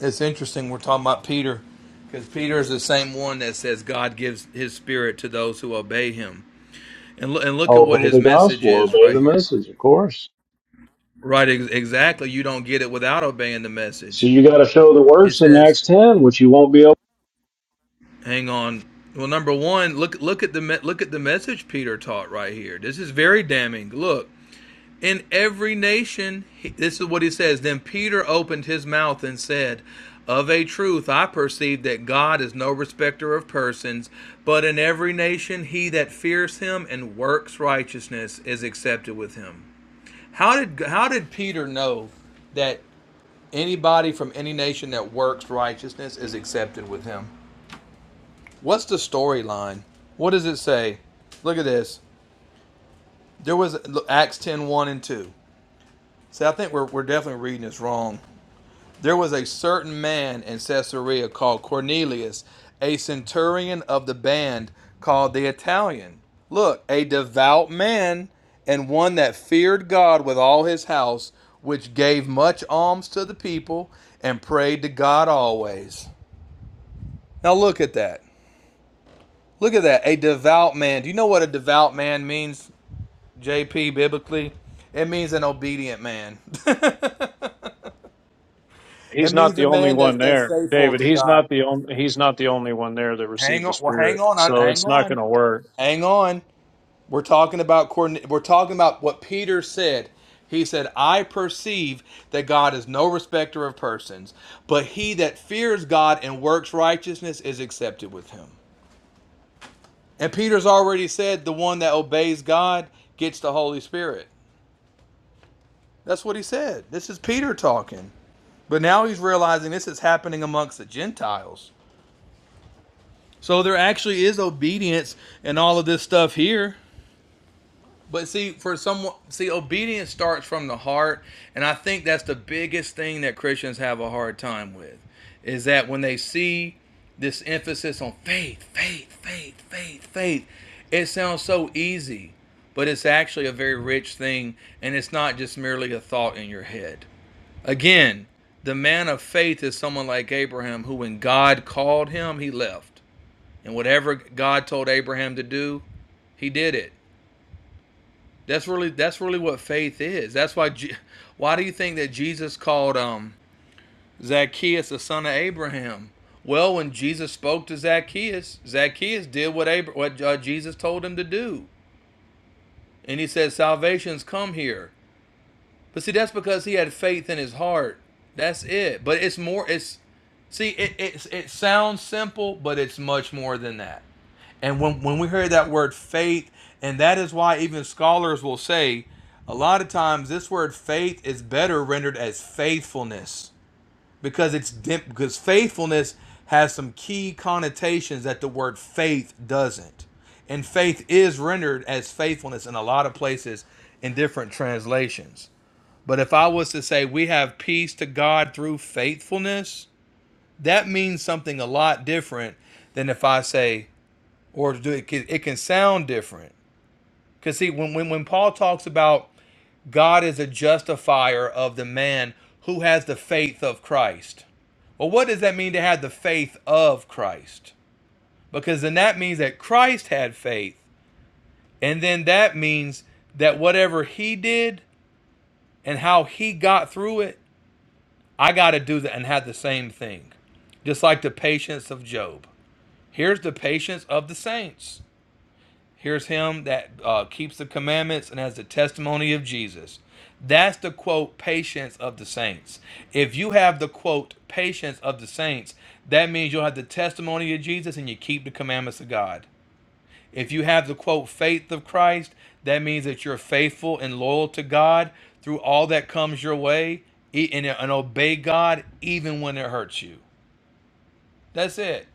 S7: It's interesting. We're talking about Peter because Peter is the same one that says God gives His Spirit to those who obey Him. And look and look at what
S8: Obey the
S7: his message
S8: gospel,
S7: is
S8: obey
S7: right
S8: the
S7: here.
S8: message, of course.
S7: Right, ex- exactly. You don't get it without obeying the
S8: So
S7: message.
S8: you got to show the
S7: He
S8: works in
S7: says,
S8: Acts 10, which you won't be able.
S7: "Hang on." Well, number one, look look at the me- look at the message Peter taught right here. This is very damning. Look, in every nation, he, this is what he says. Then Peter opened his mouth and said, "Of a truth, I perceive that God is no respecter of persons, but in every nation, he that fears Him and works righteousness is accepted with Him." How did how did Peter know that Anybody from any nation that works righteousness is accepted with him. What's the storyline? What does it say? Look at this. There was Acts 10 one and 2. See, I think we're, we're definitely reading this wrong. There was a certain man in Caesarea called Cornelius, a centurion of the band called the Italian. Look, a devout man and one that feared God with all his house, which gave much alms to the people and prayed to God always. Now look at that. Look at that. A devout man. Do you know what a devout man means, JP, biblically? It means an obedient man. it
S8: He's not
S7: means
S8: the
S7: a
S8: only
S7: man
S8: one
S7: that's that's
S8: there,
S7: faithful
S8: David.
S7: to
S8: He's
S7: God.
S8: not the only. He's not the only one there that received
S7: Hang
S8: the
S7: on. Well,
S8: Spirit.
S7: hang on. I-
S8: So
S7: Hang
S8: it's not going
S7: on.
S8: to work.
S7: Hang on. We're talking about coordin- we're talking about what Peter said. He said, "I perceive that God is no respecter of persons, but he that fears God and works righteousness is accepted with him." And Peter's already said the one that obeys God gets the Holy Spirit. That's what he said. This is Peter talking. But now he's realizing this is happening amongst the Gentiles. So there actually is obedience in all of this stuff here. But see, for someone, see, obedience starts from the heart, and I think that's the biggest thing that Christians have a hard time with, is that when they see this emphasis on faith, faith, faith, faith, faith, it sounds so easy, but it's actually a very rich thing, and it's not just merely a thought in your head. Again, the man of faith is someone like Abraham, who when God called him, he left, and whatever God told Abraham to do, he did it. That's really that's really what faith is. That's why why do you think that Jesus called um Zacchaeus the son of Abraham? Well, when Jesus spoke to Zacchaeus, Zacchaeus did what Abra- what uh, Jesus told him to do, and he said, "Salvation's come here." But see, that's because he had faith in his heart. That's it. But it's more. It's see, it it, it sounds simple, but it's much more than that. And when when we hear that word faith, and that is why even scholars will say, a lot of times this word faith is better rendered as faithfulness because it's dim- because faithfulness has some key connotations that the word faith doesn't. And faith is rendered as faithfulness in a lot of places in different translations. But if I was to say we have peace to God through faithfulness, that means something a lot different than if I say, or do it, can- it can sound different. Because see, when, when, when Paul talks about God is a justifier of the man who has the faith of Christ, well, what does that mean to have the faith of Christ? Because then that means that Christ had faith. And then that means that whatever he did and how he got through it I got to do that and have the same thing. Just like the patience of Job. Here's the patience of the saints. Here's him that uh, keeps the commandments and has the testimony of Jesus. That's the quote, patience of the saints. If you have the quote, patience of the saints, that means you'll have the testimony of Jesus and you keep the commandments of God. If you have the quote faith of Christ, that means that you're faithful and loyal to God through all that comes your way e- and, and obey God even when it hurts you. That's it.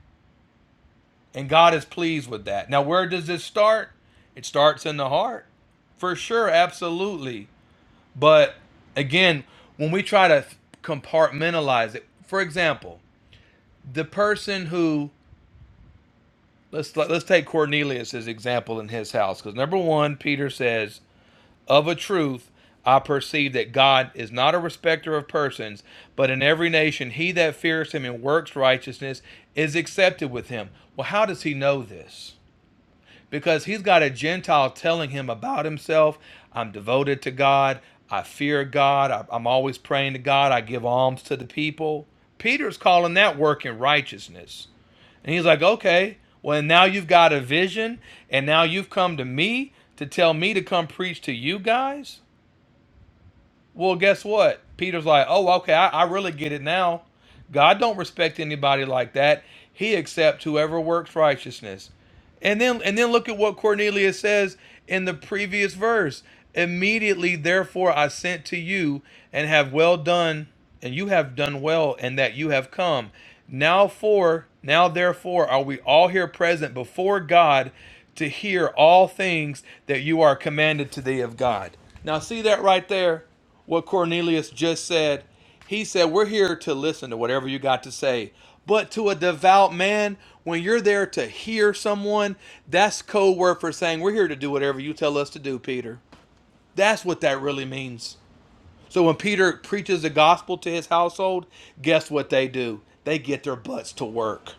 S7: And God is pleased with that. Now, where does this start? It starts in the heart. For sure, absolutely. But again, when we try to compartmentalize it, for example, the person who let's let's take Cornelius as example in his house because number 1 Peter says Of a truth, I perceive that God is not a respecter of persons, but in every nation he that fears him and works righteousness is accepted with him. Well, how does he know this? Because he's got a Gentile telling him about himself I'm devoted to God, I fear God, I- am always praying to God, I give alms to the people. Peter's calling that working righteousness. And he's like, okay, well, now you've got a vision, and now you've come to me to tell me to come preach to you guys? Well, guess what? Peter's like, oh, okay, I, I really get it now. God don't respect anybody like that. He accepts whoever works righteousness. And then and then look at what Cornelius says in the previous verse. Immediately therefore I sent to you and have well done and you have done well and that you have come. Now for now therefore are we all here present before God to hear all things that you are commanded today of God. Now see that right there what Cornelius just said. He said, We're here to listen to whatever you got to say. But to a devout man, when you're there to hear someone, that's code word for saying, We're here to do whatever you tell us to do, Peter. That's what that really means. So when Peter preaches the gospel to his household, guess what they do? They get their butts to work.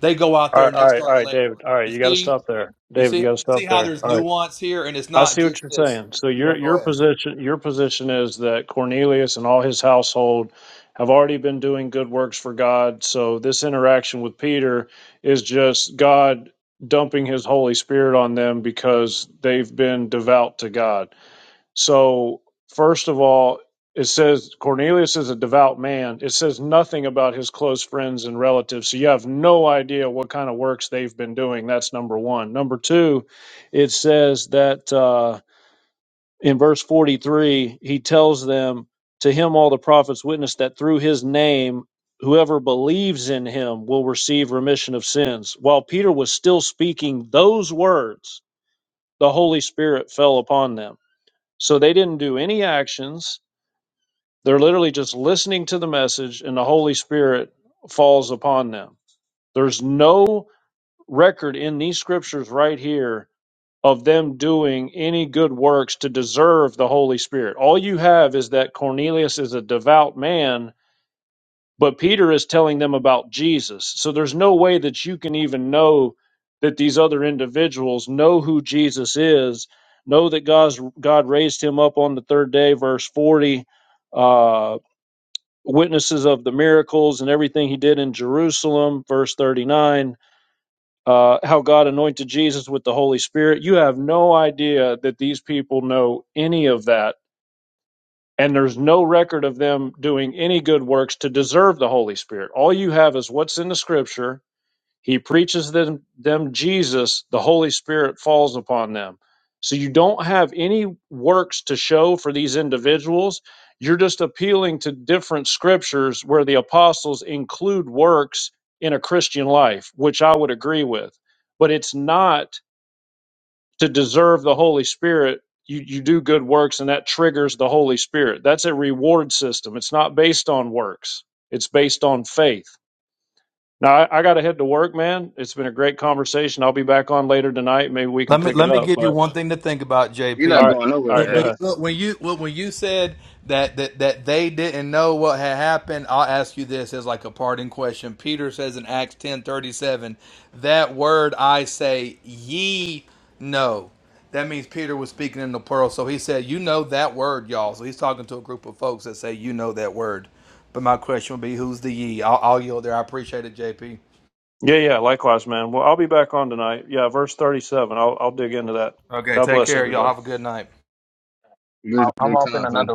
S7: They go out
S8: All
S7: there
S8: right,
S7: and
S8: all
S7: they
S8: right, all
S7: start
S8: right,
S7: laboring.
S8: David. All right,
S7: You
S8: you got to
S7: see?
S8: stop there,
S7: You
S8: David.
S7: see
S8: You got to
S7: you
S8: stop
S7: see how
S8: there.
S7: there's
S8: All right.
S7: nuance here and it's
S8: I
S7: not
S8: see
S7: just
S8: what you're
S7: this.
S8: saying. So your
S7: Yeah, go
S8: your
S7: ahead.
S8: position your position is that Cornelius and all his household have already been doing good works for God. So this interaction with Peter is just God dumping his Holy Spirit on them because they've been devout to God. So first of all, it says Cornelius is a devout man. It says nothing about his close friends and relatives. So you have no idea what kind of works they've been doing. That's number one. Number two, it says that. Uh, in verse 43, he tells them, To him all the prophets witness that through his name, whoever believes in him will receive remission of sins. While Peter was still speaking those words, the Holy Spirit fell upon them. So they didn't do any actions. They're literally just listening to the message, and the Holy Spirit falls upon them. There's no record in these scriptures right here of them doing any good works to deserve the Holy Spirit. All you have is that Cornelius is a devout man, but Peter is telling them about Jesus. So there's no way that you can even know that these other individuals know who Jesus is, know that God's, God raised him up on the third day, verse 40, uh, witnesses of the miracles and everything he did in Jerusalem, verse 39 uh, how God anointed Jesus with the Holy Spirit. You have no idea that these people know any of that. And there's no record of them doing any good works to deserve the Holy Spirit. All you have is what's in the scripture he preaches them, them Jesus, the Holy Spirit falls upon them. So you don't have any works to show for these individuals. You're just appealing to different scriptures where the apostles include works in a Christian life, which I would agree with. But it's not to deserve the Holy Spirit. You, you do good works and that triggers the Holy Spirit. That's a reward system. It's not based on works, it's based on faith. Now I, I got to head to work, man. It's been a great conversation. I'll be back on later tonight. Maybe we can
S7: Let me
S8: pick it
S7: let me
S8: up.
S7: give you
S8: But
S7: one thing to think about,
S10: You're
S7: JP.
S10: not
S8: all right,
S10: going
S8: all right,
S7: When
S8: go
S10: nowhere, X.
S7: when,
S8: ahead.
S7: look, when you well, when you said that, that that they didn't know what had happened, I'll ask you this as like a parting question. Peter says in Acts ten thirty seven, that word I say ye know. That means Peter was speaking in the plural. So he said, You know that word, y'all. So he's talking to a group of folks that say, You know that word. But my question would be, Who's the ye? I'll, I'll yield there. I appreciate it, JP.
S8: Yeah, yeah. Likewise, man. Well, I'll be back on tonight. Yeah, verse thirty-seven. I'll I'll dig into that.
S7: Okay,
S8: God
S7: take
S8: bless
S7: care.
S8: everybody.
S7: Y'all have a good night.
S10: Good, good convo.